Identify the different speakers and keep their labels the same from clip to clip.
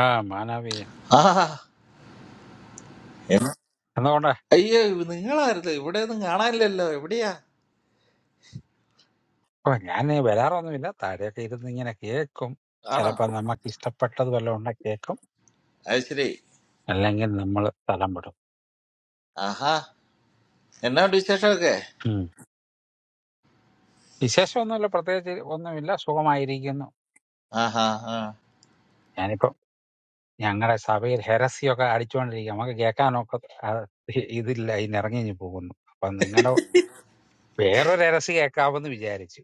Speaker 1: ആ മാനവീയൻ
Speaker 2: ആ എം-
Speaker 1: അതുകൊണ്ട്
Speaker 2: അയ്യോ നിങ്ങളായിരുന്നു ഇവിടെ ഒന്നും കാണാനില്ലല്ലോ എവിടെയാ
Speaker 1: ഓ ഞാൻ വരാറൊന്നുമില്ല താഴെയൊക്കെ ഇരുന്ന് ഇങ്ങനെ കേൾക്കും
Speaker 2: ആണോ
Speaker 1: ചിലപ്പോ നമുക്ക് ഇഷ്ടപ്പെട്ടത് വല്ലതും ഉണ്ടെ കേൾക്കും
Speaker 2: അത് ശരി
Speaker 1: അല്ലെങ്കിൽ നമ്മൾ സ്ഥലം വിടും
Speaker 2: ആഹാ എന്നാ ഉണ്ട് വിശേഷമൊക്കെ
Speaker 1: ഉം. വിശേഷമൊന്നുമില്ല പ്രത്യേകിച്ച് ഒന്നുമില്ല സുഖമായിരിക്കുന്നു
Speaker 2: ആഹാ ആ
Speaker 1: ഞാനിപ്പോ ഞങ്ങളുടെ സഭയിൽ ഹെരസിയൊക്കെ അടിച്ചുകൊണ്ടിരിക്കുക നമുക്ക് കേൾക്കാനൊക്കെ ആ, ഇതില്ല ഇന്നിറങ്ങി പോകുന്നു അപ്പൊ നിങ്ങളുടെ വേറൊരു ഹെരസി കേൾക്കാമെന്ന് വിചാരിച്ചു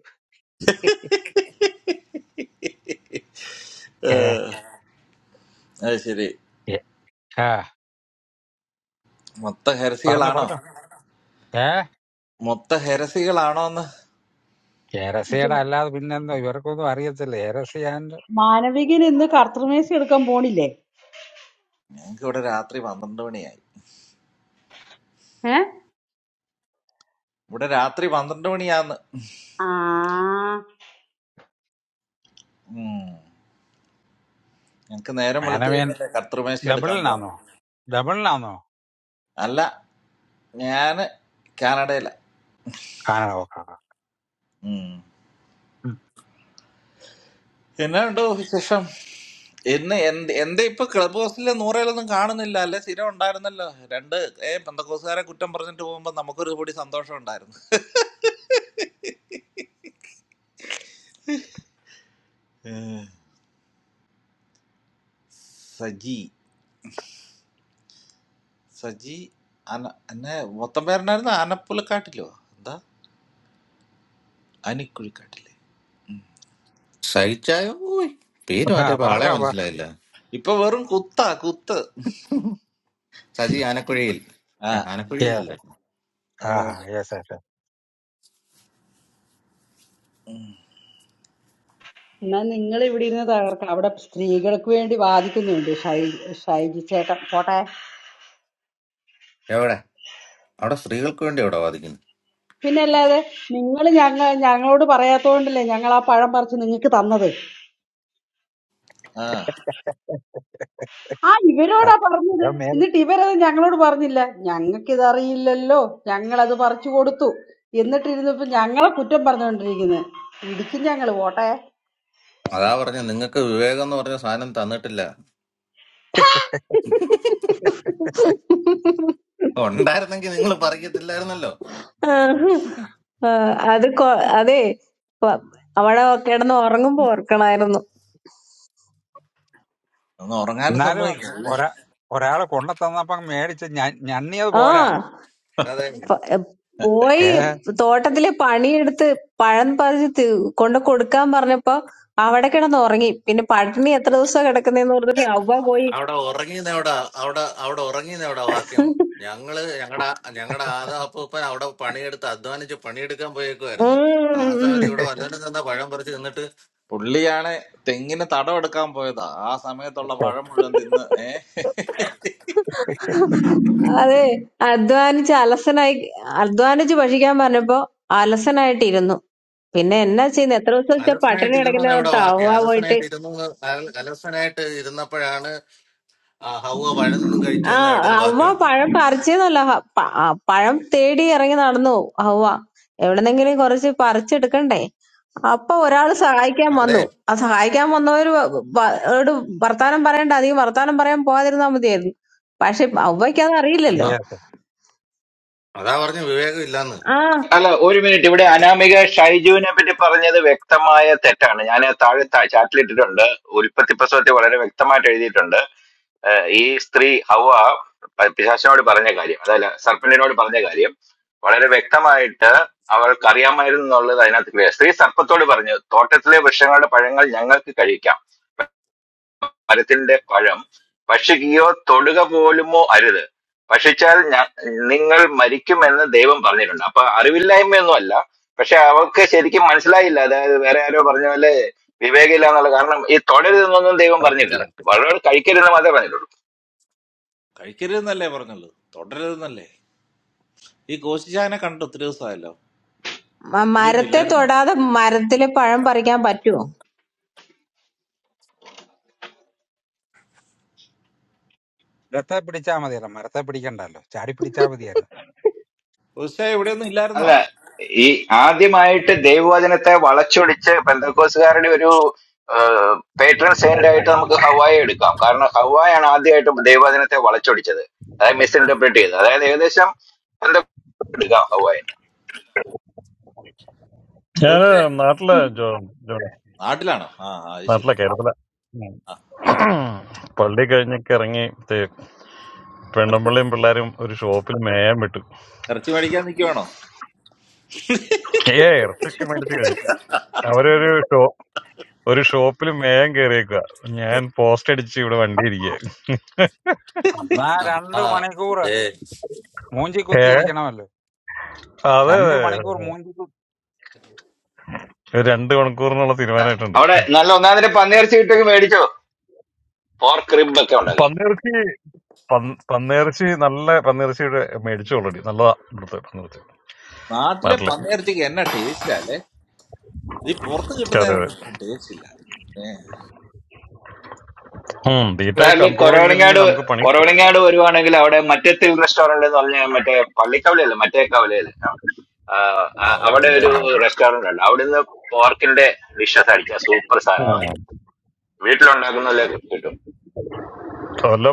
Speaker 2: ഏ,
Speaker 1: ഏ
Speaker 2: അത് ശരി
Speaker 1: ഏ, ആ
Speaker 2: മൊത്ത
Speaker 1: പറഞ്ഞോ
Speaker 2: ഹെരസികളാണോ
Speaker 1: പറഞ്ഞോ ഏ
Speaker 2: മൊത്ത ഹെരസികളാണോ എന്ന്
Speaker 3: ജോ
Speaker 1: ഹെരസിയുടെ അല്ലാതെ പിന്നെന്തോ ഇവർക്കൊന്നും അറിയത്തില്ല ഹെരസി
Speaker 3: മാനവികൻ ഇന്ന് കർത്തൃമേശ എടുക്കാൻ പോണില്ലേ
Speaker 2: ഞങ്ങക്ക് ഇവിടെ രാത്രി പന്ത്രണ്ട് മണിയായി
Speaker 3: ഏ
Speaker 2: ഇവിടെ രാത്രി പന്ത്രണ്ട് മണിയാന്ന്
Speaker 3: ആ
Speaker 2: ഉം. ഞങ്ങക്ക് നേരം വെളുത്തു
Speaker 1: ആൻഡ്
Speaker 2: കഴിഞ്ഞല്ലേ കർത്തൃമേശ എടുക്കാൻ പോവാം
Speaker 1: ഡബിളിനാന്നോ ഡബിളിനാന്നോ
Speaker 2: അല്ല ഞാന് കാനഡയിലാ
Speaker 1: കാനഡ ഓക്കെ
Speaker 2: എന്നാ ഉണ്ടോ വിശേഷം ഇന്ന് എന്ത് എന്താ ഇപ്പൊ ക്ലബ് ഹൗസിലെ നൂറേലൊന്നും കാണുന്നില്ല അല്ലെ സ്ഥിരം ഉണ്ടായിരുന്നല്ലോ രണ്ട് ഏ പെന്തക്കോസുകാരെ കുറ്റം പറഞ്ഞിട്ട് പോകുമ്പോ നമുക്കൊരു കൂടി സന്തോഷം ഉണ്ടായിരുന്നു ഏ, സജി സജി അന എന്നെ മൊത്തം പേരനായിരുന്നു ആനപ്പുലക്കാട്ടിലോ എന്താ അനിക്കുഴിക്കാട്ടില്ലേ
Speaker 4: സഹിച്ചായോ ഓയ് പേര്
Speaker 1: ആ
Speaker 4: മാറ്റിയപ്പോ ആളെ
Speaker 1: പറഞ്ഞോ പ-
Speaker 4: മനസ്സിലായില്ല
Speaker 2: ഇപ്പൊ വെറും കുത്താ കുത്ത്
Speaker 4: സജി ആനക്കുഴിയിൽ
Speaker 2: ആ
Speaker 4: ഏ,
Speaker 1: Yeah.
Speaker 4: ആനക്കുഴിയിലല്ലേ
Speaker 1: ആ
Speaker 2: അതെ
Speaker 1: യെസ് യെസ്
Speaker 2: ഉം.
Speaker 3: എന്നാ നിങ്ങൾ ഇവിടെ ഇരുന്ന് തകർക്കാം അവിടെ സ്ത്രീകൾക്ക് വേണ്ടി വാദിക്കുന്നുണ്ട് ഷൈ ഷൈജി ചേട്ടൻ പോട്ടെ
Speaker 4: എവിടെ അവിടെ സ്ത്രീകൾക്ക് വേണ്ടി എവിടെ വാദിക്കുന്നു
Speaker 3: പിന്നെ അല്ലാതെ നിങ്ങൾ ഞങ്ങൾ ഞങ്ങളോട് പറയാത്തോണ്ടല്ലേ ഞങ്ങൾ ആ പഴം പറിച്ച് നിങ്ങൾക്ക് തന്നത്
Speaker 2: ആ
Speaker 3: ആ ഇവരോടാ പറഞ്ഞത് എന്നിട്ട് ഇവരത് ഞങ്ങളോട് പറഞ്ഞില്ല ഞങ്ങൾക്കിത് അറിയില്ലല്ലോ ഞങ്ങളത് പറിച്ചു കൊടുത്തു എന്നിട്ടിരുന്നപ്പോ ഞങ്ങളെ കുറ്റം പറഞ്ഞുകൊണ്ടിരിക്കുന്നത് ഇടിക്കും ഞങ്ങൾ പോട്ടെ
Speaker 4: അതാ പറഞ്ഞ നിങ്ങൾക്ക് വിവേകം എന്ന് പറഞ്ഞ സാധനം തന്നിട്ടില്ല ഉണ്ടായിരുന്നെങ്കിൽ നിങ്ങൾ പറയത്തില്ലായിരുന്നല്ലോ
Speaker 5: ആഹ്. ആഹ് അത് കൊ- അതെ പ- അവിടെ കിടന്ന് ഉറങ്ങുമ്പോ ഓർക്കണായിരുന്നു
Speaker 2: ഒന്ന് ഉറങ്ങാനും
Speaker 1: എന്നാലും
Speaker 2: സമ്മതിക്കില്ല അല്ലേ
Speaker 1: ഒരാ ഒരാള് കൊണ്ടുതന്നപ്പം മേടിച്ച് ഞ- ഞണ്ണിയത്
Speaker 5: ആ
Speaker 1: പോരാ
Speaker 4: അതെ
Speaker 5: പ- എ, പോയി
Speaker 1: ഏ
Speaker 5: തോട്ടത്തിലെ പണിയെടുത്ത് പഴം പറിച്ച് തി- കൊണ്ട് കൊടുക്കാൻ പറഞ്ഞപ്പോ അവിടെ കിടന്ന് ഉറങ്ങി പിന്നെ പട്ടിണി എത്ര ദിവസം കിടക്കുന്നേന്ന് പറഞ്ഞിട്ട് അവ പോയി
Speaker 4: അവിടെ ഉറങ്ങിയെവിടെ അവിടെ അവിടെ ഉറങ്ങിയെവിടെ വാക്യം ഞങ്ങള് ഞങ്ങളുടെ ഞങ്ങളുടെ ആദാപ്പൂപ്പൻ അവിടെ പണിയെടുത്ത് അധ്വാനിച്ച് പണിയെടുക്കാൻ
Speaker 5: ഉം
Speaker 4: പോയേക്കുമായിരുന്നു ആ സമയത്ത്
Speaker 5: ഉം.
Speaker 4: ഇവിടെ വല്ലവരും തന്ന പഴം പറിച്ച് നിന്നിട്ട്
Speaker 2: പുള്ളിയാണെ തെങ്ങിന് തടം എടുക്കാൻ പോയതാ ആ സമയത്തുള്ള പഴം മുഴുവൻ തിന്ന്
Speaker 5: അതെ അധ്വാനിച്ച് അലസനായി അധ്വാനിച്ച് ഭക്ഷിക്കാൻ പറഞ്ഞപ്പോ അലസനായിട്ടിരുന്നു പിന്നെ എന്നാ ചെയ്യുന്നത് എത്ര ദിവസത്തെ പട്ടിണി
Speaker 4: അലസനായിട്ട് ഇരുന്നു
Speaker 5: കിടക്കുന്ന
Speaker 4: എന്ന് എവിടെ
Speaker 5: ഓർത്ത്
Speaker 4: വാക്കി
Speaker 5: അവ്വ പോയിട്ട്
Speaker 4: അലസനായിട്ട് ഇരുന്നു എന്ന് അല- അലസനായിട്ട് ഇരുന്നപ്പോഴാണ് ആ ഹൗവ പഴം നിന്നും
Speaker 5: ആ
Speaker 4: കഴിച്ചതെന്ന് എവിടെയും
Speaker 5: അവ്വ
Speaker 4: വാക്കിയുണ്ടോ
Speaker 5: പഴം പറിച്ചെന്നല്ല ഹ- പ- ആ, പഴം തേടി ഇറങ്ങി നടന്നു അവ്വ എവിടെന്നെങ്കിലും കുറച്ച് പറിച്ചെടുക്കണ്ടേ അപ്പൊ ഒരാൾ സഹായിക്കാൻ
Speaker 4: അതെ
Speaker 5: വന്നു ആ സഹായിക്കാൻ വന്നവര് വ- വ- ഓട് വർത്താനം പറയണ്ട അധികം വർത്താനം പറയാൻ പോകാതിരുന്നാ മതിയായിരുന്നു പക്ഷെ അവയ്ക്ക് അത്
Speaker 4: ആ
Speaker 5: അറിയില്ലല്ലോ
Speaker 1: Yes.
Speaker 4: അതാ പറഞ്ഞു വിവേകം ഇല്ലാന്ന്
Speaker 5: ആ
Speaker 6: അല്ല ഒരു മിനിറ്റ് ഇവിടെ അനാമിക ഷൈജുവിനെ പറ്റി പറഞ്ഞത് വ്യക്തമായ തെറ്റാണ് ഞാൻ താഴെ താ- ചാറ്റിലിട്ടിട്ടുണ്ട് ഉൽപ്പത്തി പ്രസവത്തിൽ വളരെ വ്യക്തമായിട്ട് എഴുതിയിട്ടുണ്ട് ഏഹ് ഈ സ്ത്രീ ഹവ പ- പിശാചിനോട് പറഞ്ഞ കാര്യം അതല്ല സർപ്പന്റിനോട് പറഞ്ഞ കാര്യം വളരെ വ്യക്തമായിട്ട് അവൾക്ക് അറിയാമായിരുന്നു എന്നുള്ളത് അതിനകത്ത് clear. സ്ത്രീ സർപ്പത്തോട് പറഞ്ഞു തോട്ടത്തിലെ വൃക്ഷങ്ങളുടെ പഴങ്ങൾ ഞങ്ങൾക്ക് കഴിക്കാം മരത്തിന്റെ പഴം ഭക്ഷിക്കുകയോ തൊടുക പോലുമോ അരുത് ഭക്ഷിച്ചാൽ ഞാ- നിങ്ങൾ മരിക്കുമെന്ന് ദൈവം പറഞ്ഞിട്ടുണ്ട് അപ്പൊ അറിവില്ലായ്മയൊന്നും അല്ല പക്ഷെ അവൾക്ക് ശരിക്കും മനസ്സിലായില്ല അതായത് വേറെ ആരോ പറഞ്ഞ പോലെ വിവേകില്ല എന്നുള്ള കാരണം ഈ തൊടരുതെന്നൊന്നും ദൈവം
Speaker 4: കറക്റ്റ്
Speaker 6: പറഞ്ഞിട്ടില്ല
Speaker 4: കറക്റ്റ്
Speaker 6: വളരെ കഴിക്കരുതെന്ന് മാത്രമേ പറഞ്ഞിട്ടുള്ളൂ
Speaker 2: കഴിക്കരുതെന്നല്ലേ പറഞ്ഞുള്ളൂ തുടരരുതെന്നല്ലേ ഈ കോശിച്ചായനെ കണ്ടിട്ട് ഒത്തിരി ദിവസമായല്ലോ
Speaker 5: മ-
Speaker 2: ഇവിടെയൊന്നും
Speaker 5: മരത്തെ
Speaker 2: ഇല്ലായിരുന്നോ
Speaker 5: തൊടാതെ മരത്തിലെ പഴം പറിക്കാൻ പറ്റുമോ
Speaker 1: മരത്തെ പിടിച്ചാ മതിയല്ലോ മരത്തെ പിടിക്കണ്ടല്ലോ ചാടി പിടിച്ചാ മതിയായിരുന്നു
Speaker 2: കോശിച്ചായ ഇവിടെയൊന്നും ഇല്ലായിരുന്നോ
Speaker 6: അല്ല ഈ ആദ്യമായിട്ട് ദൈവവചനത്തെ വളച്ചൊടിച്ച് പെന്തക്കോസുകാരുടെ ഒരു പേട്രൺ സെയിന്റ് ആയിട്ട് നമുക്ക് ഹവായി എടുക്കാം കാരണം ഹവായാണ് ആദ്യമായിട്ട് ദൈവവചനത്തെ വളച്ചൊടിച്ചത് അതായത് മിസ് ഇന്റർപ്രറ്റ് ചെയ്തത് അതായത് ഏകദേശം എന്തൊക്കെ എടുക്കാം ഹവായി
Speaker 7: ഞാന്
Speaker 2: കോശിച്ചായ
Speaker 7: നാട്ടിലെ ജോ ജോ-
Speaker 2: നാട്ടിലാണോ ആ ആ, അത് ശരി
Speaker 7: നാട്ടിലെ കേരളത്തിലെ ഉം.
Speaker 2: ആ
Speaker 7: പള്ളി കഴിഞ്ഞൊക്കെ ഇറങ്ങി ദേ
Speaker 2: ഇറച്ചി
Speaker 7: പെണ്ണുമ്പിള്ളിയും പിള്ളേരും ഒരു ഷോപ്പിൽ മേയാൻ വിട്ടു
Speaker 2: ഇറച്ചി മേടിക്കാൻ നിൽക്കുവാണോ
Speaker 7: ഏ ഇറച്ചൊക്കെ മേടിച്ചു കഴിഞ്ഞു അവരൊരു ഷോ ഒരു ഷോപ്പിൽ മേയാൻ കയറിയേക്കുക ഞാൻ പോസ്റ്റ് അടിച്ച് ഇവിടെ വണ്ടി ഇരിക്കുക
Speaker 1: എന്നാ
Speaker 4: ആ ആ,
Speaker 1: രണ്ട് മണിക്കൂർ
Speaker 4: ദേ,
Speaker 1: മൂഞ്ചി
Speaker 7: ഏ
Speaker 1: കുത്തി ഇരിക്കണമല്ലോ
Speaker 7: അതെ
Speaker 1: രണ്ട്
Speaker 7: അതെ.
Speaker 1: മണിക്കൂർ മൂഞ്ചി കുത്തി
Speaker 7: രണ്ട് മണിക്കൂറിനുള്ള തീരുമാനമായിട്ടുണ്ട്
Speaker 6: അവിടെ നല്ല ഒന്നാമതിന്റെ പന്നിയിറച്ചി കിട്ടൊക്കെ മേടിച്ചോ പോർക്ക് റിബ് ഒക്കെ ഉണ്ടാക്കി
Speaker 7: പന്നിയിറച്ചി പന്ന- പന്നിയിറച്ചി നല്ല പന്നിയിറച്ചിയുടെ മേടിച്ചു ഓൾറെഡി നല്ലതാ ഇവിടുത്തെ പന്നിയിറച്ചി
Speaker 2: നാട്ടിലെ
Speaker 7: നാട്ടിലെ
Speaker 2: പന്നിയിറച്ചിക്ക് എന്നാ ടേസ്റ്റ് അല്ലേ ഈ പുറത്ത്
Speaker 7: അതെ അതെ
Speaker 2: കിട്ടുന്നതിനൊന്നും ഇത്ര ടേസ്റ്റ് ഇല്ല ഏ,
Speaker 7: ഉം തീറ്റ
Speaker 6: അതായത്
Speaker 7: കൺട്രോൾ
Speaker 6: കൊറവണിങ്ങാട്
Speaker 7: ചെയ്തില്ലെങ്കിൽ നമുക്ക് പണി
Speaker 6: കൊറവണിങ്ങാട് വരുവാണെങ്കിൽ അവിടെ മറ്റത്തിൽ റെസ്റ്റോറന്റ് എന്ന് പറഞ്ഞ മറ്റേ പള്ളിക്കവലയല്ലേ മറ്റേ കവലയല്ലേ ആഹ്
Speaker 4: ആ,
Speaker 6: ആ-
Speaker 4: അവിടെ
Speaker 6: അവിടെ ഒരു
Speaker 4: ഉണ്ടായിരുന്നു
Speaker 6: റെസ്റ്റോറന്റ് ഉണ്ട് അവിടുന്ന് പോർക്കിന്റെ ഡിഷസ് അടിച്ച സൂപ്പർ സാധനങ്ങളാണ്
Speaker 7: വല്ല
Speaker 6: വീട്ടിലുണ്ടാക്കുന്നതല്ലേ കിട്ടും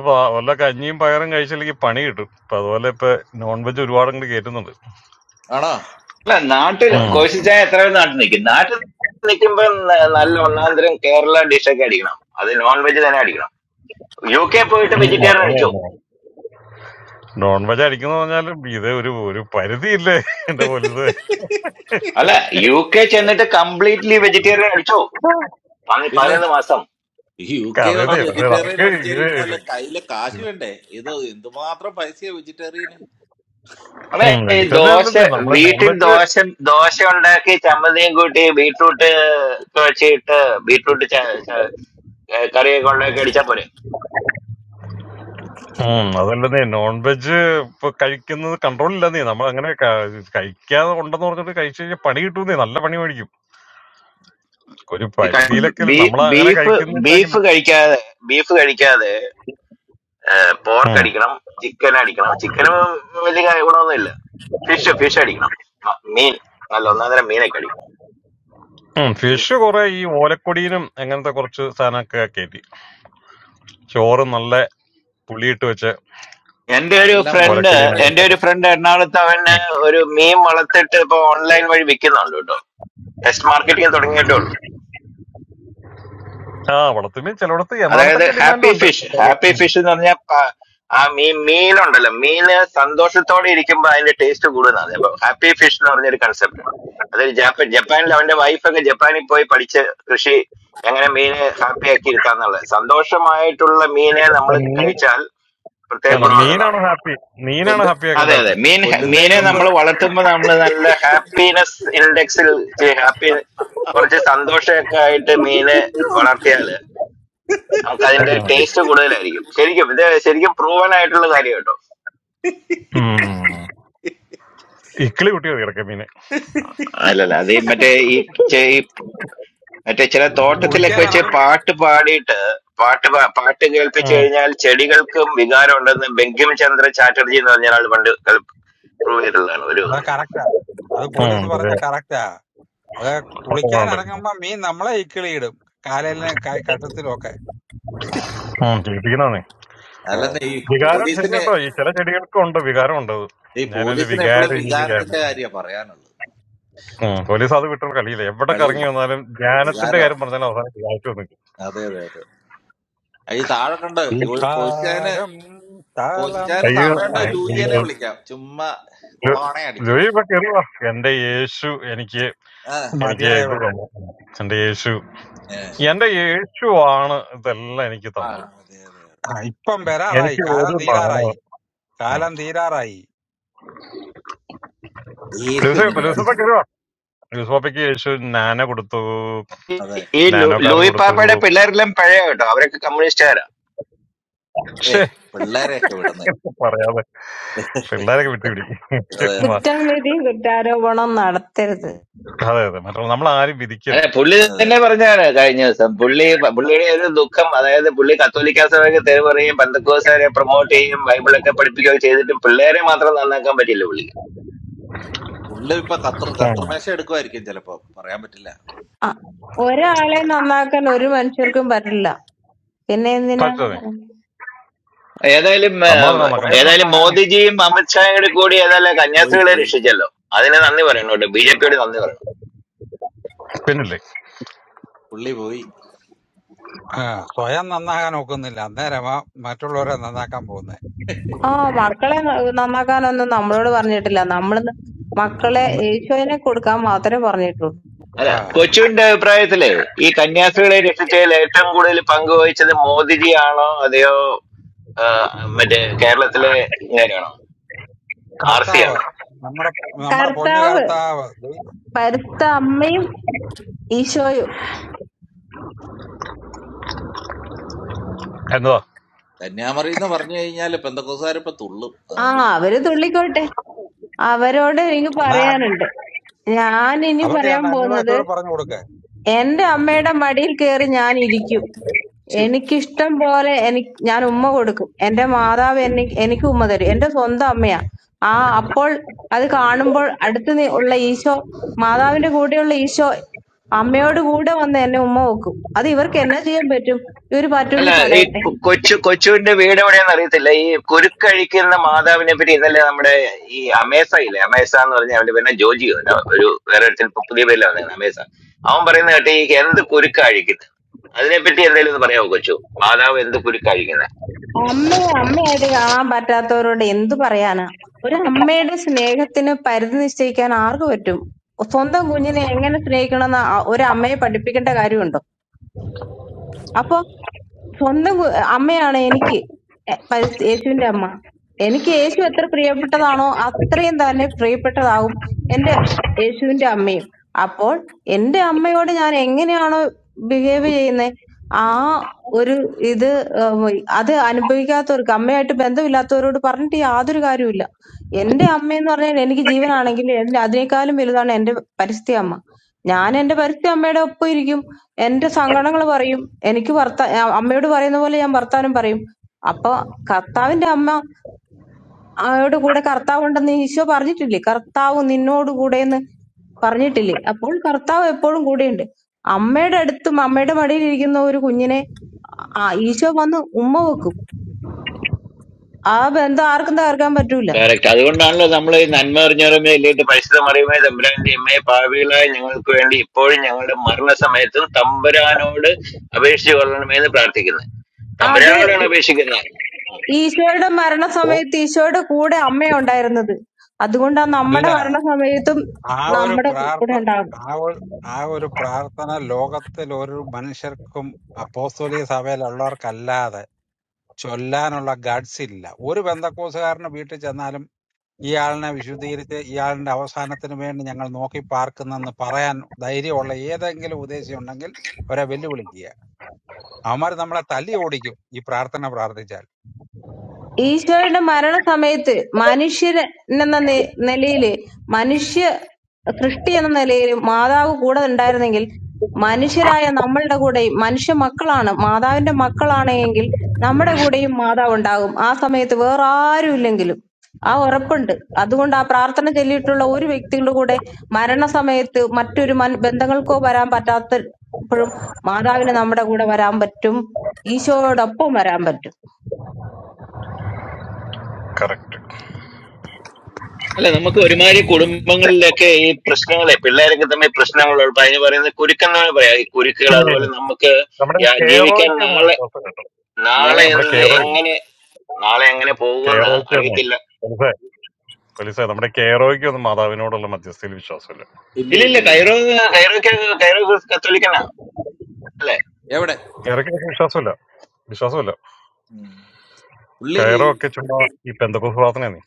Speaker 7: പാ- വല്ല കഞ്ഞിയും പയറും കഴിച്ചില്ലെങ്കിൽ പണി കിട്ടും ഇപ്പൊ അതുപോലെ ഇപ്പൊ നോൺ വെജ് ഒരുപാട് അങ്ങോട്ട് കേറ്റുന്നുണ്ട്
Speaker 2: ആണോ
Speaker 6: അല്ല നാട്ടിൽ
Speaker 2: ഓ,
Speaker 7: ഉം.
Speaker 6: കോശിച്ചായ എത്ര പേര് നാട്ടിൽ നിൽക്കും നാട്ടിൽ നിൽക്കുമ്പോ ന- നല്ല ഒന്നാം തരം കേരള ഡിഷൊക്കെ അടിക്കണം അത് നോൺ വെജ് തന്നെ അടിക്കണം യു കെ പോയിട്ട്
Speaker 7: ഉം,
Speaker 6: വെജിറ്റേറിയൻ അടിച്ചോ
Speaker 7: അങ്ങനെയല്ലേ. നോൺ വെജ് അടിക്കുന്ന പറഞ്ഞാലും ഇത് ഒരു ഒരു പരിധിയില്ലേ എന്റെ പോലീസ്
Speaker 6: അല്ല യു കെ ചെന്നിട്ട് കംപ്ലീറ്റ്ലി വെജിറ്റേറിയൻ അടിച്ചോ പന്നി
Speaker 2: പിന്നെ
Speaker 6: പതിനൊന്ന് മാസം
Speaker 2: ഈ യു കെ വന്ന്
Speaker 7: കഥയതേ പക്ഷെ
Speaker 2: വെജിറ്റേറിയൻ
Speaker 7: നമുക്ക് ഇത്
Speaker 2: അടിച്ചു കഴിഞ്ഞാൽ കയ്യിലെ കാശ് വേണ്ടേ ഇത് എന്തുമാത്രം പൈസയാ വെജിറ്റേറിയന്
Speaker 6: നമ്മളെ ഈ
Speaker 2: വെജിറ്റ-
Speaker 7: വെജിറ്റേറിയൻ
Speaker 6: ദോശ
Speaker 7: അല്ലെന്നേ നമ്മള് നോൺ
Speaker 6: വീട്ടിൽ
Speaker 7: വെജ്
Speaker 6: ദോശ ദോശ ഉണ്ടാക്കി ചമ്മന്തിയും കൂട്ടി ബീട്രൂട്ട് കുഴച്ചിട്ട് ബീട്രൂട്ട് ച- ച- കറിയൊക്കെ ഉണ്ടാക്കി അടിച്ചാ പോരെ
Speaker 7: അതല്ലെന്നേ നോൺ വെജ് ഇപ്പൊ കഴിക്കുന്നത് കൺട്രോൾ ഇല്ലെന്നേ നമ്മൾ അങ്ങനെ ക- കഴിക്കാതെ ഉണ്ടെന്ന് പറഞ്ഞിട്ട് കഴിച്ചു കഴിഞ്ഞാൽ പണി കിട്ടുന്നേ നല്ല പണി മേടിക്കും ഒരു
Speaker 6: ഈ ക-
Speaker 7: പരിധിയിലൊക്കെ
Speaker 6: ബീ-
Speaker 7: നമ്മളങ്ങനെ
Speaker 6: ബീഫ് ബീഫ്
Speaker 7: കഴിക്കുന്നില്ലെങ്കിൽ
Speaker 6: കഴിക്കാതെ ബീഫ് കഴിക്കാതെ പോർക്ക് അടിക്കണം ചിക്കൻ അടിക്കണം ചിക്കനും വലിയ കാ- ഗുണമൊന്നുമില്ല ഫിഷ് ഫിഷ് അടിക്കണം മ- മീൻ നല്ല ഒന്നാം തരം മീനൊക്കെ അടിക്കണം
Speaker 7: ഫിഷ് കുറെ ഈ ഓലക്കൊടിയിലും അങ്ങനത്തെ കുറച്ച് സാധനമൊക്കെ കയറ്റി ചോറ് നല്ല പുളിയിട്ട് വെച്ച്
Speaker 6: എന്റെ ഒരു
Speaker 2: നല്ല
Speaker 6: ഫ്രണ്ട്
Speaker 2: മത്തി
Speaker 7: ഓലക്കൊടിയിൽ
Speaker 2: ഫ്രൈ
Speaker 6: എന്റെ ഒരു
Speaker 7: അങ്ങനത്തെ
Speaker 6: ഫ്രണ്ട് എറണാകുളത്ത് അവന് ഒരു മീൻ വളർത്തിട്ട് ഇപ്പൊ ഓൺലൈൻ വഴി വിൽക്കുന്നുണ്ട് കേട്ടോ ടെസ്റ്റ് മാർക്കറ്റിംഗ് തുടങ്ങിയിട്ടേ ഉള്ളൂ
Speaker 7: ആ വളർത്തുമീൻ ചിലയിടത്ത്
Speaker 6: അതായത്
Speaker 7: എറണാകുളത്തൊക്കെ ഡിമാൻഡ്
Speaker 6: ഹാപ്പി
Speaker 7: ഉണ്ട്
Speaker 6: ഫിഷ് ഹാപ്പി
Speaker 7: ഉം.
Speaker 6: ഫിഷ് എന്ന് പറഞ്ഞാൽ പ- ആ മീൻ മീനുണ്ടല്ലോ മീന് സന്തോഷത്തോടെ ഇരിക്കുമ്പോൾ അതിന്റെ ടേസ്റ്റ് കൂടുന്നതാണ് അപ്പൊ ഹാപ്പി ഫിഷ് എന്ന് പറഞ്ഞൊരു concept ആണ് അതായത് ജാപ്പാൻ ജപ്പാനിൽ അവന്റെ വൈഫൊക്കെ ജപ്പാനിൽ പോയി പഠിച്ച് കൃഷി എങ്ങനെ മീനെ ഹാപ്പി ആക്കി ഇരുത്താന്നുള്ളത് സന്തോഷമായിട്ടുള്ള മീനെ നമ്മൾ
Speaker 7: ആ, മീൻ
Speaker 6: കഴിച്ചാൽ പ്രത്യേക
Speaker 7: ആണോ
Speaker 2: കൊല്ലുന്ന
Speaker 6: ഗുണമുള്ളതാണ്
Speaker 7: മീനാണ് ഹാപ്പി മീനാണ്
Speaker 2: കൊല്ല
Speaker 7: ഹാപ്പി ഒക്കെ
Speaker 6: അതെ അതെ
Speaker 7: ഉണ്ടാകും
Speaker 6: മീൻ
Speaker 7: ഉം.
Speaker 6: മീനെ
Speaker 2: കൊല്ലുന്നതിന്
Speaker 1: ഉം.
Speaker 6: നമ്മൾ
Speaker 2: മുമ്പ്
Speaker 6: വളർത്തുമ്പോൾ നമ്മൾ നല്ല ഹാപ്പിനെസ് ഇൻഡെക്സിൽ ഹാപ്പി കുറച്ച് സന്തോഷമൊക്കെ ആയിട്ട് മീനെ വളർത്തിയാൽ നമുക്ക് അതിന്റെ
Speaker 7: ആ.
Speaker 6: ടേസ്റ്റ് കൂടുതലായിരിക്കും ശരിക്കും ഇത് ശരിക്കും പ്രൂവൻ ആയിട്ടുള്ള കാര്യം കേട്ടോ
Speaker 7: ഉം. ഇക്കിളി കുട്ടികൾ കിടക്കും മീന്
Speaker 6: അല്ലല്ല അത് ഈ മറ്റേ ഈ ചെ- ഈ മറ്റേ ചില തോട്ടത്തിലൊക്കെ
Speaker 1: കുളിക്കാൻ
Speaker 6: വെച്ച്
Speaker 1: ഇറങ്ങും
Speaker 6: പാട്ട് പാടിയിട്ട് പാട്ട് പാ- പാട്ട് കേൾപ്പിച്ചു
Speaker 7: ഉം.
Speaker 6: കഴിഞ്ഞാൽ ചെടികൾക്കും വികാരം ഉണ്ടെന്ന് ബെങ്കിം ചന്ദ്ര ചാറ്റർജി എന്ന് പറഞ്ഞ ആൾ പണ്ട് പ്രൂവ് ചെയ്തിട്ടുള്ളതാണ് ഒരു
Speaker 1: അത് കറക്റ്റാ അത്
Speaker 7: ഉം,
Speaker 1: പോലീസ് പറഞ്ഞ
Speaker 7: അതെ.
Speaker 1: കറക്റ്റാ അത് കുളിക്കാൻ
Speaker 7: ഉണ്ട്.
Speaker 1: ഇറങ്ങുമ്പോ മീൻ നമ്മളെ ഇക്കിളിയിടും കാലിലും ക- കഷത്തിലുമൊക്കെ
Speaker 7: ഉം, ജീവിപ്പിക്കുന്നതാണ്
Speaker 2: അല്ലെന്നേ ഈ
Speaker 7: വികാരം ശരി
Speaker 2: പോലീസിന്
Speaker 7: കേട്ടോ ഈ ചില ചെടികൾക്കും ഉണ്ട് വികാരം ഉണ്ട് അത്
Speaker 2: ഈ
Speaker 7: ഞാനൊരു
Speaker 2: പോലീസിന്
Speaker 7: വികാര
Speaker 2: എപ്പോഴും
Speaker 7: ജീവിയാണ്
Speaker 2: വികാരത്തിന്റെ കാര്യ പറയാനുള്ളത്
Speaker 7: ഉം, പോലീസ് അത് വിട്ടുള്ള കളിയില്ല എവിടെ കറങ്ങി
Speaker 2: കളിയില്ല
Speaker 7: വന്നാലും ധ്യാനത്തിന്റെ
Speaker 2: വികാരമാണ്
Speaker 7: കാര്യം പറഞ്ഞാലും അവസാനം കാഴ്ച നിൽക്കും
Speaker 2: അതെ അതെ അതെ ആ, ഈ താഴെ കണ്ട് കോശിച്ചാന്
Speaker 1: വികാരം താളം
Speaker 2: കോശിച്ചാന്
Speaker 7: അയ്യോ
Speaker 2: സമയമുണ്ട്
Speaker 1: തുള്ളും
Speaker 7: അയ്യോ,
Speaker 2: ലൂയിയനെ
Speaker 7: അയ്യോ.
Speaker 2: വിളിക്കാം ചുമ്മാ കൊളവാണേ
Speaker 7: ലൂയി
Speaker 2: അടിച്ചോളൂ
Speaker 7: ഇപ്പൊ കയറുക എന്റെ യേശു എനിക്ക്
Speaker 2: ആ
Speaker 7: എനിക്ക് ഇത്
Speaker 1: മതിയായവൻ
Speaker 7: തന്നു എന്റെ യേശു
Speaker 2: ഏ,
Speaker 7: എന്റെ യേശു ആണ് ഇതെല്ലാം എനിക്ക്
Speaker 2: ആ,
Speaker 7: തന്നത്
Speaker 2: അതെ അതെ അതെ
Speaker 1: ആ, ഇപ്പം വരാറായി
Speaker 7: എനിക്ക്
Speaker 1: കാലം
Speaker 7: ഒരു
Speaker 1: തീരാറായി
Speaker 7: മാനവും ഉം.
Speaker 1: കാലം തീരാറായി
Speaker 2: യേശു
Speaker 7: ലൂസിഫ
Speaker 2: നിങ്ങളെ
Speaker 7: ലൂസിഫ കയറുക ലൂസിഫോപ്പയ്ക്ക് യേശു നാനോ കൊടുത്തു
Speaker 2: അതെ
Speaker 6: ഈ ലൂ-
Speaker 7: നാനോ കാർ
Speaker 6: ലൂയി
Speaker 7: കൊടുത്തു
Speaker 6: പാപ്പയുടെ പിള്ളേരെല്ലാം പഴയ കേട്ടോ അവരൊക്കെ കമ്മ്യൂണിസ്റ്റുകാരാ
Speaker 2: ഏ
Speaker 7: പക്ഷേ
Speaker 2: പിള്ളേരെയൊക്കെ വിടുന്നത്
Speaker 7: എന്താ പറയാതെ പിള്ളേരൊക്കെ വിട്ടുപിടിക്കും
Speaker 5: കുറ്റം വിധിയും കുറ്റാരോപണവും നടത്തരുത്
Speaker 7: അതെ അതെ മറ്റുള്ള നമ്മൾ ആരും
Speaker 6: അതെ
Speaker 7: വിധിക്കരുത്
Speaker 6: പുള്ളി
Speaker 2: അതെ
Speaker 6: തന്നെ
Speaker 2: അതെ
Speaker 6: പറഞ്ഞാണ് കഴിഞ്ഞ ദിവസം പുള്ളി പുള്ളിയുടെ ഒരു ദുഃഖം അതായത് പുള്ളി കത്തോലിക്ക സഭയ്ക്ക് തെരുവ് പറയും പന്തക്കോസുകാരെ പ്രൊമോട്ട് ചെയ്യും ബൈബിളൊക്കെ പഠിപ്പിക്കുകയൊക്കെ ചെയ്തിട്ടും പിള്ളേരെ മാത്രം നന്നാക്കാൻ പറ്റില്ല പുള്ളിക്ക്
Speaker 2: പുള്ളി ഇപ്പൊ കത്തർ
Speaker 7: ഉം.
Speaker 2: കർത്തൃമേശ എടുക്കുമായിരിക്കും ചിലപ്പോ പറയാൻ പറ്റില്ല
Speaker 5: ആ, ഒരാളെ നന്നാക്കാൻ ഒരു മനുഷ്യർക്കും പറ്റില്ല പിന്നെ എന്തിനാ
Speaker 7: പറ്റതേ
Speaker 6: ഏതായാലും ഏം,
Speaker 7: നമ്മളതിനെ നോക്കാൻ
Speaker 1: സ്വയം
Speaker 7: പറ്റും
Speaker 6: ഏതായാലും
Speaker 1: നന്നാകാൻ
Speaker 6: മോദിജിയും അമിത്ഷായും കൂടി ഏതായാലും
Speaker 2: പോയി
Speaker 6: കന്യാസ്ത്രീകളെ
Speaker 2: പോയി
Speaker 6: രക്ഷിച്ചല്ലോ അതിന് നന്ദി പറയണം കേട്ടോ ബി ജെ പിയോട് നന്ദി പറയണം
Speaker 7: പിന്നില്ലേ
Speaker 2: പുള്ളി പോയി
Speaker 1: ആ, സ്വയം നന്നാകാൻ ഒക്കുന്നില്ല അന്നേരമാ മറ്റുള്ളവരെ നന്നാക്കാൻ പോകുന്നത്
Speaker 5: ആ മക്കളെ ന- നന്നാക്കാനൊന്നും നമ്മളോട് പറഞ്ഞിട്ടില്ല നമ്മൾ മക്കളെ ഈശോയിനെ കൊടുക്കാൻ മാത്രമേ പറഞ്ഞിട്ടുള്ളൂ
Speaker 6: അല്ല
Speaker 1: ആ,
Speaker 6: കൊച്ചുവിന്റെ അഭിപ്രായത്തിലെ ഈ കന്യാസ്ത്രീകളെ രക്ഷിച്ചതിൽ ഏറ്റവും കൂടുതൽ പങ്കുവഹിച്ചത് മോദിജി ആണോ അതെയോ ആ, മറ്റേ കേരളത്തിലെ ഇങ്ങനെയാണോ ആർ സി
Speaker 1: കർത്താവ്
Speaker 6: ആണോ
Speaker 1: നമ്മുടെ നമ്മുടെ പൊന്നു
Speaker 5: കർത്താവ്
Speaker 1: കർത്താവ് ദൈ-
Speaker 5: പരിശുദ്ധ അമ്മയും ഈശോയും
Speaker 7: എന്നതാ
Speaker 2: കന്യാമറി എന്ന് പറഞ്ഞു കഴിഞ്ഞാൽ പെന്തക്കോസുകാരിപ്പോ തുള്ളും
Speaker 5: ആ
Speaker 2: അതുകൊണ്ട്
Speaker 5: അവര് തുള്ളിക്കോട്ടെ അവരോട് എനിക്ക്
Speaker 1: എന്നാ ആത്മ
Speaker 5: പറയാനുണ്ട് ഞാൻ ഇനി
Speaker 1: അവർക്ക്
Speaker 5: പറയാൻ
Speaker 1: രണ്ട്
Speaker 5: പോകുന്നത്
Speaker 1: അന്യഭാഷയോട് പറഞ്ഞു കൊടുക്ക
Speaker 5: എന്റെ അമ്മയുടെ മടിയിൽ കയറി ഞാൻ ഇരിക്കും.
Speaker 2: ശ്ശോ,
Speaker 5: എനിക്കിഷ്ടം പോലെ എനിക്ക് ഞാൻ ഉമ്മ കൊടുക്കും. എന്റെ മാതാവ് എനിക്ക് എനിക്ക് ഉമ്മ തരും. എന്റെ സ്വന്തം അമ്മയാ. ആ അപ്പോൾ അത് കാണുമ്പോൾ അടുത്ത് നി- ഉള്ള ഈശോ മാതാവിന്റെ കൂടെയുള്ള ഈശോ അമ്മയോട് കൂടെ വന്ന് എന്നെ ഉമ്മ വെക്കും. അത് ഇവർക്ക് എന്നാ ചെയ്യാൻ പറ്റും? ഇവര്
Speaker 6: അല്ല
Speaker 5: പറ്റുമെങ്കിൽ
Speaker 6: ഈ
Speaker 5: തടയട്ടെ.
Speaker 6: കൊ- കൊച്ചു കൊച്ചുവിന്റെ വീട് എവിടെയാന്ന് അറിയത്തില്ല ഈ കുരുക്കഴിക്കുന്ന മാതാവിനെ പറ്റി ഇന്നലെ നമ്മുടെ ഈ അമേസ ഇല്ലേ അമേസ എന്ന് പറഞ്ഞ അവന്റെ പിന്നെ ജോജിയോ ന- ഒരു വേറെ ഒരുത്തൻ ഇപ്പൊ പുതിയ പേരില്ല വന്നത് അമേസ അവൻ പറയുന്ന കേട്ട് ഈ എന്ത് കുരുക്ക അഴിക്കുന്നത് അതിനെപ്പറ്റി എന്തെങ്കിലും ഒന്ന് പറയാമോ കൊച്ചു മാതാവ് എന്ത് കുരുക്ക അഴിക്കുന്നത്
Speaker 5: അമ്മയെ അമ്മയായിട്ട് കാണാൻ പറ്റാത്തവരോട് എന്ത് പറയാനാ? ഒരു അമ്മയുടെ സ്നേഹത്തിന് പരിധി നിശ്ചയിക്കാൻ ആർക്ക് പറ്റും? സ്വന്തം കുഞ്ഞിനെ എങ്ങനെ സ്നേഹിക്കണമെന്ന് ആ- ഒരു അമ്മയെ പഠിപ്പിക്കേണ്ട കാര്യമുണ്ടോ? അപ്പൊ സ്വന്തം കു- അമ്മയാണ് എനിക്ക് എ- പരിസ്ഥ- യേശുവിന്റെ അമ്മ എനിക്ക് യേശു എത്ര പ്രിയപ്പെട്ടതാണോ അത്രയും തന്നെ പ്രിയപ്പെട്ടതാകും എന്റെ യേശുവിന്റെ അമ്മയും അപ്പോൾ എന്റെ അമ്മയോട് ഞാൻ എങ്ങനെയാണോ ബിഹേവ് ചെയ്യുന്നത് ആ ഒരു ഇത് ഉം, അത് അനുഭവിക്കാത്തവർക്ക് അമ്മയായിട്ട് ബന്ധമില്ലാത്തവരോട് പറഞ്ഞിട്ട് യാതൊരു കാര്യമില്ല എന്റെ അമ്മയെന്ന് പറഞ്ഞാൽ എനിക്ക് ജീവനാണെങ്കിൽ എന്റെ അതിനേക്കാളും വലുതാണ് എന്റെ പരിസ്ഥിതി അമ്മ ഞാൻ എന്റെ പരിസ്ഥിതി അമ്മയുടെ ഒപ്പം ഇരിക്കും എന്റെ സങ്കടങ്ങൾ പറയും എനിക്ക് വർത്ത ആ, അമ്മയോട് പറയുന്ന പോലെ ഞാൻ വർത്താനം പറയും അപ്പൊ കർത്താവിന്റെ അമ്മ അമ്മയോട് കൂടെ കർത്താവ് ഉണ്ടെന്ന് ഈശോ പറഞ്ഞിട്ടില്ലേ കർത്താവ് നിന്നോട് കൂടെ എന്ന് പറഞ്ഞിട്ടില്ലേ അപ്പോൾ കർത്താവ് എപ്പോഴും കൂടെയുണ്ട് അമ്മയുടെ അടുത്തും അമ്മയുടെ മടിയിൽ ഇരിക്കുന്ന ഒരു കുഞ്ഞിനെ ആ ഈശോ വന്ന് ഉമ്മ വെക്കും ആ ബന്ധം ആർക്കും തകർക്കാൻ പറ്റൂല
Speaker 6: കറക്റ്റ് അതുകൊണ്ടാണല്ലോ നമ്മൾ ഈ നന്മ അറിഞ്ഞവരമേ ഇല്ലേട്ട് പരിശുദ്ധ മറിയുമേ തമ്പുരാന്റെ അമ്മയെ പാപികളായ ഞങ്ങൾക്ക് വേണ്ടി ഇപ്പോഴും ഞങ്ങളുടെ മരണസമയത്തും തമ്പുരാനോട് അപേക്ഷിച്ചു കൊള്ളണമേ എന്ന് പ്രാർത്ഥിക്കുന്നത്
Speaker 5: അതെ
Speaker 6: തമ്പുരാനോടാണ്
Speaker 5: ഈ-
Speaker 6: അപേക്ഷിക്കുന്നത്
Speaker 5: ഈശോയുടെ
Speaker 1: ഓ
Speaker 5: മരണസമയത്ത് ഈശോയുടെ കൂടെ അമ്മയാ ഉണ്ടായിരുന്നത് അതുകൊണ്ടാ നമ്മുടെ
Speaker 1: അല്ല
Speaker 5: മരണസമയത്തും
Speaker 1: ആ ഒരു
Speaker 5: നമ്മുടെ
Speaker 1: പ്രാർത്ഥ
Speaker 5: കൂടെ ഉണ്ടാകുന്നത്
Speaker 1: ആ ഒരു ആ ഒരു പ്രാർത്ഥന ലോകത്തിൽ ഒരു മനുഷ്യർക്കും അപ്പോസ്തോലിക സഭയിലുള്ളവർക്കല്ലാതെ ചൊല്ലാനുള്ള ഗഡ്സ് ഇല്ല ഒരു ബന്ധക്കോസുകാരന് വീട്ടിൽ ചെന്നാലും ഇയാളിനെ വിശുദ്ധീകരിച്ച് ഇയാളിന്റെ അവസാനത്തിന് വേണ്ടി ഞങ്ങൾ നോക്കി പാർക്കുന്നെന്ന് പറയാൻ ധൈര്യമുള്ള ഏതെങ്കിലും ഉദ്ദേശി ഉണ്ടെങ്കിൽ അവരെ വെല്ലുവിളിക്കുക അവന്മാർ നമ്മളെ തല്ലി ഓടിക്കും ഈ പ്രാർത്ഥന പ്രാർത്ഥിച്ചാൽ
Speaker 5: ഈശോയുടെ മരണസമയത്ത് മനുഷ്യരെന്ന നി- നിലയില് മനുഷ്യ സൃഷ്ടി എന്ന നിലയിൽ മാതാവ് കൂടെ ഉണ്ടായിരുന്നെങ്കിൽ മനുഷ്യരായ നമ്മളുടെ കൂടെയും മനുഷ്യ മക്കളാണ് മാതാവിന്റെ മക്കളാണെങ്കിൽ നമ്മുടെ കൂടെയും മാതാവ് ഉണ്ടാകും ആ സമയത്ത് വേറെ ആരും ഇല്ലെങ്കിലും ആ ഉറപ്പുണ്ട് അതുകൊണ്ട് ആ പ്രാർത്ഥന ചൊല്ലിയിട്ടുള്ള ഒരു വ്യക്തികളുടെ കൂടെ മരണസമയത്ത് മറ്റൊരു മൻ- ബന്ധങ്ങൾക്കോ വരാൻ പറ്റാത്തപ്പോഴും മാതാവിന് നമ്മുടെ കൂടെ വരാൻ പറ്റും ഈശോയോടൊപ്പം വരാൻ പറ്റും
Speaker 7: കറക്റ്റ്
Speaker 6: അല്ല നമുക്ക്
Speaker 2: പക്ഷേ
Speaker 6: ഒരുമാതിരി
Speaker 2: ഈ
Speaker 6: കുടുംബങ്ങളിലൊക്കെ ഈ പ്രശ്നങ്ങളെ പിള്ളേരൊക്കെ തമ്മിൽ പ്രശ്നങ്ങൾ അതിന് പറയുന്നത് കുരുക്കെന്നാണ് പറയാ ഈ കുരുക്കുകൾ അതുപോലെ നമുക്ക്
Speaker 7: നമ്മുടെ
Speaker 6: യാ- ജീവിക്കാൻ
Speaker 7: കേറോയ്ക്ക് ഒന്ന്
Speaker 6: നാളെ
Speaker 7: വിശ്വാസം കിട്ടണം
Speaker 2: ഏ,
Speaker 6: നാളെ
Speaker 7: നമ്മുടെ
Speaker 6: എന്ത്
Speaker 7: കേറോ
Speaker 6: എങ്ങനെ നാളെ എങ്ങനെ പോകുമെന്ന്
Speaker 7: കേറോയ്ക്ക് ഒന്ന്
Speaker 6: അറിയത്തില്ല
Speaker 7: പോലീസേ പോലീസേ നമ്മുടെ കേറോയ്ക്ക് ഒന്നും മാതാവിനോടുള്ള മധ്യസ്ഥയിൽ വിശ്വാസമില്ല
Speaker 2: ഇല്ല
Speaker 6: ഇല്ലില്ല
Speaker 2: ഇല്ല ഇല്ല
Speaker 6: കൈറോ കൈറോക്ക് കൈറോ കത്തോലിക്കനാ അല്ലെ
Speaker 2: എവിടെ
Speaker 7: ഇറക്കി വിശ്വാസമില്ല വിശ്വാസമില്ല
Speaker 2: ഉം. പുള്ളി
Speaker 7: കയറോ ഒക്കെ ചുമ്മാ ഈ പെന്തക്കോസ് പ്രാർത്ഥന നീ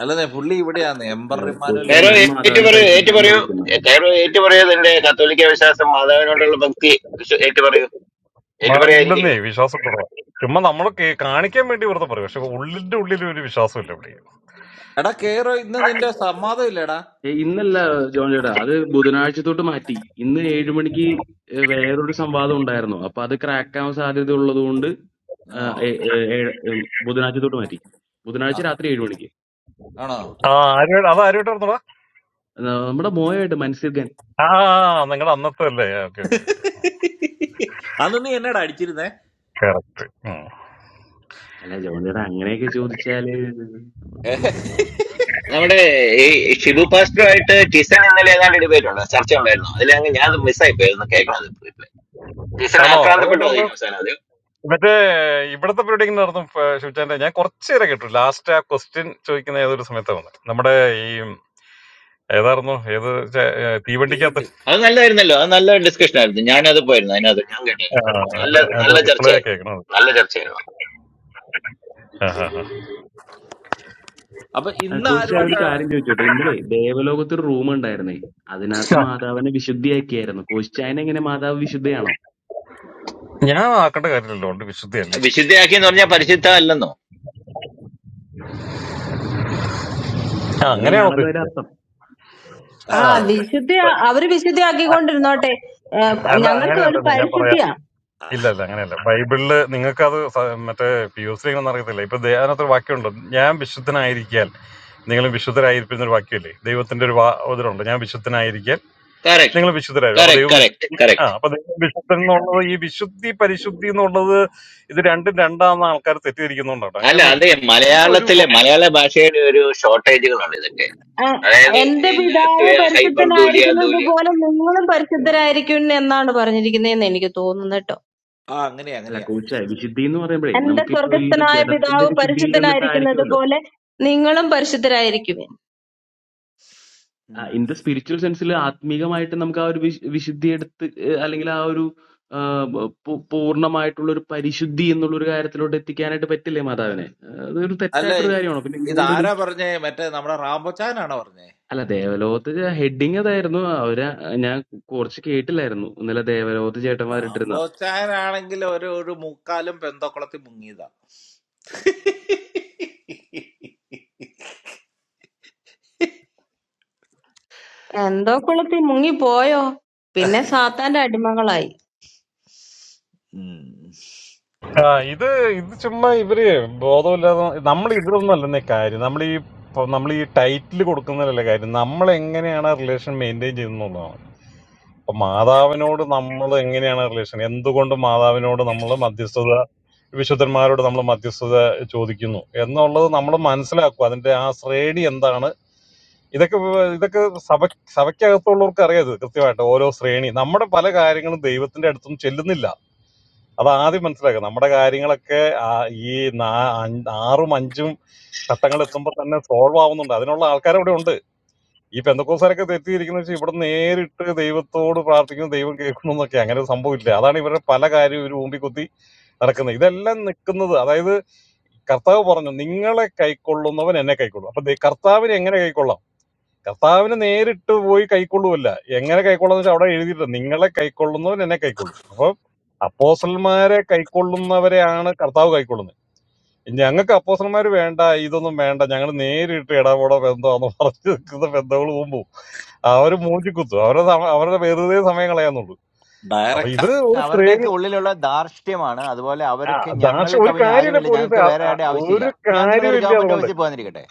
Speaker 2: അല്ലെന്നേ പുള്ളി ഇവിടെയാന്ന്
Speaker 8: അല്ല
Speaker 2: എംബർ
Speaker 8: കോശ
Speaker 6: കൈറോ
Speaker 2: ഇമ്മാനുവലുകാരൻ
Speaker 8: ഞാൻ
Speaker 6: ഏറ്റു
Speaker 8: മാതാവിനെ
Speaker 6: പറയൂ ഏറ്റു
Speaker 8: പരിശുദ്ധമെന്ന്
Speaker 6: പറയൂ
Speaker 8: വിളിക്കുന്നു
Speaker 6: കൈറോ ഏറ്റു പറയൂ ഇതിന്റെ കത്തോലിക്ക വിശ്വാസം മാതാവിനോടുള്ള ഭക്തി വിശ്വ- ഏറ്റു പറയൂ ഏറ്റു
Speaker 7: മാ- ഇല്ലെന്നേ
Speaker 6: പറയാതിരിക്കരുത്
Speaker 7: വിശ്വാസം കുറവാ ചുമ്മാ നമ്മളൊക്കെ കാണിക്കാൻ വേണ്ടി വെറുതെ പറയും പക്ഷെ ഉള്ളിന്റെ ഉള്ളിൽ ഒരു വിശ്വാസമില്ല ഇവിടെ
Speaker 2: എടാ കേറോ ഇന്ന് നിന്റെ സമ്മാദം ഇല്ലടാ
Speaker 8: ഏ, ഇന്നല്ല ജോൺ ചേട്ടാ അത് ബുധനാഴ്ച തൊട്ട് മാറ്റി ഇന്ന് ഏഴു മണിക്ക് ഏ, വേറൊരു സംവാദം ഉണ്ടായിരുന്നു അപ്പൊ അത് crack ആവാൻ സാധ്യത ഉള്ളത് കൊണ്ട് ആ,
Speaker 2: ആ,
Speaker 8: ഏ, ഏ, ഏഴ്, ഉം, ബുധനാഴ്ച തൊട്ട് മാറ്റി
Speaker 2: ആ,
Speaker 8: ബുധനാഴ്ച രാത്രി ഏഴു മണിക്ക്
Speaker 2: ആണോ
Speaker 7: ആ ആരുമായിട്ട് അത് ആരുമായിട്ട് നടന്നടാ
Speaker 8: എന്നാ, നമ്മുടെ മോയായിട്ട് മനസ്സിലാക്കാൻ
Speaker 7: ആ നിങ്ങളുടെ അന്നത്തെ അല്ലേ ഓക്കെ ഓക്കെ ഓക്കെ
Speaker 2: അന്ന് നീ എന്നടാ അടിച്ചിരുന്നേ
Speaker 7: കറക്റ്റ്
Speaker 8: അല്ല ജോൺ ചേട്ടാ അങ്ങനെയൊക്കെ ചോദിച്ചാല്
Speaker 2: ഏ,
Speaker 8: ഓർക്കുന്നില്ലേ
Speaker 6: നമ്മുടെ ഈ ഷിബു പാസ്റ്ററുമായിട്ട് ടിസൺ ഇന്നലെ ഏതാണ്ട് ഡിബേറ്റ് ഉണ്ട് ചർച്ച ഉണ്ടായിരുന്നു അതിലങ്ങ് ഞാൻ മിസ്സായി പോയിരുന്നു കേൾക്കണത് ടീച്ചർ ആക്രാന്തപ്പെട്ടു അത്
Speaker 7: ആണോ
Speaker 6: കഴിഞ്ഞ അവസാനം അത്
Speaker 7: മറ്റേ ഇവിടത്തെ പരിപാടി നടന്നു ശിവചാന്റെ ഞാൻ കുറച്ച് നേരം കേട്ടു ലാസ്റ്റ് ആ ക്വസ്റ്റ്യൻ ചോദിക്കുന്ന ഏതൊരു സമയത്ത് വന്നു നമ്മുടെ ഈ ഏതായിരുന്നു ഏത് ചെ- ഏ, തീവണ്ടിക്കകത്ത്
Speaker 2: തീവണ്ടി
Speaker 6: അത് നല്ലതായിരുന്നല്ലോ അത് നല്ല ഡിസ്കഷൻ ആയിരുന്നു ഞാനത് പോയിരുന്നു അതിനകത്ത് ഞാൻ കേട്ടായിരുന്നു നല്ല നല്ല
Speaker 7: റിപ്ലൈ ഒക്കെ
Speaker 6: ചർച്ചയായിരുന്നു
Speaker 7: കേൾക്കണത്
Speaker 6: നല്ല ചർച്ചയായിരുന്നു
Speaker 7: ആ, ആ, ആ.
Speaker 2: അപ്പൊ
Speaker 8: ആ,
Speaker 2: ഇന്ന്
Speaker 8: കോശ ഒരു
Speaker 2: ആരുമായിട്ടാ
Speaker 8: കാര്യം ചോദിച്ചോട്ടെ ഇന്നലെ ദേവലോകത്ത് ഒരു റൂം ഉണ്ടായിരുന്നേ അതിനകത്ത്
Speaker 7: ആ,
Speaker 8: മാതാവിനെ വിശുദ്ധിയാക്കിയായിരുന്നു കോശിച്ചായനെങ്ങനെ മാതാവ് വിശുദ്ധയാണോ
Speaker 7: ഞാൻ ആക്കേണ്ട കാര്യമില്ലല്ലോ ഉണ്ട് വിശുദ്ധിയല്ലേ
Speaker 6: വിശുദ്ധയാക്കി എന്ന് പറഞ്ഞാൽ പരിശുദ്ധ അല്ലെന്നോ
Speaker 7: ആ, അങ്ങനെയാണ്
Speaker 8: അങ്ങനെയാണല്ലോ അതിന്റെ
Speaker 7: ഉദ്ദേശിച്ചത്
Speaker 8: അർത്ഥം
Speaker 7: ആ
Speaker 5: ആ
Speaker 7: വി-
Speaker 5: വിശുദ്ധ അവര്
Speaker 7: ആ,
Speaker 5: വിശുദ്ധയാക്കിക്കൊണ്ടിരുന്നോട്ടെ ഏഹ്
Speaker 7: അല്ല
Speaker 5: ഞങ്ങൾക്ക് അത്
Speaker 7: അങ്ങനെയല്ല ഞാൻ പറയാ
Speaker 5: പരിശുദ്ധിയാ
Speaker 7: ഇല്ല ഇല്ല അങ്ങനെയല്ല ബൈബിളില് നിങ്ങൾക്കത് സ- മറ്റേ പി യു സി ഒന്നും അറിയത്തില്ല ഇപ്പൊ ദേ- അതിനകത്തൊരു വാക്യമുണ്ട് ഞാൻ വിശുദ്ധനായിരിക്കാൻ നിങ്ങളും വിശുദ്ധരായിരിക്കുന്ന ഒരു വാക്യമല്ലേ ദൈവത്തിന്റെ ഒരു വാ ഇതിലുണ്ട് ഞാൻ വിശുദ്ധനായിരിക്കാൻ
Speaker 6: കറക്റ്റ്
Speaker 7: നിങ്ങൾ വിശുദ്ധരാകും അപ്പൊ
Speaker 6: കറക്റ്റ്
Speaker 7: ദൈവം
Speaker 6: കറക്റ്റ്
Speaker 7: വിശുദ്ധ ആ
Speaker 6: കറക്റ്റ്
Speaker 7: അപ്പൊ ദൈവം വിശുദ്ധൻ എന്നുള്ളത് ഈ വിശുദ്ധി പരിശുദ്ധി എന്നുള്ളത് ഇത് രണ്ടും രണ്ടാന്ന് ആൾക്കാർ തെറ്റിദ്ധരിക്കുന്നുണ്ടോ കേട്ടോ
Speaker 6: അല്ല
Speaker 7: അങ്ങനെയൊന്നുമില്ല
Speaker 6: അതെ
Speaker 7: എല്ലാം ഒരു
Speaker 6: മലയാളത്തിലെ മലയാള ഭാഷയുടെ ഒരു ഷോർട്ടേജുകളാണ് ഇതൊക്കെ
Speaker 5: ഏഹ്
Speaker 6: അതായത്
Speaker 5: എന്റെ
Speaker 6: ഈ
Speaker 5: പിതാവ്
Speaker 6: ലാറ്റ്വിയ ഹൈപ്പർ ദൂലിയ
Speaker 5: പരിശുദ്ധനായിരിക്കുന്നത്
Speaker 6: ദൂലിയ
Speaker 5: പോലെ നിങ്ങളും പരിശുദ്ധരായിരിക്കും എന്നാണ് പറഞ്ഞിരിക്കുന്നതെന്ന് എനിക്ക് തോന്നുന്നു കേട്ടോ
Speaker 2: ആ അങ്ങനെയാ
Speaker 8: അല്ല
Speaker 2: അങ്ങനെയാ
Speaker 8: കോച്ചായ വിശുദ്ധി എന്ന് പറയുമ്പോഴേ
Speaker 5: എന്റെ
Speaker 8: നമുക്കിപ്പോ ഈ ഒരു
Speaker 5: സ്വർഗസ്ഥനായ
Speaker 8: ജഡത്തിന്റെ
Speaker 5: പിതാവ്
Speaker 8: വിശുദ്ധിയിൽ
Speaker 5: പരിശുദ്ധനായിരിക്കുന്നത്
Speaker 8: നിന്നിട്ടായിരിക്കുമല്ലോ
Speaker 5: പോലെ നിങ്ങളും പരിശുദ്ധരായിരിക്കും
Speaker 2: ഉം.
Speaker 8: ഇൻ ദ സ്പിരിച്വൽ സെൻസിൽ ആത്മീകമായിട്ട് നമുക്ക് ആ ഒരു വിശ്- വിശുദ്ധി എടുത്ത് ഏഹ് അല്ലെങ്കിൽ ആ ഒരു ആഹ് ബ- പൂ- പൂർണ്ണമായിട്ടുള്ള ഒരു പരിശുദ്ധി എന്നുള്ള ഒരു കാര്യത്തിലോട്ട് എത്തിക്കാനായിട്ട് പറ്റില്ലേ മാതാവിനെ ആഹ് അതൊരു
Speaker 2: അല്ല
Speaker 8: തെറ്റായിട്ടൊരു കാര്യമാണ് പിന്നെ എന്തുകൊണ്ടൊരു
Speaker 2: ഇതാരാ പറഞ്ഞേ മറ്റേ നമ്മുടെ റാംബോച്ചാനാണോ പറഞ്ഞേ
Speaker 8: അല്ല ദേവലോകത്ത് ഹെഡിങ് അതായിരുന്നു അവര് ഞാൻ കുറച്ച് കേട്ടില്ലായിരുന്നു ഇന്നലെ ദേവലോകത്ത് ചേട്ടന്മാരിട്ടിരുന്ന
Speaker 2: റാംബോച്ചാനാണെങ്കിൽ ഒരു ഒരു മുക്കാലും പെന്തോക്കുളത്തിൽ മുങ്ങിയതാ
Speaker 5: എന്തോ കുളത്തി മുങ്ങിപ്പോയോ പിന്നെ സാത്താന്റെ അടിമകളായി
Speaker 2: ഉം.
Speaker 7: ആ, ഇത് ഇത് ചുമ്മാ ഇവര് ബോധമില്ലാതെ നമ്മൾ ഇതൊന്നുമല്ലെന്നേ കാര്യം നമ്മൾ ഈ നമ്മൾ ഈ ടൈറ്റിൽ കൊടുക്കുന്നതിലല്ല കാര്യം നമ്മൾ എങ്ങനെയാണ് റിലേഷൻ മെയിൻറ്റെയിൻ ചെയ്യുന്നതാണ് അപ്പൊ മാതാവിനോട് നമ്മൾ എങ്ങനെയാണ് റിലേഷൻ എന്തുകൊണ്ട് മാതാവിനോട് നമ്മൾ മധ്യസ്ഥത വിശുദ്ധന്മാരോട് നമ്മൾ മധ്യസ്ഥത ചോദിക്കുന്നു എന്നുള്ളത് നമ്മൾ മനസ്സിലാക്കുക അതിന്റെ ആ ശ്രേണി എന്താണ് ഇതൊക്കെ വ- ഇതൊക്കെ സഭ സഭയ്ക്കകത്തുള്ളവർക്ക് അറിയാം ഇത് കൃത്യമായിട്ട് ഓരോ ശ്രേണി നമ്മുടെ പല കാര്യങ്ങളും ദൈവത്തിന്റെ അടുത്തൊന്നും ചെല്ലുന്നില്ല അത് ആദ്യം മനസ്സിലാക്കുക നമ്മുടെ കാര്യങ്ങളൊക്കെ ആ ഈ നാ- അഞ്ച്- ആറും അഞ്ചും ഘട്ടങ്ങൾ എത്തുമ്പോൾ തന്നെ സോൾവ് ആവുന്നുണ്ട് അതിനുള്ള ആൾക്കാർ ഇവിടെ ഉണ്ട് ഈ പെന്തക്കോസാരൊക്കെ തെറ്റിയിരിക്കുന്ന വെച്ചാൽ ഇവിടെ നേരിട്ട് ദൈവത്തോട് പ്രാർത്ഥിക്കുന്നു ദൈവം കേൾക്കുന്നു എന്നൊക്കെ അങ്ങനെ ഒരു സംഭവമില്ല അതാണ് ഇവരുടെ പല കാര്യം ഇവർ ഊമ്പിക്കുത്തി നടക്കുന്നത് ഇതെല്ലാം നിൽക്കുന്നത് അതായത് കർത്താവ് പറഞ്ഞു നിങ്ങളെ കൈക്കൊള്ളുന്നവൻ എന്നെ കൈക്കൊള്ളും അപ്പൊ ദേ- കർത്താവിനെ എങ്ങനെ കൈക്കൊള്ളാം കർത്താവിന് നേരിട്ട് പോയി കൈക്കൊള്ളൂല്ല എങ്ങനെ കൈക്കൊള്ളുന്ന വെച്ചാൽ അവിടെ എഴുതിയിട്ടുണ്ട് നിങ്ങളെ കൈക്കൊള്ളുന്നവൻ എന്നെ കൈക്കൊള്ളുന്നു അപ്പൊ അപ്പോസന്മാരെ കൈക്കൊള്ളുന്നവരെയാണ് കർത്താവ് കൈക്കൊള്ളുന്നത് ഞങ്ങൾക്ക് അപ്പോസന്മാർ വേണ്ട ഇതൊന്നും വേണ്ട ഞങ്ങൾ നേരിട്ട് ഇടപെടോ ബന്ധമാന്ന് പറഞ്ഞു നിൽക്കുന്ന ബന്ധങ്ങൾ പോകുമ്പോൾ അവര് മൂഞ്ചി കുത്തും അവരുടെ സമ- അവരുടെ വെറുതെ സമയം കളയാന്നുള്ളൂ അപ്പൊ
Speaker 2: ഡയറക്റ്റാ
Speaker 7: ഇത് ഒരു ശ്രേണി
Speaker 6: അതുപോലെ
Speaker 7: ആ,
Speaker 6: അവർക്ക് ഞങ്ങൾ
Speaker 7: ദാക്ഷ ഒരു
Speaker 6: കവിഞ്ഞ
Speaker 7: കാര്യമില്ല
Speaker 6: ആരുമില്ല
Speaker 7: പോലീസ്
Speaker 6: ഞങ്ങൾക്ക് വേറെ ആരുടെ ആവശ്യമില്ല
Speaker 7: ഒരു
Speaker 6: ഇപ്പൊ ഞാൻ നിങ്ങളൊരു
Speaker 7: കാര്യമില്ല
Speaker 6: ഗവൺമെന്റ്
Speaker 7: അതുകൊണ്ട്
Speaker 6: ഓഫീസിൽ പോകാനിരിക്കട്ടെ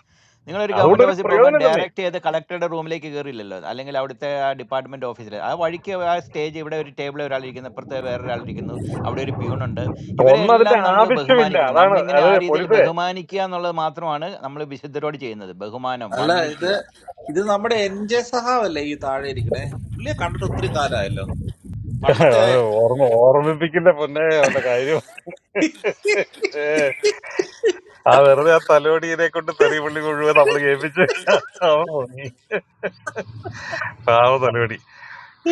Speaker 6: നിങ്ങളൊരു
Speaker 7: അതുകൊണ്ട്
Speaker 6: ഗവൺമെന്റ്
Speaker 7: ഒരു
Speaker 6: ഓഫീസിൽ പോകുമ്പോൾ
Speaker 7: പ്രയോജനമില്ലെന്നേ
Speaker 6: ഡയറക്റ്റ് ചെയ്ത് കളക്ടറുടെ റൂമിലേക്ക് കയറിയില്ലല്ലോ അല്ലെങ്കിൽ അവിടുത്തെ ആ ഡിപ്പാർട്ട്മെന്റ് ഓഫീസിൽ ആ വഴിക്ക് ആ സ്റ്റേജ് ഇവിടെ ഒരു ടേബിൾ ഒരാളിരിക്കുന്നു ഇപ്പുറത്ത് വേറൊരാളിരിക്കുന്നു അവിടെ ഒരു പ്യൂണുണ്ട് ഇവരെ
Speaker 7: ഒന്ന് അതിന്റെ
Speaker 6: എല്ലാം നമ്മൾ
Speaker 7: ആവശ്യമില്ല
Speaker 6: ബഹുമാനിക്കണം
Speaker 7: അതാണ്
Speaker 6: നമ്മളിങ്ങനെ
Speaker 7: അത്
Speaker 6: ആ രീതിയിൽ
Speaker 7: പോലീസ്
Speaker 6: ബഹുമാനിക്കുക എന്നുള്ളത് മാത്രമാണ് നമ്മൾ വിശുദ്ധരോട് ചെയ്യുന്നത് ബഹുമാനം
Speaker 2: അല്ല ഇത്
Speaker 6: വന്ദിക്കുക
Speaker 2: ഇത് നമ്മുടെ എൻ ജെ സഹാവല്ലേ ഈ താഴെ ഇരിക്കണേ പുള്ളിയെ കണ്ടിട്ട് ഒത്തിരി കാലമായല്ലോ പണ്ടത്തെ
Speaker 7: അവനെ ഓർമ്മ ഓർമ്മിപ്പിക്കില്ല പൊന്നെ അവന്റെ കാര്യം ആ വെറുതെ ആ തലോടിയെ കൊണ്ട് തെറി പുള്ളി മുഴുവൻ നമ്മള് കേൾപ്പിച്ച് അവൻ പൊങ്ങി. പാവം തലോടി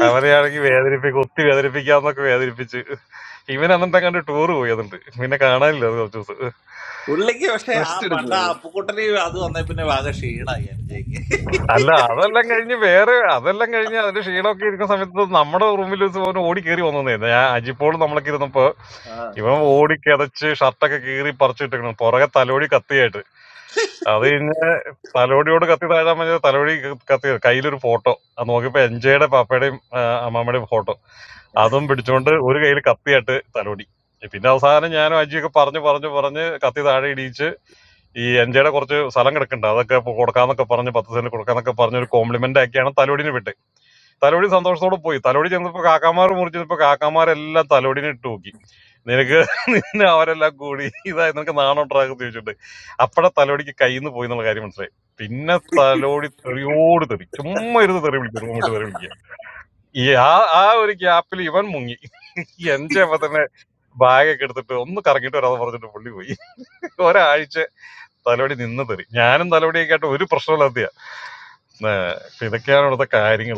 Speaker 7: അവരെയാണെങ്കിൽ വേദനിപ്പിക്കും ഒത്തി വേദനിപ്പിക്കാന്നൊക്കെ വേദനിപ്പിച്ച് ഇവൻ അന്നത്തെ കണ്ട് ടൂർ പോയി അതുണ്ട് പിന്നെ കാണാനില്ല അത് കുറച്ച് ദിവസം
Speaker 2: പുള്ളിക്ക് പക്ഷെ ആ
Speaker 9: റെസ്റ്റ്
Speaker 2: പണ്ട
Speaker 9: എടുത്തതാ കോച്ച്
Speaker 2: അപ്പുക്കുട്ടനെ അത് വന്നേ പിന്നെ ആകെ ക്ഷീണായി എൻ ജെക്ക്
Speaker 7: അല്ല അതെല്ലാം കഴിഞ്ഞ് വേറെ അതെല്ലാം കഴിഞ്ഞ് അതിന്റെ ക്ഷീണമൊക്കെ ഇരിക്കുന്ന സമയത്ത് നമ്മുടെ റൂമിൽ വെച്ച് അവൻ ഓടി കയറി വന്നതായിരുന്നു ഞാൻ അജിപ്പോളും നമ്മളൊക്കെ ഇരുന്നപ്പോ
Speaker 2: ആ.
Speaker 7: ഇവൻ ഓടി കിതച്ച് ഷർട്ടൊക്കെ കീറി പറിച്ചിട്ടിരിക്കണം പുറകെ തലോടി കത്തിയായിട്ട് അത് തലോടിയോട് കത്തി താഴാൻ പറഞ്ഞ തലോടി കത്തി കയ്യിലൊരു ഫോട്ടോ അത് നോക്കിയപ്പോ എൻജയുടെ പാപ്പയുടെയും ആ, അമ്മാമ്മയുടെയും ഫോട്ടോ അതും പിടിച്ചോണ്ട് ഒരു കയ്യിൽ കത്തിയായിട്ട് തലോടി പിന്നെ അവസാനം ഞാനും അജിയൊക്കെ പറഞ്ഞു പറഞ്ഞു പറഞ്ഞ് കത്തി താഴെ ഇടിയിച്ച് ഈ എൻജയുടെ കുറച്ച് സ്ഥലം കിടക്കുന്നുണ്ട് അതൊക്കെ ഇപ്പൊ കൊടുക്കാന്നൊക്കെ പറഞ്ഞ് പത്ത് സെന്റ് കൊടുക്കാന്നൊക്കെ പറഞ്ഞ് ഒരു കോംപ്ലിമെന്റ് ആക്കിയാണ് തലോടിന് വിട്ട് തലോടി സന്തോഷത്തോടെ പോയി തലോടി ചെന്നപ്പോ കാക്കാമാർ മുറിച്ചപ്പോ കാക്കാമാരെല്ലാം തലോടിനെ ഇട്ട് നോക്കി നിനക്ക് നിന്നെ അവരെല്ലാം കൂടി ഇതായി നിനക്ക് നാണോട്ടറാക്കി ചോദിച്ചിട്ട് അപ്പഴ തലോടിക്ക് കയ്യിന്ന് പോയി എന്നുള്ള കാര്യം മനസ്സിലായി പിന്നെ തലോടി തെറിയോട് തെറി ചുമ്മാ ഇരുന്ന് തെറി വിളിക്കും റൂമിട്ട് തെറി വിളിക്കുക ഈ ആ ആ ഒരു ഗ്യാപ്പിൽ ഇവൻ മുങ്ങി എന്റെ അപ്പൊ തന്നെ ബാഗൊക്കെ എടുത്തിട്ട് ഒന്ന് കറങ്ങിട്ട് വരാതെ പറഞ്ഞിട്ട് പുള്ളി പോയി ഒരാഴ്ച തലോടി നിന്ന് തെറി ഞാനും തലോടിയൊക്കെ ആയിട്ട് ഒരു പ്രശ്നമില്ലാത്തയാ ഇതൊക്കെയാണ് ഇവിടുത്തെ കാര്യങ്ങൾ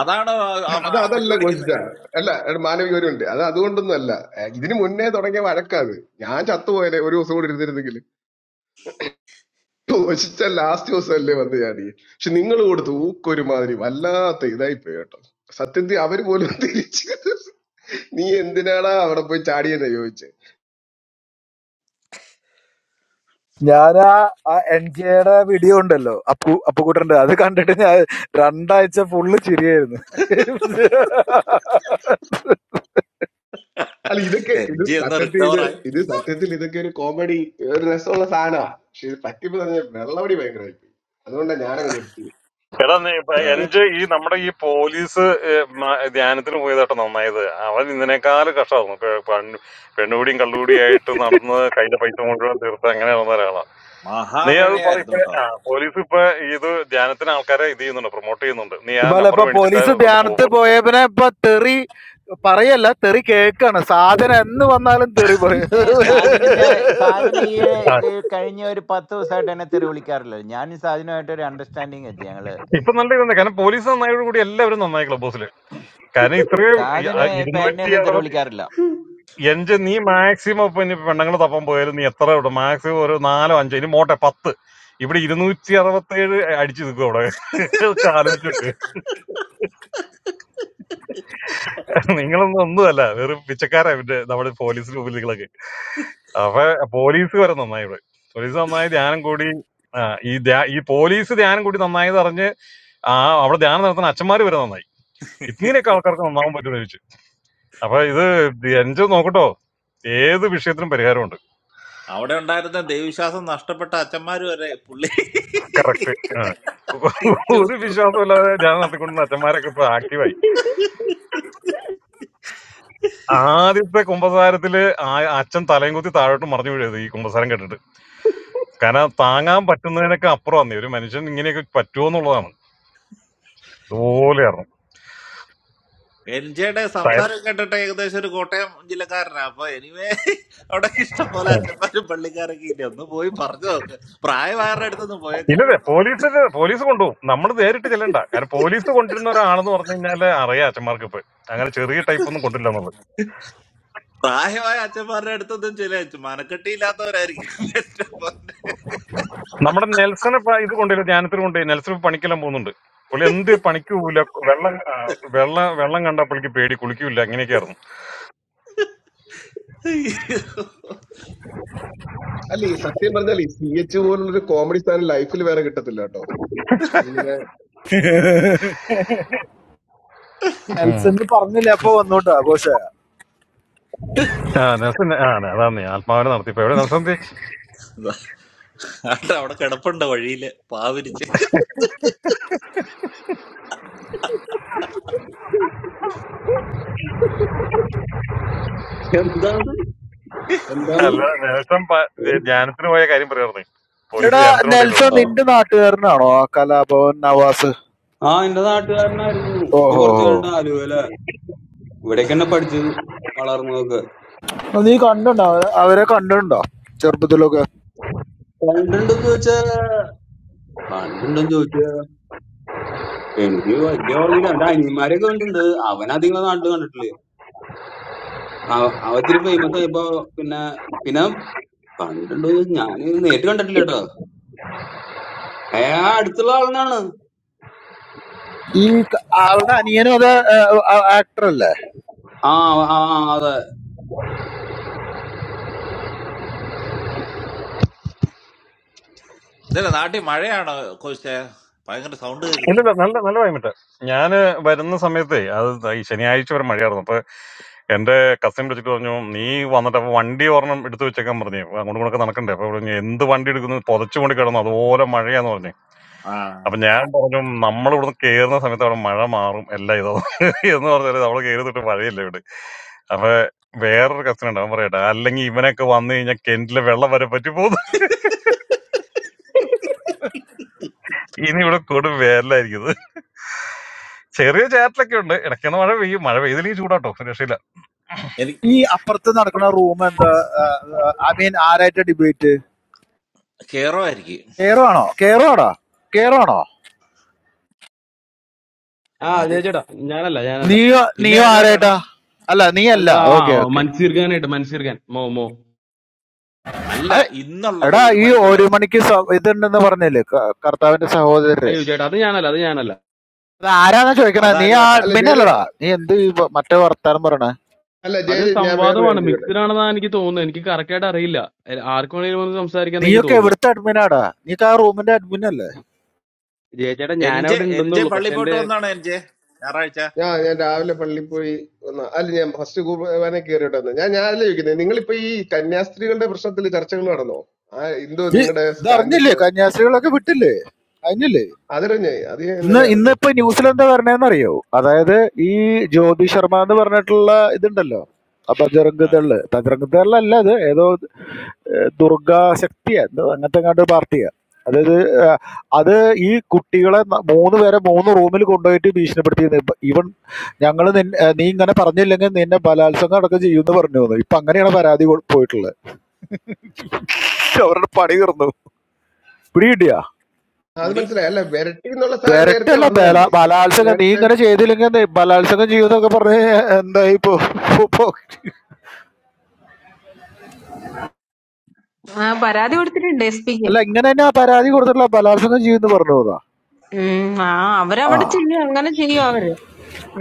Speaker 2: അതാണ് ആ- ആ- ആ
Speaker 9: അത്
Speaker 2: അമ്മയ്ക്ക്
Speaker 9: അതല്ല ഗോജിച്ച
Speaker 2: വിളിക്കുന്നൊക്കെ
Speaker 9: അല്ല എടാ, മാനവിക ഒരു ഉണ്ട് അത് അതുകൊണ്ടൊന്നും അല്ല ഏ, ഇതിന് മുന്നേ തുടങ്ങിയ വഴക്കാത് ഞാൻ ചത്തുപോയാലേ ഒരു ദിവസം കൂടി ഇരുന്നിരുന്നെങ്കിൽ ഗോജിച്ച ലാസ്റ്റ് ദിവസം അല്ലേ വന്ന് ചാടി പക്ഷെ നിങ്ങൾ കൊടുത്ത് ഊക്കൊരുമാതിരി വല്ലാത്ത ഇതായി പോയി കേട്ടോ സത്യത്തിൽ അവര് പോലും തിരിച്ച് നീ എന്തിനാടാ അവിടെ പോയി ചാടിയെന്ന് ചോദിച്ചേ
Speaker 10: ഞാൻ ആ എൻ ജിയുടെ വീഡിയോ ഉണ്ടല്ലോ അപ്പു അപ്പുകുട്ടന്റെ അത് കണ്ടിട്ട് ഞാൻ രണ്ടാഴ്ച ഫുള്ള് ചിരിയായിരുന്നു
Speaker 9: അല്ല ഇതൊക്കെ
Speaker 2: എൻ
Speaker 9: ഇത്
Speaker 2: ജി ഒന്ന്
Speaker 9: സത്യത്തിൽ ഇത്
Speaker 2: റിക്കവറായി
Speaker 9: ഇത് സത്യത്തിൽ ഇതൊക്കെ ഒരു കോമഡി ഒരു രസമുള്ള സാധനമാ പക്ഷെ ഇത് പറ്റിപ്പോ തന്നെ വെള്ളമടി ഭയങ്കരമായി പോയി അതുകൊണ്ടാണ് ഞാനങ്ങ് നിർത്തിയത്
Speaker 7: എടാ നീ ഇപ്പൊ
Speaker 2: ആ.
Speaker 7: എന്റെ ഈ നമ്മുടെ ഈ പോലീസ് ഏ, മ- ധ്യാനത്തിന് പോയതാട്ടോ നന്നായത് അവൻ ഇതിനേക്കാൾ കഷ്ടമായിരുന്നു പെ- പൺ- പെണ്ണുപിടിയും കള്ളുപിടിയും ആയിട്ട് നടന്ന് കയ്യിലെ പൈസ മുഴുവൻ തീർത്ത് അങ്ങനെ നടന്ന ഒരാളാ നീ അത് പറ
Speaker 2: മഹാപിഴയായിരുന്നു
Speaker 7: ഇപ്പൊ
Speaker 2: കേട്ടോ
Speaker 7: ആ, പോലീസ് ഇപ്പൊ ഇത് ധ്യാനത്തിന് ആൾക്കാരെ ഇത് ചെയ്യുന്നുണ്ട് പ്രൊമോട്ട് ചെയ്യുന്നുണ്ട് നീ ആ
Speaker 10: ഇപ്പല്ല
Speaker 7: നമ്പർ
Speaker 10: ഇപ്പൊ
Speaker 7: മേടിച്ചിട്ട്
Speaker 10: പോലീസ്
Speaker 7: ഒന്ന് പോ
Speaker 10: ധ്യാനത്ത്
Speaker 7: പോലീസ്
Speaker 10: പോയ പിന്നെ ഇപ്പൊ തെറി പറയല്ല തെറി കേക്കാണ് സാധനം എന്ന് വന്നാലും തെറി പറയും
Speaker 7: ആ, ഇപ്പൊ നല്ല ഇതുണ്ട് കാരണം പോലീസ് നന്നായതോടുകൂടി എല്ലാവരും നന്നായി ക്ലബ് ഹൗസിൽ കാരണം ഇത്രയും ഈ, ആ, ഇരുന്നൂറ്റി അറുപത് എന്റെ നീ മാക്സിമം ഇപ്പൊ ഇനി പെണ്ണുങ്ങൾ തപ്പാൻ പോയാലും നീ എത്ര ഇവിടെ മാക്സിമം ഒരു നാലോ അഞ്ചോ ഇനി മോട്ടെ പത്ത് ഇവിടെ ഇരുന്നൂറ്റി അറുപത്തേഴ് അടിച്ചു നിൽക്കും അവിടെ ഇതൊക്കെ ആലോചിച്ചോക്ക് നിങ്ങളൊന്നും ഒന്നുമല്ല വെറും പിച്ചക്കാരാ പിന്നെ നമ്മുടെ പോലീസ് മുമ്പിൽ നിങ്ങളൊക്കെ അപ്പൊ പോലീസ് വരെ നന്നായി ഇവിടെ പോലീസ് നന്നായി ധ്യാനം കൂടി ആ, ഈ ധ്യാ- ഈ പോലീസ് ധ്യാനം കൂടി നന്നായി അറിഞ്ഞ് ആ അവിടെ ധ്യാനം നടത്തുന്ന അച്ഛന്മാര് വരെ നന്നായി ഇങ്ങനെയൊക്കെ ആൾക്കാർക്ക് നന്നാവാൻ പറ്റുമെന്ന് ചോദിച്ചു അപ്പൊ ഇത് എൻജോ നോക്കട്ടോ ഏത് വിഷയത്തിനും പരിഹാരമുണ്ട്
Speaker 2: അവിടെ ഉണ്ടായിരുന്ന ദൈവവിശ്വാസം നഷ്ടപ്പെട്ട അച്ഛന്മാര് വരെ പുള്ളി
Speaker 7: കറക്റ്റ്
Speaker 2: തിരിച്ചു
Speaker 7: ഒരു
Speaker 2: വന്നു.
Speaker 7: വിശ്വാസമില്ലാതെ ഞാൻ നടത്തിക്കൊണ്ടിരുന്ന അച്ഛന്മാരൊക്കെ ഇപ്പൊ ആക്റ്റീവായി ആദ്യത്തെ കുമ്പസാരത്തില് ആ- അച്ഛൻ തലയും കുത്തി താഴോട്ട് മറിഞ്ഞു വീഴത് ഈ കുമ്പസാരം കേട്ടിട്ട് കാരണം താങ്ങാൻ പറ്റുന്നതിനൊക്കെ അപ്പുറമാണ് ഒരു മനുഷ്യൻ ഇങ്ങനെയൊക്കെ പറ്റുമോ എന്നുള്ളതാണ് ഇതുപോലെയായിരുന്നു
Speaker 2: എൻ ജെയുടെ
Speaker 7: തയ്യ-
Speaker 2: സംസാരം കേട്ടിട്ട് ഏകദേശം ഒരു കോട്ടയം ജില്ലക്കാരനാ അപ്പൊ എനിവേ അവിടെ ഇഷ്ടം പോലെ അച്ഛന്മാരും പള്ളിക്കാരൊക്കെ ഇല്ല ഒന്ന് പോയി പറഞ്ഞു നോക്ക് പ്രായമായവരുടെ അടുത്തൊന്നും പോയേക്കല്ലോ
Speaker 7: ഇല്ലല്ലേ
Speaker 2: കേട്ടോ
Speaker 7: പോലീസിന് പോലീസ് കൊണ്ടുപോകും നമ്മൾ നേരിട്ട് ചെല്ലണ്ട കാരണം പോലീസ് കൊണ്ടിരുന്ന ഒരാളെന്ന് പറഞ്ഞു കഴിഞ്ഞാല് അറിയാം അച്ഛന്മാർക്ക് ഇപ്പൊ അങ്ങനെ ചെറിയ ടൈപ്പ് ഒന്നും കൊണ്ടില്ല എന്നുള്ളത്.
Speaker 2: പ്രായമായ അച്ഛന്മാരുടെ അടുത്തൊന്നും ചില മനക്കെട്ടിയില്ലാത്തവരായിരിക്കും എന്റെ മോനെ.
Speaker 7: നമ്മുടെ നെൽസൺ ഇപ്പൊ ഇത് കൊണ്ടുപോയി ധ്യാനത്തിൽ കൊണ്ടുപോയി നെൽസൺ ഇപ്പൊ പണിക്കെല്ലാം പോകുന്നുണ്ട് പുള്ളി എന്ത് പണിക്ക് പോവില്ല വെള്ളം ആ, വെള്ളം വെള്ളം കണ്ട പുള്ളിക്ക് പേടി കുളിക്കൂല അങ്ങനെയൊക്കെ ആയിരുന്നു
Speaker 9: അല്ല ഈ സത്യം പറഞ്ഞാൽ ഈ സി എച്ച് പോലുള്ളൊരു കോമഡി സ്ഥാനം ലൈഫിൽ വേറെ കിട്ടത്തില്ല കേട്ടോ ഇങ്ങനെ
Speaker 7: ഉം.
Speaker 10: നെൽസൺ പറഞ്ഞില്ല അപ്പൊ വന്നോണ്ട് ആഘോഷ
Speaker 7: ആ നെൽസൺ ആ അതാണ് ആത്മാവിനെ നടത്തിപ്പോ എവിടെ നെൽസൺ തി-
Speaker 2: ആട്ടെ, അവിടെ കിടപ്പുണ്ട് വഴിയില് പാവിരിച്ച്
Speaker 11: എന്താണ് എന്താണ്
Speaker 7: അല്ല നെൽസൺ പ- ദേ- ധ്യാനത്തിന് പോയ കാര്യം പറയായിരുന്നു പോലീസ്
Speaker 10: എടാ
Speaker 7: ധ്യാനത്തിന്
Speaker 10: നെൽസൺ
Speaker 7: കൊണ്ടില്ലായിരുന്നു
Speaker 11: ഓ
Speaker 10: നിന്റെ നാട്ടുകാരനാണോ ആ കലാഭവൻ നവാസ്
Speaker 11: ആ എന്റെ നാട്ടുകാരനായിരുന്നു ഇപ്പൊ കുറച്ചു
Speaker 10: ഓഹോ
Speaker 11: കഴിഞ്ഞിട്ട് ആലുവല ഇവിടേക്ക് തന്നെ പഠിച്ചതും വളർന്നതൊക്കെ
Speaker 10: അപ്പൊ നീ കണ്ടുണ്ടോ അവരെ അവരെ കണ്ടിട്ടുണ്ടോ ചെറുപ്പത്തിലൊക്കെ
Speaker 11: കണ്ടുണ്ടോ ചോദിച്ചാ കണ്ടുണ്ടോ ചോദിച്ചാ എനിക്ക് വലിയ ഓർമ്മയില്ല അവന്റെ അനിയന്മാരെയൊക്കെ കണ്ടിട്ടുണ്ട് അവൻ അധികം നാട്ടിൽ കണ്ടിട്ടില്ലേ അവ- അവൻ ഇത്തിരി ഫേമസ് ആയപ്പോ പിന്നെ പിന്നെ കണ്ടിട്ടുണ്ടോ ചോദിച്ചാ ഞാൻ നേരിട്ട് കണ്ടിട്ടില്ല കേട്ടോ ഏ ആ അടുത്തുള്ള ആളിനാണ്
Speaker 10: ഈ ക- അവളുടെ അനിയനും അത് ആക്ടർ അല്ലേ
Speaker 11: ആ ആ ആ, അതെ
Speaker 2: ഇതല്ലേ നാട്ടിൽ മഴയാണോ കോശേ ഭയങ്കര സൗണ്ട് കേൾക്കുന്നത്
Speaker 7: ഇല്ലില്ല നല്ല നല്ല വൈകിട്ട് ഞാന് വരുന്ന സമയത്തേ അത് ഈ ശനിയാഴ്ച വരെ മഴയായിരുന്നു അപ്പൊ എന്റെ കസിൻ വിളിച്ചിട്ട് പറഞ്ഞു നീ വന്നിട്ട് അപ്പൊ വണ്ടി ഒരെണ്ണം എടുത്തു വെച്ചേക്കാൻ പറഞ്ഞു അങ്ങോട്ട് കൂടെ നടക്കണ്ടേ അപ്പൊ പറഞ്ഞു എന്ത് വണ്ടി എടുക്കുന്നു പുതച്ചുകൊണ്ട് കിടന്നു അതുപോലെ മഴയാന്ന് പറഞ്ഞു
Speaker 2: ആ
Speaker 7: അപ്പൊ ഞാൻ പറഞ്ഞു നമ്മൾ ഇവിടുന്ന് കേറുന്ന സമയത്ത് അവിടെ മഴ മാറും എല്ലാം ഇതോ എന്ന് പറഞ്ഞാല് നമ്മള് കയറി തൊട്ട് മഴയില്ല ഇവിടെ അപ്പൊ വേറൊരു കസ്റ്റൻ ഉണ്ട് അവൻ പറയട്ടെ അല്ലെങ്കിൽ ഇവനൊക്കെ വന്നു കഴിഞ്ഞാൽ കിണറ്റിലെ വെള്ളം വരെ പറ്റി പോകുന്നു ഇനി ഇവിടെ കൊടും വേലായിരിക്കുന്നത് ചെറിയ ചാറ്റലൊക്കെ ഉണ്ട് ഇടയ്ക്കുന്ന മഴ പെയ്യും മഴ പെയ്തില്ലെങ്കിൽ ചൂടാട്ടോ ഒരു രക്ഷയില്ല
Speaker 2: എനിക്ക്
Speaker 10: ഈ അപ്പുറത്ത് നടക്കുന്ന റൂം എന്താ ഐ മീൻ ആരായിട്ട് ഡിബേറ്റ്
Speaker 2: കേറോ ആയിരിക്കും
Speaker 10: കേറുവാണോ കേറുവാണോ കേറുവാണോ
Speaker 8: ആ
Speaker 2: ആര്?
Speaker 8: ജയ ചേട്ടാ ഞാനല്ല ഞാനല്ല
Speaker 10: നീയോ
Speaker 2: പിന്നെ
Speaker 10: നീയോ
Speaker 2: ആരുമായിട്ടാടാ
Speaker 10: ആരായിട്ടാ അല്ല നീ അല്ല
Speaker 8: എന്നാ,
Speaker 10: ഓക്കെ
Speaker 8: ആ
Speaker 10: ഓക്കെ
Speaker 8: മൻസീർ ഖാനായിട്ട് മൻസീർ ഖാൻ മോ മോ
Speaker 2: അല്ല ഇന്നുള്ളത്
Speaker 10: എടാ
Speaker 2: ഒരു
Speaker 10: ഈ ഒരു
Speaker 2: മണിക്കുള്ളത്
Speaker 10: മണിക്ക് സ- ഇതുണ്ടെന്ന് പറഞ്ഞില്ലേ ക- കർത്താവിന്റെ സഹോദരര്
Speaker 8: അയ്യോ ചേട്ടാ അത് ഞാനല്ല അത് ഞാനല്ല
Speaker 10: അത് ആരാന്നാ ചോദിക്കണേ നീ ആ
Speaker 2: അതാരുമായിട്ടാ
Speaker 9: അല്ല
Speaker 10: അഡ്മിൻ
Speaker 9: ജയ ജയ-
Speaker 10: അല്ലടാ നീ എന്ത് ഈ വ- മറ്റേ വർത്താനം പറയണേ
Speaker 9: അല്ല ജയ
Speaker 8: അത്
Speaker 9: ജയ, ഞാൻ വേറൊരു
Speaker 8: സംവാദമാണ്
Speaker 9: കാര്യം ചോദിക്കട്ടെ
Speaker 8: മിക്സ്ഡ് ആണെന്നാണ് എനിക്ക് തോന്നുന്നത് എനിക്ക് കറക്റ്റ് ആയിട്ട് അറിയില്ല എ- ആർക്ക് വേണേലും വന്ന് സംസാരിക്കാന്ന് എനിക്ക്
Speaker 10: നീയൊക്കെ
Speaker 8: തോന്നുന്നു
Speaker 10: എവിടുത്തെ അഡ്മിനാടാ നീ ആ റൂമിന്റെ അഡ്മിൻ
Speaker 8: ജയ ചേട്ടാ
Speaker 2: എൻ
Speaker 8: ഞാൻ
Speaker 2: ജെ
Speaker 8: അവിടെ
Speaker 2: എൻ ജെ
Speaker 8: ഉണ്ടെന്നുള്ളൂ
Speaker 2: പള്ളി
Speaker 8: പക്ഷെ
Speaker 2: പോയിട്ട്
Speaker 8: എന്റെ
Speaker 2: വന്നാണ് എൻ ജെ ഞായറാഴ്ച
Speaker 9: ഞാൻ ഞാൻ രാവിലെ പള്ളിയിൽ പോയി വന്ന അല്ല ഞാൻ ഫസ്റ്റ് കുർബാന കയറിയിട്ട് വന്നു ഞാൻ ഞാൻ അല്ല ചോദിക്കുന്നത് നിങ്ങളിപ്പോ ഈ കന്യാസ്ത്രീകളുടെ പ്രശ്നത്തിൽ ചർച്ചകൾ നടന്നോ ആ എന്തോ
Speaker 10: ഈ
Speaker 9: നിങ്ങളുടെ സ്റ്റാൻഡ്
Speaker 10: ഇതറിഞ്ഞില്ലേ
Speaker 9: എന്തോ
Speaker 10: കന്യാസ്ത്രീകളൊക്കെ വിട്ടില്ലേ അതിനില്ലേ
Speaker 9: അതറിഞ്ഞേ അത് ഞാൻ
Speaker 10: ഇന്ന്
Speaker 9: ഇന്നലെ അറിഞ്ഞു
Speaker 10: ഇന്നിപ്പോ ന്യൂസിൽ എന്താ പറഞ്ഞതെന്നറിയോ അതായത് ഈ ജ്യോതി ശർമ്മ എന്ന് പറഞ്ഞിട്ടുള്ള ഇതുണ്ടല്ലോ ആ ബജറംഗ് ദള് ബജറംഗ് ദളല്ല അത് ഏതോ ഏഹ്, ദുർഗാ ശക്തിയാ എന്തോ അങ്ങനത്തെ കണ്ട് പാർട്ടിയാ അതായത് ഏഹ്, അത് ഈ കുട്ടികളെ ന- മൂന്ന് പേരെ മൂന്ന് റൂമിൽ കൊണ്ടുപോയിട്ട് ഭീഷണിപ്പെടുത്തിയിരുന്നു ഇപ്പൊ ഇവൻ ഞങ്ങൾ നീ ഇങ്ങനെ പറഞ്ഞില്ലെങ്കിൽ നിന്നെ ബലാത്സംഗം അടക്കം ചെയ്യുമെന്ന് പറഞ്ഞു തന്നു ഇപ്പൊ അങ്ങനെയാണ് പരാതി കൊ- പോയിട്ടുള്ളത് അവരുടെ പണി തീർന്നു പിടികിട്ടിയ
Speaker 9: അത്
Speaker 2: പുടി
Speaker 9: മനസ്സിലായി അല്ല വിരട്ടി എന്നുള്ള സാധനം നേരത്തെ
Speaker 10: വരട്ടല്ല ബല
Speaker 9: വന്നതല്ലേ
Speaker 10: ബലാത്സംഗം നീ
Speaker 9: നേരത്തെ
Speaker 10: ഇങ്ങനെ ചെയ്തില്ലെങ്കിൽ എന്ത് ബലാത്സംഗം ചെയ്യുമെന്നൊക്കെ പറഞ്ഞ് എന്തായി പോ പോ- പോ-
Speaker 5: ആ പരാതി കൊടുത്തിട്ടുണ്ട് എസ് പിക്ക്
Speaker 10: അല്ല ഇങ്ങനെ തന്നെ ആ പരാതി കൊടുത്തിട്ടുള്ള ബലാത്സംഗം ചെയ്യുമെന്ന് പറഞ്ഞു പോകാ
Speaker 5: ആ
Speaker 10: ആ
Speaker 5: അവരവിടെ ചെയ്യും അങ്ങനെ ചെയ്യും അവര്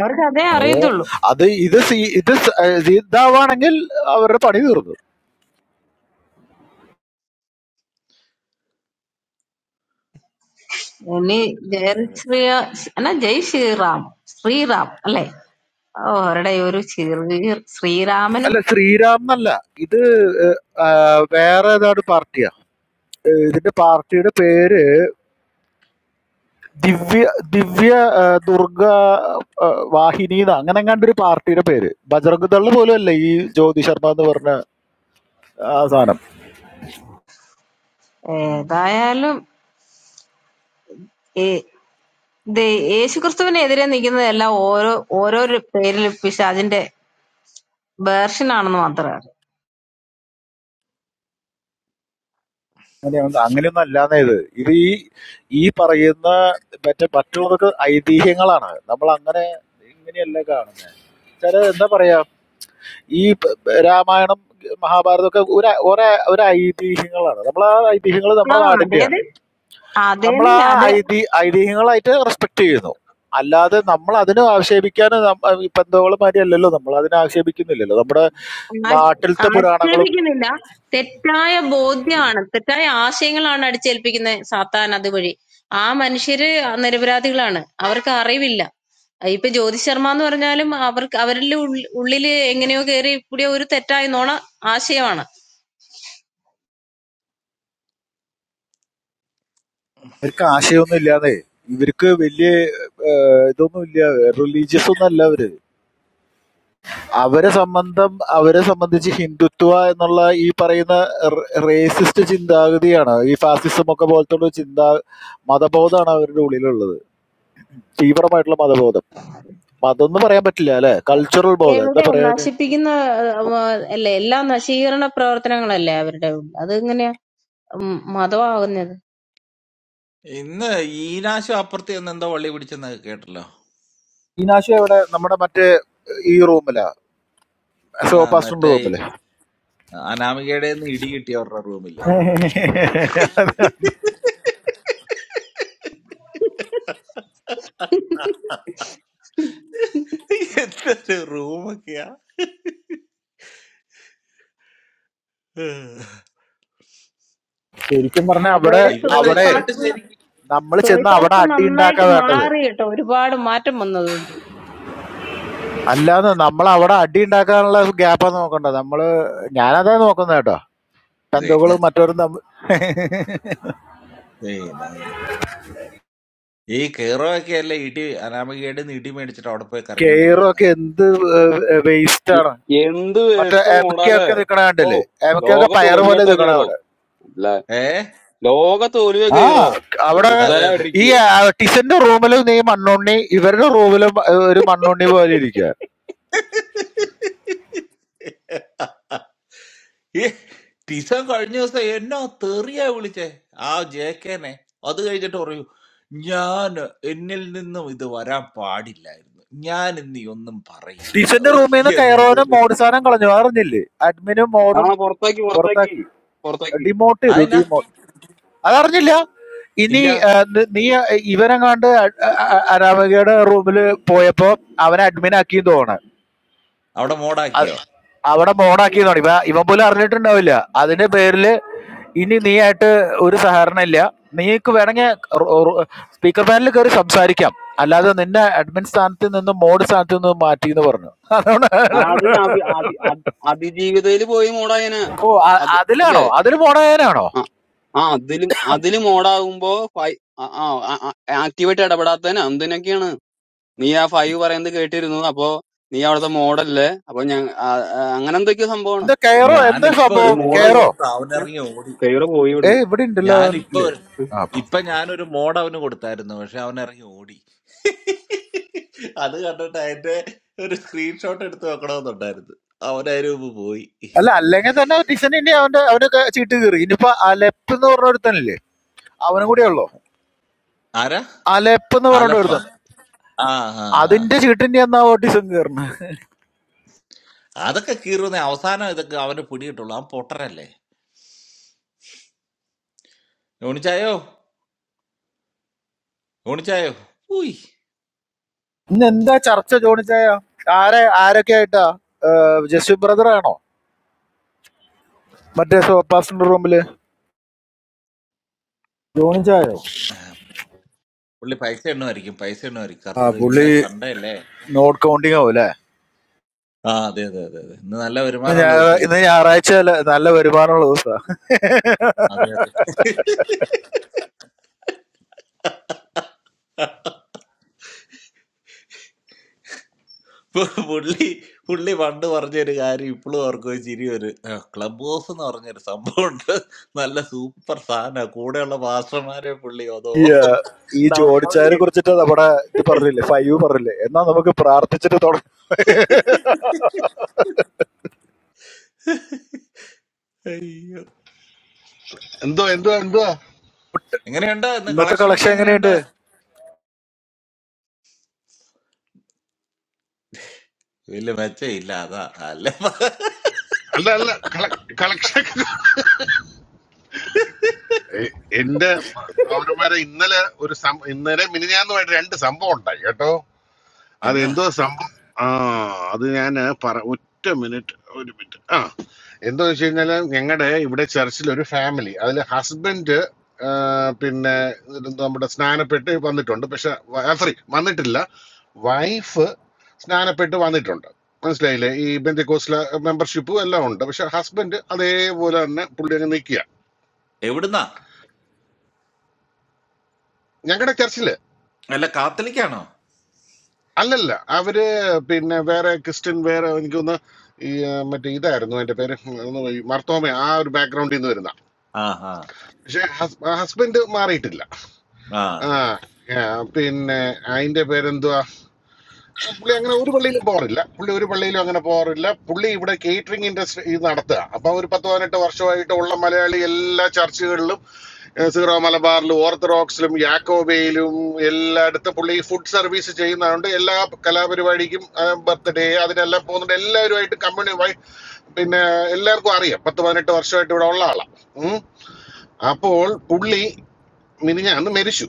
Speaker 5: അവർക്ക് അതേ അറിയത്തുള്ളൂ
Speaker 10: അത് ഇത് സീ- ഇത് സ- ഏ, ഇതാവാണെങ്കിൽ അവരുടെ പണി തീർന്നു
Speaker 5: ഇനി ജയ
Speaker 2: അതെ അതെ
Speaker 5: ശ്രീ എന്നാ ജയ് ശ്രീറാം ശ്രീറാം അല്ലേ ഓ അവരുടെ ഈ ഒരു ശ്രീ ശ്രീരാമനും
Speaker 10: അല്ല ശ്രീരാം എന്നല്ല ഇത് വേറെ ഏതാണ്ട് പാർട്ടിയാ ഇതിന്റെ പാർട്ടിയുടെ പേര് ദിവ്യ ദിവ്യ ഏ, ദുർഗ ഏ, വാഹിനി ന്ന് അങ്ങനെ എങ്ങാണ്ട് ഒരു പാർട്ടിയുടെ പേര് ബജറംഗ് ദള് പോലും അല്ല ഈ ജ്യോതി ശർമ്മ എന്ന് പറഞ്ഞ ആ സാധനം
Speaker 2: ഉം.
Speaker 5: ഏതായാലും ഈ യേശു ക്രിസ്തുവിനെതിരെ നിൽക്കുന്നതെല്ലാം ഓരോ ഓരോരോ പേരിൽ പിശാചിന്റെ വേർഷൻ ആണെന്ന് മാത്രമേ അറിയൂ
Speaker 10: അങ്ങനെയൊന്നും അങ്ങനെയൊന്നും അല്ലാന്നേ ഇത് ഇത് ഈ ഈ പറയുന്ന മറ്റേ മറ്റുള്ളവർക്ക് ഐതിഹ്യങ്ങളാണ് നമ്മൾ അങ്ങനെ ഇങ്ങനെയല്ല കാണുന്നത് ചില എന്താ പറയാ ഈ പ- രാമായണം മഹാഭാരതം ഒക്കെ ഒരു ഒരേ ഒരു ഐതിഹ്യങ്ങളാണ് നമ്മൾ ആ ഐതിഹ്യങ്ങൾ
Speaker 5: ആ
Speaker 10: നമ്മുടെ
Speaker 5: അതേത്
Speaker 10: നാടിന്റെയാണ് നമ്മൾ ആ
Speaker 5: അതേന്ന് അത്
Speaker 10: ഐതി ഐതിഹ്യങ്ങളായിട്ട് റെസ്പെക്ട് ചെയ്യുന്നു അല്ലാതെ നമ്മൾ അതിനെ ആക്ഷേപിക്കാൻ ഇപ്പൊ എന്തോളം മാതിരിയല്ലല്ലോ നമ്മൾ അതിനെ ആക്ഷേപിക്കുന്നില്ലല്ലോ നമ്മുടെ
Speaker 5: ആ-
Speaker 10: നാട്ടിലത്തെ പുരാണങ്ങളും
Speaker 5: ആക്ഷേപിക്കുന്നില്ല തെറ്റായ ബോധ്യമാണ് തെറ്റായ ആശയങ്ങളാണ് അടിച്ചേൽപ്പിക്കുന്നത് സാത്താൻ അതുവഴി ആ മനുഷ്യര് നിരപരാധികളാണ് അവർക്ക് അറിവില്ല അഹ് ഇപ്പൊ ജ്യോതി ശർമ്മ എന്ന് പറഞ്ഞാലും അവർക്ക് അവരിൽ ഉള്ളില് എങ്ങനെയോ കയറി കൂടിയ ഒരു തെറ്റായ നോണ ആശയമാണ്
Speaker 10: ഇവർക്ക് ആശയമൊന്നും ഇല്ലാതെ ഇവർക്ക് വലിയ ഇതൊന്നും ഇല്ല റിലീജിയസ് ഒന്നും അല്ല അവര് അവരെ സംബന്ധം അവരെ സംബന്ധിച്ച് ഹിന്ദുത്വ എന്നുള്ള ഈ പറയുന്ന റേസിസ്റ്റ് ചിന്താഗതിയാണ് ഈ ഫാസിസം ഒക്കെ പോലത്തെ ഉള്ള ചിന്താ മതബോധമാണ് അവരുടെ ഉള്ളിലുള്ളത് തീവ്രമായിട്ടുള്ള മതബോധം മതം എന്ന് പറയാൻ പറ്റില്ല അല്ലെ കൾച്ചറൽ ബോധം എന്താ
Speaker 5: എവിടെ
Speaker 10: പറയാ
Speaker 5: നശിപ്പിക്കുന്ന ആ, അല്ലേ എല്ലാ നശീകരണ പ്രവർത്തനങ്ങളല്ലേ അവരുടെ ഉള്ളിൽ. അതെങ്ങനെയാ ഉം, മതമാകുന്നത്
Speaker 2: ഇന്ന് ഈനാശു അപ്പുറത്ത് ചെന്ന് എന്തോ വള്ളി പിടിച്ചെന്ന് കേട്ടല്ലോ
Speaker 10: ഈനാശു എവിടെ നമ്മുടെ മറ്റേ ഈ റൂമിലാ
Speaker 2: ആ
Speaker 10: സോപാസ്റ്ററിന്റെ
Speaker 2: മറ്റേ
Speaker 10: റൂമില്
Speaker 2: അനാമികയുടെ നിന്ന് ഇടി കിട്ടിയ അവരുടെ റൂമില്ലേ എന്തൊരു റൂമൊക്കെയാ
Speaker 10: ശരിക്കും പറഞ്ഞ അവിടെ
Speaker 5: അതോടെ
Speaker 2: ഇവനിട്ട്
Speaker 10: അവിടെ
Speaker 2: ഇവനിട്ട്
Speaker 5: സോയിപ്പാസ്
Speaker 2: ശരിക്കും
Speaker 10: നമ്മൾ
Speaker 5: സോയി
Speaker 10: ചെന്ന് അവിടെ
Speaker 5: പാസ്റ്റ്
Speaker 10: അടി
Speaker 5: നന്നായിട്ട്
Speaker 10: ഉണ്ടാക്കാൻ വേണ്ടത്
Speaker 5: മാറി കേട്ടോ ഒരുപാട് മാറ്റം വന്നതുകൊണ്ട്
Speaker 10: അല്ലാന്ന് നമ്മൾ അവിടെ അടി ഉണ്ടാക്കാനുള്ള ഗ്യാപ്പാ നോക്കണ്ട നമ്മള് ഞാനതാ നോക്കുന്നത് കേട്ടോ
Speaker 2: ഇത് എങ്ങ-
Speaker 10: ബന്ധുക്കളും മറ്റവരും തമ്മിൽ
Speaker 2: പിന്നെ ഈ കേറോ ഒക്കെ അല്ലേ ഇടി അനാമികയുടെ നിന്ന് ഇടി മേടിച്ചിട്ട് അവിടെ പോയി കരഞ്ഞോണ്ടിരിക്കുന്നത്
Speaker 10: കെയറൊക്കെ എന്ത് വേസ്റ്റ് ആണ്
Speaker 11: എന്ത്
Speaker 10: മറ്റേ
Speaker 11: വേസ്റ്റ്
Speaker 10: എം കെ
Speaker 11: മോടാലേ
Speaker 10: ഒക്കെ നിക്കണ
Speaker 11: ഓ
Speaker 10: കണ്ടില്ലേ എം കെ ഒക്കെ
Speaker 11: ലോക
Speaker 10: പയറ് പോലെ
Speaker 11: തോൽവിട്ടാ
Speaker 10: നിക്കണ
Speaker 11: കയറോ
Speaker 10: അവിടെ
Speaker 11: അല്ല
Speaker 2: ഏ
Speaker 11: ലോക തോൽവിയാ
Speaker 10: ആ
Speaker 11: കയറോ
Speaker 10: അവിടെ
Speaker 2: അതെ അതെ
Speaker 10: ഈ
Speaker 11: വെറുതെ
Speaker 10: ടിസന്റെ റൂമിലും നീ മണ്ണുണ്ണി ഇവരുടെ റൂമിലും ഒരു മണ്ണുണ്ണി പോലെ ഇരിക്കുക
Speaker 2: ഈ ടിസൻ കഴിഞ്ഞ ദിവസം എന്നാ തെറിയാ വിളിച്ചേ ആ ജെ കെനെ അത് കഴിഞ്ഞിട്ട് പറയൂ ഞാൻ എന്നിൽ നിന്നും ഇത് വരാൻ പാടില്ലായിരുന്നു ഞാൻ ഇന്ന് ഈ ഒന്നും പറയില്ല
Speaker 10: ടിസന്റെ
Speaker 2: ഓഹ്
Speaker 10: റൂമിൽ നിന്ന്
Speaker 2: എന്ത്
Speaker 10: കയറോനും മോഡ് സാധനം കളഞ്ഞു അറിഞ്ഞില്ലേ അഡ്മിനും
Speaker 11: ആ
Speaker 10: മോഡും
Speaker 11: പുറത്താക്കി പുറത്താക്കി
Speaker 10: പുറത്താക്കി
Speaker 11: പുറത്താക്കി
Speaker 10: ഡിമോട്ട് ചെയ്തു
Speaker 2: അതിനാ
Speaker 10: ഡിമോട്ട് അതറിഞ്ഞില്ല ഇനി
Speaker 2: ഇല്ല
Speaker 10: ആ, നി- നീ ഇവനെങ്ങാണ്ട് അനാമികയുടെ റൂമിൽ പോയപ്പോ അവനെ അഡ്മിൻ ആക്കിയും തോന്നണം
Speaker 2: അവിടെ മോഡാക്കിയോ
Speaker 10: അവിടെ ബോണാക്കിയതാണ് ഇവ ഇവൻ പോലും അറിഞ്ഞിട്ടുണ്ടാവില്ല അതിന്റെ പേരില് ഇനി നീ ആയിട്ട് ഒരു സഹകരണം ഇല്ല നീക്ക് വേണമെങ്കിൽ സ്പീക്കർ പാനലിൽ കയറി സംസാരിക്കാം അല്ലാതെ നിന്നെ അഡ്മിൻ സ്ഥാനത്ത് നിന്ന് മോഡ് സ്ഥാനത്ത് നിന്ന് മാറ്റി എന്ന് പറഞ്ഞു അതുകൊണ്ട്
Speaker 11: ആ, അത് അഭി- അതി- അതി- അതിജീവിതയില് പോയി മോഡായനാ
Speaker 10: ഓ അ-
Speaker 11: അത് അല്ലേ
Speaker 10: അതിലാണോ അതിൽ പോണേനാണോ
Speaker 11: ആ ആ, അതിലും അതില് മോഡാകുമ്പോ ഫൈ- ആ ആക്ടിവായിട്ട് ഇടപെടാത്തതിന് എന്തിനൊക്കെയാണ് നീ ആ ഫൈവ് പറയുന്നത് കേട്ടിരുന്നു അപ്പോ നീ അവിടുത്തെ മോഡല്ലേ അപ്പൊ ഞാൻ ആ, ആ, അങ്ങനെ എന്തൊക്കെയോ സംഭവമാണ്
Speaker 10: എന്താ
Speaker 11: അപ്പൊ
Speaker 10: കയറോ
Speaker 2: ഞാൻ
Speaker 10: എന്താ
Speaker 2: ഇപ്പൊ ഒരു
Speaker 11: നീ
Speaker 10: സംഭവം
Speaker 2: മോഡ്
Speaker 10: കയറോ
Speaker 11: മോഡായിട്ട്
Speaker 2: കൊടുത്ത അവനിറങ്ങി ഓടി
Speaker 11: കൈവറെ പോയി
Speaker 10: ഏ
Speaker 11: ഇവിടുന്ന്
Speaker 10: ഇവിടെ ഉണ്ടല്ലോ അവൻ
Speaker 2: ഞാനിപ്പോ
Speaker 10: ഇല്ലേ
Speaker 2: ഒരു-
Speaker 11: ഉം.
Speaker 10: ആ, അപ്പൊ
Speaker 2: ഇപ്പൊ ഞാനൊരു മോഡ് അവന് കൊടുത്തായിരുന്നു പക്ഷെ അവൻ ഇറങ്ങി ഓടി അത് കണ്ടിട്ട് അതിന്റെ ഒരു സ്ക്രീൻഷോട്ട് എടുത്ത് വെക്കണമെന്നുണ്ടായിരുന്നു അവനതിന് മുമ്പ് പോയി
Speaker 10: അല്ല അല്ലെങ്കിൽ തന്നെ ടിസൻ ഇനി അവന്റെ അവന്റെ ക- ചീട്ട് കീറി ഇനിയിപ്പോ അലപ്പ് എന്ന് പറഞ്ഞ ഒരുത്തനില്ലേ അവനും കൂടെ ഉള്ളോ
Speaker 2: ആരാ
Speaker 10: അലപ്പ് എന്ന് പറഞ്ഞ
Speaker 2: അലഫ
Speaker 10: ഒരുത്തൻ
Speaker 2: ആ ആ ആ
Speaker 10: അതിന്റെ ചീട്ടിന്റെ എന്നാ ഓട്ടിസം കയറണ
Speaker 2: അതൊക്കെ കീറുന്ന അവസാനം ഇതൊക്കെ അവന് പിടികിട്ടുള്ളൂ അവൻ പൊട്ടനല്ലേ യോണിച്ചായോ യോണിച്ചായോ ഊയ്
Speaker 10: ഇന്ന് എന്താ ചർച്ച ജോണിച്ചായ ആരെ ആരൊക്കെ ആയിട്ടാ ജസ്റ്റിൻ ബ്രദർ ആണോ മറ്റേ സോപ്പാസിന്റെ റൂമില് ജോണിച്ചായോ
Speaker 2: പുള്ളി പൈസ എണ്ണമായിരിക്കും പൈസ എണ്ണമായിരിക്കും
Speaker 10: ആ
Speaker 2: കർത്തർ ഇന്ന്
Speaker 10: പുള്ളി
Speaker 2: സൺഡേ അല്ലേ
Speaker 10: നോട്ട് കൗണ്ടിങ് ആവും അല്ലെ
Speaker 2: ആ അതെ അതെ അതെ അതെ ഇന്ന് നല്ല വരുമാനമുള്ള ദിവസമല്ലേ
Speaker 10: ഇന്ന് ഞായറാഴ്ച അല്ലേ? നല്ല വരുമാനമുള്ള ദിവസാ
Speaker 2: അതെ അതെ പു- പുള്ളി പുള്ളി പണ്ട് പറഞ്ഞൊരു കാര്യം ഇപ്പോഴും ഓർക്കും ചിരി ഒരു ക്ലബ് ഹൗസ് എന്ന് പറഞ്ഞൊരു സംഭവം ഉണ്ട് നല്ല സൂപ്പർ സാധന കൂടെയുള്ള മാസ്റ്റർമാരെ പുള്ളി അതോ
Speaker 10: Yeah. ഈ
Speaker 2: ഡൗൺലോഡ്
Speaker 10: ജോണിച്ചായനെ
Speaker 2: ചെയ്യും
Speaker 10: കുറിച്ചിട്ട് നമ്മുടെ ഇത് പറഞ്ഞില്ലേ ഫൈവ് പറഞ്ഞില്ലേ എന്നാ നമുക്ക് പ്രാർത്ഥിച്ചിട്ട് തുടങ്ങാം
Speaker 12: എന്തോ എന്തോ എന്തോ
Speaker 2: എങ്ങനെയുണ്ട് ഇന്ന്
Speaker 10: ഇന്നത്തെ
Speaker 2: കളക്ഷൻ ഒക്കെ
Speaker 10: കളക്ഷൻ
Speaker 2: എങ്ങനെയുണ്ട്
Speaker 10: എങ്ങനെയുണ്ട്
Speaker 2: വലിയ മെച്ചയില്ല അതാ അല്ല
Speaker 12: അല്ല അല്ല കളക്ഷൻ എന്റെ പൗരന്മാരെ ഇന്നലെ ഒരു സം- ഇന്നലെ മിനിഞ്ഞാന്നുമായിട്ട് രണ്ട് സംഭവം ഉണ്ടായി കേട്ടോ
Speaker 2: എന്നാ
Speaker 12: അതെന്തോ സംഭവം ആ അത് ഞാൻ പറ ഒറ്റ മിനിറ്റ് ഒരു മിനിറ്റ് ആ എന്തോ വെച്ച് കഴിഞ്ഞാൽ ഞങ്ങളുടെ ഇവിടെ ചർച്ചിൽ ഒരു ഫാമിലി അതിൽ ഹസ്ബൻഡ് പിന്നെ ഇതെന്തുവാ, നമ്മുടെ സ്നാനപ്പെട്ട് വന്നിട്ടുണ്ട് പക്ഷെ സോറി വന്നിട്ടില്ല വൈഫ് സ്നാനപ്പെട്ട് വന്നിട്ടുണ്ട് മനസ്സിലായില്ലേ ഈ ബന്ധുക്കോസിലെ മെമ്പർഷിപ്പും എല്ലാം ഉണ്ട് പക്ഷെ ഹസ്ബൻഡ് അതേപോലെ തന്നെ പുള്ളി അങ്ങ് നിൽക്കുക
Speaker 2: എവിടുന്നാ
Speaker 12: ഞങ്ങളുടെ ചർച്ചിൽ
Speaker 2: അല്ല കാത്തലിക്കാണോ
Speaker 12: അല്ലല്ല അവര് പിന്നെ വേറെ ക്രിസ്ത്യൻ വേറെ എനിക്കൊന്ന് ഈ ആ, മറ്റേ ഇതായിരുന്നു എന്റെ പേര് ഒന്ന് ഈ മർത്തോമ ആ ഒരു ബാക്ക്ഗ്രൗണ്ടിൽ നിന്ന് വരുന്ന
Speaker 2: ആ ആ
Speaker 12: പക്ഷെ ഹസ്ബൻഡ് മാറിയിട്ടില്ല
Speaker 2: ആ
Speaker 12: ആ ആ, പിന്നെ അതിന്റെ പേരെന്തുവാ ആ, പുള്ളി അങ്ങനെ ഒരു പള്ളിയിലും പോകാറില്ല പുള്ളി ഒരു പള്ളിയിലും അങ്ങനെ പോകാറില്ല പുള്ളി ഇവിടെ കേറ്ററിംഗ് ഇൻഡസ്ട്രി ഇത് നടത്തുക അപ്പൊ ഒരു പത്ത് പതിനെട്ട് വർഷമായിട്ട് ഉള്ള മലയാളി എല്ലാ ചർച്ചുകളിലും ഏ, സീറോ മലബാറിലും ഓർത്തഡോക്സിലും യാക്കോബയിലും എല്ലായിടത്തും പുള്ളി ഫുഡ് സർവീസ് ചെയ്യുന്നതുകൊണ്ട് എല്ലാ കലാപരിപാടിക്കും ബർത്ത്ഡേ അതിനെല്ലാം പോകുന്നുണ്ട് എല്ലാവരുമായിട്ട് കമ്മ്യൂണി വൈ പിന്നെ എല്ലാവർക്കും അറിയാം പത്ത് പതിനെട്ട് വർഷമായിട്ട് ഇവിടെ ഉള്ള ആളാണ് അപ്പോൾ പുള്ളി മിനിഞ്ഞാന്ന് മരിച്ചു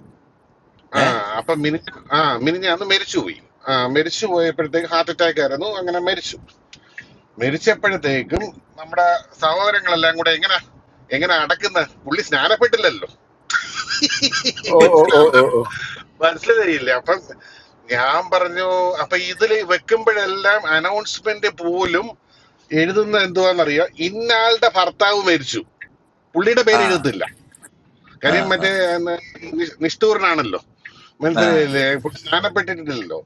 Speaker 12: ആ
Speaker 2: ഏ
Speaker 12: അപ്പൊ മിനിക്ക് ആ മിനിഞ്ഞാന്ന് മരിച്ചുപോയി ആ മരിച്ചു പോയപ്പോഴത്തേക്ക് ഹാർട്ട് അറ്റാക്ക് ആയിരുന്നു അങ്ങനെ മരിച്ചു മരിച്ചപ്പോഴത്തേക്കും നമ്മുടെ സഹോദരങ്ങളെല്ലാം കൂടെ എങ്ങനെ എങ്ങനെ അടക്കുന്ന പുള്ളി സ്നാനപ്പെട്ടില്ലല്ലോ
Speaker 10: ഓ ഓ ഓ
Speaker 12: മനസ്സിലാവും
Speaker 10: ഓ
Speaker 12: മനസ്സിലായില്ല അപ്പം ഞാൻ പറഞ്ഞു അപ്പൊ ഇതിൽ വെക്കുമ്പോഴെല്ലാം അനൗൺസ്മെന്റ് പോലും എഴുതുന്ന എന്തുവാന്നറിയോ ഇന്നാളുടെ ഭർത്താവ് മരിച്ചു പുള്ളിയുടെ
Speaker 2: ആ
Speaker 12: പേര് എഴുതത്തില്ല
Speaker 2: ആ
Speaker 12: കാര്യം മറ്റേ എന്ന് നി- നിഷ്ഠൂരനാണല്ലോ
Speaker 2: ആ
Speaker 12: മനസ്സിലായില്ലേ പുള്ളി സ്നാനപ്പെട്ടിട്ടില്ലല്ലോ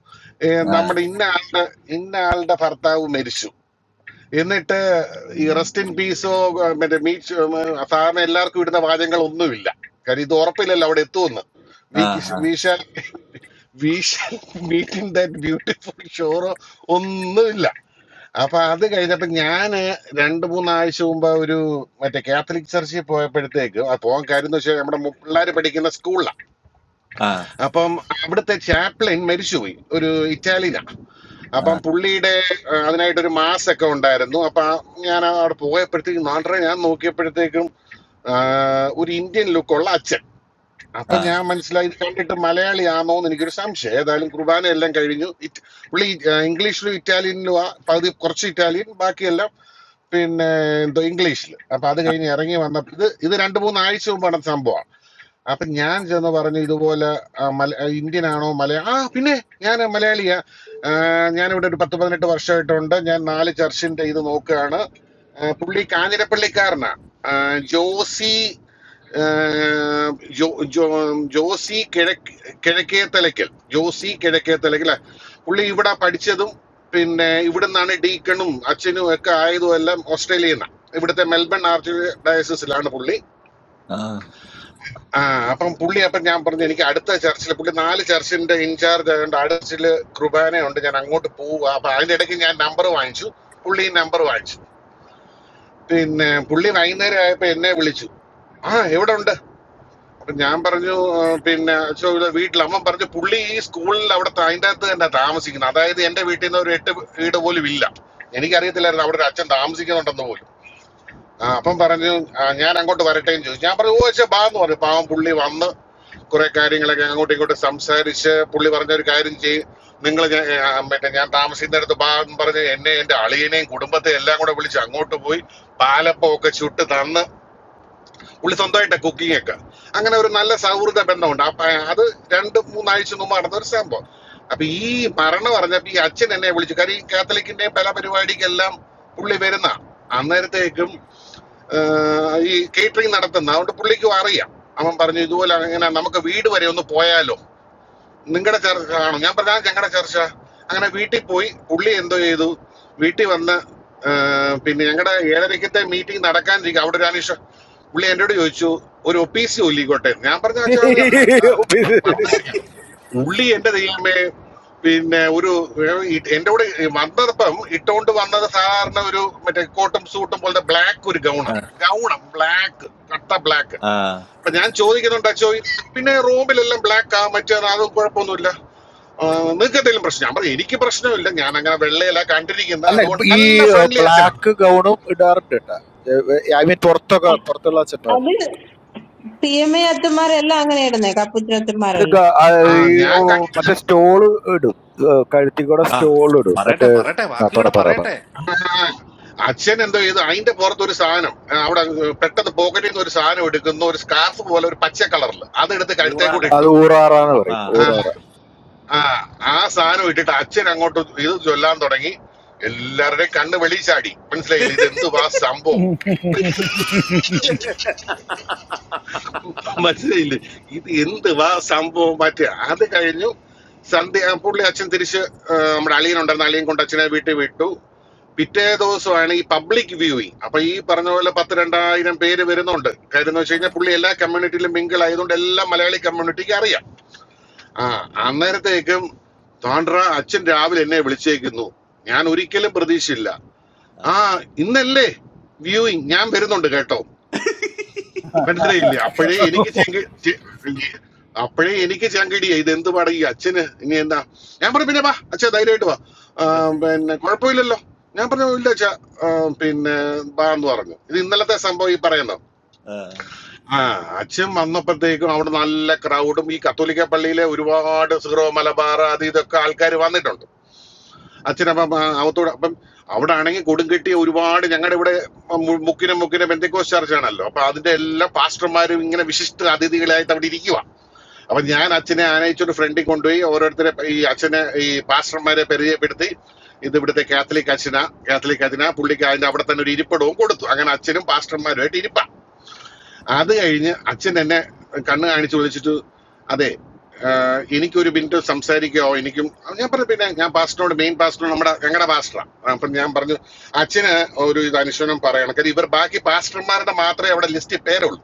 Speaker 12: ഏ,
Speaker 2: ആ
Speaker 12: നമ്മുടെ ഇന്ന ആളുടെ ഇന്ന ആളുടെ ഭർത്താവ് മരിച്ചു എന്നിട്ട് ഈ റെസ്റ്റ് ഇൻ പീസോ മറ്റേ മീറ്റ് സാധാരണ എല്ലാവർക്കും ഇടുന്ന വാചകങ്ങൾ ഒന്നുമില്ല കാര്യം ഇത് ഉറപ്പില്ലല്ലോ അവിടെ എത്തുമെന്ന്
Speaker 2: ആ ആ
Speaker 12: മീറ്റിംഗ് ദാറ്റ് ബ്യൂട്ടിഫുൾ ഷോറോ ഒന്നുമില്ല അപ്പൊ അത് കഴിഞ്ഞപ്പോ ഞാന് രണ്ട് മൂന്നാഴ്ച മുമ്പ് ഒരു മറ്റേ കാത്തലിക് ചർച്ചിൽ പോയപ്പോഴത്തേക്ക് ആ പോകാൻ കാര്യം എന്ന് വെച്ചാൽ നമ്മുടെ പിള്ളേർ പഠിക്കുന്ന സ്കൂളിലാണ്
Speaker 2: ആ
Speaker 12: അപ്പം അവിടുത്തെ ചാപ്ലിൻ മരിച്ചുപോയി ഒരു ഇറ്റാലിയനാണ്
Speaker 2: ആ
Speaker 12: അപ്പം പുള്ളിയുടെ ആ, അതിനായിട്ടൊരു മാസ് ഒക്കെ ഉണ്ടായിരുന്നു അപ്പൊ ആ- ഞാൻ അവിടെ പോയപ്പോഴത്തേക്കും നാട്ടിലെ ഞാൻ നോക്കിയപ്പോഴത്തേക്കും ആ, ഒരു ഇന്ത്യൻ ലുക്കുള്ള അച്ഛൻ അപ്പൊ ഞാൻ മനസ്സിലായി ഇത് കണ്ടിട്ട് മലയാളിയാണോ എന്ന് എനിക്കൊരു സംശയം ഏതായാലും കുർബാന എല്ലാം കഴിഞ്ഞു ഇറ്റ് പുള്ളി ആ, ഇംഗ്ലീഷിലും ഇറ്റാലിയനിലും ആ, പകുതി കുറച്ച് ഇറ്റാലിയൻ ബാക്കിയെല്ലാം പിന്നെ എന്തോ ഇംഗ്ലീഷിൽ അപ്പൊ അത്
Speaker 2: ആ
Speaker 12: കഴിഞ്ഞ് ഇറങ്ങി വന്നപ്പോൾ ഇത് ഇത് രണ്ട് മൂന്ന് ആഴ്ച മുമ്പാണ് സംഭവം അപ്പൊ ഞാൻ ചെന്ന് പറഞ്ഞു ഇതുപോലെ ആ, മല- ആ, ഇന്ത്യൻ ആണോ മലയാ ആ പിന്നെ ഞാൻ മലയാളിയാ ആ, ഞാനിവിടെ ഒരു പത്ത് പതിനെട്ട് വർഷമായിട്ടുണ്ട് ഞാൻ നാല് ചർച്ചിന്റെ ഇത് നോക്കുകയാണ് ആ, പുള്ളി കാഞ്ഞിരപ്പള്ളിക്കാരനാ ആ, ജോസി ആ, ജോ ജോ ജോസി കിഴക്ക് കിഴക്കേ തലയ്ക്കൽ ജോസി കിഴക്കേ തലയ്ക്കൽ പുള്ളി ഇവിടെ പഠിച്ചതും പിന്നെ ഇവിടുന്നാണ് ഡീക്കണും അച്ഛനും ഒക്കെ ആയതും എല്ലാം ഓസ്ട്രേലിയനാണ് ഇവിടുത്തെ മെൽബൺ ആർച്ച് ഡയസിസിലാണ് പുള്ളി ആ അപ്പം പുള്ളി അപ്പം ഞാൻ പറഞ്ഞു എനിക്ക് അടുത്ത ചർച്ചിൽ പുള്ളി നാല് ചർച്ചിന്റെ ഇൻചാർജ് ആയതുകൊണ്ട് അടുത്ത ചർച്ചിൽ കൃപാനയുണ്ട് ഞാൻ അങ്ങോട്ട് പോവുക അപ്പൊ അതിന്റെ ഇടയ്ക്ക് ഞാൻ നമ്പർ വാങ്ങിച്ചു പുള്ളി നമ്പർ വാങ്ങിച്ചു പിന്നെ പുള്ളി വൈകുന്നേരം ആയപ്പോ എന്നെ വിളിച്ചു ആ എവിടെ ഉണ്ട് അപ്പൊ ഞാൻ പറഞ്ഞു ആ, പിന്നെ അച്ഛോ ഇവിടെ വീട്ടിൽ അമ്മ പറഞ്ഞു പുള്ളി ഈ സ്കൂളിൽ അവിടെ ത- അതിന്റെ അകത്ത് തന്നെ താമസിക്കുന്നത് അതായത് എന്റെ വീട്ടിൽ നിന്ന് ഒരു എട്ട് വീട് പോലും ഇല്ല എനിക്കറിയത്തില്ലായിരുന്നു അവിടെ ഒരു അച്ഛൻ താമസിക്കുന്നുണ്ടെന്ന് പോലും ആ അപ്പം പറഞ്ഞു "ആ, ഞാൻ അങ്ങോട്ട് വരട്ടെ എന്ന് ചോദിച്ചു ഞാൻ പറഞ്ഞു ഓ ശരി, ബാ എന്ന് പറഞ്ഞു പാവം പുള്ളി വന്ന് കുറെ കാര്യങ്ങളൊക്കെ അങ്ങോട്ടും ഇങ്ങോട്ടും സംസാരിച്ച് പുള്ളി പറഞ്ഞ ഒരു കാര്യം ചെയ്യും നിങ്ങൾ മറ്റേ ഞാൻ താമസിക്കുന്നിടത്ത് ബാ എന്ന് പറഞ്ഞ് എന്നെ എന്റെ അളിയനെയും കുടുംബത്തെ എല്ലാം കൂടെ വിളിച്ച് അങ്ങോട്ട് പോയി പാലപ്പം ഒക്കെ ചുട്ട് തന്ന് പുള്ളി സ്വന്തമായിട്ട് കുക്കിംഗ് ഒക്കെ അങ്ങനെ ഒരു നല്ല സൗഹൃദ ബന്ധമുണ്ട് അപ്പൊ അത് രണ്ട് മൂന്നാഴ്ച മുമ്പ് നടന്ന ഒരു സംഭവം അപ്പൊ ഈ മരണം പറഞ്ഞപ്പോ ഈ അച്ഛൻ എന്നെ വിളിച്ചു കാര്യം ഈ കാത്തലിക്കിന്റെയും പല പരിപാടിക്കെല്ലാം പുള്ളി വരുന്ന അന്നേരത്തേക്കും ഏഹ് ഈ കേറ്ററിംഗ് നടത്തുന്ന അതുകൊണ്ട് പുള്ളിക്കും അറിയാം അവൻ പറഞ്ഞു ഇതുപോലെ അങ്ങനെ നമുക്ക് വീട് വരെ ഒന്ന് പോയാലോ നിങ്ങളുടെ ചർച്ച ആണോ ഞാൻ പറഞ്ഞ ഞങ്ങളുടെ ചർച്ച അങ്ങനെ വീട്ടിൽ പോയി പുള്ളി എന്തോ ചെയ്തു വീട്ടിൽ വന്ന് ആ, പിന്നെ ഞങ്ങളുടെ ഏഴരക്കത്തെ മീറ്റിംഗ് നടക്കാനിരിക്കും അവിടെ ഒരു അനീഷ പുള്ളി എന്നോട് ചോദിച്ചു ഒരു ഒപ്പീസി ഒല്ലിക്കോട്ടെ ഞാൻ പറഞ്ഞ അച്ഛാ അവന് ആ, ആ,
Speaker 10: ഓ
Speaker 12: പറഞ്ഞില്ല. പുള്ളി എന്റെ ദൈവമേ പിന്നെ ഒരു ഏ, ഇ- എന്റെ കൂടെ വന്നപ്പം ഇട്ടുകൊണ്ട് വന്നത് സാധാരണ ഒരു മറ്റേ കോട്ടും സൂട്ടും പോലത്തെ ബ്ലാക്ക് ഒരു
Speaker 2: ആ
Speaker 12: ഗൗണാണ് ഗൗണം ബ്ലാക്ക് കട്ട ബ്ലാക്ക്
Speaker 2: ആ
Speaker 12: അപ്പൊ ഞാൻ ചോദിക്കുന്നുണ്ട് അച്ഛോ ഇത് പിന്നെ റൂമിലെല്ലാം ബ്ലാക്ക് ആ മറ്റേ അത് കുഴപ്പമൊന്നുമില്ല നിങ്ങൾക്ക് എന്തെങ്കിലും പ്രശ്നം ഞാൻ പറഞ്ഞു എനിക്ക് പ്രശ്നമില്ല ഞാൻ അങ്ങനെ വെള്ളയല്ല കണ്ടിരിക്കുന്നത്
Speaker 10: അല്ല ഇപ്പൊ
Speaker 12: അതുകൊണ്ട്
Speaker 10: ഈ
Speaker 12: നല്ല ഫ്രണ്ട്ലി അച്ഛനാണ്
Speaker 10: ബ്ലാക്ക് ഗൗണും ഇടാറുണ്ട് കേട്ടാ ഐ മീൻ പുറത്തൊക്കെ പുറത്തുള്ള ചെമ്പാട്
Speaker 5: അത് സി എം ഐ അച്ഛന്മാരെല്ലാം അങ്ങനെ ഇടുന്നേ കപ്പുച്ച
Speaker 10: ഇത്
Speaker 5: അച്ഛന്മാരെല്ലാം
Speaker 10: ഗ- ആ,
Speaker 12: ആ
Speaker 10: ഈ,
Speaker 12: ഞാൻ
Speaker 10: ഓ,
Speaker 12: കണ്ടി-
Speaker 10: മറ്റേ സ്റ്റോള് ഇടും ഏ, കഴുത്തിൽ കൂടെ
Speaker 2: ആ
Speaker 10: സ്റ്റോൾ ഇടും
Speaker 2: പറയട്ടെ
Speaker 10: മറ്റേ
Speaker 2: പറയട്ടെ
Speaker 10: ആ,
Speaker 2: ബാക്കി
Speaker 10: പറ
Speaker 2: കൂടെ
Speaker 10: പറ പറ.
Speaker 2: പറയട്ടെ
Speaker 12: ആ, അച്ഛൻ എന്തോ ചെയ്തു അതിന്റെ പുറത്ത് ഒരു സാധനം ആ, അവിടെ പെട്ടെന്ന് പോക്കറ്റിൽ നിന്ന് ഒരു സാധനം എടുക്കുന്നു ഒരു സ്കാർഫ് പോലെ ഒരു പച്ച കളറിൽ അതെടുത്ത് കഴുത്തേ
Speaker 2: ഊറാല
Speaker 12: കൂടി
Speaker 10: അത്
Speaker 12: ഇട്ടു
Speaker 10: ഊറാറാന്ന്
Speaker 2: ആ
Speaker 10: പറയും
Speaker 12: ആ
Speaker 10: ഊറാറ
Speaker 12: ആ ആ സാധനം ഇട്ടിട്ട് അച്ഛൻ അങ്ങോട്ട് ഇത് ചൊല്ലാൻ തുടങ്ങി എല്ലാവരുടെയും കണ്ണ് വെളിച്ചാടി മനസ്സിലായില്ല ഇത് എന്തുവാ സംഭവം മനസ്സിലായില്ലേ ഇത് എന്ത് വാ സംഭവം മാറ്റുക അത് കഴിഞ്ഞു സന്ധ്യ പുള്ളി അച്ഛൻ തിരിച്ച് ആ, നമ്മുടെ അളിയൻ ഉണ്ടായിരുന്ന അളിയൻ കൊണ്ട് അച്ഛനെ വീട്ടിൽ വിട്ടു പിറ്റേ ദിവസമാണ് ഈ പബ്ലിക് വ്യൂയിങ് അപ്പൊ ഈ പറഞ്ഞ പോലെ പത്ത് രണ്ടായിരം പേര് വരുന്നുണ്ട് കാര്യം എന്ന് വെച്ച് കഴിഞ്ഞാൽ പുള്ളി എല്ലാ കമ്മ്യൂണിറ്റിയിലും മിങ്കിൾ ആയതുകൊണ്ട് എല്ലാ മലയാളി കമ്മ്യൂണിറ്റിക്ക് അറിയാം ആ അന്നേരത്തേക്കും താണ്ട്ര അച്ഛൻ രാവിലെ എന്നെ വിളിച്ചേക്കുന്നു ഞാൻ ഒരിക്കലും പ്രതീക്ഷയില്ല
Speaker 2: ആ
Speaker 12: ആ ഇന്നല്ലേ വ്യൂയിങ് ഞാൻ വരുന്നുണ്ട് കേട്ടോ മനസ്സിലായില്ലേ അപ്പോഴേ എനിക്ക് ചെങ്കി ചെ- അപ്പോഴേ എനിക്ക് ചങ്കിടിയ ഇത് എന്ത് പാടാ ഈ അച്ഛന് ഇനി എന്താ ഞാൻ പറഞ്ഞു പിന്നെ വാ അച്ഛാ ധൈര്യമായിട്ട് വാ ആ, പിന്നെ കുഴപ്പമില്ലല്ലോ ഞാൻ പറഞ്ഞു ഇല്ല അച്ഛാ ആ, പിന്നെ വാ എന്ന് പറഞ്ഞു ഇത് ഇന്നലത്തെ സംഭവം ഈ പറയുന്നു
Speaker 2: ആ
Speaker 12: ആ അച്ഛൻ വന്നപ്പോഴത്തേക്കും അവിടെ നല്ല ക്രൗഡും ഈ കത്തോലിക്ക പള്ളിയിലെ ഒരുപാട് സിറോ മലബാർ അത് ഇതൊക്കെ ആൾക്കാർ വന്നിട്ടുണ്ട് അച്ഛനപ്പം ആ, അവത്തോട് അപ്പം അവിടെ ആണെങ്കിൽ കൊടുങ്കെട്ടിയ ഒരുപാട് ഞങ്ങളുടെ ഇവിടെ മു- മുക്കിനും മുക്കിനും എന്തൊക്കെ ആണല്ലോ അപ്പൊ അതിന്റെ എല്ലാ പാസ്റ്റർമാരും ഇങ്ങനെ വിശിഷ്ട അതിഥികളായിട്ട് അവിടെ ഇരിക്കുക അപ്പൊ ഞാൻ അച്ഛനെ ആനയിച്ചൊരു ഫ്രണ്ടിൽ കൊണ്ടുപോയി ഓരോരുത്തരെ ഈ അച്ഛനെ ഈ പാസ്റ്റർമാരെ പരിചയപ്പെടുത്തി ഇത് ഇവിടുത്തെ കാത്തലിക് അച്ഛന കാത്തലിക് അച്ഛന പുള്ളിക്ക് അതിന്റെ അവിടെ തന്നെ ഒരു ഇരിപ്പിടവും കൊടുത്തു അങ്ങനെ അച്ഛനും പാസ്റ്റർമാരുമായിട്ട് ഇരിപ്പ അത് കഴിഞ്ഞ് അച്ഛൻ എന്നെ കണ്ണ് കാണിച്ച് വിളിച്ചിട്ട് അതെ ആഹ് എനിക്കൊരു മിനിറ്റ് സംസാരിക്കോ എനിക്കും ഞാൻ പറഞ്ഞു പിന്നെ ഞാൻ പാസ്റ്ററിനോട് മെയിൻ പാസ്റ്റർ നമ്മുടെ ഞങ്ങളുടെ പാസ്റ്ററാണ് അപ്പം ഞാൻ പറഞ്ഞു അച്ഛന് ഒരു ഇത് അനുശോചനം പറയണം കാര്യം ഇവർ ബാക്കി പാസ്റ്റർമാരുടെ മാത്രമേ അവിടെ ലിസ്റ്റിൽ പേരുള്ളൂ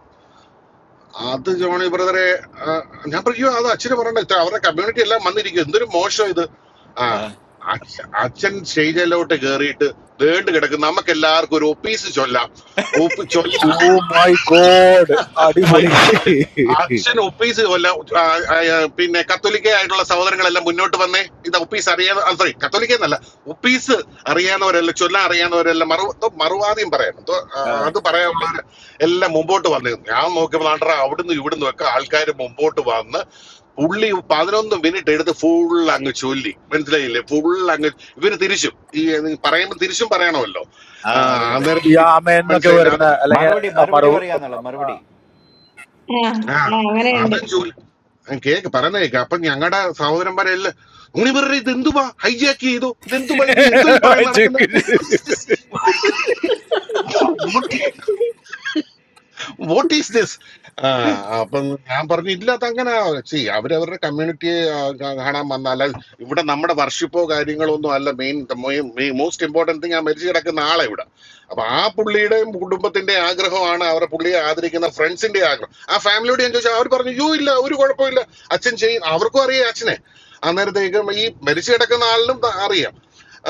Speaker 12: അത് ജോണി ബ്രദറെ ആഹ്, ഞാൻ പറയോ അത് അച്ഛന് പറയണ്ട ഇത്ര അവരുടെ കമ്മ്യൂണിറ്റി എല്ലാം വന്നിരിക്കും എന്തൊരു മോശം ഇത് ആ
Speaker 2: ആ
Speaker 12: അച്ഛ- അച്ഛൻ സ്റ്റേജിലോട്ട് കയറിയിട്ട് വേണ്ട കിടക്കും നമുക്ക് എല്ലാവർക്കും ഒരു ഒപ്പീസ് ചൊല്ലാം
Speaker 10: ഓ മൈ ഗോഡ് അടിപൊളി
Speaker 12: മനസ്സിലായില്ലേ? അച്ഛൻ ഒപ്പീസ് കൊല്ല ആ, ആ, ആ, പിന്നെ കത്തോലിക്ക ആയിട്ടുള്ള സഹോദരങ്ങളെല്ലാം മുന്നോട്ട് വന്നേ ഇത് ഒപ്പീസ് അറിയാതെ സോറി കത്തോലിക്ക എന്നല്ല ഒപ്പീസ് അറിയാവുന്നവരെല്ലാം ചൊല്ലാൻ അറിയാവുന്നവരെല്ലാം മറു എന്തോ മറുവാദിയും പറയണം എന്തോ, ആ,
Speaker 2: ആ
Speaker 12: അത് പറയാനുള്ളവർ എല്ലാം മുമ്പോട്ട് വന്നു ഞാൻ നോക്കിയപ്പോൾ നാട്ടറ അവിടുന്ന് ഇവിടുന്ന് ഒക്കെ ആൾക്കാർ മുമ്പോട്ട് വന്ന് പുള്ളി പതിനൊന്ന് മിനിറ്റ് എടുത്ത് ഫുൾ അങ്ങ് ചൊല്ലി മനസ്സിലായില്ലേ ഫുൾ അങ്ങ് ഇവര് തിരിച്ചും ഈ പറയുമ്പോൾ തിരിച്ചും പറയണമല്ലോ
Speaker 2: ആ,
Speaker 12: ആ,
Speaker 2: അതെ അതെ
Speaker 12: അന്നേരം
Speaker 10: ഈ ആമയെന്നൊക്കെ
Speaker 12: മനസ്സിലായില്ല അത്
Speaker 10: വരുന്ന അല്ലെങ്കിൽ മറു
Speaker 5: ആ
Speaker 12: ആ
Speaker 5: ആ, അങ്ങനെയുണ്ട്
Speaker 12: അതും ജോലി ഞാൻ കേക്ക് പറയുന്ന കേക്ക് അപ്പൊ ഞങ്ങളുടെ സഹോദരന്മാരെല്ലാം നിങ്ങൾ ഇവരുടെ ഇത് എന്തുവാ ഹൈജാക്ക് ചെയ്തു ഇതെന്തുവാ ഇത് എന്തോ ഈ പറയുന്ന നടക്കുന്ന വാട്ട് ഈസ് ദിസ് അപ്പം ഞാൻ പറഞ്ഞു ഇല്ല അതങ്ങനെ സി അവരവരുടെ കമ്മ്യൂണിറ്റിയെ കാണാൻ വന്ന അല്ല ഇവിടെ നമ്മുടെ വർഷിപ്പോ കാര്യങ്ങളോ ഒന്നും അല്ല മെയിൻ മോസ്റ്റ് ഇമ്പോർട്ടൻറ്റ് തിങ് ആ മരിച്ചു കിടക്കുന്ന ആളെ ഇവിടെ അപ്പൊ ആ പുള്ളിയുടെയും കുടുംബത്തിന്റെ ആഗ്രഹമാണ് അവരുടെ പുള്ളിയെ ആദരിക്കുന്ന ഫ്രണ്ട്സിന്റെ ആഗ്രഹം ആ ഫാമിലിയോട് ഞാൻ ചോദിച്ചാൽ അവർ പറഞ്ഞു യൂ ഇല്ല ഒരു കുഴപ്പമില്ല അച്ഛൻ ചെയ്യും അവർക്കും അറിയാം അച്ഛനെ അന്നേരത്തേക്കും ഈ മരിച്ചു കിടക്കുന്ന ആളിനും ത- അറിയാം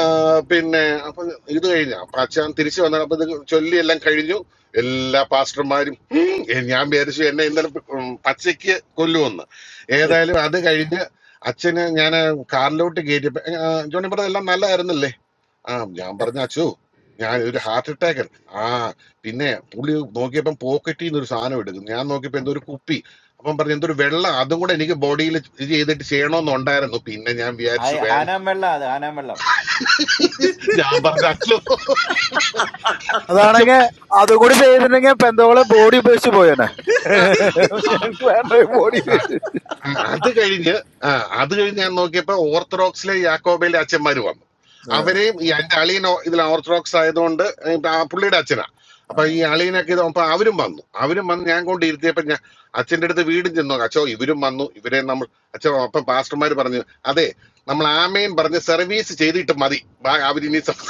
Speaker 12: ആ, പിന്നെ അപ്പൊ ഇത് കഴിഞ്ഞ അപ്പൊ അച്ഛൻ തിരിച്ചു വന്നാൽ അപ്പൊ ഇത് ചൊല്ലി എല്ലാം കഴിഞ്ഞു എല്ലാ പാസ്റ്റർമാരും ഉം, എ- ഞാൻ വിചാരിച്ചു എന്നെ ഇന്നലെ ഉം, പച്ചയ്ക്ക് കൊല്ലുമെന്ന് ഏതായാലും അത് കഴിഞ്ഞ് അച്ഛന് ഞാൻ കാറിലോട്ട് കയറ്റിയപ്പോ ആ, ജോണി പറഞ്ഞ എല്ലാം നല്ലതായിരുന്നല്ലേ ആ ഞാൻ പറഞ്ഞ അച്ചു ഞാൻ ഒരു ഹാർട്ട് അറ്റാക്കൻ ആ പിന്നെ പുള്ളി നോക്കിയപ്പം പോക്കറ്റിൽ നിന്ന് ഒരു സാധനം എടുക്കുന്നു ഞാൻ നോക്കിയപ്പോ എന്തോ ഒരു കുപ്പി അപ്പം പറഞ്ഞു എന്തൊരു വെള്ളം അതും കൂടെ എനിക്ക് ബോഡിയിൽ ഇത് ചെയ്തിട്ട് ചെയ്യണമെന്നുണ്ടായിരുന്നു പിന്നെ ഞാൻ വിചാരിച്ചു വേണ്ട ഞാൻ പറഞ്ഞു അച്ചു അച്ഛൻ
Speaker 10: അതാണെങ്കിൽ അതുകൂടി ചെയ്തിട്ടുണ്ടെങ്കിൽ പെന്തോളെ ബോഡി ഉപയോഗിച്ച് പോയേനെ എനിക്ക് വേണ്ട ബോഡി
Speaker 12: ആ, അത് കഴിഞ്ഞ് ആ, അത് കഴിഞ്ഞ് ഞാൻ നോക്കിയപ്പോ ഓർത്തഡോക്സിലെ യാക്കോബയിലെ അച്ഛന്മാര് വന്നു അവരെയും ഈ എന്റെ അളിയൻ ഓ- ഇതിൽ ഓർത്തഡോക്സ് ആയതുകൊണ്ട് ഇപ്പൊ ആ പുള്ളിയുടെ അച്ഛനാ
Speaker 2: ആ
Speaker 12: അപ്പൊ ഈ അളിയനൊക്കെ ഇത് അപ്പൊ അവരും വന്നു അവരും വന്ന് ഞാൻ കൊണ്ട് ഇരുത്തിയപ്പോ ഞാൻ അച്ഛന്റെ അടുത്ത് വീടും ചെന്നു അച്ഛോ ഇവരും വന്നു ഇവരെ നമ്മൾ അച്ഛൻ അപ്പൊ പാസ്റ്റർമാർ പറഞ്ഞു അതെ നമ്മൾ ആമേൻ പറഞ്ഞ് സർവീസ് ചെയ്തിട്ട് മതി ബാ- അവരിനി സം-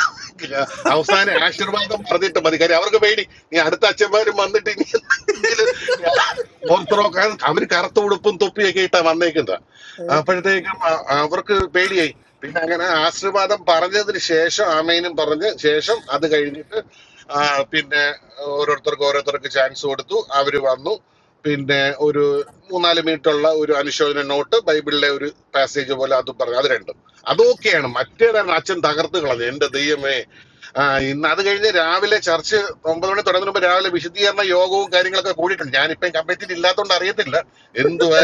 Speaker 12: അവസാന ആശീർവാദം പറഞ്ഞിട്ട് മതി കാര്യം അവർക്ക് പേടി നീ അടുത്ത അച്ഛന്മാരും വന്നിട്ട് ഇനി എന്തെങ്കിലും ഓർത്തഡോക്സ് അവര് കറുത്ത ഉടുപ്പും തൊപ്പിയൊക്കെ ഇട്ടാ വന്നേക്കുന്നത് അപ്പോഴത്തേക്കും അ- അവർക്ക് പേടിയായി പിന്നെ അങ്ങനെ ആശീർവാദം പറഞ്ഞതിന് ശേഷം ആമേനും പറഞ്ഞ് ശേഷം അത് കഴിഞ്ഞിട്ട് ആ, പിന്നെ ഓരോരുത്തർക്ക് ഓരോരുത്തർക്ക് ചാൻസ് കൊടുത്തു അവര് വന്നു പിന്നെ ഒരു മൂന്നാല് മിനിറ്റുള്ള ഒരു അനുശോചന നോട്ട് ബൈബിളിലെ ഒരു പാസേജ് പോലെ അത് പറഞ്ഞു അത് രണ്ടും അത് ഓക്കെയാണ് മറ്റേതാണ് അച്ഛൻ തകർത്ത് കളഞ്ഞു എന്റെ ദൈവമേ ആ ഇന്ന് അത് കഴിഞ്ഞ് രാവിലെ ചർച്ച് ഒമ്പത് മണി തുടങ്ങുന്ന മുമ്പ് രാവിലെ വിശദീകരണ യോഗവും കാര്യങ്ങളൊക്കെ കൂടിയിട്ടുണ്ട് ഞാനിപ്പം കമ്മിറ്റിയിൽ ഇല്ലാത്തതുകൊണ്ട് അറിയത്തില്ല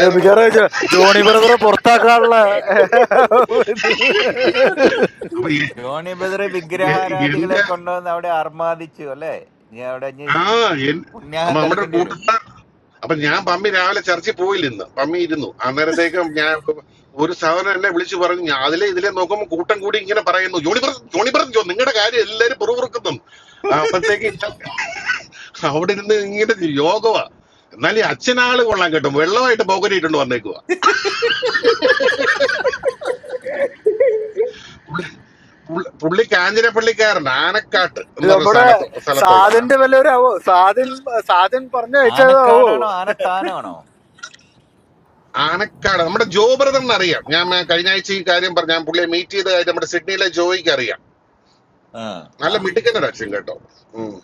Speaker 10: ഏ, മിക്കവാറും ജോ- ജോണി ബ്രദറെ പുറത്താക്കാനുള്ള ഏ,
Speaker 12: അപ്പൊ എ- എ- എന്റെ ആ എൻ- അപ്പൊ നമ്മുടെ കൂട്ടത്താർ അപ്പൊ ഞാൻ പമ്മി രാവിലെ ചർച്ചിൽ പോയില്ല ഇന്ന് പമ്മി ഇരുന്നു അന്നേരത്തേക്കും ഞാൻ ഒരു സഹോദരൻ എന്നെ വിളിച്ചു പറഞ്ഞു ഞാൻ അതിലെ ഇതിലെ നോക്കുമ്പോൾ കൂട്ടം കൂടി ഇങ്ങനെ പറയുന്നു ജോണിപ്രസ് ജോണിപ്രസ് ജോ നിങ്ങളുടെ കാര്യം എല്ലാരും പുറകുറുക്കുന്നു അപ്പോഴത്തേക്ക് അവിടെ ഇരുന്ന് ഇങ്ങനെ യോഗമാ എന്നാലും ഈ അച്ഛനാള് കൊള്ളാൻ കേട്ടോ വെള്ളമായിട്ട് പോകരിയിട്ടുണ്ട് വന്നേക്കുക പുള്ളി പുള്ളി കാഞ്ഞിരപ്പള്ളിക്കാരൻ ആനക്കാട്ട്
Speaker 10: ഇത്
Speaker 12: എന്ന് പറഞ്ഞ
Speaker 10: നമ്മുടെ
Speaker 12: സ്ഥാനത്ത് സ്ഥലത്തുള്ള
Speaker 10: സാധന്റെ വല്ലവരാവോ സാധൻ സാധൻ പറഞ്ഞു അയച്ചതാവോ
Speaker 12: ആനക്കാട് നമ്മുടെ ജോ ബ്രദർ അറിയാം ഞാൻ മേ- കഴിഞ്ഞ ആഴ്ച ഈ കാര്യം പറഞ്ഞു ഞാൻ പുള്ളിയെ മീറ്റ് ചെയ്ത കാര്യം നമ്മുടെ സിഡ്നിയിലെ ജോയിക്ക് അറിയാം
Speaker 2: ആ ആ ആ
Speaker 12: നല്ല മിടുക്കൻ്റെ അച്ഛൻ കേട്ടോ ഉം.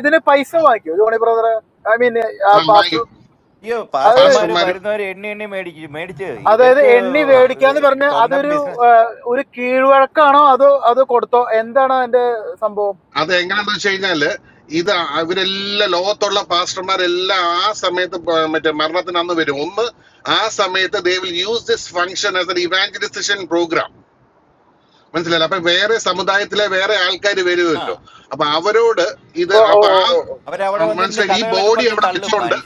Speaker 10: ഇതിന് പൈസ വാങ്ങിക്കോ ജോണി ബ്രദറെ ഐ മീൻ
Speaker 12: ആ
Speaker 10: പാസ്റ്റർ
Speaker 12: മൈ-
Speaker 10: അത്
Speaker 12: പാസ്റ്റർമാരും
Speaker 10: അതായത് എണ്ണി
Speaker 12: ആ.
Speaker 10: മേടിക്കാന്ന് പറഞ്ഞ അതൊരു ഏ, ഒരു കീഴ്വഴക്കാണോ അതോ അത് കൊടുത്തോ എന്താണ് അതിന്റെ സംഭവം
Speaker 12: അത് എങ്ങനെയാന്ന് വെച്ച് കഴിഞ്ഞാല് ഇത് ഇവരെല്ലാം ലോകത്തുള്ള പാസ്റ്റർമാരെല്ലാം ആ സമയത്ത് പ- മറ്റേ മരണത്തിന് അന്ന് വരും ഒന്ന് ആ സമയത്ത് they will use this function as an evangelisation programme മനസ്സിലായില്ല അപ്പൊ വേറെ സമുദായത്തിലെ വേറെ ആൾക്കാർ വരുമല്ലോ അപ്പൊ അവരോട് ഇത്
Speaker 10: ഓ ഓ
Speaker 12: അപ്പൊ
Speaker 10: ഓ
Speaker 12: ആ
Speaker 10: ഓ, ഓ.
Speaker 12: ആ, മനസ്സിലായില്ല ഈ ബോഡി അവിടെ വെച്ചോണ്ട്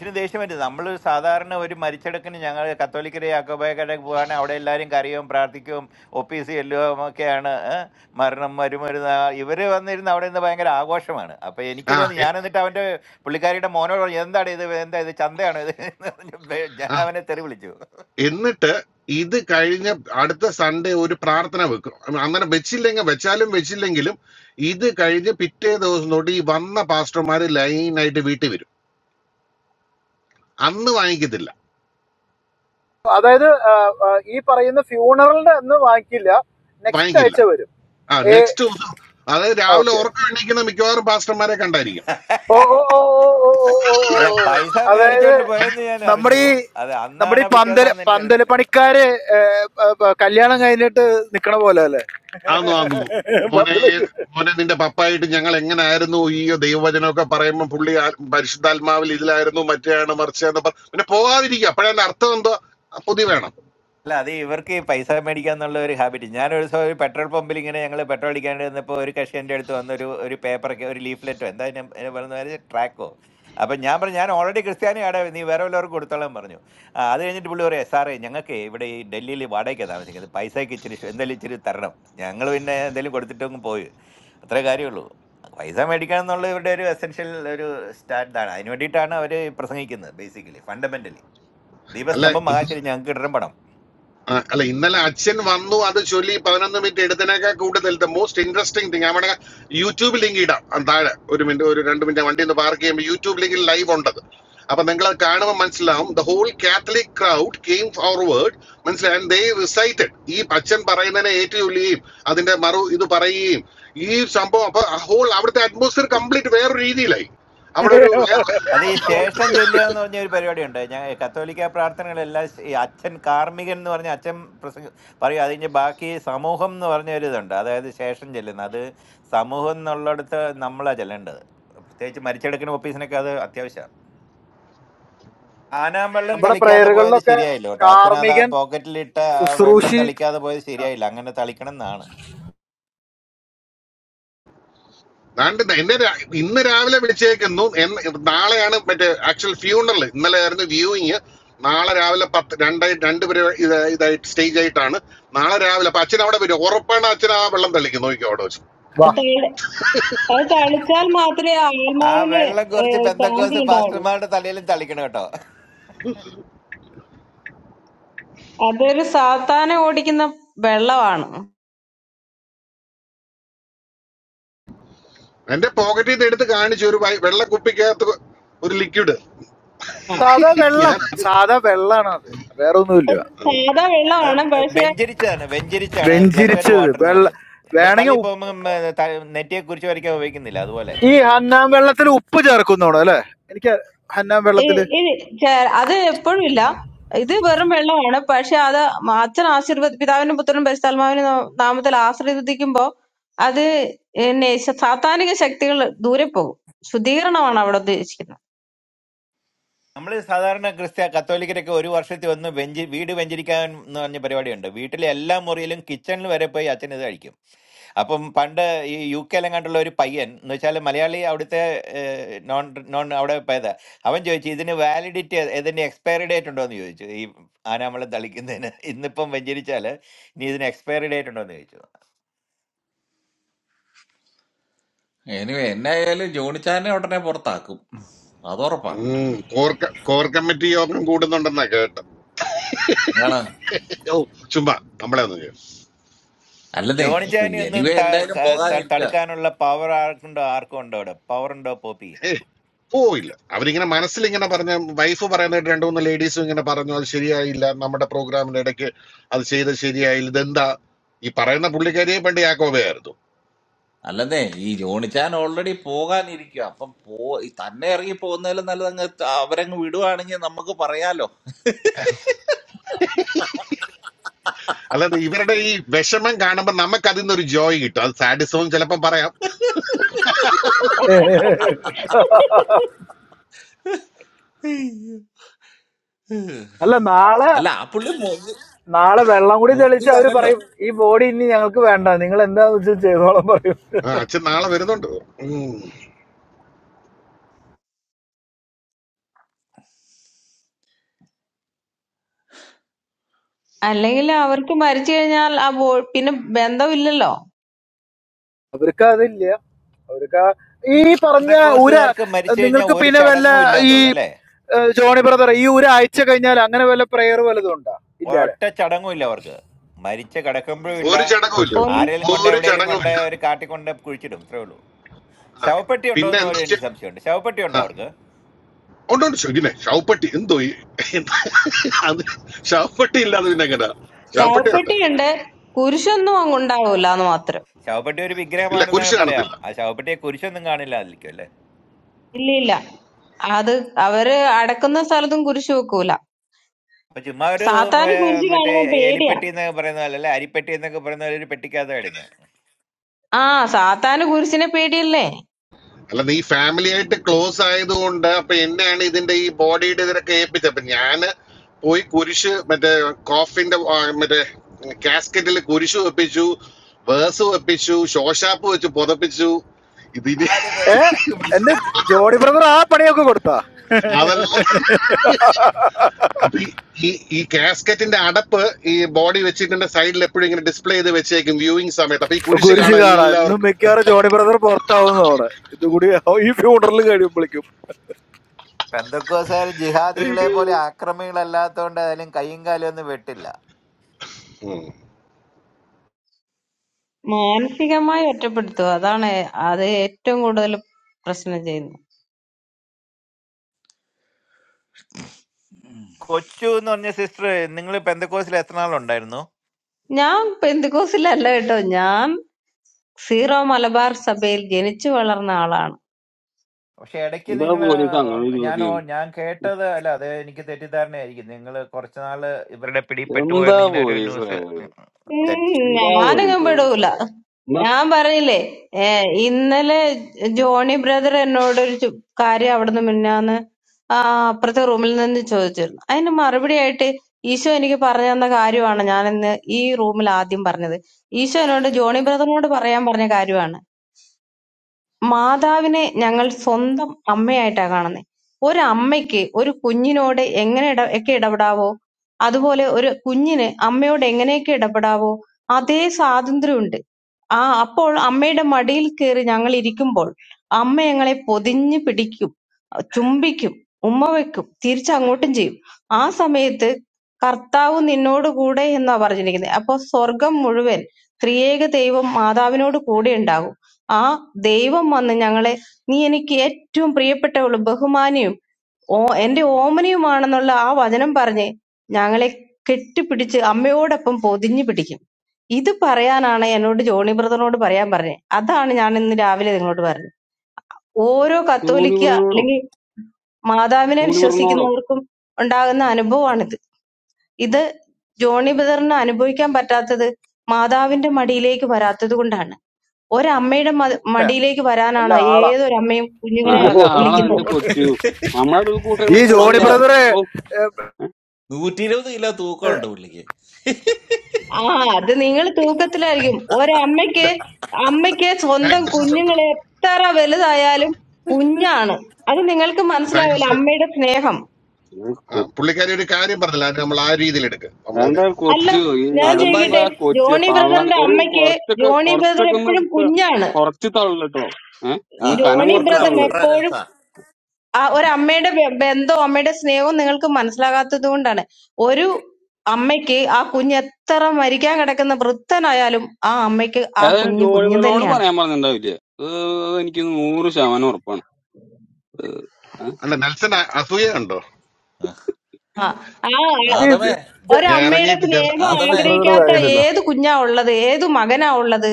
Speaker 12: ആ എ- ആ എന്നിട്ട് ഇത് കഴിഞ്ഞ അടുത്ത സൺഡേ ഒരു പ്രാർത്ഥന വെക്കും അ- അങ്ങനെ വെച്ചില്ലെങ്കിൽ വെച്ചാലും വെച്ചില്ലെങ്കിലും ഇത് കഴിഞ്ഞ് പിറ്റേ ദിവസം തൊട്ട് ഈ വന്ന പാസ്റ്റർമാര് ലൈനായിട്ട് വീട്ടിൽ വരും അന്ന് വാങ്ങിക്കത്തില്ല
Speaker 10: അതായത് ആ, ആ, ഈ പറയുന്ന ഫ്യൂണറലിന്റെ അന്ന് വാങ്ങിക്കില്ല നെക്സ്റ്റ്
Speaker 12: വാങ്ങിക്കില്ല
Speaker 10: ആഴ്ച വരും
Speaker 12: ആ
Speaker 10: ഏ
Speaker 12: നെക്സ്റ്റ് ദിവസം അതായത് രാവിലെ
Speaker 10: ഓക്കെ
Speaker 12: ഉറക്കം എണീക്കുന്ന മിക്കവാറും പാസ്റ്റർമാരെ കണ്ടായിരിക്കും
Speaker 10: ഓ ഓ ഓ ഓ ഓ ഓ ഓ, ഓ, ഓ. അതായത് നമ്മുടെ ഈ നമ്മുടെ ഈ പന്തല് പന്തല് പണിക്കാര് ഏ, പ- പ- കല്യാണം കഴിഞ്ഞിട്ട് നിക്കണ പോലെ അല്ലേ
Speaker 12: ആന്നു ആന്നു മോനെ
Speaker 10: പന്തലൊക്കെ
Speaker 12: മോനെ നിന്റെ പപ്പായിട്ട് ഞങ്ങൾ എങ്ങനായിരുന്നു ഈ ദൈവവചനമൊക്കെ പറയുമ്പോൾ പുള്ളി ആ- പരിശുദ്ധാത്മാവിൽ ഇതിലായിരുന്നു മറ്റേയാണ് മറിച്ചാന്ന് പറഞ്ഞു പിന്നെ പോകാതിരിക്കുക അപ്പോഴതിന്റെ അർത്ഥം എന്തോ ആ പൊതി വേണം അല്ലെ ആ, അല്ല ഇന്നലെ അച്ഛൻ വന്നു അത് ചൊല്ലി പതിനൊന്ന് മിനിറ്റ് എടുത്തതിനേക്കാൾ കൂടുതൽ ദ മോസ്റ്റ് ഇൻട്രസ്റ്റിംഗ് തിങ് നമ്മുടെ യൂട്യൂബ് ലിങ്ക് ഇടാം ആ, താഴെ ഒരു മിനിറ്റ് ഒരു രണ്ട് മിനിറ്റ് വണ്ടി ഒന്ന് പാർക്ക് ചെയ്യുമ്പോൾ യൂട്യൂബ് ലിങ്കിൽ ലൈവ് ഉണ്ടത് അപ്പൊ നിങ്ങൾ അത് കാണുമ്പോൾ മനസ്സിലാവും the whole Catholic crowd came forward മനസ്സിലായി ആൻഡ് ദേ റിസൈറ്റഡ് ഈ അച്ഛൻ പറയുന്നതിനെ ഏറ്റുചൊല്ലുകയും അതിന്റെ മറു ഇത് പറയുകയും ഈ സംഭവം അപ്പൊ ഹോൾ അവിടുത്തെ അറ്റ്മോസ്ഫിയർ കംപ്ലീറ്റ് വേറൊരു രീതിയിലായി അവിടെ ഒരു വേറൊരു
Speaker 10: നമ്മുടെ പ്രയറുകളിലൊക്കെ കാർമികൻ ശുശ്രൂഷി
Speaker 12: ദാണ്ട് ദാ എന്നെ രാ- ഇന്ന് രാവിലെ വിളിച്ചേക്കുന്നു എന്ന് നാളെയാണ് മറ്റേ ആക്ച്വൽ ഫ്യൂണറൽ ഇന്നലെ ആയിരുന്നു വ്യൂയിങ് നാളെ രാവിലെ പത്ത് രണ്ടായി രണ്ട് പേര് ഇത് ഇതായിട്ട് സ്റ്റേജ് ആയിട്ടാണ് നാളെ രാവിലെ അപ്പൊ അച്ഛൻ അവിടെ വരും ഉറപ്പാണ് അച്ഛൻ ആ വെള്ളം തളിക്കും നോക്കി അവിടെ വെച്ച്
Speaker 5: അത്
Speaker 10: വാ
Speaker 5: തളി- അത് തളിച്ചാൽ മാത്രമേ ആത്മാവിന് ഏ, ശാന്തി ഉണ്ടാവുള്ളൂ അതൊരു സാത്താനെ ഓടിക്കുന്ന വെള്ളമാണ്
Speaker 12: എന്റെ പോക്കറ്റിൽ നിന്ന് എടുത്ത് കാണിച്ചു ഒരു വൈ- വെള്ള കുപ്പിക്കകത്ത് ഒരു ലിക്വിഡ്
Speaker 5: ആ.
Speaker 10: സാധാ വെള്ളം
Speaker 12: ഞാൻ
Speaker 10: സാധാ വെള്ളാണ് അത് വേറെ ഒന്നുമില്ല
Speaker 5: സാധാ വെള്ളമാണ് പക്ഷെ
Speaker 10: വെഞ്ചിരിച്ചത് വെള്ള വേണമെങ്കിൽ ഉപ്പ് ഈ ഹന്നാം വെള്ളത്തിൽ ഉപ്പ് ചേർക്കുന്നോണം അല്ലെ എനിക്ക് ഹന്നാം
Speaker 5: ഇ-
Speaker 10: വെള്ളത്തില്
Speaker 5: ഇ- ചേ- അത് എപ്പോഴും ഇല്ല ഇത് വെറും വെള്ളമാണ് പക്ഷെ അത് അച്ഛൻ ആശീർവദ പിതാവിനും പുത്രനും പരിശുദ്ധാത്മാവിനും നാ- നാമത്തിൽ ആശീർവദിക്കുമ്പോ അത് എന്നെ ശ- സാത്താനിക ശക്തികൾ ദൂരെ പോകും ശുദ്ധീകരണമാണ് അവിടെ ഉദ്ദേശിക്കുന്നത്
Speaker 2: എനിവേ എന്നായാലും ജോണിച്ചാനെ ഉടനെ പുറത്താക്കും അത് ഉറപ്പാ
Speaker 12: ഉം, കോർ ക- കോർ കമ്മിറ്റി യോഗം കൂടുന്നുണ്ടെന്നാ കേട്ടത്
Speaker 2: ആണ്
Speaker 12: ഓ ചുമ്മാ നമ്മളെ ഒന്നും
Speaker 2: അല്ലതേ ഇപ്പൊ എനിവേ എന്തായാലും പോകാനിരിക്ക
Speaker 12: ഏ പോയില്ല അവരിങ്ങനെ മനസ്സിലിങ്ങനെ പറഞ്ഞ വൈഫ് പറയുന്നതായിട്ട് രണ്ടു മൂന്ന് ലേഡീസും ഇങ്ങനെ പറഞ്ഞു അത് ശരിയായില്ല നമ്മുടെ പ്രോഗ്രാമിന്റെ ഇടയ്ക്ക് അത് ചെയ്ത് ശരിയായില്ല ഇതെന്താ ഈ പറയുന്ന പുള്ളിക്കാരിയെ പണ്ട് യാക്കോബയായിരുന്നു
Speaker 2: അല്ലെന്നേ ഈ ജോണിച്ചാൻ ഓൾറെഡി പോകാനിരിക്കുക അപ്പം പോ ഈ തന്നെ ഇറങ്ങി പോകുന്നതിലും നല്ലത് അങ്ങ് ത- അവരങ്ങ് വിടുവാണെങ്കിൽ നമുക്ക് പറയാലോ
Speaker 12: അല്ലാതെ ഇവരുടെ ഈ വിഷമം കാണുമ്പോൾ നമുക്ക് അതിൽ നിന്നൊരു ജോയ് കിട്ടും അത് സാഡിസവും ചിലപ്പം പറയാം
Speaker 10: അല്ല നാളെ
Speaker 2: അല്ല ആ പുള്ളി മുങ്ങി
Speaker 10: നാളെ വെള്ളം കൂടി തെളിച്ച് അവര്
Speaker 2: മുങ്ങിയതല്ലല്ലോ
Speaker 10: പറയും ഈ ബോഡി ഇനി ഞങ്ങൾക്ക് വേണ്ട നിങ്ങൾ എന്താന്ന് വെച്ചാൽ ചെയ്തോളം പറയും
Speaker 12: ആ, അച്ഛൻ നാളെ വരുന്നുണ്ട് ഉം.
Speaker 5: അല്ലെങ്കിൽ അവർക്ക് മരിച്ചു കഴിഞ്ഞാൽ ആ ബോ പിന്നെ ബന്ധമില്ലല്ലോ
Speaker 10: അവർക്ക് അതില്ല അവർക്ക് ആ- ഈ പറഞ്ഞ ഉര നിങ്ങൾക്ക് പിന്നെ വല്ല ഈ ഏഹ്, ജോണി ബ്രദർ ഈ ഒരു ആഴ്ച കഴിഞ്ഞാൽ അങ്ങനെ വല്ല പ്രെയർ വല്ലതും ഉണ്ടോ ഇല്ല അല്ലെ
Speaker 12: ഒരു ചടങ്ങും
Speaker 10: ഓക്കെ
Speaker 12: ഇല്ല
Speaker 5: ഒന്ന്
Speaker 10: ഓക്കെ
Speaker 12: ഒരു ചടങ്ങും ഇല്ല ആ. പിന്നെ എന്താ ചെയ്യ- ആ. ഉണ്ട് ഉണ്ട് ശരിനെ ഷൗപ്പട്ടി എന്തോ ഈ- എന്താ? അത് ഷൗപ്പട്ടി ഇല്ലാതെ പിന്നെ എങ്ങനെ ഷൗപ്പട്ടി ഉണ്ട്
Speaker 5: ശവപ്പെട്ടിയുണ്ട് കുരിശൊന്നും അങ്ങ് ഉണ്ടാവൂല എന്ന് മാത്രം
Speaker 12: ഇല്ല കുരിശ് കാണത്തില്ല
Speaker 5: ഇല്ല ഇല്ല അത് അവര് അടക്കുന്ന സ്ഥലത്തും കുരിശ് വെക്കൂല സാത്താന് കുരിശ് കാണുമ്പോ പേടിയാ ആ സാത്താന് കുരിശിനെ പേടിയല്ലേ
Speaker 12: അല്ല നീ ഫാമിലി ആയിട്ട് ക്ലോസ് ആയതുകൊണ്ട് അപ്പൊ എന്നെയാണ് ഇതിന്റെ ഈ ബോഡിയുടെ ഇതിനൊക്കെ ഏൽപ്പിച്ചത് അപ്പൊ ഞാന് പോയി കുരിശ് മറ്റേ കോഫിന്റെ ആ, മറ്റേ കാസ്കറ്റിൽ കുരിശ് വെപ്പിച്ചു വേഴ്സ് വെപ്പിച്ചു ശോശാപ്പ് വെച്ച് പുതപ്പിച്ചു ഇതിന്
Speaker 10: എന്റെ ജോണി ബ്രദർ ആ പണിയൊക്കെ കൊടുത്താ
Speaker 12: അതെല്ലാം അപ്പൊ ഈ ഈ ഈ കാസ്കറ്റിന്റെ അടപ്പ് ഈ ബോഡി വെച്ചിട്ട് സൈഡിൽ എപ്പോഴും ഇങ്ങനെ ഡിസ്പ്ലേ ചെയ്ത് വെച്ചേക്കും വ്യൂയിങ് സമയത്ത് അപ്പൊ ഈ കുരിശ്
Speaker 10: കുരിശ്
Speaker 12: കാണാൻ
Speaker 10: കാണാ ഇന്നും
Speaker 12: എല്ലാവർക്കും
Speaker 10: മിക്കവാറും ജോണി ബ്രദർ പുറത്താവുന്നതാണ് ഇതുകൂടി ഈ ഫ്യൂണറൽ കഴിയുമ്പോഴേക്കും
Speaker 12: ഉം.
Speaker 5: മാനസികമായി ഒറ്റപ്പെടുത്തുക അതാണ് അത് ഏറ്റവും കൂടുതൽ പ്രശ്നം ചെയ്യുന്നത് ഞാൻ പെന്തിക്കോസിലല്ല കേട്ടോ ഞാൻ സീറോ മലബാർ സഭയിൽ ജനിച്ചു വളർന്ന ആളാണ്
Speaker 11: എന്താ പോലീസ് അങ്ങനെ ഒരു ചോദ്യം എന്താ പോലീസ്
Speaker 5: ഉം
Speaker 11: എന്താ
Speaker 5: ഞാനങ്ങും
Speaker 11: പോലീസ്
Speaker 5: പെടൂല.
Speaker 11: എന്താ
Speaker 5: ഞാൻ പറഞ്ഞില്ലേ ഏ, ഇന്നലെ ജോണി ബ്രദർ എന്നോട് ഒരു ചു- കാര്യം അവിടുന്ന് മിനിഞ്ഞാന്ന് ആ അപ്പുറത്തെ റൂമിൽ നിന്ന് ചോദിച്ചിരുന്നു. അതിന് മറുപടിയായിട്ട് ഈശോ എനിക്ക് പറഞ്ഞു തന്ന കാര്യമാണ് ഞാൻ ഇന്ന് ഈ റൂമിൽ ആദ്യം പറഞ്ഞത്. ഈശോ എന്നോട് ജോണി ബ്രദറിനോട് പറയാൻ പറഞ്ഞ കാര്യമാണ്. മാതാവിനെ ഞങ്ങൾ സ്വന്തം അമ്മയായിട്ടാ കാണുന്നെ. ഒരമ്മയ്ക്ക് ഒരു കുഞ്ഞിനോട് എങ്ങനെ ഇട ഒക്കെ ഇടപെടാവോ? അതുപോലെ ഒരു കുഞ്ഞിന് അമ്മയോട് എങ്ങനെയൊക്കെ ഇടപെടാവോ? അതേ സ്വാതന്ത്ര്യമുണ്ട്. ആ അപ്പോൾ അമ്മയുടെ മടിയിൽ കയറി ഞങ്ങൾ ഇരിക്കുമ്പോൾ അമ്മ ഞങ്ങളെ പൊതിഞ്ഞ് പിടിക്കും, ചുംബിക്കും, ഉമ്മ വെക്കും, തിരിച്ചങ്ങോട്ടും ചെയ്യും. ആ സമയത്ത് കർത്താവ് നിന്നോട് കൂടെ എന്നാ പറഞ്ഞിരിക്കുന്നത്. അപ്പൊ സ്വർഗം മുഴുവൻ ത്രിയേക ദൈവം മാതാവിനോട് കൂടെ ഉണ്ടാകും. ആ ദൈവം വന്ന് ഞങ്ങളെ നീ എനിക്ക് ഏറ്റവും പ്രിയപ്പെട്ടവളും ബഹുമാനിയും ഓ എന്റെ ഓമനയുമാണെന്നുള്ള ആ വചനം പറഞ്ഞ് ഞങ്ങളെ കെട്ടിപ്പിടിച്ച് അമ്മയോടൊപ്പം പൊതിഞ്ഞു പിടിക്കും ഇത് പറയാനാണ് എന്നോട് ജോണി ബ്രദറിനോട് പറയാൻ പറഞ്ഞത് അതാണ് ഞാൻ ഇന്ന് രാവിലെ നിങ്ങളോട് പറഞ്ഞത് ഓരോ
Speaker 11: ചൂണി
Speaker 5: കത്തോലിക്ക
Speaker 11: പറഞ്ഞോടോ
Speaker 5: അല്ലെങ്കിൽ മാതാവിനെ
Speaker 11: ചൂണി പറഞ്ഞോടോ
Speaker 5: വിശ്വസിക്കുന്നവർക്കും ഉണ്ടാകുന്ന അനുഭവമാണിത് ഇത് ജോണി ബ്രദറിന് അനുഭവിക്കാൻ പറ്റാത്തത് മാതാവിന്റെ മടിയിലേക്ക് വരാത്തത് കൊണ്ടാണ് ഒരമ്മയുടെ മ-
Speaker 10: ന്നെ,
Speaker 5: മടിയിലേക്ക്
Speaker 10: നല്ല
Speaker 5: വരാനാണ്
Speaker 10: ആളാ
Speaker 5: ഏതൊരമ്മയും കുഞ്ഞുങ്ങളെ
Speaker 11: നല്ല ആളാ
Speaker 10: ജോണി
Speaker 11: എന്റെ
Speaker 5: വിളിക്കുന്നത്
Speaker 11: കൊച്ചു നമ്മളുടെ ഒരു
Speaker 10: ഈ
Speaker 11: കൂട്ടരൊന്നും
Speaker 10: ജോണി
Speaker 11: കൂട്ടണ്ട
Speaker 2: പത്തിരുപത്
Speaker 10: ബ്രദറെ
Speaker 11: ഓ ഏ,
Speaker 2: നൂറ്റി ഇരുപത് കിലോ തൂക്കമുണ്ട് പുള്ളിക്ക്
Speaker 5: ആ അത് നിങ്ങൾ തൂക്കത്തിലായിരിക്കും ഒരമ്മയ്ക്ക് അമ്മയ്ക്ക്
Speaker 12: താങ്ക്
Speaker 5: സ്വന്തം
Speaker 12: യു സിസ്റ്റർ
Speaker 5: കുഞ്ഞുങ്ങൾ എത്ര വലുതായാലും കുഞ്ഞാണ് അത് നിങ്ങൾക്ക്
Speaker 12: താങ്ക് യു
Speaker 5: മനസ്സിലാവില്ല
Speaker 12: സിസ്റ്റർ
Speaker 5: അമ്മയുടെ സ്നേഹം
Speaker 11: ഇത്
Speaker 12: ആ
Speaker 11: കൊ-
Speaker 12: പുള്ളിക്കാരി ഒരു കാര്യം പറഞ്ഞില്ല അത് നമ്മൾ ആ രീതിയിൽ എടുക്കുക നമ്മളതിനെ
Speaker 11: എന്താ
Speaker 5: അല്ല
Speaker 11: കൊച്ചു ഈ
Speaker 5: ഞാൻ
Speaker 2: ആദം ഭായി
Speaker 11: എന്താ
Speaker 5: ചോദിക്കട്ടെ
Speaker 11: കൊച്ചു
Speaker 5: ജോണി
Speaker 11: തള്ളൻ
Speaker 5: ബ്രദറിന്റെ
Speaker 11: ഒരു
Speaker 5: അമ്മയ്ക്ക്
Speaker 11: കുറച്ചൊക്കെ
Speaker 5: ജോണി ബ്രദർ
Speaker 11: കുറച്ചൊക്കെ ഒന്ന്
Speaker 5: എപ്പോഴും
Speaker 11: ത-
Speaker 5: കുഞ്ഞാണ്
Speaker 11: കുറച്ച് തള്ളു കേട്ടോ ഏഹ്
Speaker 2: ആ
Speaker 11: ഒന്ന്
Speaker 2: ആ,
Speaker 11: കനം
Speaker 5: ജോണി
Speaker 11: കുറച്ച്
Speaker 2: പോട്ടറാ
Speaker 5: ബ്രദറിന്
Speaker 11: തള്ളു
Speaker 2: പോട്ടറാ
Speaker 5: എപ്പോഴും
Speaker 2: നെൽസ
Speaker 5: ആ ഒരമ്മയുടെ ബ- ബന്ധവും അമ്മയുടെ സ്നേഹവും നിങ്ങൾക്ക് മനസ്സിലാകാത്തത് കൊണ്ടാണ് ഒരു അമ്മയ്ക്ക് ആ കുഞ്ഞ് എത്ര മരിക്കാൻ കിടക്കുന്ന വൃദ്ധനായാലും ആ അമ്മയ്ക്ക് ആ
Speaker 11: ഏതായാലും
Speaker 5: കുഞ്ഞ് കുഞ്ഞ്
Speaker 11: ജോലിവരനോട്
Speaker 5: തന്നെയാണ്
Speaker 11: പറയാൻ പറഞ്ഞിട്ടുണ്ടാവില്ലേ ഇത് എനിക്ക് നൂറ് ശതമാനം ഉറപ്പാണ് ഏഹ്
Speaker 12: അല്ല നെൽസൺ അ- അസൂയയുണ്ടോ
Speaker 2: ആ,
Speaker 5: ആ ആ
Speaker 10: ഈ
Speaker 2: ആദമേ
Speaker 10: ജ-
Speaker 12: ഞാൻ
Speaker 5: ഒരമ്മയുടെ
Speaker 12: ഇറങ്ങിയിട്ട് കേറാം.
Speaker 5: സ്നേഹം
Speaker 10: ജസ്റ്റിൻ
Speaker 2: ആദമേ
Speaker 10: ബ്രദർ
Speaker 5: ആഗ്രഹിക്കാത്ത
Speaker 10: ഇതായിട്ടുണ്ടല്ലോ
Speaker 5: ഏത് കുഞ്ഞാ ഉള്ളത് ഏത് മകനാ ഉള്ളത്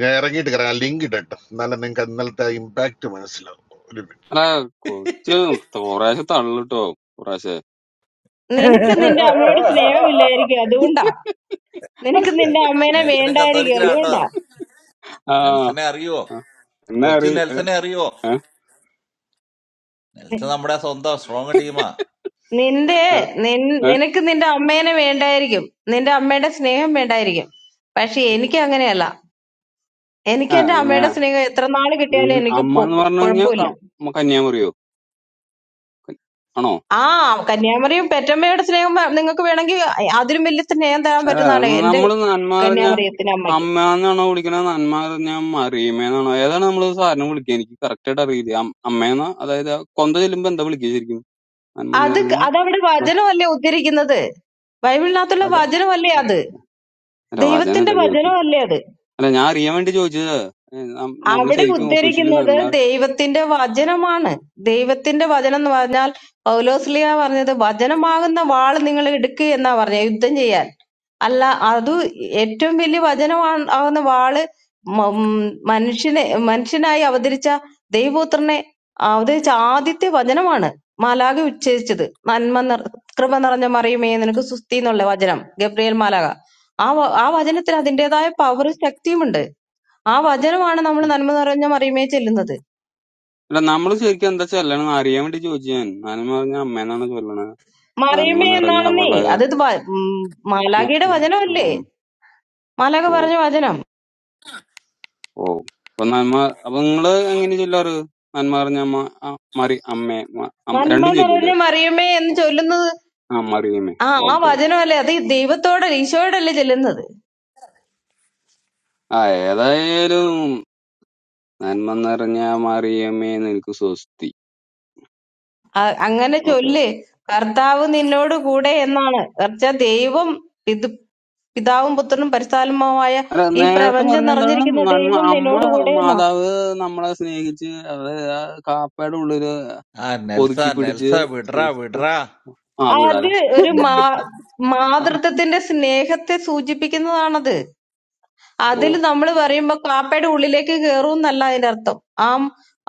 Speaker 12: ഞാൻ ഇറങ്ങിയിട്ട് കയറാം ലിങ്ക് ഇടട്ടോ എന്നാലും നിങ്ങൾക്ക് ഇന്നലത്തെ ഇമ്പാക്ട് മനസ്സിലാവും
Speaker 11: അല്ല കൊച്ചു കുറേശ്ശെ തള്ളു കേട്ടോ കുറേശ്ശെ
Speaker 5: നിനക്ക്
Speaker 11: ഏഹ്
Speaker 5: നിന്റെ അമ്മയോട്
Speaker 2: ആ
Speaker 5: സ്നേഹമില്ലായിരിക്കും അതുകൊണ്ടാ നിനക്ക് നിന്റെ അമ്മേനെ
Speaker 2: നെൽസനും
Speaker 5: വേണ്ടായിരിക്കും
Speaker 2: കത്തോലിക്കലാട്ടോ
Speaker 5: അതുകൊണ്ടാ
Speaker 11: ആ
Speaker 2: നെൽസനെ അറിയുവോ
Speaker 11: ആ. എന്നാ
Speaker 2: കൊച്ചു
Speaker 11: അറി ഏഹ്
Speaker 2: നെൽസനെ അറിയുവോ
Speaker 11: ഏഹ്?
Speaker 5: നി-
Speaker 2: നെൽസൺ നമ്മുടെ സ്വന്തം സ്ട്രോങ് ടീമാ
Speaker 5: നിന്റെ
Speaker 11: അല്ല
Speaker 5: നിൻ- നിനക്ക് നിന്റെ അമ്മേനെ വേണ്ടായിരിക്കും നിന്റെ അമ്മയുടെ സ്നേഹം വേണ്ടായിരിക്കും പക്ഷെ എനിക്ക് അങ്ങനെയല്ല എനിക്ക്
Speaker 11: ആ
Speaker 5: എന്റെ
Speaker 11: ഞാ
Speaker 5: അമ്മയുടെ സ്നേഹം എത്ര നാള് കിട്ടിയാലും
Speaker 11: നിൻ-
Speaker 5: എനിക്ക്
Speaker 11: അമ്മ
Speaker 5: പൊ-
Speaker 11: എന്ന് പറഞ്ഞു കഴിഞ്ഞാൽ
Speaker 5: കുഴപ്പമില്ല
Speaker 11: കന്യാകുമാരിയോ ക- ആണോ
Speaker 5: ആ കന്യാമറിയും പെറ്റമ്മയുടെ സ്നേഹം നിങ്ങൾക്ക് വേണമെങ്കിൽ അതിലും വലിയ സ്നേഹം തരാൻ
Speaker 11: ഏ,
Speaker 5: പറ്റുന്നതാണ് എന്റെ
Speaker 11: നമ്മള് നന്മ പറഞ്ഞ
Speaker 5: കന്യാമറിയത്തിന്റെ അമ്മയ്ക്ക്
Speaker 11: അമ്മ എന്നാണോ വിളിക്കണത് നന്മ പറഞ്ഞ മറിയമ്മേന്നാണോ ഏതാണ് നമ്മൾ സാറിനെ വിളിക്കുക എനിക്ക് കറക്റ്റ് ആയിട്ട് അറിയില്ല അം- അമ്മേന്നാ അതായത് ആ കൊന്ത ചെല്ലുമ്പോ എന്താ വിളിക്കുക ശരിക്കും നന്മ എന്ന്
Speaker 5: അത്
Speaker 11: പറഞ്ഞ
Speaker 5: ക- അതവിടെ വചനമല്ലേ ഉദ്ധരിക്കുന്നത് ബൈബിളിനകത്തുള്ള
Speaker 11: അല്ല
Speaker 5: വചനമല്ലേ അത്
Speaker 11: അല്ല
Speaker 5: ദൈവത്തിന്റെ
Speaker 11: വചനല്ല ചോദിച്ചു
Speaker 5: വചനമല്ലേ അത്
Speaker 11: അല്ല ഞാൻ അറിയാൻ വേണ്ടി ചോദിച്ചത് നമ്മൾ
Speaker 5: അവിടെ
Speaker 11: ശരിക്കും ഒഫീഷ്യലി
Speaker 5: ഉദ്ധരിക്കുന്നത്
Speaker 11: നന്മ
Speaker 5: ദൈവത്തിന്റെ വചനമാണ് ദൈവത്തിന്റെ വചനം എന്ന് പറഞ്ഞാൽ പൗലോസ്ലിയ പറഞ്ഞത് വചനമാകുന്ന വാൾ നിങ്ങൾ എടുക്കുക എന്നാ പറഞ്ഞ യുദ്ധം ചെയ്യാൻ അല്ല അത് ഏറ്റവും വലിയ വചനമാണ് ആകുന്ന വാള് മ- ഉം മനുഷ്യനെ മനുഷ്യനായി അവതരിച്ച ദൈവപുത്രനെ അവതരിച്ച ആദ്യത്തെ വചനമാണ് മാലാഖ ഉച്ചരിച്ചത് നന്മ നിർ കൃപ നിറഞ്ഞ മറിയുമേ നിനക്ക് സുസ്തി എന്നുള്ള വചനം ഗബ്രിയേൽ മാലാഖ ആ വ- ആ വചനത്തിന് അതിൻ്റെതായ പവറും ശക്തിയുമുണ്ട് ആ വചനമാണ് നമ്മൾ നന്മ നിറഞ്ഞ മറിയമേ ചെല്ലുന്നത്
Speaker 11: അല്ല നമ്മൾ ശരിക്കും എന്താ ചൊല്ലണം എന്ന് അറിയാൻ വേണ്ടി ചോദിച്ചു ഞാൻ നന്മ പറഞ്ഞ അമ്മേന്നാണ് ചൊല്ലണത് നന്മ
Speaker 5: മറിയമേ
Speaker 11: നിറഞ്ഞ
Speaker 5: എന്നാണെന്നേ
Speaker 11: അവളെ
Speaker 5: അതത് വ- ഉം
Speaker 11: മ-
Speaker 5: മാലാഖയുടെ
Speaker 11: മനം-
Speaker 5: വചനമല്ലേ
Speaker 11: ആം.
Speaker 5: മാലാഖ
Speaker 11: ഓ
Speaker 5: പറഞ്ഞ വചനം
Speaker 11: ഓ അപ്പൊ നന്മ അപ്പൊ നിങ്ങള് എങ്ങനെ ചൊല്ലാറ് നന്മ അറിഞ്ഞ അമ്മ ആ, മറി അമ്മേ മ- അമ്മ-
Speaker 5: നന്മ
Speaker 11: രണ്ടും
Speaker 5: നിറഞ്ഞ
Speaker 11: ചൊല്ലൂല്ലേ
Speaker 5: മറിയമേ എന്ന് ചൊല്ലുന്നത്
Speaker 11: ആ മറിയമ്മേ
Speaker 5: ആ ആ
Speaker 11: ഓക്കെ ഓക്കെ
Speaker 5: വചനമല്ലേ അത് ദൈവത്തോടെ ഈശോയോടല്ലേ ചെല്ലുന്നത്
Speaker 11: ആ ഏതായാലും നന്മ നിറഞ്ഞ മറിയമ്മേ നിനക്ക് സ്വസ്തി
Speaker 5: ആ, അങ്ങനെ
Speaker 11: ഓക്കെ
Speaker 5: ചൊല്ല്
Speaker 11: ഓക്കെ
Speaker 5: കർത്താവ് നിന്നോട് കൂടെ എന്നാണ് കർച്ച ദൈവം ഇത് പിതാവും പുത്രനും പരിസ്ഥാലമായ
Speaker 11: അല്ല
Speaker 5: ഈ
Speaker 11: നേരത്തെ
Speaker 5: പ്രപഞ്ചം
Speaker 11: പറഞ്ഞെന്താണ്
Speaker 5: നിറഞ്ഞിരിക്കുന്ന
Speaker 11: നന്മ
Speaker 5: ദൈവം
Speaker 11: അമ്മ
Speaker 5: നിന്നോട് കൂടെ എന്നാണ്
Speaker 11: മാതാവ് നമ്മളെ സ്നേഹിച്ച് അത് ആ കാപ്പയുടെ ഉള്ളില്
Speaker 2: ആ നെൽസ
Speaker 11: ഒതുക്കി
Speaker 2: നെൽസ
Speaker 11: പിടിച്ച്
Speaker 2: വിടറാ
Speaker 11: സ്നേഹിച്ച് ആ
Speaker 2: വിടറാ
Speaker 11: ആ,
Speaker 5: അത്
Speaker 11: വിടാതെ
Speaker 5: ഒരു
Speaker 2: ഉം.
Speaker 5: മാ
Speaker 11: അല്ല
Speaker 5: മാതൃത്വത്തിന്റെ സ്നേഹത്തെ സൂചിപ്പിക്കുന്നതാണത്
Speaker 11: ഓ
Speaker 5: അതില് നമ്മള് പറയുമ്പോ കാപ്പയുടെ ഉള്ളിലേക്ക് കേറൂന്നല്ല അതിന്റെ അർത്ഥം. ആ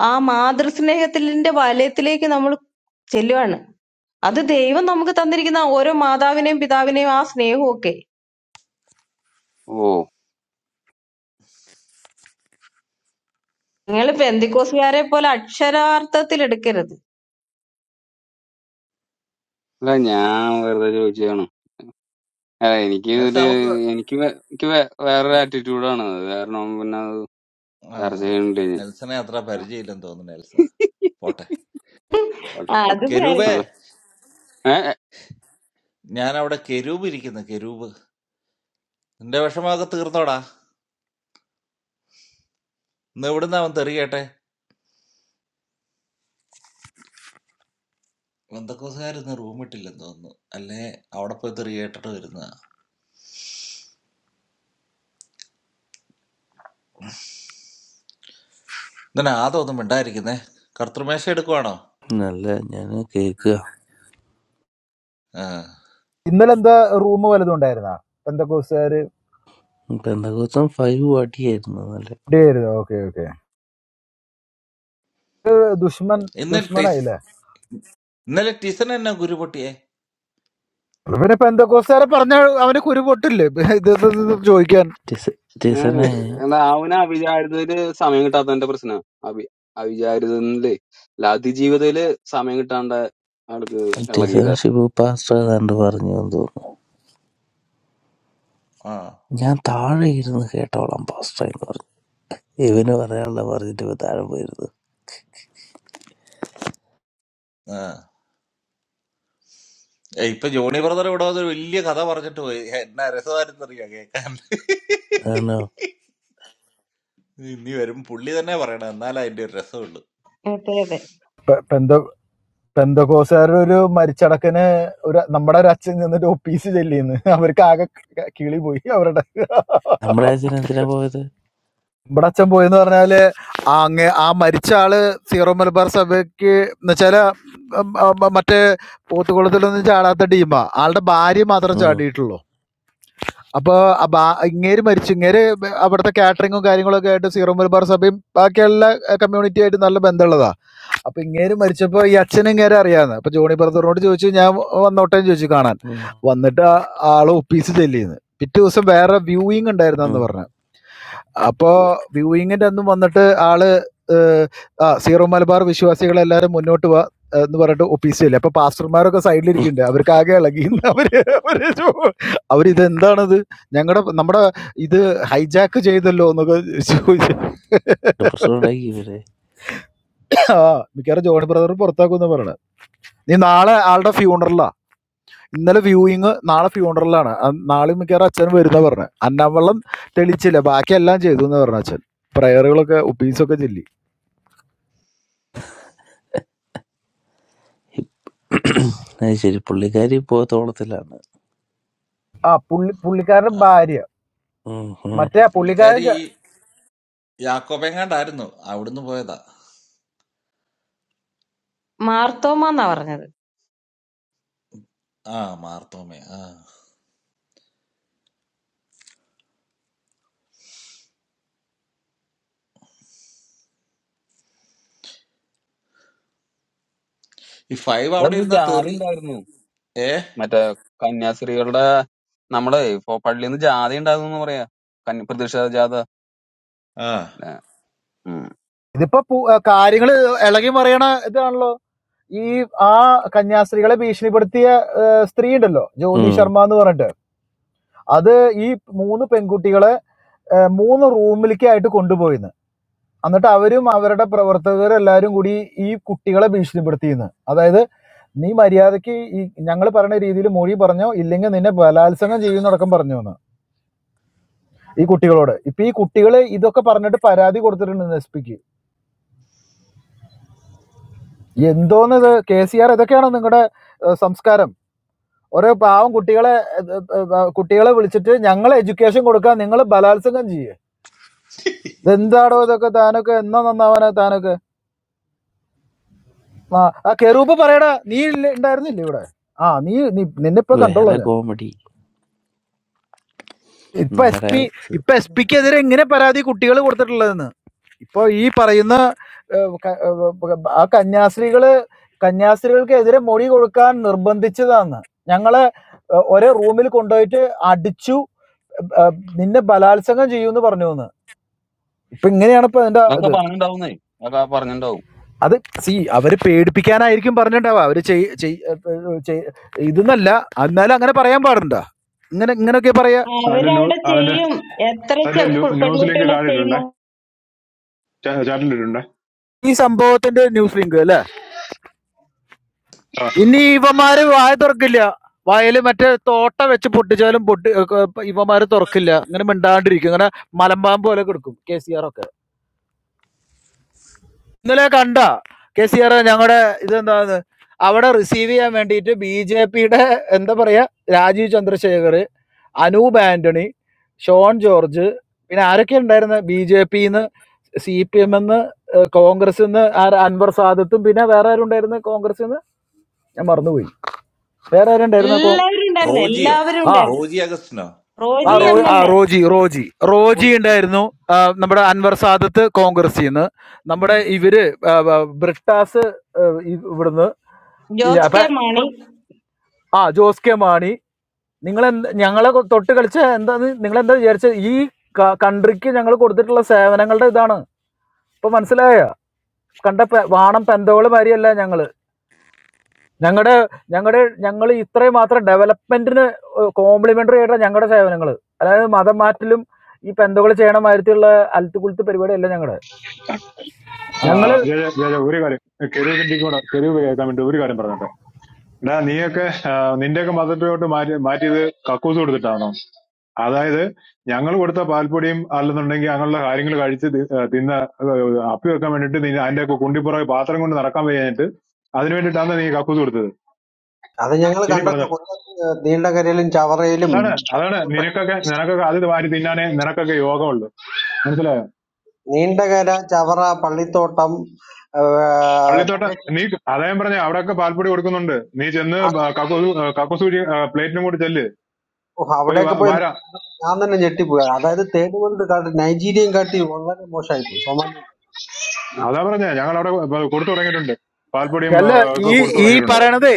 Speaker 5: ആ മാതൃസ്നേഹത്തിന്റെ വലയത്തിലേക്ക് നമ്മൾ ചെല്ലുവാണ്. അത് ദൈവം നമുക്ക് തന്നിരിക്കുന്ന ഓരോ മാതാവിനെയും പിതാവിനെയും ആ സ്നേഹവും ഒക്കെ
Speaker 11: ഓ
Speaker 5: നിങ്ങൾ പെന്തിക്കോസുകാരെ പോലെ അക്ഷരാർത്ഥത്തിൽ എടുക്കരുത്.
Speaker 11: അല്ല ഞാൻ വെറുതെ ചോദിച്ചതാണ് അല്ല എനിക്ക്
Speaker 2: നെൽസ
Speaker 11: ഇതില്
Speaker 2: നമുക്ക്
Speaker 11: എനിക്ക് വേ- എനിക്ക് വേ- വേറൊരു ആറ്റിറ്റ്യൂഡാണ് അത് കാരണം പിന്നെ അത്
Speaker 2: ആ,
Speaker 11: ചർച്ച ചെയ്യണില്ല ഞാൻ
Speaker 2: നെൽസനെ അത്ര
Speaker 11: ആ,
Speaker 2: പരിചയമില്ലെന്ന് തോന്നുന്നു നെൽസ പോട്ടെ
Speaker 11: പോട്ടെ
Speaker 5: ആ,
Speaker 11: പോട്ടെ
Speaker 5: അത്
Speaker 2: കെരൂബേ
Speaker 5: പരി-
Speaker 11: അതെ. ഏ, ഏ,
Speaker 2: ഞാൻ അവിടെ കെരൂബ് ഇരിക്കുന്നു കെരൂബ് നിന്റെ വിഷമമൊക്കെ തീർന്നോടാ ഇന്ന് എവിടുന്ന് അവൻ തെറിയട്ടെ ബന്ധക്കോസുകാരിന്ന് റൂമിട്ടില്ലെന്ന് തോന്നുന്നു അല്ലേ അവിടെ പോയി തെറിയേട്ടിട്ട് വരുന്ന ഇന്നലെ ആദമൊന്നും മിണ്ടായിരിക്കുന്നേ കർത്തൃമേശ എടുക്കുവാണോ
Speaker 13: നല്ല ഞാന് കേക്കുക
Speaker 2: ആ
Speaker 10: ഇന്നലെ എന്താ റൂം വല്ലതും ഉണ്ടായിരുന്നാ പെന്തക്കോസുകാര്
Speaker 13: പെന്തക്കോസ്തം ഫൈവ് അടിയായിരുന്നു നല്ല
Speaker 10: ഉണ്ടായിരുന്നു ഓക്കെ ഓക്കെ ഇപ്പൊ ദുഷ്മൻ
Speaker 2: ഇന്നലെ ടീസ്
Speaker 10: ദുഷ്മനായില്ലേ
Speaker 2: ഇന്നലെ ടീസൺ എന്നെ ഗുരുപൊട്ടിയേ
Speaker 10: അപ്പൊ പിന്നെ പെന്തക്കോസുകാരെ പറഞ്ഞ അവന് കുരു പൊട്ടില്ലേ ഇത് ഇത് ഇത് ഇത് ചോദിക്കാൻ
Speaker 13: ടിസ-
Speaker 11: ഏ,
Speaker 13: ടിസനെ
Speaker 11: എന്നാ അവന് അവിചാരിതയില് സമയം കിട്ടാത്തതിന്റെ പ്രശ്നമാണ് അവി അവിചാരിതയില് അല്ല അതിജീവിതയില് സമയം കിട്ടാണ്ട് ആൾക്ക്
Speaker 13: ടിസനെ
Speaker 11: ഇളകിയത്
Speaker 13: ഷിബു പാസ്റ്റർ ഏതാണ്ട് പറഞ്ഞു എന്ന് തോന്നുന്നു
Speaker 2: ആ
Speaker 13: ഞാൻ താഴെ ഇരുന്ന് കേട്ടോളാം പാസ്റ്റർ എന്ന് പറഞ്ഞു ഇവന് പറയാനുള്ള പറഞ്ഞിട്ട് ഇവ താഴെ പോയിരുന്നു
Speaker 2: ആ ഏ, ഇപ്പൊ ജോണി ബ്രദർ ഇവിടെ വന്ന് ഒരു വലിയ കഥ പറഞ്ഞിട്ട് പോയി എന്നാ രസമായിരുന്നറിയാ കേൾക്കാൻ
Speaker 13: അതാണോ
Speaker 2: ഇത് ഇനി വരും പുള്ളി തന്നെ പറയണം എന്നാലേ അതിന്റെ ഒരു രസമുള്ളൂ
Speaker 5: അതെ അതെ
Speaker 10: പെന്ത പെന്തകോസുകാരുടെ ഒരു മരിച്ചടക്കിന് ഒരു നമ്മുടെ ഒരു അച്ഛൻ ചെന്നിട്ട് ഒപ്പീസ് ചെല്ലിന്ന് അവർക്ക് ആകെ ക- കിളി പോയി അവരുടെ
Speaker 13: നമ്മുടെ അച്ഛൻ എന്തിനാ പോയത്
Speaker 10: ഇവിടെ അച്ഛൻ പോയെന്ന് പറഞ്ഞാല് ആ അങ്ങ് ആ മരിച്ച ആള് സീറോ മലബാർ സഭയ്ക്ക് എന്നുവെച്ചാല് ഉം, ആ, മ- മറ്റേ പോത്തുകുളത്തിലൊന്നും ചാടാത്ത ടീമാ ആളുടെ ഭാര്യ മാത്രം
Speaker 13: ഉം,
Speaker 10: ചാടിയിട്ടുള്ളൂ അപ്പൊ ആ ബാ- ഇങ്ങേര് മരിച്ചു ഇങ്ങേര് അവിടുത്തെ കാറ്ററിങ്ങും കാര്യങ്ങളൊക്കെ ആയിട്ട് സീറോ മലബാർ സഭയും ബാക്കി എല്ലാ കമ്മ്യൂണിറ്റി ആയിട്ട് നല്ല ബന്ധമുള്ളതാ അപ്പൊ ഇങ്ങേര് മരിച്ചപ്പോ ഈ അച്ഛനും ഇങ്ങേരെ അറിയാന്ന് അപ്പൊ ജോണി ബ്രദറിനോട് ചോദിച്ചു ഞാൻ വന്നോട്ടേന്ന് ചോദിച്ചു കാണാൻ
Speaker 13: ഉം,
Speaker 10: വന്നിട്ട് ആ ആള് ഒപ്പീസ് ചെല്ലിന്ന് പിറ്റേ ദിവസം വേറെ വ്യൂയിങ്
Speaker 13: ഉം.
Speaker 10: ഉണ്ടായിരുന്നെന്ന് പറഞ്ഞു അപ്പോൾ വ്യൂയിങ്ങിൻ്റെ അന്നും വന്നിട്ട് ആള് ഏഹ്, ആ സീറോ മലബാർ വിശ്വാസികളെല്ലാവരും മുന്നോട്ട് വാ എന്ന് പറഞ്ഞിട്ട് ഒപ്പീസിയല്ലേ അപ്പൊ പാസ്റ്റർമാരൊക്കെ സൈഡിലിരിക്കുന്നുണ്ട് അവർക്ക് ആകെ ഇളകി അവര് അവര് ചോ- അവരിത് എന്താണത് ഞങ്ങളുടെ നമ്മുടെ ഇത് ഹൈജാക്ക് ചെയ്തല്ലോ എന്നൊക്കെ ചോദിച്ചു
Speaker 13: ഒരു പ്രശ്നം ഉണ്ടാക്കി ഇവര്
Speaker 10: ആ മിക്കവാറും ജോണി ബ്രദർ പുറത്താക്കുമെന്ന് പറയണ നീ നാളെ ആളുടെ ഫ്യൂണറലാ ഇന്നലെ വ്യൂയിങ് നാളെ ഫ്യൂണറലാണ് നാളെ മിക്കവാറും അച്ഛൻ വരുന്ന പറഞ്ഞു അന്നാവെള്ളം തെളിച്ചില്ല ബാക്കി എല്ലാം ചെയ്തു എന്ന് പറഞ്ഞു അച്ഛൻ പ്രയറുകളൊക്കെ ഒപ്പീസൊക്കെ ചെല്ലി
Speaker 13: അത് ശരി പുള്ളിക്കാരി പോത്തോളത്തിലാണ്
Speaker 10: ആ പുള്ളി പുള്ളിക്കാരന്റെ
Speaker 2: ആ
Speaker 10: ഭാര്യ
Speaker 13: ഉം, ഉം,
Speaker 10: മറ്റേ പുള്ളിക്കാരൻ
Speaker 2: പുള്ളിക്കാരി
Speaker 10: ച-
Speaker 2: യാക്കോബെങ്ങാണ്ടായിരുന്നു അവിടുന്ന് പോയതാ
Speaker 5: മാർത്തോമാന്നാ പറഞ്ഞത്.
Speaker 2: ആ മാർത്തോമേ ആ ഈ ഫൈവ് അവിടെ
Speaker 11: അതൊന്നും
Speaker 2: ഇരുന്ന
Speaker 11: ജാതി
Speaker 2: തെറി
Speaker 11: ഉണ്ടായിരുന്നു
Speaker 2: ഏ
Speaker 11: മറ്റേ കന്യാസ്ത്രീകളുടെ നമ്മളെ ഇപ്പൊ പള്ളിയിൽ നിന്ന് ജാതി ഉണ്ടാകുന്നു പറയാ കന്യ പ്രതിഷേധ ജാഥ
Speaker 2: ആ
Speaker 10: ഇതിപ്പോ പു- ആ, കാര്യങ്ങള് ഇളകി മറിയണ ഇതാണല്ലോ ഈ ആ കന്യാസ്ത്രീകളെ ഭീഷണിപ്പെടുത്തിയ ആ, സ്ത്രീ ഉണ്ടല്ലോ ജ്യോതി
Speaker 13: ഉം.
Speaker 10: ശർമ്മ എന്ന് പറഞ്ഞിട്ട് അത് ഈ മൂന്ന് പെൺകുട്ടികളെ ആ, മൂന്ന് റൂമിലേക്ക് ആയിട്ട് കൊണ്ടുപോയിന്ന് എന്നിട്ട് അവരും അവരുടെ പ്രവർത്തകരും എല്ലാരും കൂടി ഈ കുട്ടികളെ ഭീഷണിപ്പെടുത്തിയെന്ന് അതായത് നീ മര്യാദക്ക് ഈ ഞങ്ങൾ പറയുന്ന രീതിയിൽ മൊഴി പറഞ്ഞോ ഇല്ലെങ്കിൽ നിന്നെ ബലാത്സംഗം ചെയ്യുന്നടക്കം പറഞ്ഞു എന്ന് ഈ കുട്ടികളോട് ഇപ്പൊ ഈ കുട്ടികൾ ഇതൊക്കെ പറഞ്ഞിട്ട് പരാതി കൊടുത്തിട്ടുണ്ട് എസ് പിക്ക് എന്തോന്ന് ഇത് കെ സി ആർ ഇതൊക്കെയാണോ നിങ്ങളുടെ സംസ്കാരം ഓരോ പാവം കുട്ടികളെ ഏഹ്, ഏഹ്, ഏഹ്, കുട്ടികളെ വിളിച്ചിട്ട് ഞങ്ങൾ എഡ്യൂക്കേഷൻ കൊടുക്കാൻ നിങ്ങൾ ബലാത്സംഗം ചെയ്യേ ഇതെന്താടോ ഇതൊക്കെ താനൊക്കെ എന്നാ നന്നാവാനാ താനൊക്കെ ആ ആ കെറൂപ്പ് പറയടാ നീ ഇല്ല- ഉണ്ടായിരുന്നില്ലേ ഇവിടെ ആ നീ നിന്നെ ഇപ്പൊ കണ്ടോളൂ
Speaker 13: വേറെ
Speaker 10: ഞാൻ
Speaker 13: കോമഡി
Speaker 10: ഇപ്പൊ എസ്
Speaker 13: നമ്മുടെ
Speaker 10: പി ഇപ്പൊ എസ് പിക്ക് എതിരെ എങ്ങനെ പരാതി കുട്ടികൾ കൊടുത്തിട്ടുള്ളതെന്ന് ഇപ്പൊ ഈ പറയുന്ന ഏഹ്, ക- ഏഹ്, ആ കന്യാസ്ത്രീകള് കന്യാസ്ത്രീകൾക്കെതിരെ മൊഴി കൊടുക്കാൻ നിർബന്ധിച്ചതാണ് ഞങ്ങളെ ഏഹ്, ഒരേ റൂമിൽ കൊണ്ടുപോയിട്ട് അടിച്ചു ഏഹ്, നിന്നെ ബലാത്സംഗം ചെയ്യുമെന്ന് പറഞ്ഞു എന്ന് ഇപ്പൊ ഇങ്ങനെയാണ് ഇപ്പൊ അതിന്റെ
Speaker 11: അതൊക്കെ
Speaker 10: ഇത്
Speaker 11: പറഞ്ഞിട്ടുണ്ടാവുന്നേ അതൊക്കെ പറഞ്ഞിട്ടുണ്ടാവും
Speaker 10: അത് സി അവര് പേടിപ്പിക്കാനായിരിക്കും പറഞ്ഞിട്ടുണ്ടാവുക അവര് ചെയ്- ചെയ്- ഏഹ്, ചെയ്- ഇതെന്നല്ല എന്നാലും അങ്ങനെ പറയാൻ പാടുണ്ടോ ഇങ്ങനെ ഇങ്ങനെയൊക്കെ പറയാ
Speaker 14: അതിന്റെ ന്യൂ
Speaker 5: അവരവിടെ
Speaker 14: അതിന്റെ
Speaker 5: ചെയ്യും. എത്ര
Speaker 14: അതിന്റെ
Speaker 5: ചെ- കു-
Speaker 14: ന്യൂസ് ലിങ്ക്
Speaker 5: പെൺകുട്ടികളെ
Speaker 14: താഴെ ഇട്ടിട്ടുണ്ടേ
Speaker 5: ചെയ്യുന്നു.
Speaker 14: ചാറ്റിൽ ഇട്ടിട്ടുണ്ടേ
Speaker 10: ഈ സംഭവത്തിന്റെ ന്യൂസ് ലിങ്ക് അല്ലെ
Speaker 14: ആ,
Speaker 10: ഇനി ഇവന്മാര് വായ തുറക്കില്ല വയല് മറ്റേ തോട്ട വെച്ച് പൊട്ടിച്ചാലും പൊട്ടി ഏർ ഇവന്മാര് തുറക്കില്ല ഇങ്ങനെ മിണ്ടാണ്ടിരിക്കും ഇങ്ങനെ മലമ്പാമ്പ് പോലെ കിടക്കും കെ സി ആർ ഒക്കെ ഇന്നലെ കണ്ട കെ സി ആർ ഞങ്ങളുടെ ഇതെന്താന്ന് അവിടെ റിസീവ് ചെയ്യാൻ വേണ്ടിയിട്ട് ബി ജെ പിയുടെ എന്താ പറയാ രാജീവ് ചന്ദ്രശേഖർ അനൂപ് ആന്റണി ഷോൺ ജോർജ് പിന്നെ ആരൊക്കെ ഉണ്ടായിരുന്നു ബി ജെ പിന്ന് സി പി എം എന്ന് കോൺഗ്രസ് നിന്ന് അൻവർ സാദത്തും പിന്നെ വേറെ ആരുണ്ടായിരുന്നു കോൺഗ്രസ് നിന്ന് ഞാൻ മറന്നുപോയി വേറെ ആരുണ്ടായിരുന്നു കോ
Speaker 5: എല്ലാവരും ഉണ്ടായിരുന്നു.
Speaker 2: റോജിയോ
Speaker 5: എല്ലാവരും
Speaker 10: ആ
Speaker 5: ഉണ്ടായിരുന്നു.
Speaker 2: റോജി അഗസ്റ്റിനോ
Speaker 10: ആ
Speaker 5: റോജി
Speaker 2: അങ്ങനെ
Speaker 10: റോ
Speaker 5: എം
Speaker 2: അറിയണ്ട
Speaker 10: ആ
Speaker 5: എൽ എ,
Speaker 10: റോജി റോജി റോജി ഉണ്ടായിരുന്നു ആ, നമ്മുടെ അൻവർ സാദത്ത് കോൺഗ്രസിൽ നിന്ന്
Speaker 2: ഉം.
Speaker 10: നമ്മുടെ ഇവര് ആ, ആ, ബ്രിട്ടാസ് ആ, ഇ- ഇവിടുന്ന് ഇല്ല,
Speaker 5: ജോസ്
Speaker 10: അപ്പൊ
Speaker 5: കെ മാണി
Speaker 10: ഇപ്പൊ- ആ ജോസ് കെ മാണി നിങ്ങൾ ഞങ്ങളെ കൊ- തൊട്ട് കളിച്ച എന്താന്ന് നിങ്ങൾ എന്താ വിചാരിച്ചത് ഈ കൺട്രിക്ക് ഞങ്ങൾ കൊടുത്തിട്ടുള്ള സേവനങ്ങളുടെ ഇതാണ് ഇപ്പൊ മനസ്സിലായ കണ്ട പെ- വാണം പെന്തോള് മാതിരിയല്ല ഞങ്ങൾ ഞങ്ങളുടെ ഞങ്ങളുടെ ഞങ്ങൾ ഇത്രയും മാത്രം ഡെവലപ്മെന്റിന് കോംപ്ലിമെന്ററി ആയിട്ടുള്ള ഞങ്ങളുടെ സേവനങ്ങൾ അതായത് മതം മാറ്റലും ഈ പെന്തകൾ ചെയ്യണ മാതിരത്തിലുള്ള അൽത്തുകുളുത്ത് പരിപാടി അല്ല ഞങ്ങളുടെ
Speaker 14: ആ,
Speaker 10: ഞങ്ങള്
Speaker 14: ജയ ജയ ജയ, ഒരു കാര്യം കെരൂബിന്റെ കൂടെ കെരൂബ് കേൾക്കാൻ വേണ്ടി ഒരു കാര്യം പറഞ്ഞോട്ടെ എടാ നീയൊക്കെ ആ, നിന്റെയൊക്കെ മതത്തിലോട്ട് മാറ്റി മാറ്റിയത് കക്കൂസ് കൊടുത്തിട്ടാണോ അതായത് ഞങ്ങൾ കൊടുത്ത പാൽപ്പൊടിയും അല്ലെന്നുണ്ടെങ്കിൽ ഞങ്ങളുടെ കാര്യങ്ങൾ കഴിച്ച് തി- ആ, തിന്ന ആ, അപ്പി വെക്കാൻ വേണ്ടിട്ട് നീ അതിന്റെ ഒക്കെ കുണ്ടിപ്പുറകെ പാത്രം കൊണ്ട് നടക്കാൻ വയ്യാഞ്ഞിട്ട് അതിനു വേണ്ടിയിട്ടാണ് നീ കക്കൂസ് കൊടുത്തത്
Speaker 15: അത് ഞങ്ങൾ
Speaker 14: ഇനി
Speaker 15: കണ്ടല്ലോ
Speaker 14: പറഞ്ഞോ
Speaker 15: കൊല്ലത്ത് നീണ്ടകരയിലും ചവറയിലും
Speaker 14: അതാണ് അതാണ്
Speaker 15: പള്ളിത്തോട്ടം
Speaker 14: നിനക്കൊക്കെ നിനക്കൊക്കെ അത് വാരി തിന്നാനേ നിനക്കൊക്കെ യോഗമുള്ളൂ മനസ്സിലായോ
Speaker 15: നീണ്ടകര ചവറ പള്ളിത്തോട്ടം ആ,
Speaker 14: പള്ളിത്തോട്ടം
Speaker 15: തങ്കശ്ശേരി
Speaker 14: നീ അതാ ഞാൻ പറഞ്ഞെ അവിടൊക്കെ പാൽപ്പൊടി കൊടുക്കുന്നുണ്ട് നീ ചെന്ന്
Speaker 15: ആ,
Speaker 14: ബ-
Speaker 15: തങ്കശ്ശേരി.
Speaker 14: കക്കോസു ആ, കക്കോസൂചി ആ, പ്ലേറ്റിനും കൂടി ചെല്ല്
Speaker 15: ഓ,
Speaker 14: പോയി
Speaker 15: അവിടെയൊക്കെ
Speaker 14: വാ-
Speaker 15: പോയി
Speaker 14: വാരാ
Speaker 15: ഞാൻ തന്നെ ഞെട്ടിപ്പോയി അതായത് തേർഡ് വേൾഡ് കാട്ടി നൈജീരിയൻ കാട്ടി വളരെ മോശമായി പോയി സോമാലി
Speaker 14: അതാ പറഞ്ഞെ ഞങ്ങൾ അവിടെ കൊടുത്തു തുടങ്ങിയിട്ടുണ്ട് പാൽപ്പൊടിയും ആ,
Speaker 10: അല്ല
Speaker 14: ഒക്കെ
Speaker 10: ഈ
Speaker 15: അവരുടെ
Speaker 14: കൊടുത്തു
Speaker 10: ഈ
Speaker 15: ഏരിയ
Speaker 14: തുടങ്ങിയിട്ടുണ്ട്
Speaker 15: കഥ.
Speaker 10: പറയണത്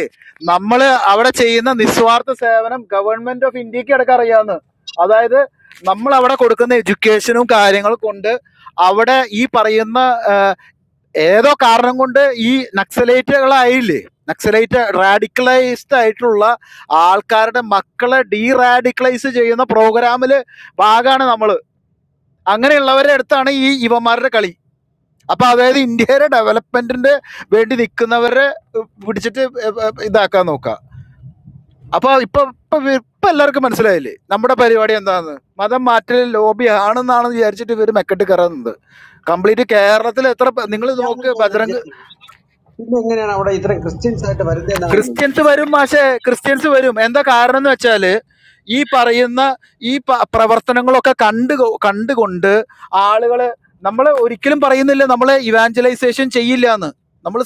Speaker 10: നമ്മള് അവിടെ ചെയ്യുന്ന നിസ്വാർത്ഥ സേവനം ഗവൺമെന്റ് ഓഫ് ഇന്ത്യക്ക് അടക്കം അറിയാവുന്ന അതായത് നമ്മൾ അവിടെ കൊടുക്കുന്ന എഡ്യൂക്കേഷനും കാര്യങ്ങളും കൊണ്ട് അവിടെ ഈ പറയുന്ന ഏതോ കാരണം കൊണ്ട് ഈ നക്സലൈറ്റുകളായില്ലേ നക്സലൈറ്റ് റാഡിക്കലൈസ്ഡ് ആയിട്ടുള്ള ആൾക്കാരുടെ മക്കളെ ഡീറാഡിക്കലൈസ് ചെയ്യുന്ന പ്രോഗ്രാമിൽ ഭാഗമാണ് നമ്മൾ അങ്ങനെയുള്ളവരുടെ അടുത്താണ് ഈ ഇവന്മാരുടെ കളി അപ്പൊ അതായത് ഇന്ത്യയുടെ ഡെവലപ്മെന്റിന്റെ വേണ്ടി നിൽക്കുന്നവരെ പിടിച്ചിട്ട് ഇതാക്കാൻ നോക്കുക അപ്പൊ ഇപ്പൊ ഇപ്പൊ ഇപ്പൊ എല്ലാവർക്കും മനസ്സിലായില്ലേ നമ്മുടെ പരിപാടി എന്താണെന്ന് മതം മാറ്റൽ ലോബി ആണെന്നാണെന്ന് വിചാരിച്ചിട്ട് ഇവർ മെക്കെട്ട് കയറുന്നത് കംപ്ലീറ്റ് കേരളത്തിൽ എത്ര പ- നിങ്ങൾ
Speaker 15: ഞാൻ
Speaker 10: നോക്ക്
Speaker 15: നിങ്ങളോട് ഒരു
Speaker 10: ബജറംഗ്
Speaker 15: ചോദ്യം ചോദിക്കും. പിന്നെ എങ്ങനെയാണ് അവിടെ ഇത്രയും ക്രിസ്ത്യൻസ് ആയിട്ട് വരുന്നത് എന്നാണ് ചോദിച്ചത്
Speaker 10: ക്രിസ്ത്യൻസ് വരും മാഷെ ക്രിസ്ത്യൻസ് വരും എന്താ കാരണം എന്ന് വെച്ചാല് ഈ പറയുന്ന ഈ പ- പ്രവർത്തനങ്ങളൊക്കെ കണ്ട് കണ്ടുകൊണ്ട് ആളുകള് നമ്മൾ ഒരിക്കലും പറയുന്നില്ല നമ്മളെ ഇവാഞ്ചലൈസേഷൻ ചെയ്യില്ല എന്ന് നമ്മൾ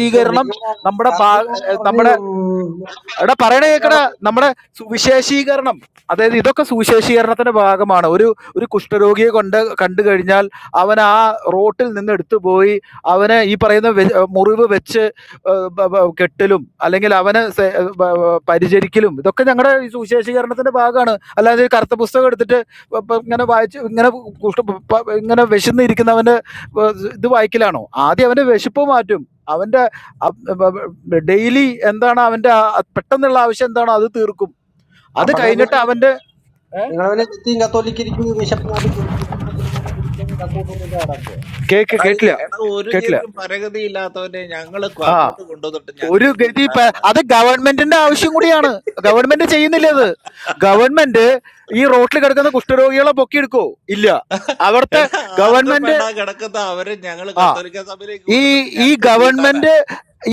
Speaker 15: പക്ഷെ നിങ്ങളുടെ
Speaker 10: നമ്മുടെ ഭാ-
Speaker 15: കർദിനാൾ പറഞ്ഞ്
Speaker 10: നമ്മുടെ
Speaker 15: ഉം,
Speaker 10: എടാ പറയണ കേക്കടാ
Speaker 15: കർദിനാളെ-
Speaker 10: നമ്മുടെ സുവിശേഷീകരണം അതായത് ഇതൊക്കെ സുവിശേഷീകരണത്തിന്റെ ഭാഗമാണ് ഒരു ഒരു കുഷ്ഠരോഗിയെ കൊണ്ട് കണ്ടു കഴിഞ്ഞാൽ അവൻ ആ റോട്ടിൽ നിന്ന് എടുത്തു പോയി അവന് ഈ പറയുന്ന വെ- മുറിവ് വെച്ച് ഏഹ്, ബ- ബ- കെട്ടലും അല്ലെങ്കിൽ അവന് സെ- ബ- ബ- പരിചരിക്കലും ഇതൊക്കെ ഞങ്ങളുടെ ഈ സുവിശേഷീകരണത്തിന്റെ ഭാഗമാണ് അല്ലാതെ ഈ കറുത്ത പുസ്തകം എടുത്തിട്ട് പ- പ- ഇങ്ങനെ വായിച്ച് ഇങ്ങനെ കുഷ്ഠ പ- പ- ഇങ്ങനെ വിശന്നിരിക്കുന്നവന്റെ ഏഹ്, ഇത് വായിക്കലാണോ ആദ്യം അവന്റെ വിശപ്പ് മാറ്റും അവന്റെ ഡെയിലി എന്താണ് അവൻ്റെ ആ- പെട്ടെന്നുള്ള ആവശ്യം എന്താണോ അത് തീർക്കും അത്
Speaker 15: അപ്പൊ അങ്ങനെ
Speaker 10: കഴിഞ്ഞിട്ട്
Speaker 15: പിന്നെ
Speaker 10: അവൻ്റെ
Speaker 15: നിങ്ങളെ വലിയ നിത്യം കത്തോലിക്കിരിക്കുന്നത് വിശപ്പ് മാറ്റി
Speaker 10: കേക്ക്
Speaker 2: എടാ ഈ
Speaker 10: കേട്ടില്ല
Speaker 2: എടാ ഒരു
Speaker 10: കേട്ടില്ല
Speaker 2: ഗതി പരഗതി ഇല്ലാത്തവനെ ഞങ്ങള് കൊ-
Speaker 10: ആ
Speaker 2: അങ്ങോട്ട് കൊണ്ടുവന്നിട്ട്
Speaker 10: ഒരു
Speaker 2: ഞങ്ങൾക്ക് എന്ത്
Speaker 10: ഗതി പ-
Speaker 2: കിട്ടാനാടാ
Speaker 10: അത് ഗവൺമെന്റിന്റെ ആവശ്യം കൂടിയാണ് ഗവൺമെന്റ് ചെയ്യുന്നില്ല അത് ഗവൺമെന്റ് ഈ റോട്ടിൽ കിടക്കുന്ന കുഷ്ഠരോഗികളെ പൊക്കിയെടുക്കോ ഇല്ല അവിടുത്തെ
Speaker 2: എടാ ആർക്കും
Speaker 10: ഗവൺമെന്റ്
Speaker 2: വേണ്ട കിടക്കുന്ന അവരെ ഞങ്ങള്
Speaker 10: ആ
Speaker 2: കത്തോലിക്ക സഭയിലേക്ക്
Speaker 10: ഈ
Speaker 2: കൊണ്ടുവന്നിട്ട്
Speaker 10: ഈ
Speaker 2: ഞങ്ങൾക്ക് എന്ത് കിട്ടാനാ
Speaker 10: ഗവൺമെന്റ്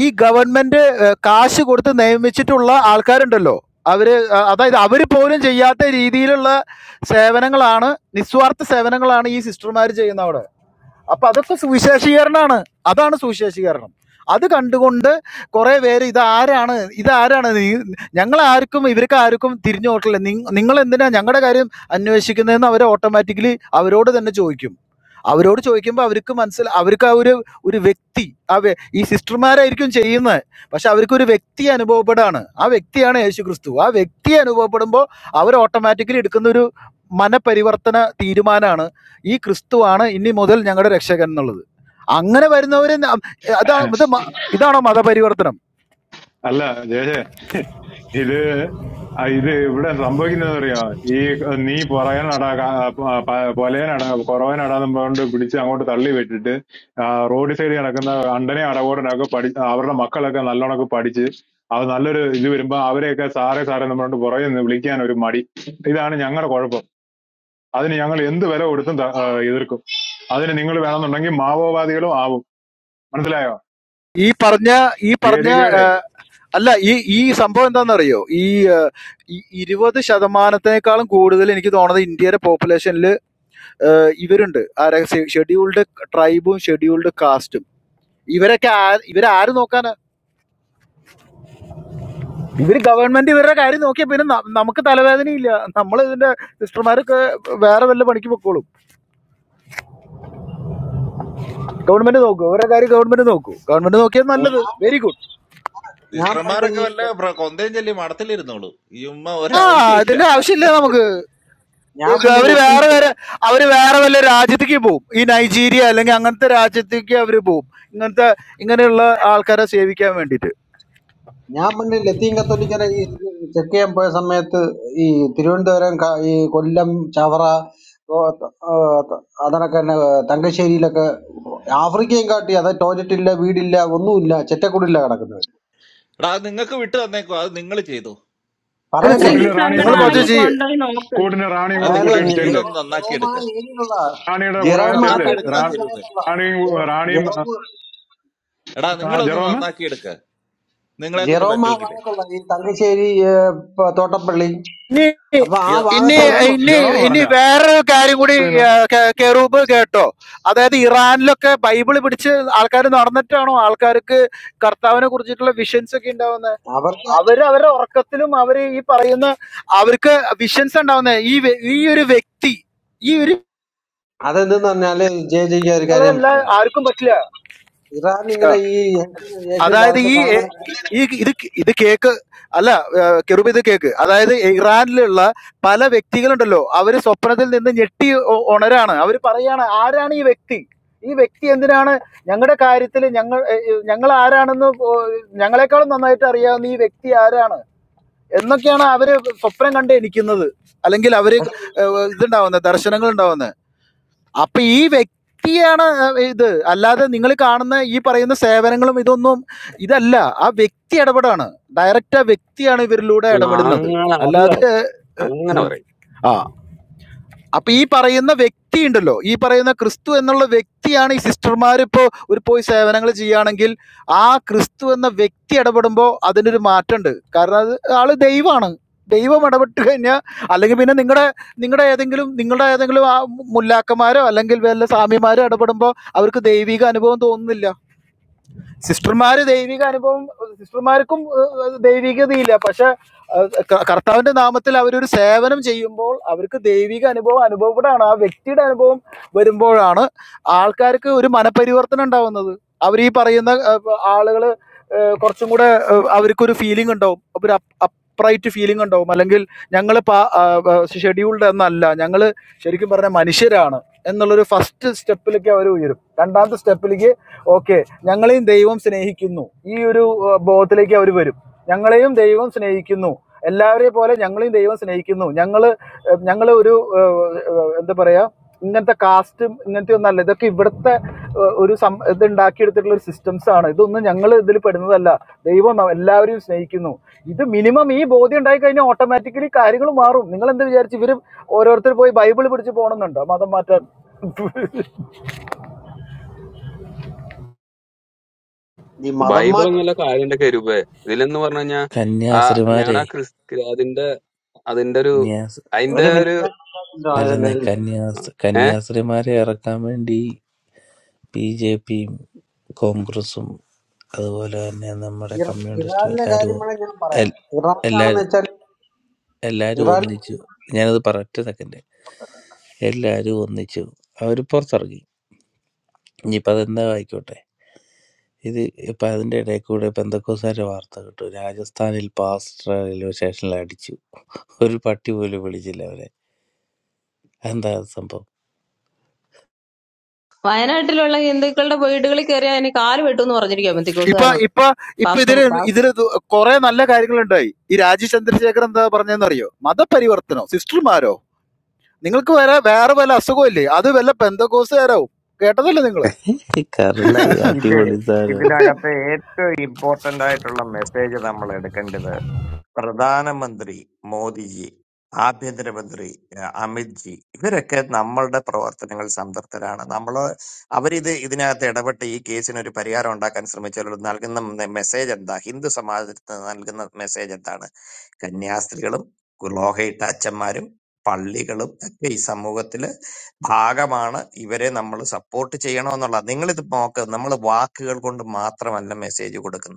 Speaker 10: ഈ ഗവൺമെന്റ് ഏഹ്, കാശ് കൊടുത്ത് നിയമിച്ചിട്ടുള്ള ആൾക്കാരുണ്ടല്ലോ അവര് അഹ് അതായത് അവര് പോലും ചെയ്യാത്ത രീതിയിലുള്ള സേവനങ്ങളാണ് നിസ്വാർത്ഥ സേവനങ്ങളാണ് ഈ സിസ്റ്റർമാർ ചെയ്യുന്ന അവിടെ അപ്പൊ അതൊക്കെ സുവിശേഷീകരണമാണ് അതാണ് സുവിശേഷീകരണം അത് കണ്ടുകൊണ്ട് കുറെ പേര് ഇതാരാണ് ഇതാരാണ് ഞങ്ങൾ ആർക്കും ഇവർക്ക് ആർക്കും തിരിഞ്ഞു നോക്കില്ല നിങ്ങൾ എന്തിനാ ഞങ്ങളുടെ കാര്യം അന്വേഷിക്കുന്നതെന്ന് അവർ ഓട്ടോമാറ്റിക്കലി അവരോട് തന്നെ ചോദിക്കും അവരോട് ചോദിക്കുമ്പോൾ അവർക്ക് മനസ്സിൽ അവർക്ക് ആ ഒരു ഒരു വ്യക്തി ആ വ്യ- ഈ സിസ്റ്റർമാരായിരിക്കും ചെയ്യുന്നത് പക്ഷെ അവർക്ക് ഒരു വ്യക്തി അനുഭവപ്പെടാണ് ആ വ്യക്തിയാണ് യേശു ക്രിസ്തു ആ വ്യക്തി അനുഭവപ്പെടുമ്പോൾ അവർ ഓട്ടോമാറ്റിക്കലി എടുക്കുന്ന ഒരു മനപരിവർത്തന തീരുമാനമാണ് ഈ ക്രിസ്തുവാണ് ഇനി മുതൽ ഞങ്ങളുടെ രക്ഷകൻ എന്നുള്ളത് അങ്ങനെ വരുന്നവരെ ന- അതാണ് ഇത് മ- ഇതാണോ മതപരിവർത്തനം
Speaker 14: അല്ല ജയജെ ഇത് ആ, ഇത് ഇവിടെ സംഭവിക്കുന്നത് അറിയോ ഈ ഏഹ്, നീ പുറകനടാ പൊലയനടാ കുറവനടാന്നും പറഞ്ഞുകൊണ്ട് പിടിച്ച് അങ്ങോട്ട് തള്ളി വിട്ടിട്ട് ആ, റോഡ് സൈഡ് കിടക്കുന്ന അണ്ടനെ അടകോടനൊക്കെ പഠി അവരുടെ മക്കളൊക്കെ നല്ലോണമൊക്കെ പഠിച്ച് അത് നല്ലൊരു ഇത് വരുമ്പോ അവരെയൊക്കെ സാറേ സാറേ എന്ന് പറഞ്ഞുകൊണ്ട് പുറകെ നിന്ന് വിളിക്കാൻ ഒരു മടി ഇതാണ് ഞങ്ങളുടെ കുഴപ്പം അതിന് ഞങ്ങൾ എന്ത് വില കൊടുത്തും ത- ആ, എതിർക്കും അതിന് നിങ്ങൾ വേണമെന്നുണ്ടെങ്കിൽ മാവോവാദികളും ആവും മനസ്സിലായോ
Speaker 10: ഈ പറഞ്ഞ ഈ പറഞ്ഞ
Speaker 14: ഗതികേടെ
Speaker 10: അല്ല ഈ ഈ സംഭവം എന്താണെന്നറിയോ ഈ ഏഹ്, ഈ ഇരുപത് ശതമാനത്തിനേക്കാളും കൂടുതൽ എനിക്ക് തോന്നുന്നത് ഇന്ത്യയുടെ പോപ്പുലേഷനിൽ ഇവരുണ്ട് ആരാ ഷെഡ്യൂൾഡ് ട്രൈബും ഷെഡ്യൂൾഡ് കാസ്റ്റും ഇവരൊക്കെ ആ- ഇവരാര് നോക്കാനാ ഇവര് ഗവൺമെന്റ് ഇവരുടെ കാര്യം നോക്കിയാൽ പിന്നെ ന- നമുക്ക് തലവേദനയില്ല നമ്മൾ ഇതിന്റെ സിസ്റ്റർമാരൊക്കെ വേറെ വല്ല പണിക്ക് പൊക്കോളും ഗവൺമെന്റ് നോക്കൂ ഇവരുടെ കാര്യം ഗവൺമെന്റ് നോക്കൂ ഗവൺമെന്റ് നോക്കിയാൽ നല്ലത്
Speaker 15: കൊടുക്കും
Speaker 10: വെരി ഗുഡ്
Speaker 15: ഞാൻ പണ്ട്
Speaker 2: സിസ്റ്റർമാരൊക്കെ
Speaker 15: ഈ
Speaker 2: വല്ല പ്ര- കൊന്തയും ചൊല്ലി മടത്തിലിരുന്നോളൂ ഈ ഉമ്മ
Speaker 10: ആ
Speaker 2: ഒരാവശ്യമില്ല
Speaker 10: ഇതിന്റെ ആവശ്യമില്ല നമുക്ക്
Speaker 15: ഞാൻ
Speaker 10: ഇത്
Speaker 15: പണ്ട്
Speaker 10: അവര്
Speaker 15: ലത്തീൻ
Speaker 10: വേറെ വേറെ അവര് വേറെ വല്ല രാജ്യത്തേക്ക് പോകും ഈ നൈജീരിയ അല്ലെങ്കിൽ അങ്ങനത്തെ രാജ്യത്തേക്ക് അവര് പോകും ഇങ്ങനത്തെ ഇങ്ങനെയുള്ള ആൾക്കാരെ സേവിക്കാൻ വേണ്ടിയിട്ട്
Speaker 15: ഞാൻ പണ്ട് ലത്തീൻ കത്തോലിക്കനെ ഈ ചെക്ക് ചെയ്യാൻ പോയ സമയത്ത് ഈ തിരുവനന്തപുരം ക- ഈ കൊല്ലം ചവറ ഓ, ത- ആ, ത- അതണക്കെ തന്നെ തങ്കശ്ശേരിയിലൊക്കെ ആഫ്രിക്കയും കാട്ടി അത് ടോയ്ലറ്റ് ഇല്ല വീടില്ല ഒന്നുമില്ല ചെറ്റക്കുടില്ല കിടക്കുന്നത്
Speaker 2: എടാ അത് നിങ്ങൾക്ക് വിട്ടു തന്നേക്കോ അത് നിങ്ങൾ ചെയ്തു
Speaker 10: നിങ്ങൾ
Speaker 15: പറയട്ടെ
Speaker 14: കൂട്ടിന്
Speaker 5: അത്രയ്ക്കും
Speaker 10: ചെയ്യുക
Speaker 14: റാണിയും
Speaker 10: നിങ്ങൾ
Speaker 14: കൂടെ
Speaker 10: കുറച്ച്
Speaker 14: വിളിച്ചോ
Speaker 5: സങ്കടമാണെങ്കിൽ
Speaker 10: ചെയ്യുക
Speaker 5: കൊണ്ടുപോയി നോക്ക്
Speaker 14: കൂട്ടിന് റാണിയും
Speaker 2: അത്
Speaker 14: കൂടെ
Speaker 15: അതായത്
Speaker 2: നിങ്ങൾ
Speaker 15: ഈ
Speaker 2: അങ്ങ്
Speaker 14: കൂട്ടിയിട്ട്
Speaker 15: ജെ-
Speaker 14: ചെല്ല്
Speaker 2: ചെയ്തൊന്ന് നന്നാക്കി
Speaker 15: ജെറോം ആ
Speaker 2: എടുക്ക
Speaker 15: ഏരിയയിലുള്ള
Speaker 14: റാണിയുടെ കൂടെ
Speaker 2: ഒന്ന്
Speaker 15: ജെറോം ആ
Speaker 14: ചെല്ല്
Speaker 2: നന്നാക്കി എടുക്കടാ
Speaker 15: തങ്കശ്ശേരി
Speaker 14: റാ-
Speaker 2: കരൂപേ
Speaker 15: ഭാഗത്തുള്ള
Speaker 14: റാണിയും
Speaker 15: ജെറോ-
Speaker 14: റാണിയും
Speaker 15: ജെറോം
Speaker 2: എടാ
Speaker 14: ആ
Speaker 2: നിങ്ങളൊന്ന്
Speaker 14: ജെറോമ്
Speaker 2: നന്നാക്കി എടുക്ക നിങ്ങളെ കൊണ്ട്
Speaker 15: ജെറോം ആ
Speaker 2: പറ്റൂങ്കിലേ
Speaker 15: ഭാഗത്തുള്ള ഈ തങ്കശ്ശേരി ഏ, പ- തോട്ടപ്പള്ളി
Speaker 10: ഇനി
Speaker 15: അപ്പൊ ആ
Speaker 2: ഈ
Speaker 10: ഇനി
Speaker 15: ഭാഗത്തുള്ള
Speaker 14: ജെറോൾഡ്
Speaker 10: ഇനി
Speaker 14: ജെറോമ്
Speaker 10: ഇനി
Speaker 14: പറഞ്ഞ
Speaker 10: വേറൊരു കാര്യം കൂടി ആ, കെ- കെറൂബ് കേട്ടോ അതായത് ഇറാനിലൊക്കെ ബൈബിൾ പിടിച്ച് ആൾക്കാർ നടന്നിട്ടാണോ ആൾക്കാർക്ക് കർത്താവിനെ കുറിച്ചിട്ടുള്ള വിഷൻസ് ഒക്കെ ഉണ്ടാവുന്നത്
Speaker 15: അവർക്ക്
Speaker 10: അവര് അവരുടെ ഉറക്കത്തിലും അവര് ഈ പറയുന്ന അവർക്ക് വിഷൻസ് ഉണ്ടാവുന്നത് ഈ വ്യ- ഈ ഒരു വ്യക്തി ഈ ഒരു
Speaker 15: അതെന്തെന്ന് പറഞ്ഞാല് ജെ ജിക്ക് ഒരു കാര്യം ഞാൻ
Speaker 10: നിങ്ങളെല്ലാം
Speaker 15: പറഞ്ഞുതരാം
Speaker 10: ആർക്കും പറ്റില്ല
Speaker 15: ഇറാൻ ഇങ്ങനെ ഈ യേശു യേശു
Speaker 10: അതായത്
Speaker 15: കാലത്ത്
Speaker 10: ഈ എ,
Speaker 15: കാണുന്ന
Speaker 10: ഈ ഇത് ഇത് കേക്ക് അല്ല ഏഹ്, കെറൂബ് ഇത് കേക്ക് അതായത് ഇറാനിലുള്ള പല വ്യക്തികളുണ്ടല്ലോ അവര് സ്വപ്നത്തിൽ നിന്ന് ഞെട്ടി ഒ- ഉണരാണ് അവർ പറയാണ് ആരാണ് ഈ വ്യക്തി ഈ വ്യക്തി എന്തിനാണ് ഞങ്ങളുടെ കാര്യത്തിൽ ഞങ്ങൾ ഏഹ്, ഏഹ്, ഞങ്ങൾ ആരാണെന്ന് പോ- ഞങ്ങളെക്കാളും നന്നായിട്ട് അറിയാവുന്ന ഈ വ്യക്തി ആരാണ് എന്നൊക്കെയാണ് അവര് സ്വപ്നം കണ്ട് എനിക്കുന്നത് അല്ലെങ്കിൽ അവര്
Speaker 15: പക്ഷേ
Speaker 10: ഏഹ്, ഇതുണ്ടാവുന്നത് ദർശനങ്ങൾ ഉണ്ടാവുന്നത്. അപ്പൊ ഈ വ്യക്തിയാണ് അഹ്, ഇത് അല്ലാതെ നിങ്ങൾ കാണുന്ന ഈ പറയുന്ന സേവനങ്ങളും ഇതൊന്നും ഇതല്ല ആ വ്യക്തി ഇടപെടാണ് ഡയറക്റ്റ് ആ വ്യക്തിയാണ് ഇവരിലൂടെ
Speaker 11: ആ,
Speaker 10: ഇടപെടുന്നത്
Speaker 11: അങ്ങനെ അത് correct.
Speaker 10: അല്ലാതെ
Speaker 11: അങ്ങനെ പറയും
Speaker 10: ആ അപ്പൊ ഈ പറയുന്ന വ്യക്തി ഉണ്ടല്ലോ ഈ പറയുന്ന ക്രിസ്തു എന്നുള്ള വ്യക്തിയാണ് ഈ സിസ്റ്റർമാർ ഇപ്പോൾ ഒരു പോയി സേവനങ്ങൾ ചെയ്യുകയാണെങ്കിൽ ആ ക്രിസ്തു എന്ന വ്യക്തി ഇടപെടുമ്പോൾ അതിനൊരു മാറ്റമുണ്ട് കാരണം അത് ആള് ദൈവമാണ് ദൈവം ഇടപെട്ട് കഴിഞ്ഞാൽ അല്ലെങ്കിൽ പിന്നെ നിങ്ങളുടെ നിങ്ങളുടെ ഏതെങ്കിലും നിങ്ങളുടെ ഏതെങ്കിലും ആ മുല്ലാക്കന്മാരോ അല്ലെങ്കിൽ വല്ല സ്വാമിമാരോ ഇടപെടുമ്പോൾ അവർക്ക് ദൈവിക അനുഭവം തോന്നുന്നില്ല സിസ്റ്റർമാര് ദൈവിക അനുഭവം സിസ്റ്റർമാർക്കും ഏഹ്, ദൈവികതയില്ല പക്ഷെ ഏഹ്, ക- കർത്താവിന്റെ നാമത്തിൽ അവരൊരു സേവനം ചെയ്യുമ്പോൾ അവർക്ക് ദൈവിക അനുഭവം അനുഭവപ്പെടാണ് ആ വ്യക്തിയുടെ അനുഭവം വരുമ്പോഴാണ് ആൾക്കാർക്ക് ഒരു മനപരിവർത്തനം ഉണ്ടാവുന്നത് അവർ ഈ പറയുന്ന ഏഹ്, ആളുകള് ഏഹ്, കുറച്ചും കൂടെ ഏഹ്, അവർക്കൊരു ഫീലിംഗ് ഉണ്ടാവും ഒരു അപ്രൈറ്റ് ഫീലിംഗ് ഉണ്ടാവും അല്ലെങ്കിൽ ഞങ്ങൾ ഷെഡ്യൂൾഡ് എന്നല്ല ഞങ്ങൾ ശരിക്കും പറഞ്ഞ മനുഷ്യരാണ് എന്നുള്ളൊരു ഫസ്റ്റ് സ്റ്റെപ്പിലേക്ക് അവർ ഉയരും രണ്ടാമത്തെ സ്റ്റെപ്പിലേക്ക് ഓക്കെ ഞങ്ങളെയും ദൈവം സ്നേഹിക്കുന്നു ഈ ഒരു ആ, ബോധത്തിലേക്ക് അവർ വരും ഞങ്ങളെയും ദൈവം സ്നേഹിക്കുന്നു എല്ലാവരെയും പോലെ ഞങ്ങളെയും ദൈവം സ്നേഹിക്കുന്നു ഞങ്ങൾ ഞങ്ങൾ ഒരു ആ, ആ, എന്താ പറയാ ഇങ്ങനത്തെ കാസ്റ്റും ഇങ്ങനത്തെ ഒന്നല്ല ഇതൊക്കെ ഇവിടുത്തെ ആ, ഒരു സം ഇത് ഉണ്ടാക്കിയെടുത്തിട്ടുള്ള ഒരു സിസ്റ്റംസ് ആണ് ഇതൊന്നും ഞങ്ങൾ ഇതിൽ പെടുന്നതല്ല ദൈവം ന- എല്ലാവരെയും സ്നേഹിക്കുന്നു ഇത് മിനിമം ഈ ബോധ്യം ഉണ്ടായി കഴിഞ്ഞാൽ ഓട്ടോമാറ്റിക്കലി കാര്യങ്ങൾ മാറും നിങ്ങൾ എന്ത് വിചാരിച്ചു ഇവർ ഓരോരുത്തർ പോയി ബൈബിൾ പിടിച്ച് പോകണമെന്നുണ്ടോ മതം മാറ്റാൻ
Speaker 15: ഈ മതം മാറ്റം
Speaker 11: ബൈബിളൊന്നുമല്ല കാലിന്റെ കരുപേ ഇതിലെന്ന് പറഞ്ഞു കഴിഞ്ഞാൽ ആ ഞങ്ങളുടെ
Speaker 13: കന്യാസ്ത്രീമാരെ
Speaker 11: ആ ക്രിസ് അതിന്റെ അതിന്റെ ഒരു അതിന്റെ
Speaker 15: ഒരു
Speaker 11: ഒരു ആ,
Speaker 13: അല്ലെന്നേ
Speaker 15: മിനിറ്റ്
Speaker 11: ആ.
Speaker 13: കന്യാസ്
Speaker 11: ഏ
Speaker 13: കന്യാസ്ത്രീമാരെ ഇറക്കാൻ വേണ്ടി ബി ജെ പിയും കോൺഗ്രസും അതുപോലെ തന്നെ നമ്മുടെ
Speaker 15: ഇറ-
Speaker 13: കമ്മ്യൂണിസ്റ്റും
Speaker 15: ഇറാനിലെ
Speaker 13: എല്ലാവരും
Speaker 15: കാര്യമാണ് ഞാൻ പറയാം
Speaker 13: എൽ-
Speaker 15: ഇറാനാണെന്ന്
Speaker 13: എല്ലാവരും
Speaker 15: വെച്ചാൽ
Speaker 13: എല്ലാവരും
Speaker 15: ഇറാൻ
Speaker 13: ഒന്നിച്ചു ഞാനത് പറയട്ടെ സെക്കൻഡ് എല്ലാവരും ഒന്നിച്ചു അവർ പുറത്തിറങ്ങി ഇനിയിപ്പോൾ അതെന്താ ആയിക്കോട്ടെ ഇത് ഇപ്പം അതിൻ്റെ ഇടയിൽ കൂടെ പെന്തക്കോസാരുടെ വാർത്ത കിട്ടും രാജസ്ഥാനിൽ പാസ്റ്റർ റെയിൽവേ സ്റ്റേഷനിൽ അടിച്ചു ഒരു പട്ടി പോലും വിളിച്ചില്ല അവരെ എന്താ അത് സംഭവം
Speaker 5: വയനാട്ടിലുള്ള ഹിന്ദുക്കളുടെ വീടുകളിൽ കയറി അതിന് കാല് വെട്ടുമെന്ന് പറഞ്ഞിരിക്കുക
Speaker 10: ഇപ്പൊ
Speaker 5: ബന്ധിക്കോസുകാരോട്
Speaker 10: ഇപ്പൊ ഇപ്പൊ
Speaker 5: പാസ്റ്റർ
Speaker 10: ഇതില് ഇതില് കുറെ നല്ല കാര്യങ്ങളുണ്ടായി ഈ രാജീവ് ചന്ദ്രശേഖരൻ എന്താ പറഞ്ഞതെന്നറിയോ മതപരിവർത്തനോ സിസ്റ്റർമാരോ നിങ്ങൾക്ക് വേറെ വേറെ വല്ല അസുഖമില്ലേ അത് വല്ല പെന്തകോസുകാരോ കേട്ടതല്ലേ നിങ്ങള്
Speaker 13: ഈ
Speaker 16: അല്ല
Speaker 13: കറുത്ത്
Speaker 16: ഇത്
Speaker 13: അടിപൊളി സാധനം
Speaker 16: ഇതിനകത്തെ ഏറ്റവും ഇമ്പോർട്ടന്റ് ആയിട്ടുള്ള മെസ്സേജ് നമ്മൾ എടുക്കേണ്ടത് പ്രധാനമന്ത്രി മോദിജി ആഭ്യന്തരമന്ത്രി ഏഹ്, അമിത് ജി ഇവരൊക്കെ നമ്മളുടെ പ്രവർത്തനങ്ങൾ സംതൃപ്തരാണ് നമ്മൾ അവരിത് ഇതിനകത്ത് ഇടപെട്ട് ഈ കേസിന് ഒരു പരിഹാരം ഉണ്ടാക്കാൻ ശ്രമിച്ചാൽ നൽകുന്ന മെസ്സേജ് എന്താ ഹിന്ദു സമാജത്തിന് നൽകുന്ന മെസ്സേജ് എന്താണ് കന്യാസ്ത്രീകളും ഗുലോഹയിട്ട അച്ഛന്മാരും പള്ളികളും ഒക്കെ ഈ സമൂഹത്തിൽ ഭാഗമാണ് ഇവരെ നമ്മൾ സപ്പോർട്ട് ചെയ്യണമെന്നുള്ളത് നിങ്ങളിത് നോക്ക് നമ്മൾ വാക്കുകൾ കൊണ്ട് മാത്രമല്ല മെസ്സേജ് കൊടുക്കുന്നത്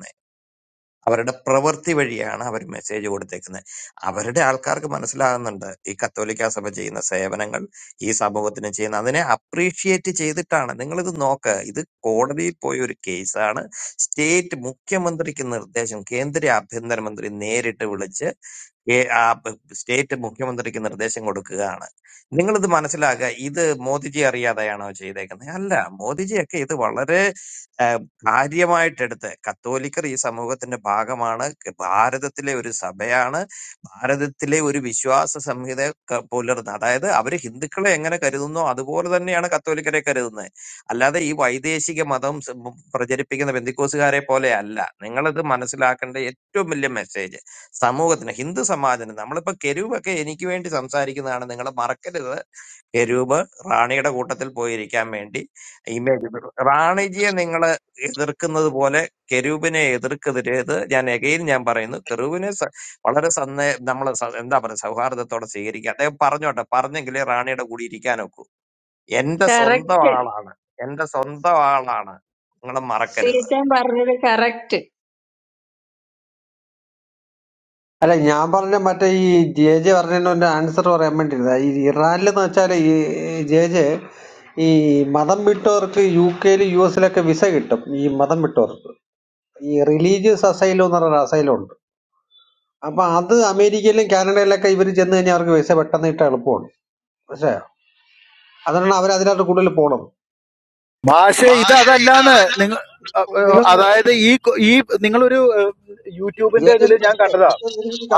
Speaker 16: അവരുടെ പ്രവൃത്തി വഴിയാണ് അവർ മെസ്സേജ് കൊടുത്തേക്കുന്നത് അവരുടെ ആൾക്കാർക്ക് മനസ്സിലാകുന്നുണ്ട് ഈ കത്തോലിക്ക സഭ ചെയ്യുന്ന സേവനങ്ങൾ ഈ സമൂഹത്തിന് ചെയ്യുന്ന അതിനെ അപ്രീഷിയേറ്റ് ചെയ്തിട്ടാണ് നിങ്ങളിത് നോക്ക് ഇത് കോടതിയിൽ പോയ ഒരു കേസാണ് സ്റ്റേറ്റ് മുഖ്യമന്ത്രിക്ക് നിർദ്ദേശം കേന്ദ്ര ആഭ്യന്തരമന്ത്രി നേരിട്ട് വിളിച്ച് ഏ- ആ ബ- സ്റ്റേറ്റ് മുഖ്യമന്ത്രിക്ക് നിർദ്ദേശം കൊടുക്കുകയാണ് നിങ്ങളിത് മനസ്സിലാക്കുക ഇത് മോദിജി അറിയാതെയാണോ ചെയ്തേക്കുന്നത് അല്ല മോദിജിയൊക്കെ ഇത് വളരെ കാര്യമായിട്ടെടുത്ത് കത്തോലിക്കർ ഈ സമൂഹത്തിന്റെ ഭാഗമാണ് ക- ഭാരതത്തിലെ ഒരു സഭയാണ് ഭാരതത്തിലെ ഒരു വിശ്വാസ സംഹിത ക- പുലർന്ന് അതായത് അവർ ഹിന്ദുക്കളെ എങ്ങനെ കരുതുന്നോ അതുപോലെ തന്നെയാണ് കത്തോലിക്കരെ കരുതുന്നത് അല്ലാതെ ഈ വൈദേശിക മതം സ് ഉം പ്രചരിപ്പിക്കുന്ന ബന്ധുക്കോസുകാരെ പോലെ അല്ല നിങ്ങളത് മനസ്സിലാക്കേണ്ട ഏറ്റവും വലിയ മെസ്സേജ് സമൂഹത്തിന് ഹിന്ദു സമാജത്തിന് നമ്മളിപ്പോ കെരുവൊക്കെ എനിക്ക് വേണ്ടി സംസാരിക്കുന്നതാണ് നിങ്ങൾ മറക്കരുത് എരൂപ് റാണിയുടെ കൂട്ടത്തിൽ പോയിരിക്കാൻ വേണ്ടി ഇമേജ് ഇട്ടു. റാണിജിയെ നിങ്ങൾ എതിർക്കുന്നത് പോലെ കെരൂബിനെ എതിർക്കെതിരേത് ഞാൻ എകയിൽ ഞാൻ പറയുന്നു കെരൂബിനെ സ- വളരെ സന്ദേ നമ്മൾ എന്താ പറയുക സൗഹാർദ്ദത്തോടെ സ്വീകരിക്കുക അദ്ദേഹം പറഞ്ഞോട്ടെ പറഞ്ഞെങ്കിലേ റാണിയുടെ കൂടി ഇരിക്കാൻ ഒക്കൂ എന്റെ സ്വന്തം
Speaker 5: കറക്റ്റ്
Speaker 16: ആളാണ് എന്റെ സ്വന്തം ആളാണ് നിങ്ങൾ മറക്കരുത്
Speaker 5: സീറ്റൻ പറഞ്ഞത് കറക്റ്റ്
Speaker 15: അല്ല ഞാൻ പറഞ്ഞ മറ്റേ ഈ ജെ ജെ പറഞ്ഞതിന്റെ ആൻസർ പറയാൻ വേണ്ടിയിരുന്ന ഈ ഇറാനിലെന്ന് വെച്ചാൽ ഈ ജെ ജെ ഈ മതം വിട്ടവർക്ക് യു കെയിലും യു എസിലൊക്കെ വിസ കിട്ടും ഈ മതം വിട്ടവർക്ക് ഈ റിലീജിയസ് അസൈലം എന്ന് പറയുന്ന അസൈലം ഉണ്ട് അപ്പൊ അത് അമേരിക്കയിലും കാനഡയിലൊക്കെ ഇവർ ചെന്ന് കഴിഞ്ഞാൽ അവർക്ക് വിസ പെട്ടെന്ന് കിട്ടാൻ എളുപ്പമാണ് മനസ്സിലായോ അതുകൊണ്ടാണ് അവർ അതിനകത്ത് കൂടുതൽ പോണത്
Speaker 10: മാഷെ ഇത്
Speaker 15: മാഷെ ഇത്
Speaker 10: അതല്ലാന്ന്
Speaker 15: അതല്ല
Speaker 10: നിങ്ങൾ
Speaker 15: നിങ്ങൾ
Speaker 10: അതായത് ഈ കൊ- ഈ നിങ്ങളൊരു ഏഹ്, യൂട്യൂബിന്റെ ഇതിൽ ഞാൻ കണ്ടതാ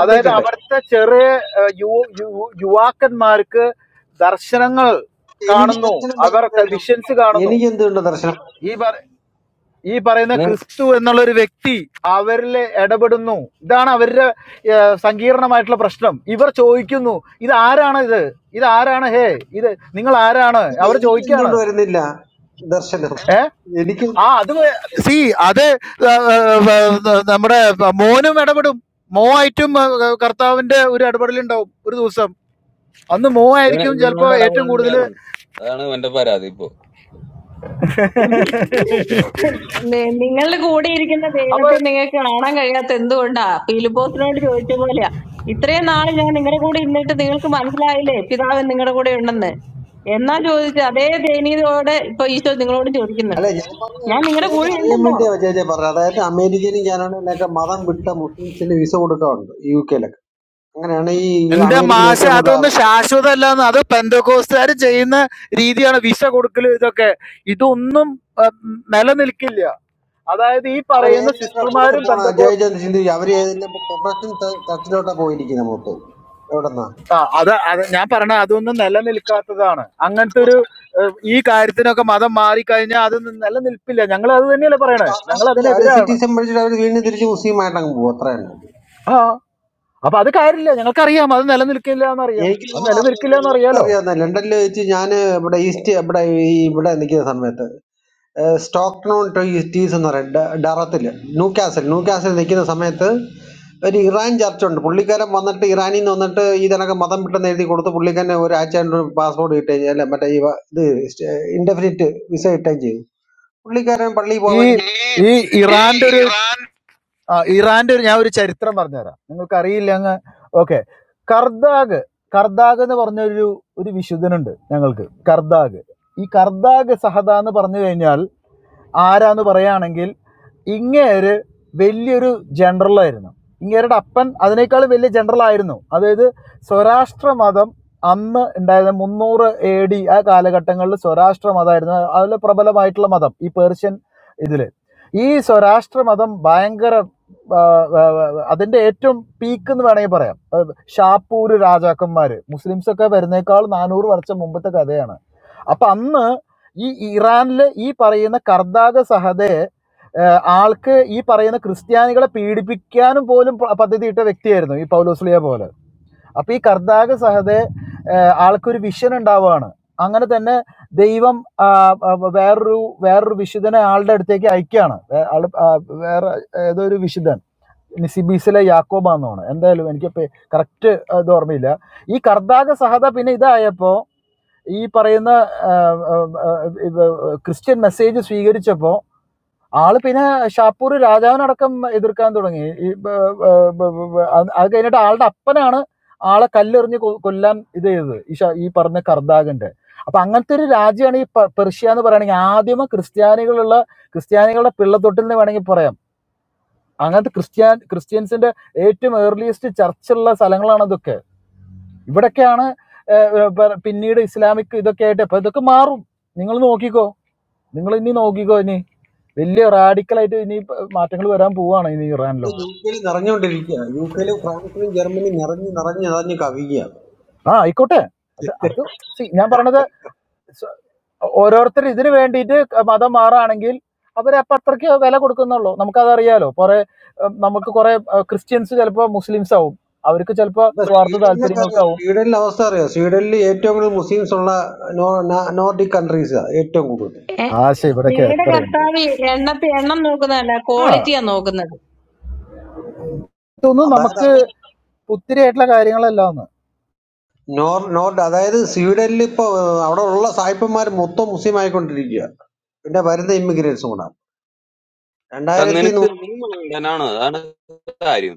Speaker 10: അതായത്
Speaker 15: ഇട്ടെ
Speaker 10: അവിടുത്തെ ചെറിയ ഏഹ്, യു- യു- യുവാക്കന്മാർക്ക് ദർശനങ്ങൾ
Speaker 15: എനിക്ക്
Speaker 10: കാണുന്നു
Speaker 15: ദർശനം
Speaker 10: അവർ
Speaker 15: വരുന്നില്ലല്ലോ
Speaker 10: വിഷൻസ് കാണുന്നു
Speaker 15: എനിക്ക് എന്തുകൊണ്ട് ദർശനം
Speaker 10: ഈ ഈ പറയുന്ന
Speaker 11: നീ
Speaker 10: ക്രിസ്തു എന്നുള്ള ഒരു വ്യക്തി അവരിൽ ഇടപെടുന്നു ഇതാണ് അവരുടെ ഏ, സങ്കീർണമായിട്ടുള്ള പ്രശ്നം ഇവർ ചോദിക്കുന്നു ഇത് ആരാണ് ഇത് ഇത് ആരാണ് ഹേ ഇത് നിങ്ങൾ ആരാണ് അവർ
Speaker 15: എനിക്ക്
Speaker 10: ചോദിക്കാണ്
Speaker 15: എന്തുകൊണ്ട് വരുന്നില്ല ദർശനം
Speaker 10: ഏ
Speaker 15: എനിക്ക്
Speaker 10: ആ അത് സി അത് ഏ, ഏ, ഏ, നമ്മുടെ മോനും ഇടപെടും മോ ആയിട്ടും ഏ, കർത്താവിന്റെ ഒരു ഇടപെടലുണ്ടാവും ഒരു ദിവസം അന്ന് മോ
Speaker 11: ഇവന്-
Speaker 10: ആയിരിക്കും
Speaker 11: ഇവനോട്
Speaker 10: ചിലപ്പോൾ ഏറ്റവും കൂടുതൽ
Speaker 11: ഇടപെടണ്ടെന്ന് അതാണ് ഇവന്റെ പരാതി ഇപ്പൊ
Speaker 5: നി- നിങ്ങളുടെ കൂടെ ഇരിക്കുന്ന ദൈവത്തെ
Speaker 10: അപ്പൊ
Speaker 5: നിങ്ങൾക്ക് കാണാൻ കഴിയാത്ത എന്തുകൊണ്ടാ പീലിപ്പോസിനോട് ചോദിച്ച പോലെയാ ഇത്രയും നാൾ ഞാൻ നിങ്ങളുടെ കൂടെ ഇരുന്നിട്ട് നിങ്ങൾക്ക് മനസ്സിലായില്ലേ പിതാവ് നിങ്ങളുടെ കൂടെ ഉണ്ടെന്ന് എന്നാ ചോദിച്ച അതേ ദയനീയതയോടെ ഇപ്പൊ ഈശോ നിങ്ങളോട്
Speaker 15: അല്ല
Speaker 5: ചോദിക്കുന്നുണ്ട്
Speaker 15: ഞാൻ പറഞ്ഞ
Speaker 5: ഞാൻ നിങ്ങളുടെ
Speaker 15: ചേച്ചി
Speaker 5: കൂടെ
Speaker 15: അറിയാൻ
Speaker 5: ഉണ്ടെന്ന്
Speaker 15: വേണ്ടിയാ ചേച്ചി പറഞ്ഞത് അതായത് അമേരിക്കയിലും കാനഡയിലൊക്കെ മതം വിട്ട മുസ്ലിംസിന് വിസ കൊടുക്കാറുണ്ട് യു കെയിലൊക്കെ അങ്ങനെയാണ് ഈ
Speaker 10: എന്റെ
Speaker 15: അമേരിക്കയിൽ
Speaker 10: മാഷ
Speaker 15: ഏറ്റവും കൂടുതൽ
Speaker 10: അതൊന്നും ശാശ്വതമല്ലെന്ന് അത് പെന്തകോസ്തുകാർ ചെയ്യുന്ന രീതിയാണ് വിസ കൊടുക്കല് ഇതൊക്കെ ഇതൊന്നും ആ, നിലനിൽക്കില്ല അതായത് ഈ
Speaker 15: അവർ
Speaker 10: പറയുന്ന
Speaker 15: ഏതിനൊക്കെ കൂടുതൽ
Speaker 10: സിസ്റ്റർമാരും
Speaker 15: പോണ
Speaker 10: പെന്തകോസ്
Speaker 15: ജയചന്ദ് ചിന്തിക്കുക അവർ ഏതിന്റെ പ്രൊഫഷൻ ചർച്ചിലോട്ടാ പോയിരിക്കുന്നത് മൊത്തം എവിടെന്നാ
Speaker 10: ആ, അത് അത് ഞാൻ പറഞ്ഞ അതൊന്നും നിലനിൽക്കാത്തതാണ് അങ്ങനത്തെ ഒരു ഏ, ഈ കാര്യത്തിനൊക്കെ മതം മാറിക്കഴിഞ്ഞാൽ അതൊന്നും നിലനിൽപ്പില്ല ഞങ്ങൾ അത് തന്നെയല്ലേ പറയണേ ഞങ്ങൾ
Speaker 15: അവര്
Speaker 10: അതിനെതിരാണ്
Speaker 15: സിറ്റിസൺ പഠിച്ചിട്ട് അവർ വീണ്ടും തിരിച്ച് മുസ്ലിമായിട്ടങ്ങ് പോകും അത്ര തന്നെ
Speaker 10: ആ അപ്പൊ അത് കാര്യമില്ല ഞങ്ങൾക്കറിയാം അത് നിലനിൽക്കില്ല എന്നറിയാം
Speaker 15: എനിക്ക്
Speaker 10: അത്
Speaker 15: ഇതാണ്
Speaker 10: നിലനിൽക്കില്ല
Speaker 15: അറിയാവുന്നത്. നേരിട്ട്
Speaker 10: എന്നറിയാലോ
Speaker 15: അറിയാവുന്ന ലണ്ടനിൽ വെച്ച് ഞാൻ ഇവിടെ ഈസ്റ്റ് ഇവിടെ ഈ ഇവിടെ നിൽക്കുന്ന സമയത്ത് സ്റ്റോക്ടൺ ടു ഈസ്റ്റീസ് എന്ന് പറയും ഡ- ഡറത്തിൽ ന്യൂ കാസിൽ ന്യൂ കാസിൽ നിൽക്കുന്ന സമയത്ത് ഒരു ഇറാൻ ചർച്ചുണ്ട് പുള്ളിക്കാരൻ വന്നിട്ട് ഇറാനിൽ നിന്ന് വന്നിട്ട് ഇതിനൊക്കെ മതം വിട്ടെന്ന് എഴുതി കൊടുത്ത് പുള്ളിക്കാരനെ ഒരാഴ്ച കൊണ്ട് ഒരു പാസ്പോർട്ട് കിട്ടുകയും ചെയ്തു. അല്ല മറ്റേ ഈ വ- ഇത് ഇൻഡെഫിനിറ്റ് വിസ കിട്ടുകയും ചെയ്തു പുള്ളിക്കാരൻ പള്ളിയിൽ
Speaker 10: ഈ
Speaker 15: പോവുകയും
Speaker 10: ഈ
Speaker 15: ചെയ്തു ഈ
Speaker 10: ഇറാന്റെ
Speaker 15: ഈ ഇറാൻ
Speaker 10: ആ ഇറാന്റെ ഒരു ഞാൻ ഒരു ചരിത്രം പറഞ്ഞുതരാം നിങ്ങൾക്ക് അറിയില്ല അങ്ങ് ഓക്കെ കർദാഗ് കർദാഗ് എന്ന് പറഞ്ഞ ഒരു ഒരു വിശുദ്ധനുണ്ട് ഞങ്ങൾക്ക് കർദാഗ് ഈ കർദാഗ് സഹദ എന്ന് പറഞ്ഞു കഴിഞ്ഞാൽ ആരാന്ന് പറയുകയാണെങ്കിൽ ഇങ്ങേര് വലിയൊരു ജനറലായിരുന്നു ഇങ്ങേരുടെ അപ്പൻ അതിനേക്കാൾ വലിയ ജനറൽ ആയിരുന്നു അതായത് സ്വരാഷ്ട്ര മതം അന്ന് ഉണ്ടായിരുന്ന മുന്നൂറ് എ ഡി ആ കാലഘട്ടങ്ങളിൽ സ്വരാഷ്ട്ര മതമായിരുന്നു അതിൽ പ്രബലമായിട്ടുള്ള മതം ഈ പേർഷ്യൻ ഇതിൽ ഈ സ്വരാഷ്ട്ര മതം ഭയങ്കര ആ, ആ, ആ, അതിന്റെ ഏറ്റവും പീക്ക് എന്ന് വേണമെങ്കിൽ പറയാം ഷാപ്പൂര് രാജാക്കന്മാര് മുസ്ലിംസ് ഒക്കെ വരുന്നേക്കാൾ നാനൂറ് വർഷം മുമ്പത്തെ കഥയാണ് അപ്പൊ അന്ന് ഈ ഇറാനിലെ ഈ പറയുന്ന കർദാഗ സഹദ ഏഹ് ആൾക്ക് ഈ പറയുന്ന ക്രിസ്ത്യാനികളെ പീഡിപ്പിക്കാനും പോലും പ- പദ്ധതിയിട്ട വ്യക്തിയായിരുന്നു ഈ പൗലോസ്ലിയ പോലെ അപ്പൊ ഈ കർദാക സഹതെ ഏഹ് ആൾക്കൊരു വിഷൻ ഉണ്ടാവുകയാണ് അങ്ങനെ തന്നെ ദൈവം ആ, ആ, വേറൊരു വേറൊരു വിശുദ്ധനെ ആളുടെ അടുത്തേക്ക് അയക്കുകയാണ് വേ- ആള് ആ, വേറെ ഏതോ ഒരു വിശുദ്ധൻ നിസിബീസിലെ യാക്കോബാന്നാണ് എന്തായാലും എനിക്ക് കറക്റ്റ് ഇത് ഓർമ്മയില്ല ഈ കർദാക സഹത പിന്നെ ഇതായപ്പോ ഈ പറയുന്ന ആ, ആ, ആ, ഇത് ക്രിസ്ത്യൻ മെസ്സേജ് സ്വീകരിച്ചപ്പോൾ ആള് പിന്നെ ഷാപ്പൂർ രാജാവിനടക്കം എതിർക്കാൻ തുടങ്ങി ഈ ബ- ബ- ബ- ബ- അത് അത് കഴിഞ്ഞിട്ട് ആളുടെ അപ്പനാണ് ആളെ കല്ലെറിഞ്ഞ് കൊ- കൊല്ലാൻ ഇത് ചെയ്തത് ഈ ഷാ- ഈ പറഞ്ഞ കർദാഗന്റെ അപ്പൊ അങ്ങനത്തെ ഒരു രാജ്യമാണ് ഈ പ- പെർഷ്യ എന്ന് പറയുകയാണെങ്കിൽ ആദ്യമേ ക്രിസ്ത്യാനികളുള്ള ക്രിസ്ത്യാനികളുടെ പിള്ളത്തൊട്ടിൽ എന്ന് വേണമെങ്കിൽ പറയാം അങ്ങനത്തെ ക്രിസ്ത്യാൻ ക്രിസ്ത്യൻസിന്റെ ഏറ്റവും ഏർലിയസ്റ്റ് ചർച്ചുള്ള സ്ഥലങ്ങളാണ് അതൊക്കെ ഇവിടൊക്കെയാണ് ഏഹ്, ഏഹ്, പിന്നീട് ഇസ്ലാമിക് ഇതൊക്കെ ആയിട്ട് അപ്പൊ ഇതൊക്കെ മാറും നിങ്ങൾ നോക്കിക്കോ നിങ്ങൾ ഇനി നോക്കിക്കോ ഇനി വലിയ റാഡിക്കലായിട്ട് ഇനി മാറ്റങ്ങൾ വരാൻ പോവാണ് ഇനി
Speaker 15: യു
Speaker 10: ഇറാനിലൊക്കെ
Speaker 15: കെയിൽ നിറഞ്ഞുകൊണ്ടിരിക്കുക യു കെയിലും ഫ്രാൻസിലും ജർമ്മനിയും നിറഞ്ഞ് നിറഞ്ഞ് നിറഞ്ഞ് കവിയുക
Speaker 10: ആ ആയിക്കോട്ടെ അത് അത് see, ഞാൻ പറഞ്ഞത് സ- ഓരോരുത്തർ ഇതിന് വേണ്ടിയിട്ട് മതം മാറുകയാണെങ്കിൽ അവരെ അപ്പം അത്രയ്ക്ക് വില കൊടുക്കുന്നുള്ളൂ നമുക്കതറിയാലോ കുറെ ഉം, നമുക്ക് കുറെ ഉം, ക്രിസ്ത്യൻസ് ചിലപ്പോൾ മുസ്ലിംസ് ആവും അവർക്ക് ചിലപ്പോൾ
Speaker 15: ഇപ്പൊ
Speaker 10: സ്വാർത്ഥ
Speaker 15: സ്വീഡനിലൊക്കെ അറിയാം
Speaker 10: താല്പര്യങ്ങൾക്കാവും
Speaker 15: സ്വീഡനിലെ അവസ്ഥ അറിയാം സ്വീഡനിൽ ഏറ്റവും കൂടുതൽ മുസ്ലിംസ് ഉള്ള നോർഡിക് കൺട്രീസ് ഏറ്റവും കൂടുതൽ
Speaker 5: ഏ,
Speaker 10: ആശ ഇവിടെയൊക്കെ
Speaker 5: ഞങ്ങളുടെ
Speaker 10: എത്രയുണ്ട്
Speaker 5: കർത്താവ് എണ്ണത്തെ എണ്ണം നോക്കുന്നതല്ല
Speaker 10: ആ
Speaker 5: ക്വാളിറ്റിയാ നോക്കുന്നത്
Speaker 10: ഇതൊന്നും
Speaker 15: അതായത്
Speaker 10: നമുക്ക്
Speaker 15: അത്
Speaker 10: പുത്തിരിയായിട്ടുള്ള കാര്യങ്ങളല്ല ഒന്ന്
Speaker 15: നോർ നോർഡ് അതായത് സ്വീഡനിൽ ഇപ്പൊ ഏഹ്, അവിടെ ഉള്ള സായിപ്പന്മാർ മൊത്തം മുസ്ലിം ആയിക്കൊണ്ടിരിക്കുക പിന്നെ വരുന്ന ഇമിഗ്രേറ്റ്സും കൂടെ
Speaker 11: അത്
Speaker 15: രണ്ടായിരത്തി
Speaker 11: നിനക്ക്
Speaker 15: നൂ-
Speaker 11: നീ മണ്ടനാണ് അതാണ് കാര്യം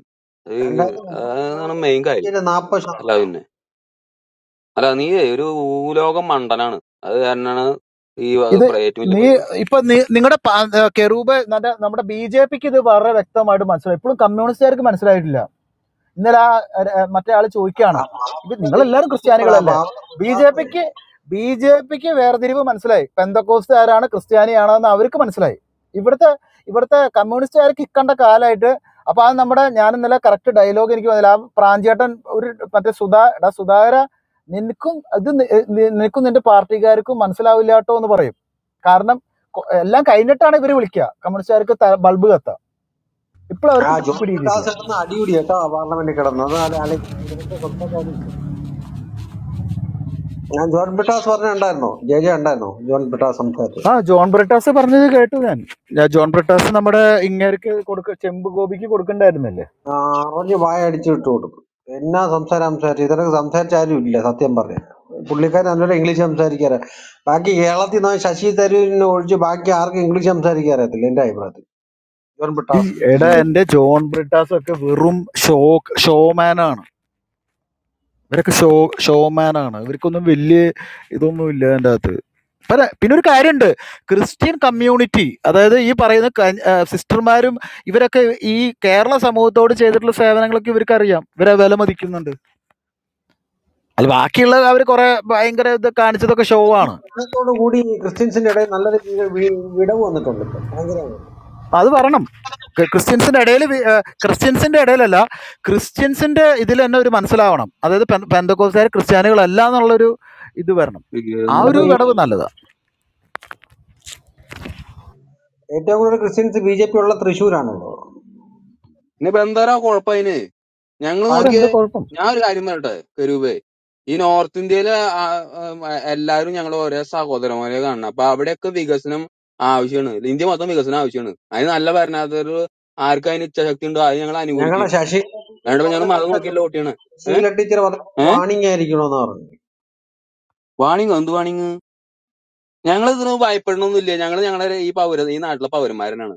Speaker 11: ഈ
Speaker 15: രണ്ടായിരത്തി
Speaker 11: അതാണ് മെയിൻ കാര്യം
Speaker 15: മുപ്പത്തി നാപ്പത്
Speaker 11: അല്ല പിന്നെ അല്ല നീ ഒരു ഭൂലോകം മണ്ടനാണ് അത് കാരണാണ് ഈ വ-
Speaker 10: ഇത്
Speaker 11: പ്ര- ഏറ്റവും വലിയ
Speaker 10: നീ ഇപ്പൊ നിങ്ങളുടെ കെറൂബ് നല്ല നമ്മുടെ ബി ജെ പിക്ക് ഇത് വളരെ വ്യക്തമായിട്ട് മനസ്സിലായി ഇപ്പോഴും കമ്മ്യൂണിസ്റ്റുകാർക്ക് മനസ്സിലായിട്ടില്ല ഇന്നലെ ആ അര- അ, മറ്റേ ആള് ചോദിക്കുകയാണ് ഇപ്പൊ നിങ്ങളെല്ലാവരും
Speaker 15: ഡിസംബർ ആ
Speaker 10: ക്രിസ്ത്യാനികളല്ലേ
Speaker 15: പാവം
Speaker 10: ബി ജെ
Speaker 15: വികാസ്
Speaker 10: പിക്ക് ബി ജെ പിക്ക് വേർതിരിവ് മനസ്സിലായി പെന്തക്കോസ്റ്റുകാരാണ് ക്രിസ്ത്യാനിയാണോ എന്ന് അവർക്ക് മനസ്സിലായി ഇവിടുത്തെ ഇവിടുത്തെ കമ്മ്യൂണിസ്റ്റുകാർക്ക് ഇക്കണ്ട കാലമായിട്ട് അപ്പൊ അത് നമ്മുടെ ഞാൻ ഇന്നലെ കറക്റ്റ് ഡയലോഗ് എനിക്ക് വന്നില്ല ആ പ്രാഞ്ചേട്ടൻ ഒരു മറ്റേ സുധാ എടാ സുധാകര നിനക്കും ഇത് നി- നി- നിനക്കും നിന്റെ പാർട്ടിക്കാർക്കും മനസ്സിലാവില്ലാട്ടോ എന്ന് പറയും കാരണം കൊ- എല്ലാം കഴിഞ്ഞിട്ടാണ് ഇവര് വിളിക്കുക കമ്മ്യൂണിസ്റ്റുകാർക്ക് ത- ബൾബ് കത്താം ഇപ്പോൾ
Speaker 15: ആ
Speaker 10: അവർക്ക് പി-
Speaker 15: ജോൺ വികാസ്
Speaker 10: പിടികിട്ടിയിട്ടില്ല
Speaker 15: കിടന്ന് അടിയുടി കേട്ടോ പാർലമെന്റിൽ കിടന്നത് അത് ആലോചി- ഇതിനൊക്കെ സംസാരിക്കാനില്ല. ഞാൻ ജോൺ ബിട്ടാസ് പറഞ്ഞ ഉണ്ടായിരുന്നോ ജെ ജെ ഉണ്ടായിരുന്നോ ജോൺ ബിട്ടാസ് സംസാരിച്ചു
Speaker 10: ആ ജോൺ ബ്രിട്ടാസ് പറഞ്ഞത് കേട്ടു ഞാൻ ഞാൻ ജോൺ ബ്രിട്ടാസ് നമ്മുടെ ഇങ്ങേർക്ക് കൊടുക്ക ചെമ്പ് ഗോപിക്ക് കൊടുക്കണ്ടായിരുന്നില്ലേ
Speaker 15: ആ, അറിഞ്ഞ് വായ അടിച്ച് വിട്ടു കൊടുക്കും എന്നാ സംസാരം സംസാരിച്ചു ഇതൊക്കെ സംസാരിച്ചാലും ഇല്ല സത്യം പറഞ്ഞ പുള്ളിക്കാരൻ നല്ലൊരു ഇംഗ്ലീഷ് സംസാരിക്കാറ് ബാക്കി കേരളത്തിൽ നിന്ന് ശശി തരൂരിനെ ഒഴിച്ച് ബാക്കി ആർക്കും ഇംഗ്ലീഷ് സംസാരിക്കാൻ അറിയത്തില്ല എന്റെ അഭിപ്രായത്തിൽ ജോൺ
Speaker 10: ഈ
Speaker 15: പിട്ടാസും ശശി
Speaker 10: എടാ എന്റെ
Speaker 15: തരൂരും
Speaker 10: ജോൺ ബ്രിട്ടാസ് ഒക്കെ വെറും ഷോ ഷോമാൻ ആണ് ഇവരൊക്കെ ഷോ ഷോമാൻ ആണ് ഇവർക്കൊന്നും വലിയ ഇതൊന്നും ഇല്ല എൻ്റെ അകത്ത് പിന്നെ പിന്നെ ഒരു കാര്യമുണ്ട് ക്രിസ്ത്യൻ കമ്മ്യൂണിറ്റി അതായത് ഈ പറയുന്ന ക- ആ, സിസ്റ്റർമാരും ഇവരൊക്കെ ഈ കേരള സമൂഹത്തോട് ചെയ്തിട്ടുള്ള സേവനങ്ങളൊക്കെ ഇവർക്ക് അറിയാം ഇവരെ വില മതിക്കുന്നുണ്ട് അല്ല ബാക്കിയുള്ളത് അവർ കുറേ ഭയങ്കര ഇത് കാണിച്ചതൊക്കെ ഷോ ആണ്
Speaker 15: അതിനോട് കൂടി ക്രിസ്ത്യൻസിന്റെ ഇടയിൽ നല്ലൊരു വി- വി- വിടവ് വന്നിട്ടുണ്ട് ഇപ്പം. ഭയങ്കര
Speaker 10: അത് പറയണം ക്രി- ക്രിസ്ത്യൻസിൻ്റെ ഇടയിൽ ക്രിസ്ത്യൻസിൻ്റെ ഇടയിലല്ല ക്രിസ്ത്യൻസിൻ്റെ ഇതിൽ തന്നെ ഒരു മനസ്സിലാവണം അതായത് പെൻ പെന്തക്കോസ്തുകാർ ക്രിസ്ത്യാനികളല്ല എന്നുള്ളൊരു ഇത് വരണം ആ
Speaker 15: അതിലപ്പോ
Speaker 10: ഒരു
Speaker 11: പ്രശ്നം
Speaker 15: ഈ
Speaker 10: വിടവ് നല്ലതാണ്
Speaker 15: ഏറ്റവും കൂടുതൽ ക്രിസ്ത്യൻസ് ബി ജെ പി ഉള്ള തൃശ്ശൂരാണല്ലോ
Speaker 11: ഇനിയിപ്പോ എന്തായാലും ആ കുഴപ്പതിന് ഞങ്ങള്
Speaker 10: ഇപ്പം
Speaker 11: നോക്കിയേ
Speaker 15: കാരണം
Speaker 10: എന്താ കുഴപ്പം
Speaker 11: ഞാൻ ഒരു കാര്യം പറയട്ടെ കരൂപേ ഈ നോർത്ത് ഇന്ത്യയിലെ ആ, ആ, എല്ലാവരും ഞങ്ങൾ ഒരേ സഹോദരന്മാരെ കാണണം അപ്പൊ അവിടെയൊക്കെ വികസനം ആവശ്യമാണ് ഇന്ത്യ മൊത്തം വികസനം ആവശ്യമാണ് അതിന് നല്ല ഭരണാധികാരികൾ ആർക്ക് അതിന് ഇച്ഛാശക്തി ഉണ്ടോ അത് ഞങ്ങൾ
Speaker 15: ഞങ്ങളുടെ
Speaker 11: അനുകൂലിക്കും
Speaker 15: ശശി
Speaker 11: അതുകൊണ്ട് ഞങ്ങൾ
Speaker 15: പറഞ്ഞു
Speaker 11: മതം
Speaker 15: കേട്ടല്ലോ
Speaker 11: നോക്കിയല്ലോ വോട്ടിയാണ് ഏഹ്
Speaker 15: ശീല ടീച്ചർ പറഞ്ഞ
Speaker 11: ഏഹ്
Speaker 15: വാണിംഗ് ആയിരിക്കണോന്ന് പറഞ്ഞു
Speaker 11: വാണിങ് എന്ത് വാണിങ് ഞങ്ങൾ ഇതിന് ഭയപ്പെടണമൊന്നുമില്ല ഞങ്ങൾ ഞങ്ങളുടെ ഈ പൗര ഈ നാട്ടിലെ പൗരന്മാരനാണ്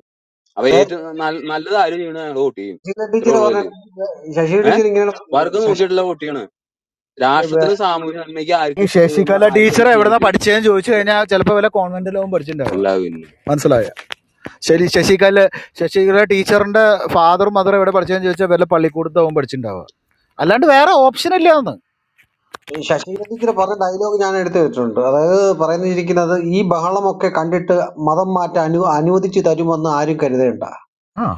Speaker 11: അപ്പൊ
Speaker 15: അതായത്
Speaker 11: ഏറ്റവും നല്ല- നല്ലത് ആരും ചെയ്യണത് ഞങ്ങൾ വോട്ട് ചെയ്യും
Speaker 15: ശശീന്ദ്രൻ
Speaker 11: ഇത്രേ
Speaker 15: ടീച്ചർ
Speaker 11: ഉള്ളതില്
Speaker 15: പറഞ്ഞ ശശി
Speaker 11: ഏഹ്
Speaker 15: ടീച്ചർ ഇങ്ങനെയാണ് പറഞ്ഞിരിക്കുന്നത്.
Speaker 11: വർക്ക്
Speaker 15: ശശി
Speaker 11: നോക്കിയിട്ടുള്ള വോട്ട് ചെയ്യണം
Speaker 15: വേ-
Speaker 11: രാഷ്ട്രത്തിന് സാമൂഹ്യ നന്മയ്ക്ക്
Speaker 10: ഈ
Speaker 11: ആർക്ക് ഏഹ്
Speaker 10: ശശികല
Speaker 11: ആർക്ക് എന്ത്
Speaker 10: ടീച്ചർ
Speaker 11: ചെയ്യാൻ
Speaker 10: എവിടെന്നാ
Speaker 11: പറ്റും
Speaker 10: പഠിച്ചതെന്ന് ചോദിച്ചു
Speaker 11: അല്ല
Speaker 10: കഴിഞ്ഞാൽ ചിലപ്പോൾ വല്ല കോൺവെന്റിലാവും പഠിച്ചിട്ടുണ്ടാവുക
Speaker 11: അല്ല പിന്നെ
Speaker 10: മനസ്സിലായ ശരി ശശികല ശശികല ടീച്ചറിന്റെ ഫാദർ മദർ എവിടെ പഠിച്ചതെന്ന് ചോദിച്ചാൽ വല്ല പള്ളിക്കൂടത്താവും പഠിച്ചിട്ടുണ്ടാവുക അല്ലാണ്ട് വേറെ ഓപ്ഷൻ ഇല്ല എന്ന്
Speaker 15: ശശീന്ദ്രൻ ടീച്ചർ പറഞ്ഞ ഡയലോഗ് ഞാൻ എടുത്തു വെച്ചിട്ടുണ്ട് അതായത് പറയുന്നിരിക്കുന്നത് ഈ ബഹളമൊക്കെ കണ്ടിട്ട് മതം മാറ്റാൻ അനു അനുവദിച്ചു തരുമെന്ന് ആരും കരുതേണ്ട
Speaker 10: ആ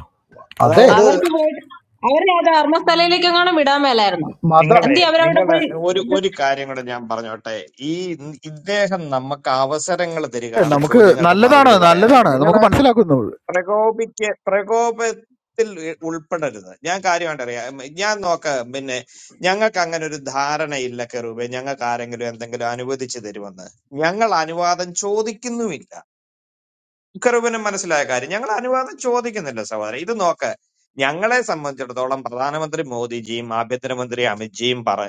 Speaker 10: അതെ
Speaker 15: അതായത്
Speaker 5: അവർക്ക് പോയിട്ട് അവരെ ആ ധർമ്മസ്ഥലയിലേക്കെങ്ങാനും വിടാൻ മേലായിരുന്നു
Speaker 10: മത
Speaker 16: നിങ്ങളെ
Speaker 5: എന്തി അവരവിടെ
Speaker 16: നിങ്ങളെ
Speaker 5: പോയി
Speaker 16: ഒരു ഒരു കാര്യം കൂടെ ഞാൻ പറഞ്ഞോട്ടെ ഈ ഇദ്ദേഹം നമുക്ക് അവസരങ്ങൾ
Speaker 10: ഏ,
Speaker 16: തരികയാണ്
Speaker 10: നമുക്ക്
Speaker 16: ചോദ്യങ്ങൾക്ക്
Speaker 10: നല്ലതാണ്
Speaker 16: മറുപടി പറയാനായിട്ട്
Speaker 10: നല്ലതാണ്
Speaker 16: നിങ്ങൾ
Speaker 10: നമുക്ക് മനസ്സിലാക്കുന്നു
Speaker 16: പ്രകോപിക്ക് പ്രകോപത്തിൽ ഉൾപ്പെടരുത് ഞാൻ കാര്യമായിട്ട് അറിയാം ഞാൻ നോക്ക പിന്നെ ഞങ്ങൾക്ക് അങ്ങനെ ഒരു ധാരണയില്ല കെറൂബെ ഞങ്ങൾക്ക് ആരെങ്കിലും എന്തെങ്കിലും അനുവദിച്ചു തരുമെന്ന് ഞങ്ങൾ അനുവാദം ചോദിക്കുന്നുമില്ല കെറൂബിന് മനസ്സിലായ കാര്യം ഞങ്ങൾ അനുവാദം ചോദിക്കുന്നില്ല സഹോദരൻ ഇത് നോക്ക ഞങ്ങളെ സംബന്ധിച്ചിടത്തോളം പ്രധാനമന്ത്രി മോദിജിയും ആഭ്യന്തരമന്ത്രി അമിത്ജിയും പറ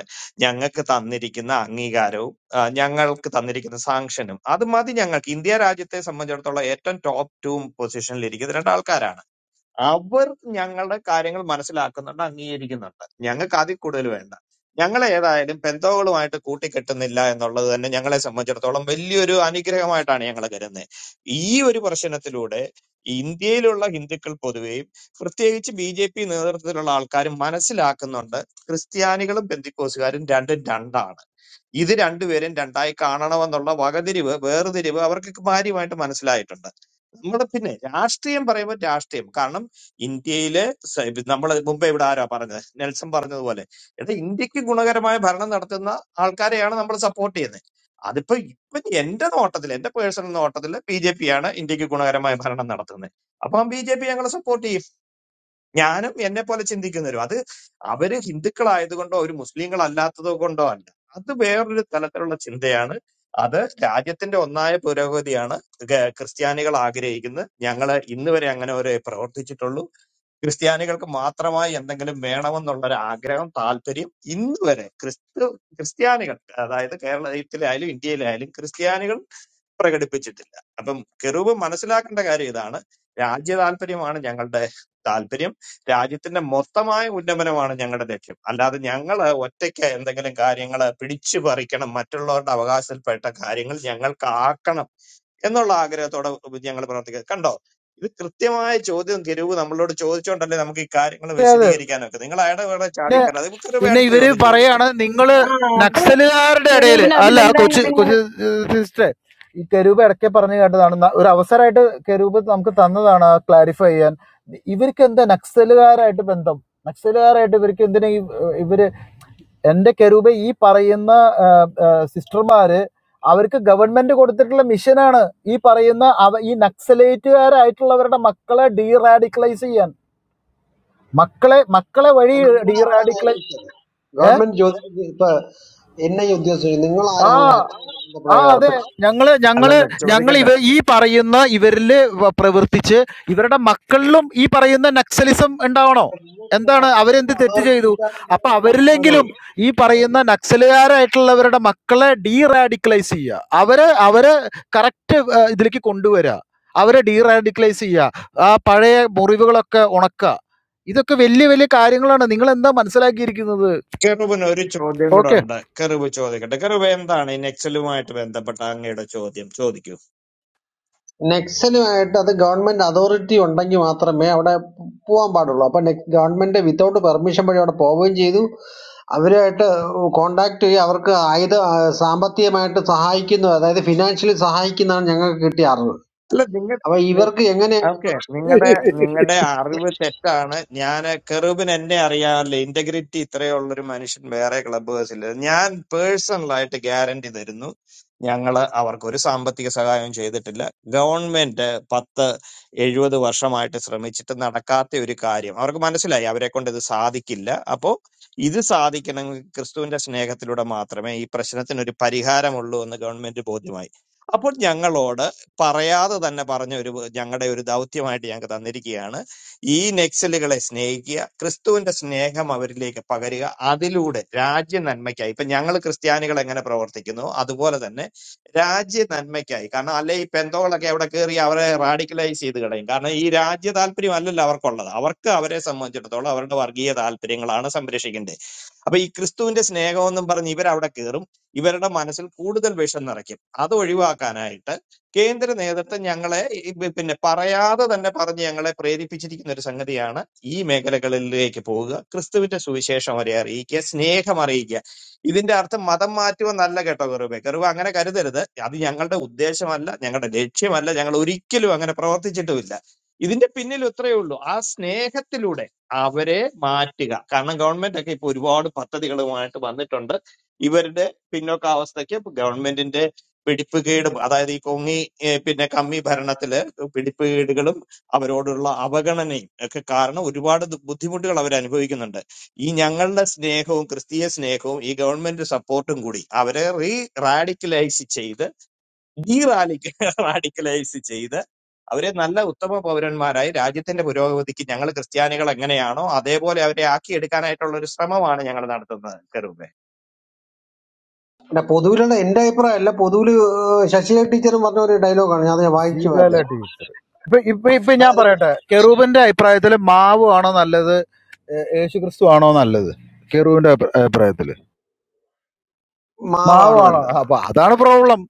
Speaker 16: ഞങ്ങൾക്ക് തന്നിരിക്കുന്ന അംഗീകാരവും ആ, ഞങ്ങൾക്ക് തന്നിരിക്കുന്ന സാങ്ഷനും അത് മതി ഞങ്ങൾക്ക് ഇന്ത്യ രാജ്യത്തെ സംബന്ധിച്ചിടത്തോളം ഏറ്റവും ടോപ്പ് ടു പൊസിഷനിൽ ഇരിക്കുന്ന രണ്ടാൾക്കാരാണ് അവർ ഞങ്ങളുടെ കാര്യങ്ങൾ മനസ്സിലാക്കുന്നുണ്ട് അംഗീകരിക്കുന്നുണ്ട് ഞങ്ങൾക്ക് അതിൽ കൂടുതൽ വേണ്ട ഞങ്ങൾ ഏതായാലും പെന്തോകളുമായിട്ട് കൂട്ടിക്കെട്ടുന്നില്ല എന്നുള്ളത് തന്നെ ഞങ്ങളെ സംബന്ധിച്ചിടത്തോളം വലിയൊരു അനുഗ്രഹമായിട്ടാണ് ഞങ്ങൾ കരുതുന്നത് ഈ ഒരു പ്രശ്നത്തിലൂടെ ഇന്ത്യയിലുള്ള ഹിന്ദുക്കൾ പൊതുവെയും പ്രത്യേകിച്ച് ബി ജെ പി നേതൃത്വത്തിലുള്ള ആൾക്കാരും മനസ്സിലാക്കുന്നുണ്ട് ക്രിസ്ത്യാനികളും ബന്ധുക്കോസുകാരും രണ്ടും രണ്ടാണ് ഇത് രണ്ടുപേരും രണ്ടായി കാണണമെന്നുള്ള വകതിരിവ് വേർതിരിവ് അവർക്ക് കാര്യമായിട്ട് മനസ്സിലായിട്ടുണ്ട് നമ്മൾ പിന്നെ രാഷ്ട്രീയം പറയുമ്പോൾ രാഷ്ട്രീയം കാരണം ഇന്ത്യയിലെ നമ്മൾ മുമ്പേ ഇവിടെ ആരാ പറഞ്ഞത് നെൽസൺ പറഞ്ഞതുപോലെ എടാ ഇന്ത്യക്ക് ഗുണകരമായ ഭരണം നടത്തുന്ന ആൾക്കാരെയാണ് നമ്മൾ സപ്പോർട്ട് ചെയ്യുന്നത് അതിപ്പോ ഇപ്പൊ എന്റെ നോട്ടത്തിൽ എന്റെ പേഴ്സണൽ നോട്ടത്തിൽ ബി ജെ പി ആണ് ഇന്ത്യക്ക് ഗുണകരമായ ഭരണം നടത്തുന്നത് അപ്പം ബി ജെ പി ഞങ്ങൾ സപ്പോർട്ട് ഞാനും എന്നെ പോലെ ചിന്തിക്കുന്നവരും അത് അവര് ഹിന്ദുക്കളായതുകൊണ്ടോ ഒരു മുസ്ലിങ്ങളല്ലാത്തതോ കൊണ്ടോ അല്ല അത് വേറൊരു തലത്തിലുള്ള ചിന്തയാണ് അത് രാജ്യത്തിന്റെ ഒന്നായ പുരോഗതിയാണ് ക- ക്രിസ്ത്യാനികൾ ആഗ്രഹിക്കുന്നത് ഞങ്ങൾ ഇന്ന് വരെ അങ്ങനെ ഒരു പ്രവർത്തിച്ചിട്ടുള്ളൂ ക്രിസ്ത്യാനികൾക്ക് മാത്രമായി എന്തെങ്കിലും വേണമെന്നുള്ള ഒരു ആഗ്രഹം താല്പര്യം ഇന്ന് വരെ ക്രിസ്തു ക്രിസ്ത്യാനികൾ അതായത് കേരളത്തിലായാലും ഇന്ത്യയിലായാലും ക്രിസ്ത്യാനികൾ പ്രകടിപ്പിച്ചിട്ടില്ല അപ്പം കെറൂബ് മനസ്സിലാക്കേണ്ട കാര്യം ഇതാണ് രാജ്യ താല്പര്യമാണ് ഞങ്ങളുടെ താല്പര്യം രാജ്യത്തിന്റെ മൊത്തമായ ഉന്നമനമാണ് ഞങ്ങളുടെ ലക്ഷ്യം അല്ലാതെ ഞങ്ങൾ ഒറ്റയ്ക്ക് എന്തെങ്കിലും കാര്യങ്ങൾ പിടിച്ചു പറിക്കണം മറ്റുള്ളവരുടെ അവകാശത്തിൽപ്പെട്ട കാര്യങ്ങൾ ഞങ്ങൾക്ക് ആക്കണം എന്നുള്ള ആഗ്രഹത്തോടെ ഞങ്ങൾ പ്രവർത്തിക്കുക കണ്ടോ ഇത് കൃത്യമായ ചോദ്യം തിരുവ് നമ്മളോട് ചോദിച്ചോണ്ടല്ലേ നമുക്ക് ഈ കാര്യങ്ങൾ
Speaker 10: അതെ അതെ
Speaker 16: വിശദീകരിക്കാനൊക്കെ നിങ്ങൾ അയാളുടെ വേറെ
Speaker 10: പിന്നെ
Speaker 16: ചാടിക്കറ അത് കെറുബ്
Speaker 10: പിന്നെ
Speaker 16: അടുത്ത
Speaker 10: ഇവര്
Speaker 16: ചോദ്യം ചോദിക്കും
Speaker 10: പറയാണ് നിങ്ങള്
Speaker 5: അപ്പൊ
Speaker 10: നക്സലുകാരുടെ ഇടയില്
Speaker 5: ശരൂപിന്
Speaker 10: അല്ല കൊച്ചു
Speaker 5: അഭിനന്ദനങ്ങൾ
Speaker 10: കൊച്ചു സിസ്റ്ററെ ഈ കരൂപ് ഇടയ്ക്ക് പറഞ്ഞു കേട്ടതാണ് ന- ഒരു അവസരമായിട്ട് കരൂപ് നമുക്ക് തന്നതാണ് ക്ലാരിഫൈ ചെയ്യാൻ ഇവർക്ക് എന്താ നക്സലുകാരായിട്ട് ബന്ധം നക്സലുകാരായിട്ട് ഇവർക്ക് എന്തിനാ ഈ, ഏ, ഇവര് എന്റെ കരൂപ ഈ പറയുന്ന ഏ, ഏ, സിസ്റ്റർമാര് അവർക്ക് ഗവൺമെന്റ് കൊടുത്തിട്ടുള്ള മിഷനാണ് ഈ പറയുന്ന അവ ഈ നക്സലേറ്റുകാരായിട്ടുള്ളവരുടെ മക്കളെ ഡീറാഡിക്കലൈസ് ചെയ്യാൻ മക്കളെ മക്കളെ വഴി
Speaker 15: നിങ്ങൾ ആരാണ്
Speaker 10: ഡീറാഡിക്കളെ
Speaker 15: ഏൽപ്പിച്ചത്
Speaker 10: ഏ
Speaker 15: ഗവൺമെന്റ് ചോദിച്ചത് ഇപ്പൊ എന്നെ ഉദ്യോഗസ്ഥ നിങ്ങൾ
Speaker 10: ആ
Speaker 15: ആരാണ്
Speaker 10: ആ അതെ
Speaker 15: ഏർപ്പിച്ചത്?
Speaker 10: ഞങ്ങള് ഞങ്ങള്
Speaker 16: അല്ലല്ല
Speaker 10: ഞങ്ങൾ
Speaker 16: ചോദിക്കട്ടെ
Speaker 10: ഇവ ഈ പറയുന്ന ഇവരില് വ- പ്രവർത്തിച്ച് ഇവരുടെ മക്കളിലും ഈ പറയുന്ന നക്സലിസം ഉണ്ടാവണോ എന്താണ് അവരെന്ത് തെറ്റ്
Speaker 15: അതോറിറ്റി
Speaker 10: ചെയ്തു
Speaker 15: ഇല്ലാതെ നിങ്ങൾ
Speaker 10: അപ്പൊ
Speaker 15: എന്തിനാണ് പോയത്
Speaker 10: അവരിലെങ്കിലും ഈ പറയുന്ന നക്സലുകാരായിട്ടുള്ളവരുടെ മക്കളെ ഡീറാഡിക്കലൈസ് ചെയ്യുക അവരെ അവരെ കറക്റ്റ് ഇതിലേക്ക് കൊണ്ടുവരിക അവരെ ഡീറാഡിക്കലൈസ് ചെയ്യുക ആ പഴയ മുറിവുകളൊക്കെ ഉണക്കുക ഇതൊക്കെ വലിയ വലിയ കാര്യങ്ങളാണ് നിങ്ങൾ എന്താ മനസ്സിലാക്കിയിരിക്കുന്നത്
Speaker 16: കെറുബിന് ഒരു ചോദ്യം കൂടെ
Speaker 10: ഓക്കെ
Speaker 16: ഉണ്ട് കെറുബ് ചോദിക്കട്ടെ കെറുബ് എന്താണ് ഈ നെക്സലുമായിട്ട് ബന്ധപ്പെട്ട അങ്ങയുടെ ചോദ്യം ചോദിക്കൂ
Speaker 15: നെക്സലുമായിട്ട് അത് ഗവൺമെന്റ് അതോറിറ്റി ഉണ്ടെങ്കിൽ മാത്രമേ അവിടെ പോ- പോകാൻ പാടുള്ളൂ അപ്പൊ ഗവൺമെന്റ് വിത്തൗട്ട് പെർമിഷൻ വഴി അവിടെ പോവുകയും ചെയ്തു അവരുമായിട്ട് കോണ്ടാക്ട് ചെയ്യുക അവർക്ക് ആയുധ ആ, സാമ്പത്തികമായിട്ട് സഹായിക്കുന്നു അതായത് ഫിനാൻഷ്യലി സഹായിക്കുന്നതാണ് ഞങ്ങൾക്ക് കിട്ടിയ അറിവ്
Speaker 16: അല്ല
Speaker 15: അപ്പൊ
Speaker 16: നിങ്ങൾ
Speaker 15: ഇവർക്ക് എങ്ങനെ
Speaker 16: ഓക്കെ നിങ്ങളുടെ നിങ്ങളുടെ അറിവ് തെറ്റാണ് ഞാൻ കെറൂബിൻ എന്നെ അറിയാമല്ലോ ഇന്റഗ്രിറ്റി ഇത്രയുള്ള ഒരു മനുഷ്യൻ വേറെ ക്ലബ് ഹൗസില്ല ഞാൻ പേഴ്സണലായിട്ട് ഗ്യാരണ്ടി തരുന്നു ഞങ്ങള് അവർക്കൊരു സാമ്പത്തിക സഹായം ചെയ്തിട്ടില്ല ഗവൺമെന്റ് പത്ത് എഴുപത് വർഷമായിട്ട് ശ്രമിച്ചിട്ട് നടക്കാത്ത ഒരു കാര്യം അവർക്ക് മനസ്സിലായി അവരെ കൊണ്ട് ഇത് സാധിക്കില്ല അപ്പോ ഇത് സാധിക്കണമെങ്കിൽ ക്രിസ്തുവിന്റെ സ്നേഹത്തിലൂടെ മാത്രമേ ഈ പ്രശ്നത്തിന് ഒരു പരിഹാരമുള്ളൂ എന്ന് ഗവൺമെന്റ് ബോധ്യമായി അപ്പോൾ ഞങ്ങളോട് പറയാതെ തന്നെ പറഞ്ഞ ഒരു ഞങ്ങളുടെ ഒരു ദൗത്യമായിട്ട് ഞങ്ങൾക്ക് തന്നിരിക്കുകയാണ് ഈ നെക്സലുകളെ സ്നേഹിക്കുക ക്രിസ്തുവിന്റെ സ്നേഹം അവരിലേക്ക് പകരുക അതിലൂടെ രാജ്യ നന്മയ്ക്കായി ഇപ്പൊ ഞങ്ങൾ ക്രിസ്ത്യാനികൾ എങ്ങനെ പ്രവർത്തിക്കുന്നു അതുപോലെ തന്നെ രാജ്യ നന്മയ്ക്കായി കാരണം അല്ലെ ഈ പെന്തോളൊക്കെ അവിടെ കയറി അവരെ റാഡിക്കലൈസ് ചെയ്ത് കളയും കാരണം ഈ രാജ്യ താല്പര്യം അല്ലല്ലോ അവർക്കുള്ളത് അവർക്ക് അവരെ സംബന്ധിച്ചിടത്തോളം അവരുടെ വർഗീയ താല്പര്യങ്ങളാണ് സംരക്ഷിക്കേണ്ടത് അപ്പൊ ഈ ക്രിസ്തുവിന്റെ സ്നേഹം എന്നും പറഞ്ഞ് ഇവരവിടെ കയറും ഇവരുടെ മനസ്സിൽ കൂടുതൽ വിഷം നിറയ്ക്കും അത് ഒഴിവാക്കാനായിട്ട് കേന്ദ്ര നേതൃത്വം ഞങ്ങളെ ഈ പിന്നെ പറയാതെ തന്നെ പറഞ്ഞ് ഞങ്ങളെ പ്രേരിപ്പിച്ചിരിക്കുന്ന ഒരു സംഗതിയാണ് ഈ മേഖലകളിലേക്ക് പോവുക ക്രിസ്തുവിന്റെ സുവിശേഷം വരെ അറിയിക്കുക സ്നേഹം അറിയിക്കുക ഇതിന്റെ അർത്ഥം മതം മാറ്റുമെന്നല്ല കേട്ടോ കറുവേ കറുവ അങ്ങനെ കരുതരുത് അത് ഞങ്ങളുടെ ഉദ്ദേശമല്ല ഞങ്ങളുടെ ലക്ഷ്യമല്ല ഞങ്ങൾ ഒരിക്കലും അങ്ങനെ പ്രവർത്തിച്ചിട്ടുമില്ല ഇതിന്റെ പിന്നിൽ ഇത്രയേ ഉള്ളൂ ആ സ്നേഹത്തിലൂടെ അവരെ മാറ്റുക കാരണം ഗവൺമെന്റ് ഒക്കെ ഇപ്പൊ ഒരുപാട് പദ്ധതികളുമായിട്ട് വന്നിട്ടുണ്ട് ഇവരുടെ പിന്നോക്കാവസ്ഥയ്ക്ക് ഗവൺമെന്റിന്റെ പിടിപ്പുകേടും അതായത് ഈ കൊങ്ങി ഏ, പിന്നെ കമ്മി ഭരണത്തില് പിടിപ്പുകേടുകളും അവരോടുള്ള അവഗണനയും ഒക്കെ കാരണം ഒരുപാട് ദു- ബുദ്ധിമുട്ടുകൾ അവർ അനുഭവിക്കുന്നുണ്ട് ഈ ഞങ്ങളുടെ സ്നേഹവും ക്രിസ്തീയ സ്നേഹവും ഈ ഗവൺമെന്റ് സപ്പോർട്ടും കൂടി അവരെ റീ റാഡിക്കലൈസ് ചെയ്ത് ഡീ റാലിക്ക് റാഡിക്കലൈസ് ചെയ്ത് അവരെ നല്ല ഉത്തമ പൗരന്മാരായി രാജ്യത്തിന്റെ പുരോഗതിക്ക് ഞങ്ങൾ ക്രിസ്ത്യാനികൾ എങ്ങനെയാണോ അതേപോലെ അവരെ ആക്കിയെടുക്കാനായിട്ടുള്ള ഒരു ശ്രമമാണ് ഞങ്ങൾ നടത്തുന്നത് കരുവെ
Speaker 15: പിന്നെ പൊതുവിലുള്ള എന്റെ അഭിപ്രായമല്ല പൊതുവിൽ ശശികല ടീച്ചറും പറഞ്ഞ ഒരു ഡയലോഗാണ് ഞാൻ അത് വായിച്ചു
Speaker 10: ശ്രീകാല
Speaker 15: പറഞ്ഞത്
Speaker 10: ടീച്ചർ ഇപ്പൊ ഇപ്പൊ ഇപ്പൊ ഞാൻ
Speaker 15: അതായത്
Speaker 10: പറയട്ടെ കെറൂബിന്റെ അഭിപ്രായത്തിൽ മാവ് ആണോ നല്ലത് യേശു ക്രിസ്തു ആണോ നല്ലത് കെറൂബിന്റെ അഭി- അഭിപ്രായത്തില് മാവ്
Speaker 15: മാവാണ്
Speaker 10: ആണോ
Speaker 15: നല്ലത്
Speaker 10: അപ്പൊ അതാണ് പ്രോബ്ലം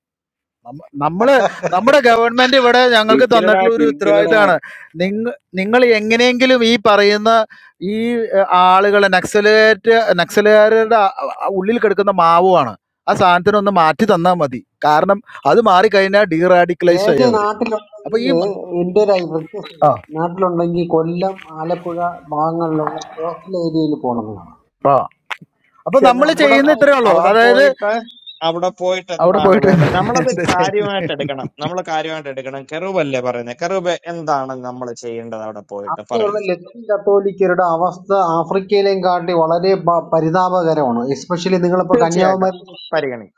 Speaker 10: നമ്മള് നമ്മുടെ ഗവൺമെന്റ് ഇവിടെ ഞങ്ങൾക്ക്
Speaker 11: തിരിക്കലടാ
Speaker 10: തന്നിട്ടുള്ള ഒരു
Speaker 11: തിരിക്കലടാ
Speaker 10: ഉത്തരവാദിത്തമാണ് നിങ്ങൾ നിങ്ങൾ എങ്ങനെയെങ്കിലും ഈ പറയുന്ന ഈ ആളുകളെ നക്സലേറ്റ് നക്സലുകാരുടെ ആ- ആ ഉള്ളിൽ കിടക്കുന്ന മാവുമാണ് ആ സാധനത്തിനൊന്ന് മാറ്റി തന്നാൽ മതി കാരണം അത് മാറിക്കഴിഞ്ഞാൽ ഡീറാഡിക്കലൈസ് ആയി
Speaker 15: ഏജ്
Speaker 10: അവര് അപ്പൊ
Speaker 15: നാട്ടിലുണ്ടെങ്കിൽ
Speaker 10: ഈ
Speaker 15: എന്റെ ഒരു റിക്വസ്റ്റ്
Speaker 10: ആ
Speaker 15: നാട്ടിലുണ്ടെങ്കിൽ കൊല്ലം ആലപ്പുഴ ഭാഗങ്ങളിലുള്ള കോസ്റ്റൽ ഏരിയയിൽ പോകണമെന്നാണ്
Speaker 10: ആ അപ്പൊ നമ്മൾ
Speaker 16: ചെന്നിട്ട്
Speaker 10: ചെയ്യുന്ന
Speaker 15: അവിടത്തെ
Speaker 16: അ-
Speaker 10: ഇത്രേ ഉള്ളൂ
Speaker 16: അവിടെ
Speaker 10: അതായത്
Speaker 16: പോയിട്ട് അവിടെ പോയിട്ട്
Speaker 10: അവിടെ
Speaker 16: എന്താണ്
Speaker 10: പോയിട്ട്
Speaker 16: വേണ്ടത് നമ്മളത്
Speaker 10: എന്താ ചെയ്യണേ
Speaker 16: കാര്യമായിട്ട് എടുക്കണം നമ്മൾ കാര്യമായിട്ട് എടുക്കണം കെറൂബല്ലേ പറയുന്നത് കെറൂബ് എന്താണ് നമ്മൾ ചെയ്യേണ്ടത് അവിടെ പോയിട്ട്
Speaker 15: അവിടെയുള്ള
Speaker 16: പറയും
Speaker 15: ലത്തീൻ കത്തോലിക്കരുടെ അവസ്ഥ ആഫ്രിക്കയിലേയും കാട്ടി വളരെ പ- പരിതാപകരമാണ് എസ്പെഷ്യലി നിങ്ങളിപ്പോ
Speaker 16: തീർച്ചയായിട്ടും
Speaker 15: കന്യാകുമാരി
Speaker 16: പരിഗണി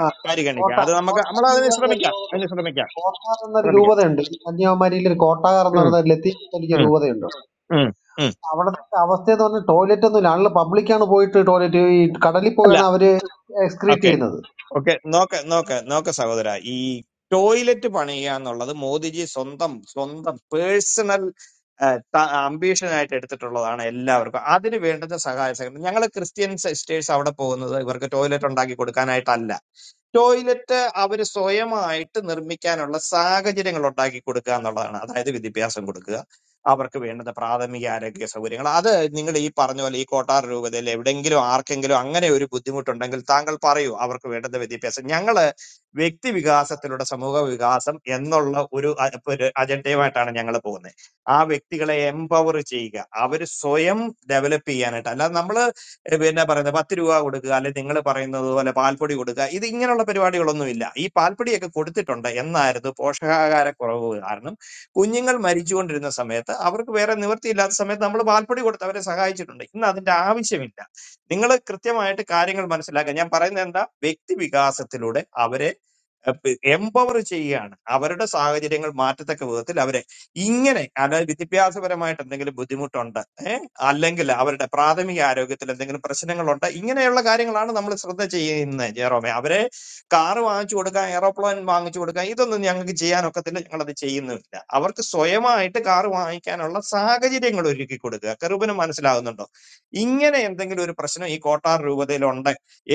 Speaker 15: ആ,
Speaker 16: പരിഗണിക്കാം
Speaker 15: കോട്ടാർ
Speaker 16: അത് നമുക്ക്
Speaker 15: കോട്ടാർ
Speaker 16: നമ്മൾ
Speaker 15: രൂപ
Speaker 16: അതിന്
Speaker 15: എന്നൊരു
Speaker 16: ശ്രമിക്കാം
Speaker 15: ലോകം
Speaker 16: അതിന് ശ്രമിക്കാം
Speaker 15: കോട്ടാർ എന്നൊരു
Speaker 16: ശ്രമിക്കാം
Speaker 15: രൂപതയുണ്ട് ഈ കന്യാകുമാരിയിൽ ഒരു കോട്ടാർ എന്ന്
Speaker 16: ഉം,
Speaker 15: പറയുന്ന ഒരു ലത്തീൻ കത്തോലിക്ക
Speaker 16: ഉം,
Speaker 15: രൂപതയുണ്ട്
Speaker 16: ഉം, ഉം.
Speaker 15: അവിടുത്തെ അവസ്ഥ എന്ന് പറഞ്ഞാൽ ടോയ്ലറ്റ് ഒന്നുമില്ല ആളുകൾ പബ്ലിക്കാണ് പോയിട്ട് ടോയ്ലറ്റ് ഈ കടലിൽ
Speaker 16: അല്ല
Speaker 15: പോയാണ് അവര് എക്സ്ക്രീറ്റ്
Speaker 16: ഓക്കെ
Speaker 15: ചെയ്യുന്നത്
Speaker 16: ഓക്കെ നോക്ക് നോക്ക് നോക്ക് സഹോദര ഈ ടോയ്ലറ്റ് പണിയുക എന്നുള്ളത് മോദിജി സ്വന്തം സ്വന്തം പേഴ്സണൽ അംബീഷൻ ആയിട്ട് എടുത്തിട്ടുള്ളതാണ് എല്ലാവർക്കും അതിന് വേണ്ടുന്ന സഹായ സഹകരണം ഞങ്ങൾ ക്രിസ്ത്യൻ സിസ്റ്റേഴ്സ് അവിടെ പോകുന്നത് ഇവർക്ക് ടോയ്ലറ്റ് ഉണ്ടാക്കി കൊടുക്കാനായിട്ടല്ല ടോയ്ലറ്റ് അവർ സ്വയമായിട്ട് നിർമ്മിക്കാനുള്ള സാഹചര്യങ്ങൾ ഉണ്ടാക്കി കൊടുക്കുക എന്നുള്ളതാണ് അതായത് വിദ്യാഭ്യാസം കൊടുക്കുക അവർക്ക് വേണ്ടുന്ന പ്രാഥമിക ആരോഗ്യ സൗകര്യങ്ങൾ അത് നിങ്ങൾ ഈ പറഞ്ഞ പോലെ ഈ കോട്ടാർ രൂപതയിൽ എവിടെയെങ്കിലും ആർക്കെങ്കിലും അങ്ങനെ ഒരു ബുദ്ധിമുട്ടുണ്ടെങ്കിൽ താങ്കൾ പറയൂ അവർക്ക് വേണ്ടുന്ന വിദ്യാഭ്യാസം ഞങ്ങള് വ്യക്തി വികാസത്തിലൂടെ സമൂഹ വികാസം എന്നുള്ള ഒരു അ- ഒരു അജണ്ടയുമായിട്ടാണ് ഞങ്ങൾ പോകുന്നത് ആ വ്യക്തികളെ എംപവർ ചെയ്യുക അവർ സ്വയം ഡെവലപ്പ് ചെയ്യാനായിട്ട് അല്ലാതെ നമ്മൾ ഏഹ് പിന്നെ പറയുന്നത് 10 രൂപ കൊടുക്കുക, അല്ലെങ്കിൽ നിങ്ങൾ പറയുന്നത് പോലെ പാൽപ്പൊടി കൊടുക്കുക. ഇത് ഇങ്ങനെയുള്ള പരിപാടികളൊന്നുമില്ല. ഈ പാൽപ്പൊടിയൊക്കെ കൊടുത്തിട്ടുണ്ട്. എന്നായിരുന്നു പോഷകാഹാരക്കുറവ് കാരണം കുഞ്ഞുങ്ങൾ മരിച്ചുകൊണ്ടിരുന്ന സമയത്ത് അവർക്ക് വേറെ നിവൃത്തിയില്ലാത്ത സമയത്ത് നമ്മൾ പാൽപ്പൊടി കൊടുത്ത് അവരെ സഹായിച്ചിട്ടുണ്ട്. ഇന്ന് അതിന്റെ ആവശ്യമില്ല. നിങ്ങൾ കൃത്യമായിട്ട് കാര്യങ്ങൾ മനസ്സിലാക്കുക. ഞാൻ പറയുന്നത് എന്താ വ്യക്തി വികാസത്തിലൂടെ അവരെ എംപവർ ചെയ്യുകയാണ് അവരുടെ സാഹചര്യങ്ങൾ മാറ്റത്തക്ക വിധത്തിൽ അവരെ ഇങ്ങനെ അതായത് വിദ്യാഭ്യാസപരമായിട്ട് എന്തെങ്കിലും ബുദ്ധിമുട്ടുണ്ട് ഏഹ് അല്ലെങ്കിൽ അവരുടെ പ്രാഥമിക ആരോഗ്യത്തിൽ എന്തെങ്കിലും പ്രശ്നങ്ങളുണ്ട് ഇങ്ങനെയുള്ള കാര്യങ്ങളാണ് നമ്മൾ ശ്രദ്ധ ചെയ്യുന്നത് ജെറോമെ അവരെ കാറ് വാങ്ങിച്ചു കൊടുക്കുക എയറോപ്ലെയിൻ വാങ്ങിച്ചു കൊടുക്കുക ഇതൊന്നും ഞങ്ങൾക്ക് ചെയ്യാനൊക്കത്തില്ല ഞങ്ങളത് ചെയ്യുന്നില്ല അവർക്ക് സ്വയമായിട്ട് കാറ് വാങ്ങിക്കാനുള്ള സാഹചര്യങ്ങൾ ഒരുക്കി കൊടുക്കുക കറുബിന് മനസ്സിലാകുന്നുണ്ടോ ഇങ്ങനെ എന്തെങ്കിലും ഒരു പ്രശ്നം ഈ കോട്ടാർ രൂപതയിൽ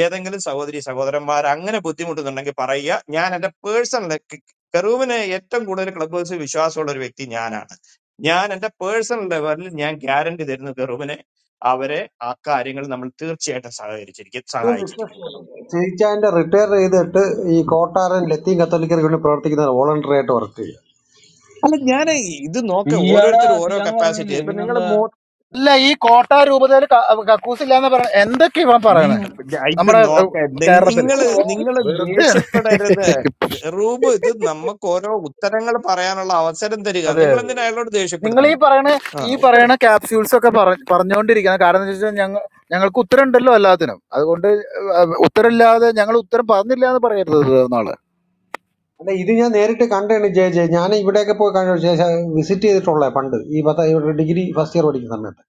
Speaker 16: ഏതെങ്കിലും സഹോദരി സഹോദരന്മാർ അങ്ങനെ ബുദ്ധിമുട്ടുന്നുണ്ടെങ്കിൽ പറയുക ഞാൻ എൻ്റെ പേഴ്സണൽ കെറൂവിന് ഏറ്റവും കൂടുതൽ ക്ലബ് ഹൗസിൽ വിശ്വാസമുള്ള ഒരു വ്യക്തി ഞാനാണ് ഞാൻ എൻ്റെ പേഴ്സണൽ ലെവലിൽ ഞാൻ ഗ്യാരണ്ടി തരുന്നു കെറൂവിനെ അവരെ ആ കാര്യങ്ങൾ നമ്മൾ തീർച്ചയായിട്ടും സഹകരിച്ചിരിക്കും
Speaker 15: ഞാൻ
Speaker 16: സഹായിച്ചിരിക്കും കെറൂബ്
Speaker 15: വിശ്വസിക്കുന്നില്ല. ചേച്ചാന്റെ റിട്ടയർ ചെയ്തിട്ട് ഈ കോട്ടാരൻ ലത്തീൻ കത്തോലിക്കർക്ക് വേണ്ടി പ്രവർത്തിക്കുന്ന വോളണ്ടറി ആയിട്ട് വർക്ക് ചെയ്യുക
Speaker 16: അല്ല ഞാൻ ഇത് നോക്ക
Speaker 11: ഈയാടാ
Speaker 16: ഓരോരുത്തരും ഓരോ
Speaker 11: തീയാന്ന്
Speaker 16: കപ്പാസിറ്റി
Speaker 11: പറഞ്ഞില്ലേ
Speaker 16: ഇപ്പൊ നിങ്ങൾ
Speaker 11: പിന്നെന്താ
Speaker 10: അല്ല ഈ കോട്ട രൂപതയിൽ കക്കൂസ് ഇല്ലാന്ന് പറയണ എന്തൊക്കെ ഇവൻ
Speaker 11: ഈ
Speaker 10: പറയണേ
Speaker 16: ഇത്
Speaker 10: നമ്മുടെ ഏഹ്,
Speaker 16: നോക്ക
Speaker 10: കേരളത്തില്
Speaker 16: നിങ്ങൾ നിങ്ങൾ
Speaker 10: വെറുതെ
Speaker 16: ദേഷ്യപ്പെടരുത് റൂബ് ഇത് നമുക്ക് ഓരോ ഉത്തരങ്ങൾ പറയാനുള്ള അവസരം തരിക
Speaker 10: അതെ
Speaker 16: നിങ്ങൾ എന്തിനാ അയാളോട്
Speaker 10: നിങ്ങൾ ഈ
Speaker 16: ദേഷ്യപ്പെടുന്നത്
Speaker 10: പറയണ
Speaker 16: ആ
Speaker 10: ഈ
Speaker 16: ഉത്തരം
Speaker 10: പറയണ ക്യാപ്സ്യൂൾസ് ഒക്കെ പറ- പറഞ്ഞുകൊണ്ടിരിക്കണം കാരണം എന്താ വെച്ചാൽ ഞങ്ങൾ ഞങ്ങൾക്ക് ഉത്തരം ഉണ്ടല്ലോ എല്ലാത്തിനും അതുകൊണ്ട് ഏഹ്, ഉത്തരം ഇല്ലാതെ ഞങ്ങൾ ഉത്തരം പറഞ്ഞില്ല എന്ന് പറയരുത് തീർന്നാള്
Speaker 15: അല്ല ഇത് ഞാൻ നേരിട്ട് കണ്ടാണ് ജയ ജയ ഞാൻ ഇവിടെയൊക്കെ പോയി കണ്ട ശേഷം വിസിറ്റ് ചെയ്തിട്ടുള്ള പണ്ട് ഈ പത്ത ഡിഗ്രി ഫസ്റ്റ് ഇയർ പഠിക്കുന്ന സമയത്ത്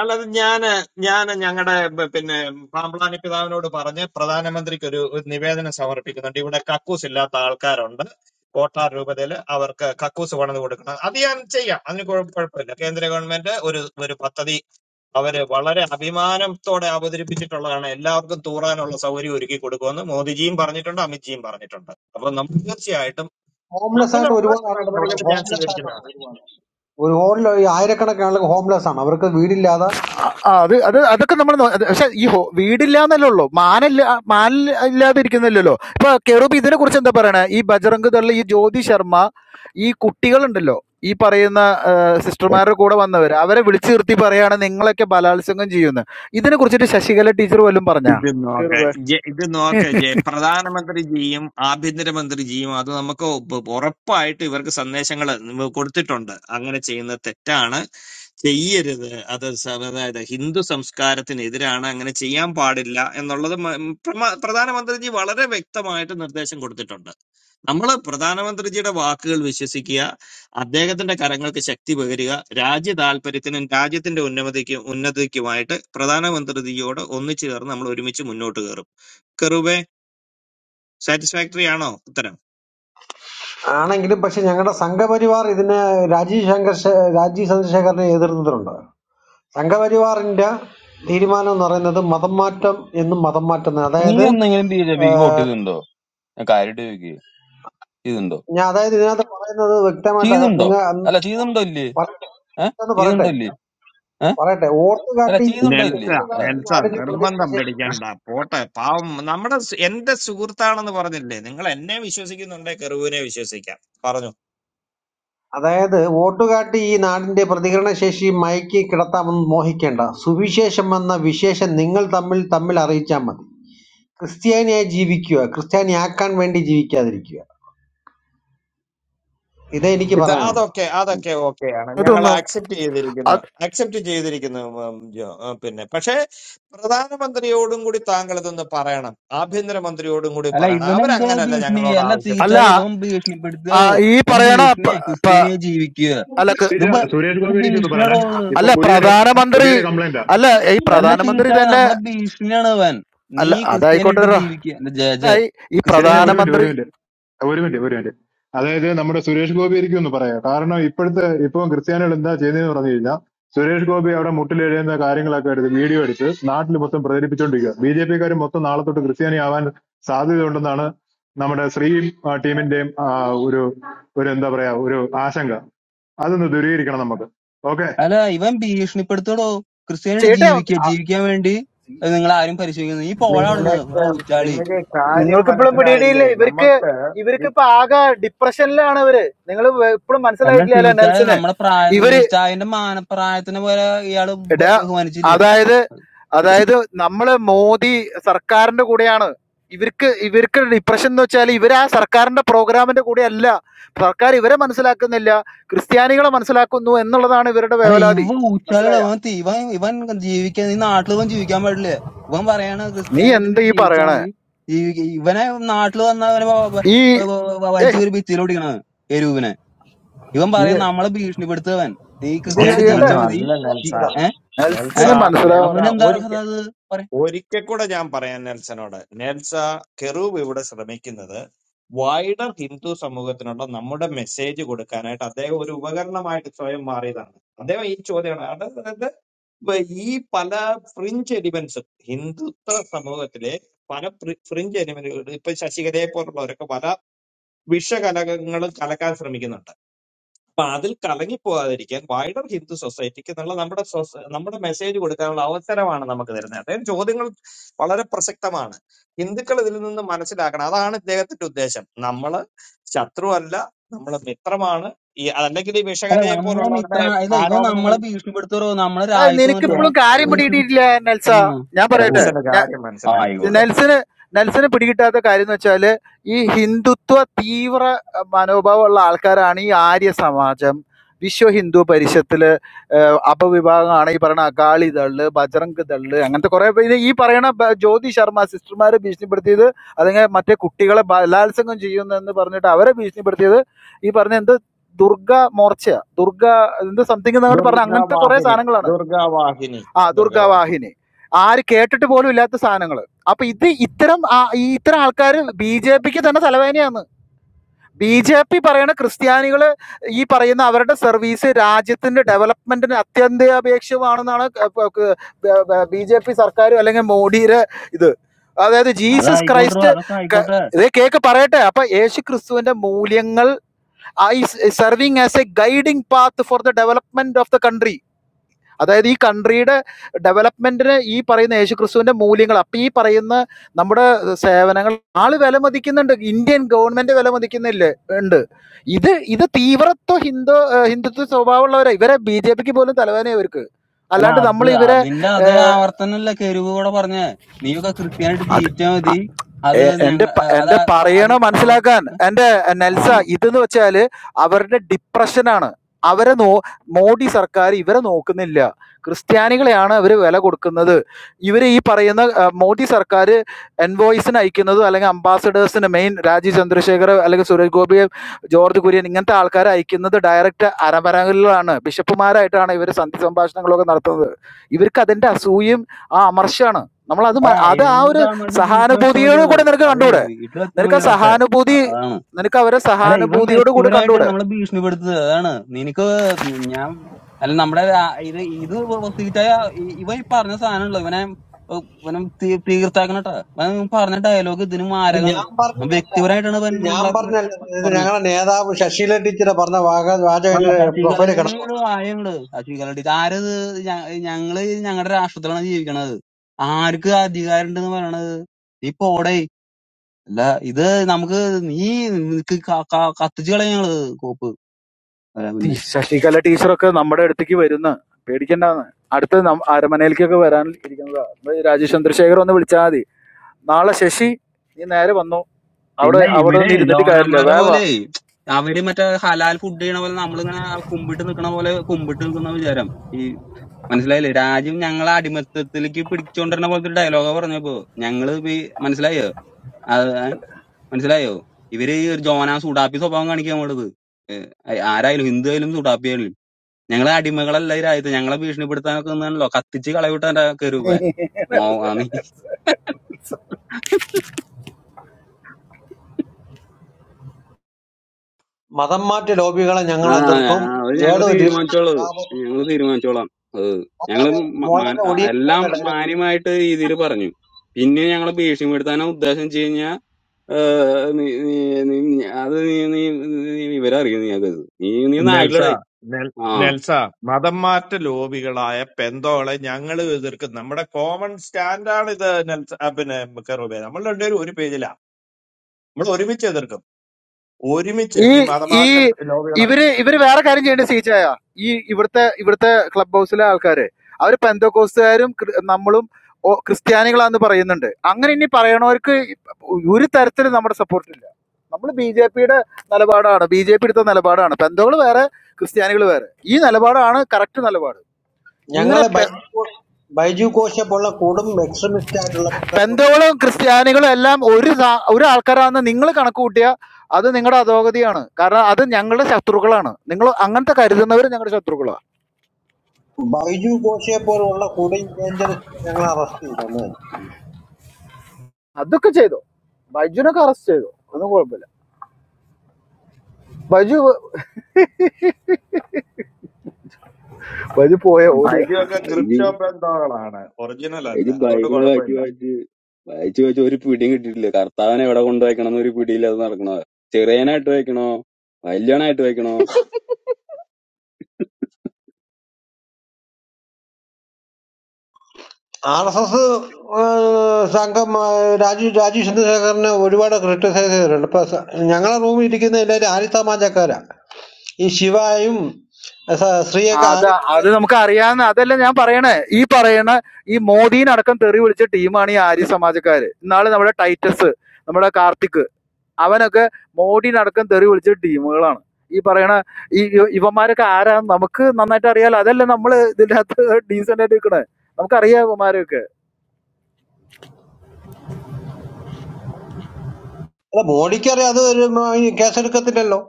Speaker 16: അല്ലാതെ ഞാന് ഞാന് ഞങ്ങളുടെ പിന്നെ പാമ്പ്ളാനി പിതാവിനോട് പറഞ്ഞ് പ്രധാനമന്ത്രിക്ക് ഒരു ഒരു നിവേദനം സമർപ്പിക്കുന്നുണ്ട് ഇവിടെ കക്കൂസ് ഇല്ലാത്ത ആൾക്കാരുണ്ട് കോട്ടാ രൂപതയിൽ അവർക്ക് കക്കൂസ് പണിത് കൊടുക്കണം അത് ഞാൻ ചെയ്യാം അതിന് കുഴ- കുഴപ്പമില്ല കേന്ദ്ര ഗവൺമെന്റ് ഒരു ഒരു പദ്ധതി അവര് വളരെ അഭിമാനത്തോടെ അവതരിപ്പിച്ചിട്ടുള്ളതാണ് എല്ലാവർക്കും തൂറാനുള്ള സൗകര്യം ഒരുക്കി കൊടുക്കുമെന്ന് മോദിജിയും പറഞ്ഞിട്ടുണ്ട് അമിത്ജിയും പറഞ്ഞിട്ടുണ്ട് അപ്പൊ നമ്മൾ തീർച്ചയായിട്ടും
Speaker 15: ഹോംലെസ് ആയിട്ട്
Speaker 16: അതിനുള്ള
Speaker 15: ഒരുപാട് ആളുകളുണ്ട് അവിടെ
Speaker 16: നടപടികൾ ഞാൻ
Speaker 15: ഹോംലെസ് ആയിട്ട്
Speaker 16: സ്വീകരിക്കുന്നതാണ്
Speaker 15: ഒരു ഹോളിൽ ഈ ആയിരക്കണക്കിന് ആളുകൾ ഹോംലെസ് ആണ് അവർക്ക് വീടില്ലാതെ
Speaker 10: ആ, ആ, അത് അത് അതൊക്കെ നമ്മൾ പക്ഷെ ഈ ഹോ- വീടില്ലാന്നല്ലേ ഉള്ളൂ മാനില്ല മാനിൽ ഇല്ലാതിരിക്കുന്നില്ലല്ലോ ഇപ്പൊ കെറൂബ് ഇതിനെ കുറിച്ച് എന്താ പറയണേ ഈ ബജറംഗ് ദൾ ഈ ജ്യോതി ശർമ്മ ഈ കുട്ടികളുണ്ടല്ലോ ഈ പറയുന്ന ആ, സിസ്റ്റർമാരുടെ കൂടെ വന്നവർ അവരെ വിളിച്ചു നിർത്തി പറയാണ് നിങ്ങളൊക്കെ ബലാത്സംഗം ചെയ്യുന്നു ഇതിനെ കുറിച്ചിട്ട് ശശികല ടീച്ചർ വല്ലതും പറഞ്ഞാ
Speaker 16: ഇത് നോക്ക്
Speaker 10: കെറൂബ്
Speaker 16: ജെ- ഇത് നോക്ക് ജെ- പ്രധാനമന്ത്രിജിയും ആഭ്യന്തരമന്ത്രിജിയും അത് നമുക്ക് ഉപ്പ് ഉറപ്പായിട്ട് ഇവർക്ക് സന്ദേശങ്ങൾ കൊടുത്തിട്ടുണ്ട് അങ്ങനെ ചെയ്യുന്നത് തെറ്റാണ് ചെയ്യരുത് അത് സ- അതായത് ഹിന്ദു സംസ്കാരത്തിനെതിരാണ് അങ്ങനെ ചെയ്യാൻ പാടില്ല എന്നുള്ളത് മ- പ്രമ- പ്രധാനമന്ത്രിജി വളരെ വ്യക്തമായിട്ട് നിർദ്ദേശം കൊടുത്തിട്ടുണ്ട് നമ്മൾ പ്രധാനമന്ത്രിജിയുടെ വാക്കുകൾ വിശ്വസിക്കുക അദ്ദേഹത്തിന്റെ കരങ്ങൾക്ക് ശക്തി പകരുക രാജ്യ താല്പര്യത്തിനും രാജ്യത്തിന്റെ ഉന്നമതിക്കും ഉന്നതിക്കുമായിട്ട് പ്രധാനമന്ത്രിജിയോട് ഒന്നിച്ചു ചേർന്ന് നമ്മൾ ഒരുമിച്ച് മുന്നോട്ട് കയറും കെറുബെ സാറ്റിസ്ഫാക്ടറി ആണോ ഉത്തരം
Speaker 15: ആണെങ്കിലും പക്ഷെ ഞങ്ങളുടെ സംഘപരിവാർ ഇതിനെ രാജീവ് ശങ്കർ ശേ- രാജീവ് ചന്ദ്രശേഖരനെ എതിർത്തിട്ടുണ്ട് സംഘപരിവാറിന്റെ തീരുമാനം എന്ന് പറയുന്നത് മതം മാറ്റം എന്നും മതം മാറ്റുന്നത്
Speaker 11: നീ
Speaker 15: അതായത്
Speaker 11: എന്തെങ്കിലും ബി ജെ പിക്ക് വോട്ട് ചെയ്തിട്ടുണ്ടോ ഞാൻ കാര്യമായിട്ട് ചോദിക്കുക ചെയ്തിട്ടുണ്ടോ
Speaker 15: ഞാൻ അതായത് ഇതിനകത്ത് പറയുന്നത് വ്യക്തമായിട്ട് അത്
Speaker 11: ചെയ്തിട്ടുണ്ടോ
Speaker 15: നിങ്ങൾ എന്ന്
Speaker 11: അല്ല ചെയ്തിട്ടുണ്ടോ ഇല്ലേ
Speaker 15: പറയട്ടെ
Speaker 11: ഏഹ്
Speaker 15: ഒന്ന് പറയട്ടെ
Speaker 11: ചെയ്തിട്ടുണ്ടോ ഇല്ലേ ഏഹ്
Speaker 15: പറയട്ടെ
Speaker 11: അല്ല
Speaker 15: വോട്ടുകാട്ടി
Speaker 11: ചെയ്തിട്ടുണ്ടോ ഇല്ലേ
Speaker 16: നെൽസ
Speaker 11: അല്ല
Speaker 15: വോട്ടുകാട്ടി
Speaker 11: നീ
Speaker 16: നെൽസ
Speaker 15: നാടിന്റെ
Speaker 11: ചോദിക്കണം
Speaker 15: പ്രതികരണ
Speaker 16: നിർബന്ധം
Speaker 15: ശേഷി
Speaker 11: ഏഹ്?
Speaker 16: പിടിക്കണ്ട പോട്ടെ പാവം നമ്മുടെ സു- എന്റെ സുഹൃത്താണെന്ന് പറഞ്ഞില്ലേ നിങ്ങൾ എന്നെ വിശ്വസിക്കുന്നുണ്ടെ കെറുവിനെ വിശ്വസിക്കാം പറഞ്ഞു
Speaker 15: അതായത് വോട്ടുകാട്ടി ഈ നാടിന്റെ പ്രതികരണ ശേഷി മയക്കി കിടത്താമെന്ന് മോഹിക്കേണ്ട സുവിശേഷം എന്ന വിശേഷം നിങ്ങൾ തമ്മിൽ തമ്മിൽ അറിയിച്ചാൽ മതി ക്രിസ്ത്യാനിയായി ജീവിക്കുക ക്രിസ്ത്യാനിയാക്കാൻ വേണ്ടി ജീവിക്കാതിരിക്കുക ഇതേ എനിക്ക്
Speaker 16: ഇത്
Speaker 15: പറയാനുള്ളത്
Speaker 16: അതൊക്കെ
Speaker 11: ഉം.
Speaker 16: അതൊക്കെ ഓക്കെയാണ് ഞങ്ങൾ
Speaker 10: അതൊന്നും
Speaker 16: അക്സെപ്റ്റ് ചെയ്തിരിക്കുന്നു
Speaker 10: അത്
Speaker 16: അക്സെപ്റ്റ് ചെയ്തിരിക്കുന്നു ഉം, ജോ ഉം, പിന്നെ പക്ഷേ പ്രധാനമന്ത്രിയോടും കൂടി താങ്കൾ ഇതൊന്ന് പറയണം ആഭ്യന്തരമന്ത്രിയോടും കൂടി
Speaker 11: അല്ല
Speaker 16: പറയണം
Speaker 11: ഇവനെന്താ
Speaker 16: അവരങ്ങനല്ല
Speaker 11: ഭീഷണി
Speaker 16: ഞങ്ങളോട്
Speaker 11: അല്ല
Speaker 10: അല്ല
Speaker 16: ആവശ്യപ്പെടുന്നത്
Speaker 11: ചീച്ചായ ഇവൻ ഭീഷണിപ്പെടുത്തുക
Speaker 10: ആ, ഈ
Speaker 11: ഇവൻ
Speaker 10: പറയണ
Speaker 11: ഭീഷണിയാ
Speaker 10: പ്ര- പ്ര-
Speaker 11: ക്രിസ്ത്യാനിയായി ജീവിക്കുക
Speaker 10: അല്ല ക-
Speaker 14: ശ്രീജ
Speaker 11: ഇതിപ്പോ
Speaker 14: സുരേഷ്
Speaker 11: ഒരു
Speaker 14: ഗോപിയിലേക്ക് ഒന്ന് പറയണേ
Speaker 11: ഭീഷണിയാടോ
Speaker 14: ഇപ്പം
Speaker 11: ഇത്?
Speaker 10: അല്ല
Speaker 14: പുതിയൊരു
Speaker 10: പ്രധാനമന്ത്രി
Speaker 14: പുതിയൊരു കംപ്ലൈന്റാ
Speaker 10: അല്ല ഈ
Speaker 11: അല്ല
Speaker 10: പ്രധാനമന്ത്രി
Speaker 11: തീറ്റായ
Speaker 10: തന്നെ
Speaker 11: നമ്മളെ ഭീഷണിയാണ് അവൻ നീ
Speaker 10: അല്ല അതായിക്കോട്ടെ
Speaker 11: ക്രിസ്ത്യാനിയായിട്ട് ജീവിക്കുക അല്ല ജയ ജയ
Speaker 10: അല്ല ഈ ഈ
Speaker 14: ചേച്ച
Speaker 11: ക്രിസ്ത്യാനിയായിട്ട്
Speaker 14: ഒരു
Speaker 11: ജി-
Speaker 14: മിനിറ്റ് ഒരു
Speaker 10: പ്രധാനമന്ത്രി
Speaker 14: മിനിറ്റ് ഒരു മിനിറ്റ് ഒരു മിനിറ്റ് അതായത് നമ്മുടെ സുരേഷ് ഗോപിയായിരിക്കും ഒന്ന് പറയാം കാരണം ഇപ്പോഴത്തെ ഇപ്പം ക്രിസ്ത്യാനികൾ എന്താ ചെയ്യുന്നതെന്ന് പറഞ്ഞു കഴിഞ്ഞാൽ സുരേഷ് ഗോപി അവിടെ മുട്ടിലെഴുതുന്ന കാര്യങ്ങളൊക്കെ എടുത്ത് വീഡിയോ എടുത്ത് നാട്ടിൽ മൊത്തം പ്രചരിപ്പിച്ചുകൊണ്ടിരിക്കുക ബി ജെ പിക്കാർ മൊത്തം നാളെ തൊട്ട് ക്രിസ്ത്യാനി ആവാൻ സാധ്യതയുണ്ടെന്നാണ് നമ്മുടെ ശ്രീ ആ, ടീമിന്റെയും ആ, ഒരു ഒരു എന്താ പറയാ ഒരു ആശങ്ക അതൊന്ന് ദൂരീകരിക്കണം നമുക്ക്
Speaker 11: അല്ല ഇവൻ ഭീഷണിപ്പെടുത്തോടോ ക്രിസ്ത്യാനിയായിട്ട്
Speaker 10: ചേട്ടാ
Speaker 11: ജീവിക്കുക ജീവിക്കാൻ വേണ്ടി നിങ്ങൾ ആരും പരിശോധിക്കുന്നു നീ പോഴ അവിടെ
Speaker 16: നിങ്ങൾക്ക്
Speaker 11: നിന്ന് ഊറ്റാളി
Speaker 16: നിങ്ങൾക്ക്
Speaker 11: അല്ല
Speaker 16: കാര്യം
Speaker 10: നിങ്ങൾക്ക് ഇപ്പോഴും
Speaker 11: ഏഹ്?
Speaker 10: പിടിയിടിയില്ല
Speaker 16: മനസ്സിലായില്ലേ
Speaker 10: ഇവർക്ക്
Speaker 16: നമുക്ക്
Speaker 10: ഇവർക്ക്
Speaker 16: ഇത്
Speaker 10: ഇപ്പൊ ആകെ ഡിപ്രഷനിലാണ് ഇവര് നിങ്ങൾ ഇപ്പോഴും
Speaker 11: എന്താ
Speaker 10: മനസ്സിലായിട്ടില്ല അല്ലെ
Speaker 11: തീറ്റായ
Speaker 10: നെൽസന്
Speaker 11: നമ്മളെ പ്രായത്തിന്
Speaker 10: ഇവര്
Speaker 11: ചായന്റെ മാനപ്രായത്തിനെ പോലെ ഇയാള് ബ-
Speaker 10: എടാ
Speaker 11: ബഹുമാനിച്ചില്ലേ
Speaker 10: അതായത് അതായത് നമ്മള് മോദി സർക്കാരിന്റെ കൂടെയാണ് ഇവർക്ക് ഇവർക്ക് ഡിപ്രഷൻ എന്ന് വെച്ചാൽ ഇവർ ആ സർക്കാരിന്റെ പ്രോഗ്രാമിന്റെ കൂടെ അല്ല സർക്കാർ ഇവരെ മനസ്സിലാക്കുന്നില്ല ക്രിസ്ത്യാനികളെ മനസ്സിലാക്കുന്നു എന്നുള്ളതാണ് ഇവരുടെ
Speaker 11: അല്ല
Speaker 10: വേവലാതി
Speaker 11: ഇവൻ ഊച്ചാലിട
Speaker 10: മനസ്സിലായ
Speaker 11: ഇവൻ തീ- ഇവൻ ഇവൻ ജീവിക്കാൻ ഈ നാട്ടിൽ ഇവൻ ജീവിക്കാൻ പാടില്ല ഇവൻ പറയാണ്
Speaker 10: നീ
Speaker 11: ക്രിസ്ത്യാനായിട്ട് നീ
Speaker 10: എന്താ ഈ
Speaker 11: ജീവിച്ചാ
Speaker 10: പറയണേ
Speaker 11: മതി ജീവിക്ക ഇവനെ നാട്ടിൽ വന്ന അവനെ വ- വ-
Speaker 10: ഈ
Speaker 11: വ- വ-
Speaker 10: ഏ
Speaker 11: വലിച്ചു കയറി ഭിത്തിയിൽ ഓടിക്കണത് എരൂപിനെ ഇവൻ
Speaker 10: നീ
Speaker 11: പറയാൻ നമ്മളെ ഭീഷണിപ്പെടുത്തവൻ നീ
Speaker 15: ഇത്
Speaker 16: ഛെ,
Speaker 10: ആ
Speaker 15: ഞാൻ
Speaker 11: ക്രിസ്ത്യാനായിട്ട്
Speaker 10: ചേട്ടാ
Speaker 11: ജീവിച്ചാ
Speaker 16: അങ്ങനൊന്നും
Speaker 11: മതി
Speaker 16: അല്ല
Speaker 15: ശൈലജയ്ക്ക്
Speaker 16: നെൽസ
Speaker 11: ജി- ഏ
Speaker 15: പറഞ്ഞതാണ്.
Speaker 16: നെൽസ
Speaker 11: ഏ
Speaker 10: നെൽസിന് മനസ്സിലാവുന്നു
Speaker 11: അവനെന്താ
Speaker 16: നെൽസ
Speaker 11: അർഹത അത് പറയാ
Speaker 16: ഒരിക്കൽ കൂടെ ഞാൻ പറയാൻ നെൽസനോട് നെൽസ കെറൂബ് ഇവിടെ ശ്രമിക്കുന്നത് വൈഡർ ഹിന്ദു സമൂഹത്തിനുള്ള നമ്മുടെ മെസ്സേജ് കൊടുക്കാനായിട്ട് അദ്ദേഹം ഒരു ഉപകരണമായിട്ട് സ്വയം മാറിയതാണ് അദ്ദേഹം ഈ ചോദ്യമാണ് അതായത് ഇപ്പൊ ഈ പല ഫ്രിഞ്ച് എലിമെന്റ്സും ഹിന്ദുത്വ സമൂഹത്തിലെ പല ഫ്രിഞ്ച് എലിമെന്റുകൾ ഇപ്പൊ ശശികലയെ പോലുള്ളവരൊക്കെ പല വിഷകലകങ്ങളും കലക്കാൻ ശ്രമിക്കുന്നുണ്ട് അപ്പൊ അതിൽ കലങ്ങിപ്പോകാതിരിക്കാൻ വൈഡർ ഹിന്ദു സൊസൈറ്റിക്ക് എന്നുള്ള നമ്മുടെ സൊസ- നമ്മുടെ മെസ്സേജ് കൊടുക്കാനുള്ള അവസരമാണ് നമുക്ക് തരുന്നത് അദ്ദേഹം ചോദ്യങ്ങൾ വളരെ പ്രസക്തമാണ് ഹിന്ദുക്കൾ ഇതിൽ നിന്ന് മനസ്സിലാക്കണം അതാണ് ഇദ്ദേഹത്തിന്റെ ഉദ്ദേശം നമ്മള് ശത്രു അല്ല നമ്മള് മിത്രമാണ് ഈ അതല്ലെങ്കിൽ ഈ
Speaker 11: അല്ല
Speaker 16: വിഷകലയെ
Speaker 11: നമ്മളെ മിത്ര
Speaker 16: പോലുള്ളവരുടെ
Speaker 11: അല്ല ഇവൻ നമ്മളെ
Speaker 16: ആരോപണങ്ങൾ
Speaker 11: ഭീഷണിപ്പെടുത്തോ നമ്മളെ
Speaker 10: ഏയ്
Speaker 11: രാജ്യത്ത് വന്നിട്ട് വന്ന
Speaker 10: നിനക്കിപ്പോഴും
Speaker 16: ഒക്കെയാണ് ഒരു
Speaker 10: കാര്യം
Speaker 11: ഭീഷണിപ്പെടു
Speaker 10: പിടികിട്ടിയിട്ടില്ല നെൽസ
Speaker 11: ആ
Speaker 10: ഞാൻ
Speaker 11: ഓ
Speaker 10: പറയട്ടെ
Speaker 16: രഹസ്യ
Speaker 10: ഞാ-
Speaker 16: കാര്യം മനസ്സിലായിട്ടില്ല
Speaker 11: ആയിക്കോട്ടെ
Speaker 10: നെൽസന് നെൽസന് പിടികിട്ടാത്ത കാര്യം എന്ന് വെച്ചാല് ഈ ഹിന്ദുത്വ തീവ്ര അഹ്, മനോഭാവമുള്ള ആൾക്കാരാണ് ഈ ആര്യ സമാജം വിശ്വ ഹിന്ദു പരിഷത്തില് ഏഹ്, അപവിഭാഗമാണ് ഈ പറയുന്ന അകാളി ദള് ബജറംഗ് ദള് അങ്ങനത്തെ കുറെ പേര് ഈ പറയണ ബ- ജ്യോതി ശർമ്മ സിസ്റ്റർമാരെ ഭീഷണിപ്പെടുത്തിയത് അല്ലെങ്കിൽ മറ്റേ കുട്ടികളെ ബലാത്സംഗം ചെയ്യുന്നെന്ന് പറഞ്ഞിട്ട് അവരെ ഭീഷണിപ്പെടുത്തിയത് ഈ പറഞ്ഞ എന്ത് ദുർഗ മോർച്ച ദുർഗ എന്ത് സംതിങ് എന്നങ്ങോട്ട് പറഞ്ഞ അങ്ങനത്തെ കുറെ
Speaker 16: ദുർഗാവാഹിനി
Speaker 10: സാധനങ്ങളാണ് ആ
Speaker 16: ദുർഗാവാഹിനി
Speaker 10: ദുർഗാവാഹിനി ആര് കേട്ടിട്ട് പോലും ഇല്ലാത്ത സാധനങ്ങൾ അപ്പൊ ഇത് ഇത്തരം ആ- ഈ ഇത്തരം ആൾക്കാർ ബി ജെ പിക്ക് തന്നെ തലവേദനയാണ് ബി ജെ പി പറയണ ക്രിസ്ത്യാനികൾ ഈ പറയുന്ന അവരുടെ സർവീസ് രാജ്യത്തിന്റെ ഡെവലപ്മെന്റിന് അത്യന്താപേക്ഷമാണെന്നാണ് ബി ജെ പി സർക്കാർ അല്ലെങ്കിൽ മോഡിയുടെ ഇത് അതായത് ജീസസ്
Speaker 11: അതായിക്കോട്ടെ
Speaker 10: ക്രൈസ്റ്റ്
Speaker 11: അതൊക്കെ
Speaker 10: ക-
Speaker 11: ആയിക്കോട്ടെ
Speaker 10: ഇത് കേക്ക് പറയട്ടെ അപ്പൊ യേശു ക്രിസ്തുവിന്റെ മൂല്യങ്ങൾ I serving as a guiding path for the development of the country അതായത് ഈ കൺട്രിയുടെ ഡെവലപ്മെന്റിന് ഈ പറയുന്ന യേശുക്രിസ്തുവിന്റെ മൂല്യങ്ങൾ അപ്പം ഈ പറയുന്ന നമ്മുടെ സേവനങ്ങൾ ആള് വിലമതിക്കുന്നുണ്ട് ഇന്ത്യൻ ഗവൺമെന്റ് വിലമതിക്കുന്നില്ലേ ഉണ്ട് ഇത് ഇത് തീവ്രത്വ ഹിന്ദു ഏഹ് ഹിന്ദുത്വ സ്വഭാവമുള്ളവരാ ഇവരെ ബി ജെ പിക്ക് പോലും തലവേദന ഇവർക്ക്
Speaker 11: അല്ല
Speaker 10: അല്ലാണ്ട്
Speaker 11: അത്
Speaker 10: നമ്മൾ ഇവരെ
Speaker 11: അതിന്റെ അതേ ആവർത്തനല്ലേ കെരുവ് കൂടെ പറഞ്ഞേ നീയൊക്കെ ക്രിസ്ത്യാനായിട്ട്
Speaker 10: അത്
Speaker 11: ജീവിച്ചാ മതി
Speaker 10: അ-
Speaker 11: അത്
Speaker 10: എ-
Speaker 11: ഞങ്ങ
Speaker 10: എന്റെ
Speaker 11: ആ,
Speaker 10: പ- എന്റെ
Speaker 11: അതാ പ- അത്
Speaker 10: പറയണ
Speaker 11: പ്രവർ
Speaker 10: മനസ്സിലാക്കാൻ
Speaker 11: ഏ?
Speaker 10: എന്റെ
Speaker 11: ആ
Speaker 10: നെൽസ ഇതെന്ന് വെച്ചാല് അവരുടെ ഡിപ്രഷനാണ് അവരെ നോ മോഡി സർക്കാർ ഇവരെ നോക്കുന്നില്ല ക്രിസ്ത്യാനികളെയാണ് അവർ വില കൊടുക്കുന്നത് ഇവർ ഈ പറയുന്ന ആ, മോഡി സർക്കാർ എൻവോയ്സിന് അയക്കുന്നത് അല്ലെങ്കിൽ അംബാസഡേഴ്സിന് മെയിൻ രാജീവ് ചന്ദ്രശേഖർ അല്ലെങ്കിൽ സുരേഷ് ഗോപി ജോർജ് കുര്യൻ ഇങ്ങനത്തെ ആൾക്കാരെ അയക്കുന്നത് ഡയറക്റ്റ് അരമരകളിലാണ് ബിഷപ്പുമാരായിട്ടാണ് ഇവർ സന്ധി സംഭാഷണങ്ങളൊക്കെ നടത്തുന്നത് ഇവർക്ക് അതിൻ്റെ അസൂയയും ആ അമർശമാണ് നമ്മൾ അത്
Speaker 11: അതാ
Speaker 10: അത് ആ ഒരു
Speaker 11: എന്താണ് പക്ഷെ വീട്ടിൽ വെച്ചാൽ മതി
Speaker 10: സഹാനുഭൂതിയോട്
Speaker 11: അത്
Speaker 10: കൂടെ നിനക്ക്
Speaker 11: അതെ
Speaker 10: കണ്ടൂടെ
Speaker 11: വീട്ടിൽ വെച്ചാൽ
Speaker 10: നിനക്ക്
Speaker 11: മതി
Speaker 10: ആ
Speaker 11: അതൊക്കെ
Speaker 10: സഹാനുഭൂതി
Speaker 11: അ- അതാണ്
Speaker 10: നിനക്ക് അവരെ
Speaker 11: അല്ല ഇവൻ
Speaker 10: സഹാനുഭൂതിയോട് കൂടെ
Speaker 11: വ്യക്തിപരമായിട്ട്
Speaker 10: കണ്ടൂടെ
Speaker 11: നമ്മളെ ഭീഷണിപ്പെടുത്തുന്നത് അതാണ് നിനക്ക് ഞാൻ അല്ല നമ്മുടെ രാ- ഇത് ഇത് സീറ്റായ ഇവൻ ഈ പറഞ്ഞ സാധനമല്ലോ ഇവനെ ഏ, ഇവനെ തീ- തീർത്താക്കണട്ടാ ഇവൻ പറഞ്ഞ ഡയലോഗ് ഇതിന്
Speaker 15: ഇത്
Speaker 11: മാരകാണ്
Speaker 15: ഞാൻ
Speaker 11: ഇവൻ
Speaker 15: പറഞ്ഞതല്ല
Speaker 11: വ്യക്തിപരമായിട്ടാണ്
Speaker 15: ഇത്
Speaker 11: ഇവൻ
Speaker 15: ഞാൻ
Speaker 11: നമ്മളെ
Speaker 15: പറഞ്ഞല്ല ഇത്
Speaker 11: പറഞ്ഞത്
Speaker 15: ഞങ്ങളുടെ നേതാവ് ശശീല ടീച്ചറെ പറഞ്ഞ വാക വാചകം
Speaker 11: ആ
Speaker 15: എന്റെ
Speaker 11: ശശികല
Speaker 15: പ്രൊഫൈലിൽ
Speaker 11: നേരെ ഇങ്ങട്
Speaker 15: കിടക്കുന്നു
Speaker 11: വായ ഇങ്ങട് ശശികല ടീച്ചർ ആരത് ഞ- ഞങ്ങള് ഞങ്ങളുടെ രാഷ്ട്രത്തിലാണ് ജീവിക്കണത് ആർക്ക് അധികാരം ഉണ്ടെന്ന് പറയണത് നീ പോടെ അല്ല ഇത് നമുക്ക് നീ നിനക്ക് ക- ക- കത്തിച്ച് കളയും ഞങ്ങള് കോപ്പ് അല്ല പിന്നെ
Speaker 10: ടീ- ശശികല ടീച്ചറൊക്കെ നമ്മുടെ അടുത്തേക്ക് വരുന്ന പേടിക്കണ്ടെന്ന് അടുത്ത നം- അരമനയിലേക്കൊക്കെ വരാൻ ഇരിക്കുന്നതാ ഇന്ന് രാജീവ് ചന്ദ്രശേഖർ ഒന്ന് വിളിച്ചാൽ മതി നാളെ ശശി നീ നേരെ വന്നു അവിടെ
Speaker 11: പിന്നെ
Speaker 10: അവിടെ
Speaker 11: ഇവര്
Speaker 10: ഒന്നും ഇരുന്നിട്ട് കാര്യമില്ല
Speaker 11: ലോനന്മാരെ
Speaker 10: വേവ
Speaker 11: പോലെ അവര് മറ്റേ ഹലാൽ ഫുഡ് ചെയ്യണ പോലെ നമ്മളിങ്ങനെ കുമ്പിട്ട് നിക്കണ പോലെ കുമ്പിട്ട് നിക്കുന്ന വിചാരം ഈ മനസ്സിലായില്ലേ രാജ്യം ഞങ്ങളെ അടിമത്തത്തിലേക്ക് പിടിച്ചോണ്ടിരുന്ന പോലത്തെ ഒരു ഡയലോഗാ പറഞ്ഞപ്പോ ഞങ്ങള് ഇപ്പൊ ഈ- മനസ്സിലായോ മനസ്സിലായോ ഇവര് ഈ ഒരു ജോനാ സൂടാപ്പി സ്വഭാവം കാണിക്കാൻ പോണത് ഏഹ് ആ- ആരായാലും ഹിന്ദു ആയാലും സൂടാപ്പി ആയാലും ഞങ്ങളെ അടിമകളല്ല ഈ രാജ്യത്ത് ഞങ്ങളെ ഭീഷണിപ്പെടുത്താനൊക്കെ നിന്നാണല്ലോ കത്തിച്ച് കളവിട്ടാ കയറൂപ്പേ ഓ ആ നീ
Speaker 15: മതം മാറ്റ ലോബികളെ ഞങ്ങൾ
Speaker 11: ആ
Speaker 15: എതിർക്കും
Speaker 11: അത് ഞങ്ങള്
Speaker 15: ഏതോ ഒരു രീതിയിലും
Speaker 11: തീരുമാനിച്ചോളത്
Speaker 15: പാപത്തിൽ
Speaker 11: ഞങ്ങള് തീരുമാനിച്ചോളാം അത് ഞങ്ങള്
Speaker 15: അതാണ്
Speaker 11: മ- മാന-
Speaker 15: മോഹൻലാലിന്റെ
Speaker 11: ആ,
Speaker 15: ഒടിയൻ
Speaker 11: എല്ലാം
Speaker 15: പറഞ്ഞ ഡയലോഗ്
Speaker 11: മാന്യമായിട്ട് രീതിയിൽ പറഞ്ഞു പിന്നെ ഞങ്ങളെ ഭീഷണിപ്പെടുത്താനാ ഉദ്ദേശം വെച്ച് കഴിഞ്ഞാ ഏഹ്, നീ- നീ- നീ- നീ- അത് നീ നീ നീ- നീ വിവരം അറിയും നീ അത് നീ നീ
Speaker 16: നെൽസ
Speaker 11: നാട്ടിലടേ
Speaker 16: നെൽ- നെൽസ മതം മാറ്റ ലോബികളായ പെന്തോളെ ഞങ്ങൾ എതിർക്കും നമ്മുടെ കോമൺ സ്റ്റാൻഡാണ് ഇത് നെൽസ ആ, പിന്നെ കെറൂബേ നമ്മൾ രണ്ടുപേരും ഒരു പേജിലാ നമ്മൾ ഒരുമിച്ച് എതിർക്കും ഒരുമിച്ച്
Speaker 10: ഈ
Speaker 16: ഈ
Speaker 10: ഈ
Speaker 16: മതമാറ്റ ലോബികളെ
Speaker 10: ഇവര് ഇവര് വേറെ കാര്യം ചെയ്യേണ്ട സീച്ചായ ഈ ഇവിടുത്തെ ഇവിടുത്തെ ക്ലബ് ഹൗസിലെ ആൾക്കാര് അവര് പെന്തോക്കോസുകാരും നമ്മളും ഓ, ക്രിസ്ത്യാനികളാന്ന് പറയുന്നുണ്ട് അങ്ങനെ ഇനി പറയണവർക്ക് ഒരു തരത്തിലും നമ്മുടെ സപ്പോർട്ട് ഇല്ല നമ്മൾ ബി ജെ പിയുടെ നിലപാടാണ് ബി ജെ പി എടുത്ത നിലപാടാണ് പെന്തോകൾ വേറെ ക്രിസ്ത്യാനികൾ വേറെ ഈ നിലപാടാണ് കറക്റ്റ് നിലപാട് ഇങ്ങനെ
Speaker 15: ഞങ്ങളെ
Speaker 10: പെ-
Speaker 15: ബൈജു കോ- ബൈജു കോശയെ പോലുള്ള കൂടും എക്സ്ട്രീമിസ്റ്റ് ആയിട്ടുള്ള പെന്തക്കോസ്ത-
Speaker 10: പെന്തോകളും ക്രിസ്ത്യാനികളും എല്ലാം ഒരു സാ- ഒരു ആൾക്കാരാണെന്ന് നിങ്ങൾ കണക്ക് കൂട്ടിയാൽ അത് നിങ്ങളുടെ അധോഗതിയാണ് കാരണം അത് ഞങ്ങളുടെ ശത്രുക്കളാണ് നിങ്ങൾ അങ്ങനത്തെ കരുതുന്നവർ ഞങ്ങളുടെ ശത്രുക്കളാണ്
Speaker 15: ബൈജു കോശയെ പോലുള്ള കൂടും ഏഞ്ചൽസ് ഞങ്ങൾ അറസ്റ്റ് ചെയ്തു
Speaker 10: അതൊക്കെ ചെയ്തു ബൈജുനൊക്കെ അറസ്റ്റ് ചെയ്തു ഒന്നും കുഴപ്പമില്ല ബൈജു ബൈജു പോയ ഓടിയ
Speaker 16: ബൈബിയൊക്കെ
Speaker 11: ആ
Speaker 16: ക്രിപ്റ്റോ പെന്തോളാണ് ഒറിജിനൽ അല്ല
Speaker 11: അതിന്
Speaker 16: അതുകൊണ്ട്
Speaker 11: ബൈബിള് മാറ്റി
Speaker 16: കുഴപ്പമില്ല
Speaker 11: മാറ്റി വായിച്ച് വായിച്ച് ഒരു പിടിയും കിട്ടിയിട്ടില്ല കർത്താവിനെ എവിടെ കൊണ്ടുവയ്ക്കണം എന്നൊരു പിടിയില്ലാതെ നടക്കണ ചെറിയനായിട്ട് വായിക്കണോ വലിയവനായിട്ട് വായിക്കണോ
Speaker 15: ആർ എസ് എസ് സംഘം ആ, രാജീവ് രാജീവ് ചന്ദ്രശേഖരനെ ഒരുപാട് ക്രിട്ടിസൈസ് ചെയ്തിട്ടുണ്ട് ഇപ്പൊ സ- ഞങ്ങളെ റൂമിൽ ഇരിക്കുന്ന എല്ലാവരും ആര്യസമാജക്കാരാ ഈ ശിവായും സ- ശ്രീയൊക്കെ
Speaker 10: അത്
Speaker 15: ആര്യ
Speaker 10: അത് നമുക്ക് അറിയാവുന്ന അതല്ല ഞാൻ പറയണേ ഈ പറയണ ഈ മോദീനടക്കം തെറി വിളിച്ച ടീമാണ് ഈ ആര്യ സമാജക്കാര് ഇന്നാള് നമ്മുടെ ടൈറ്റസ് നമ്മുടെ കാർത്തിക് അവനൊക്കെ മോദീനടക്കം തെറി വിളിച്ച ടീമുകളാണ് ഈ പറയണ ഈ ഇവ- ഇവന്മാരൊക്കെ ആരാ നമുക്ക് നന്നായിട്ട് അറിയാലോ അതല്ല നമ്മള് ഇതിൻ്റെ അകത്ത് ഡീസൻ്റ് ആയിട്ട് നിൽക്കണേ നമുക്കറിയാം ഇവന്മാരെയൊക്കെ
Speaker 15: അല്ല മോഡിക്ക് അറിയാം അത് ഒരു മ- ഈ കേസെടുക്കത്തില്ലല്ലോ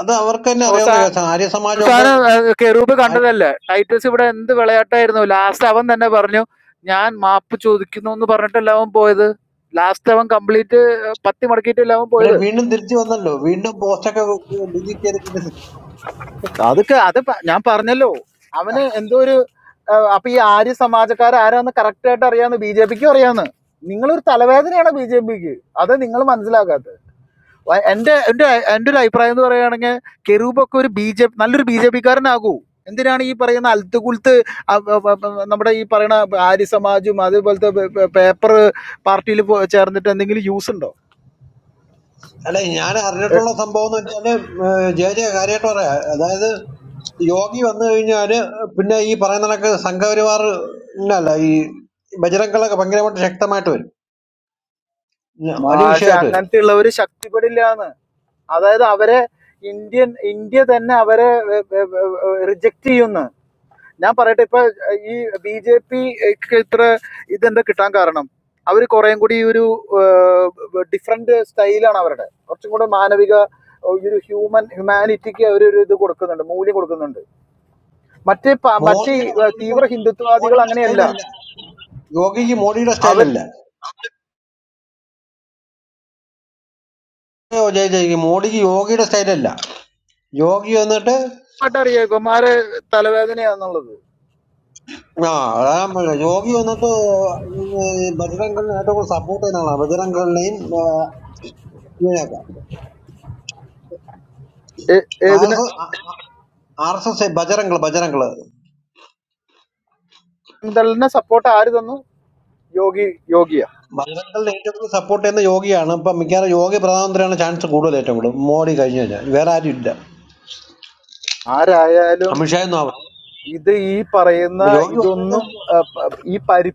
Speaker 15: അത് അവർക്ക് തന്നെ അറിയാവുന്ന
Speaker 10: അവസാനം
Speaker 15: കേസാണ് ആര്യ സമാജമൊക്കെ
Speaker 10: അവസാനം കെറൂബ്
Speaker 15: ആര്യ-
Speaker 10: കണ്ടതല്ലേ ടൈറ്റസ് ഇവിടെ എന്ത് വിളയാട്ടായിരുന്നു ലാസ്റ്റ് അവൻ തന്നെ പറഞ്ഞു ഞാൻ മാപ്പ് ചോദിക്കുന്നു എന്ന് പറഞ്ഞിട്ടല്ല അവൻ പോയത് ലാസ്റ്റ് അവൻ കംപ്ലീറ്റ് പത്തി മടക്കിയിട്ടല്ല അവൻ
Speaker 15: ഇവിടെ
Speaker 10: പോയത്
Speaker 15: വീണ്ടും തിരിച്ചു വന്നല്ലോ വീണ്ടും പോസ്റ്റൊക്കെ ബി ജെ പി
Speaker 10: അതൊക്കെ അത് പ- ഞാൻ പറഞ്ഞല്ലോ അവന് എന്തോ ഒരു ആ, അപ്പൊ ഈ ആര്യ സമാജക്കാർ ആരാന്ന് കറക്റ്റ് ആയിട്ട് അറിയാന്ന് ബി ജെ പിക്കും അറിയാന്ന് നിങ്ങളൊരു തലവേദനയാണ് ബി ജെ പിക്ക് അത് നിങ്ങൾ മനസ്സിലാക്കാത്ത വ- എന്റെ എന്റെ എന്റെ ഒരു അഭിപ്രായം എന്ന് പറയുകയാണെങ്കിൽ കെരൂബൊക്കെ ഒരു ബി ജെ നല്ലൊരു ബി ജെ പിക്കാരനാകൂ എന്തിനാണ് ഈ പറയുന്ന അൽത്ത് കുൽത്ത് അ- അ- അ- നമ്മുടെ ഈ പറയുന്ന ആര്യ സമാജും അതേപോലത്തെ പേപ്പർ പാർട്ടിയിൽ ചേർന്നിട്ട് എന്തെങ്കിലും യൂസ് ഉണ്ടോ
Speaker 15: അല്ല ഞാൻ അറിഞ്ഞിട്ടുള്ള സംഭവം എന്ന് വെച്ചാല് ഏഹ്, ജെ ജെ കാര്യമായിട്ട് പറയാ അതായത് യോഗി വന്നു കഴിഞ്ഞാല് പിന്നെ ഈ പറയുന്ന കണക്ക് സംഘപരിവാർ അല്ല ഈ ബജരംഗളൊക്കെ ഭയങ്കരമായിട്ട് ശക്തമായിട്ട് വരും ഉം, വലിയ
Speaker 10: മാഷ
Speaker 15: വിഷയമായിട്ട് വരും
Speaker 10: അങ്ങനത്തെ ഉള്ളവർ ശക്തിപ്പെടില്ലാന്ന് അതായത് അവരെ ഇന്ത്യൻ ഇന്ത്യ തന്നെ അവരെ റിജക്റ്റ് ചെയ്യുന്നു ഞാൻ പറയട്ടെ ഇപ്പൊ ഏഹ്, ഈ ബി ജെ പി ഇത്ര ഇതെന്താ കിട്ടാൻ കാരണം അവർ കുറേം കൂടി ഒരു ഡിഫറെന്റ് സ്റ്റൈലാണ് അവരുടെ കുറച്ചും കൂടെ മാനവിക ഏഹ്, ഈ ഒരു ഹ്യൂമൻ ഹ്യൂമാനിറ്റിക്ക് അവർ ഒരു ഇത് കൊടുക്കുന്നുണ്ട് മൂല്യം കൊടുക്കുന്നുണ്ട് മറ്റേ പ- മറ്റേ
Speaker 15: മോദിയുടെ
Speaker 10: ഏഹ്,
Speaker 15: മോദിയുടെ
Speaker 10: തീവ്ര ഹിന്ദുത്വവാദികൾ
Speaker 15: മോഡിയുടെ
Speaker 10: അങ്ങനെയല്ല
Speaker 15: സ്റ്റൈലല്ല യോഗിക്ക് മോഡിയുടെ സ്റ്റൈലല്ല ഓ, ജയ് ജയ് മോഡിക്ക് യോഗിയുടെ സ്റ്റൈലല്ല യോഗി വന്നിട്ട്
Speaker 10: അവരുമായിട്ട് അറിയാം ഇവന്മാരെ തലവേദനയാന്നുള്ളത്
Speaker 15: ആ അതാ ഞാൻ പറഞ്ഞെ. യോഗി വന്നിട്ട് ബജരംഗളിനെ ഏറ്റവും കൂടുതൽ സപ്പോർട്ട് ചെയ്യുന്ന ആളാണ് ബജരംഗളിനെയും ഇങ്ങനെയൊക്കെ
Speaker 10: ഏ-
Speaker 15: ആർ
Speaker 10: ഏതിന്
Speaker 15: S R S S Bajrang Bajrang
Speaker 10: ദളിനെ സപ്പോർട്ട് ആര് തന്നു യോഗി യോഗിയ
Speaker 15: ബജറംഗിന്റെ ഏറ്റവും കൂടുതൽ സപ്പോർട്ട് ചെയ്യുന്ന യോഗിയാണ് ഇപ്പൊ മിക്കവാറും യോഗി പ്രധാനമന്ത്രിയാണ് ചാൻസ് കൂടുതൽ ഏറ്റവും കൂടുതൽ മോഡി കഴിഞ്ഞു കഴിഞ്ഞാൽ വേറെ ആരും ഇല്ല
Speaker 10: ആരായാലും
Speaker 15: അമിത്ഷാ ഒന്നും ആവണം
Speaker 10: ഇത് ഈ പറയുന്ന
Speaker 15: അപ്പൊ യോഗി വന്നതിന്
Speaker 10: ഇതൊന്നും ആ, പ- ഈ പരിധി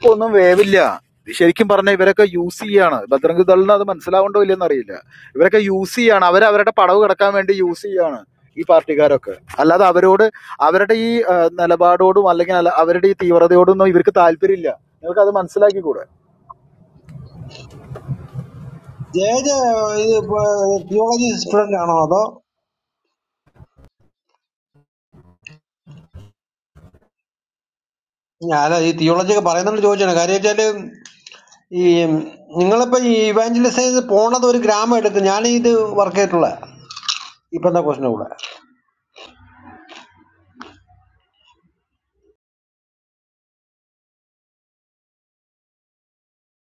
Speaker 10: ഇപ്പൊ ഒന്നും വേവില്ല ഇത് ശരിക്കും പറഞ്ഞ ഇവരൊക്കെ യൂസ് ചെയ്യാണ് ബദ്രംഗ് ദളിന് അത് മനസ്സിലാവണ്ടോ ഇല്ലെന്ന് അറിയില്ല ഇവരൊക്കെ യൂസ് ചെയ്യാണ് അവർ അവരുടെ പടവ് കിടക്കാൻ വേണ്ടി യൂസ് ചെയ്യാണ് ഈ പാർട്ടിക്കാരൊക്കെ അല്ലാതെ അവരോട് അവരുടെ ഈ ആ, നിലപാടോടും അല്ലെങ്കിൽ അല്ല- അവരുടെ ഈ തീവ്രതയോടൊന്നും ഇവർക്ക് താല്പര്യമില്ല നിങ്ങൾക്ക് അത് മനസ്സിലാക്കിക്കൂടെ
Speaker 15: ജയ ജയ ഇത് തിയോളജി സ്റ്റുഡന്റ് ആണോ അതോ ഞാൻ അല്ല ഈ തിയോളജി ഒക്കെ പറയുന്നുണ്ട് ചോദിച്ചാണ് കാര്യം വെച്ചാല് ഈ നിങ്ങളിപ്പോ ഈ ഇവാഞ്ചലിസൈസ് പോണത് ഒരു ഗ്രാമം എടുക്കും ഞാൻ ഇത് വർക്ക് ചെയ്തിട്ടുള്ള ഇപ്പൊ എന്താ ക്വസ്റ്റിന്റെ കൂടെ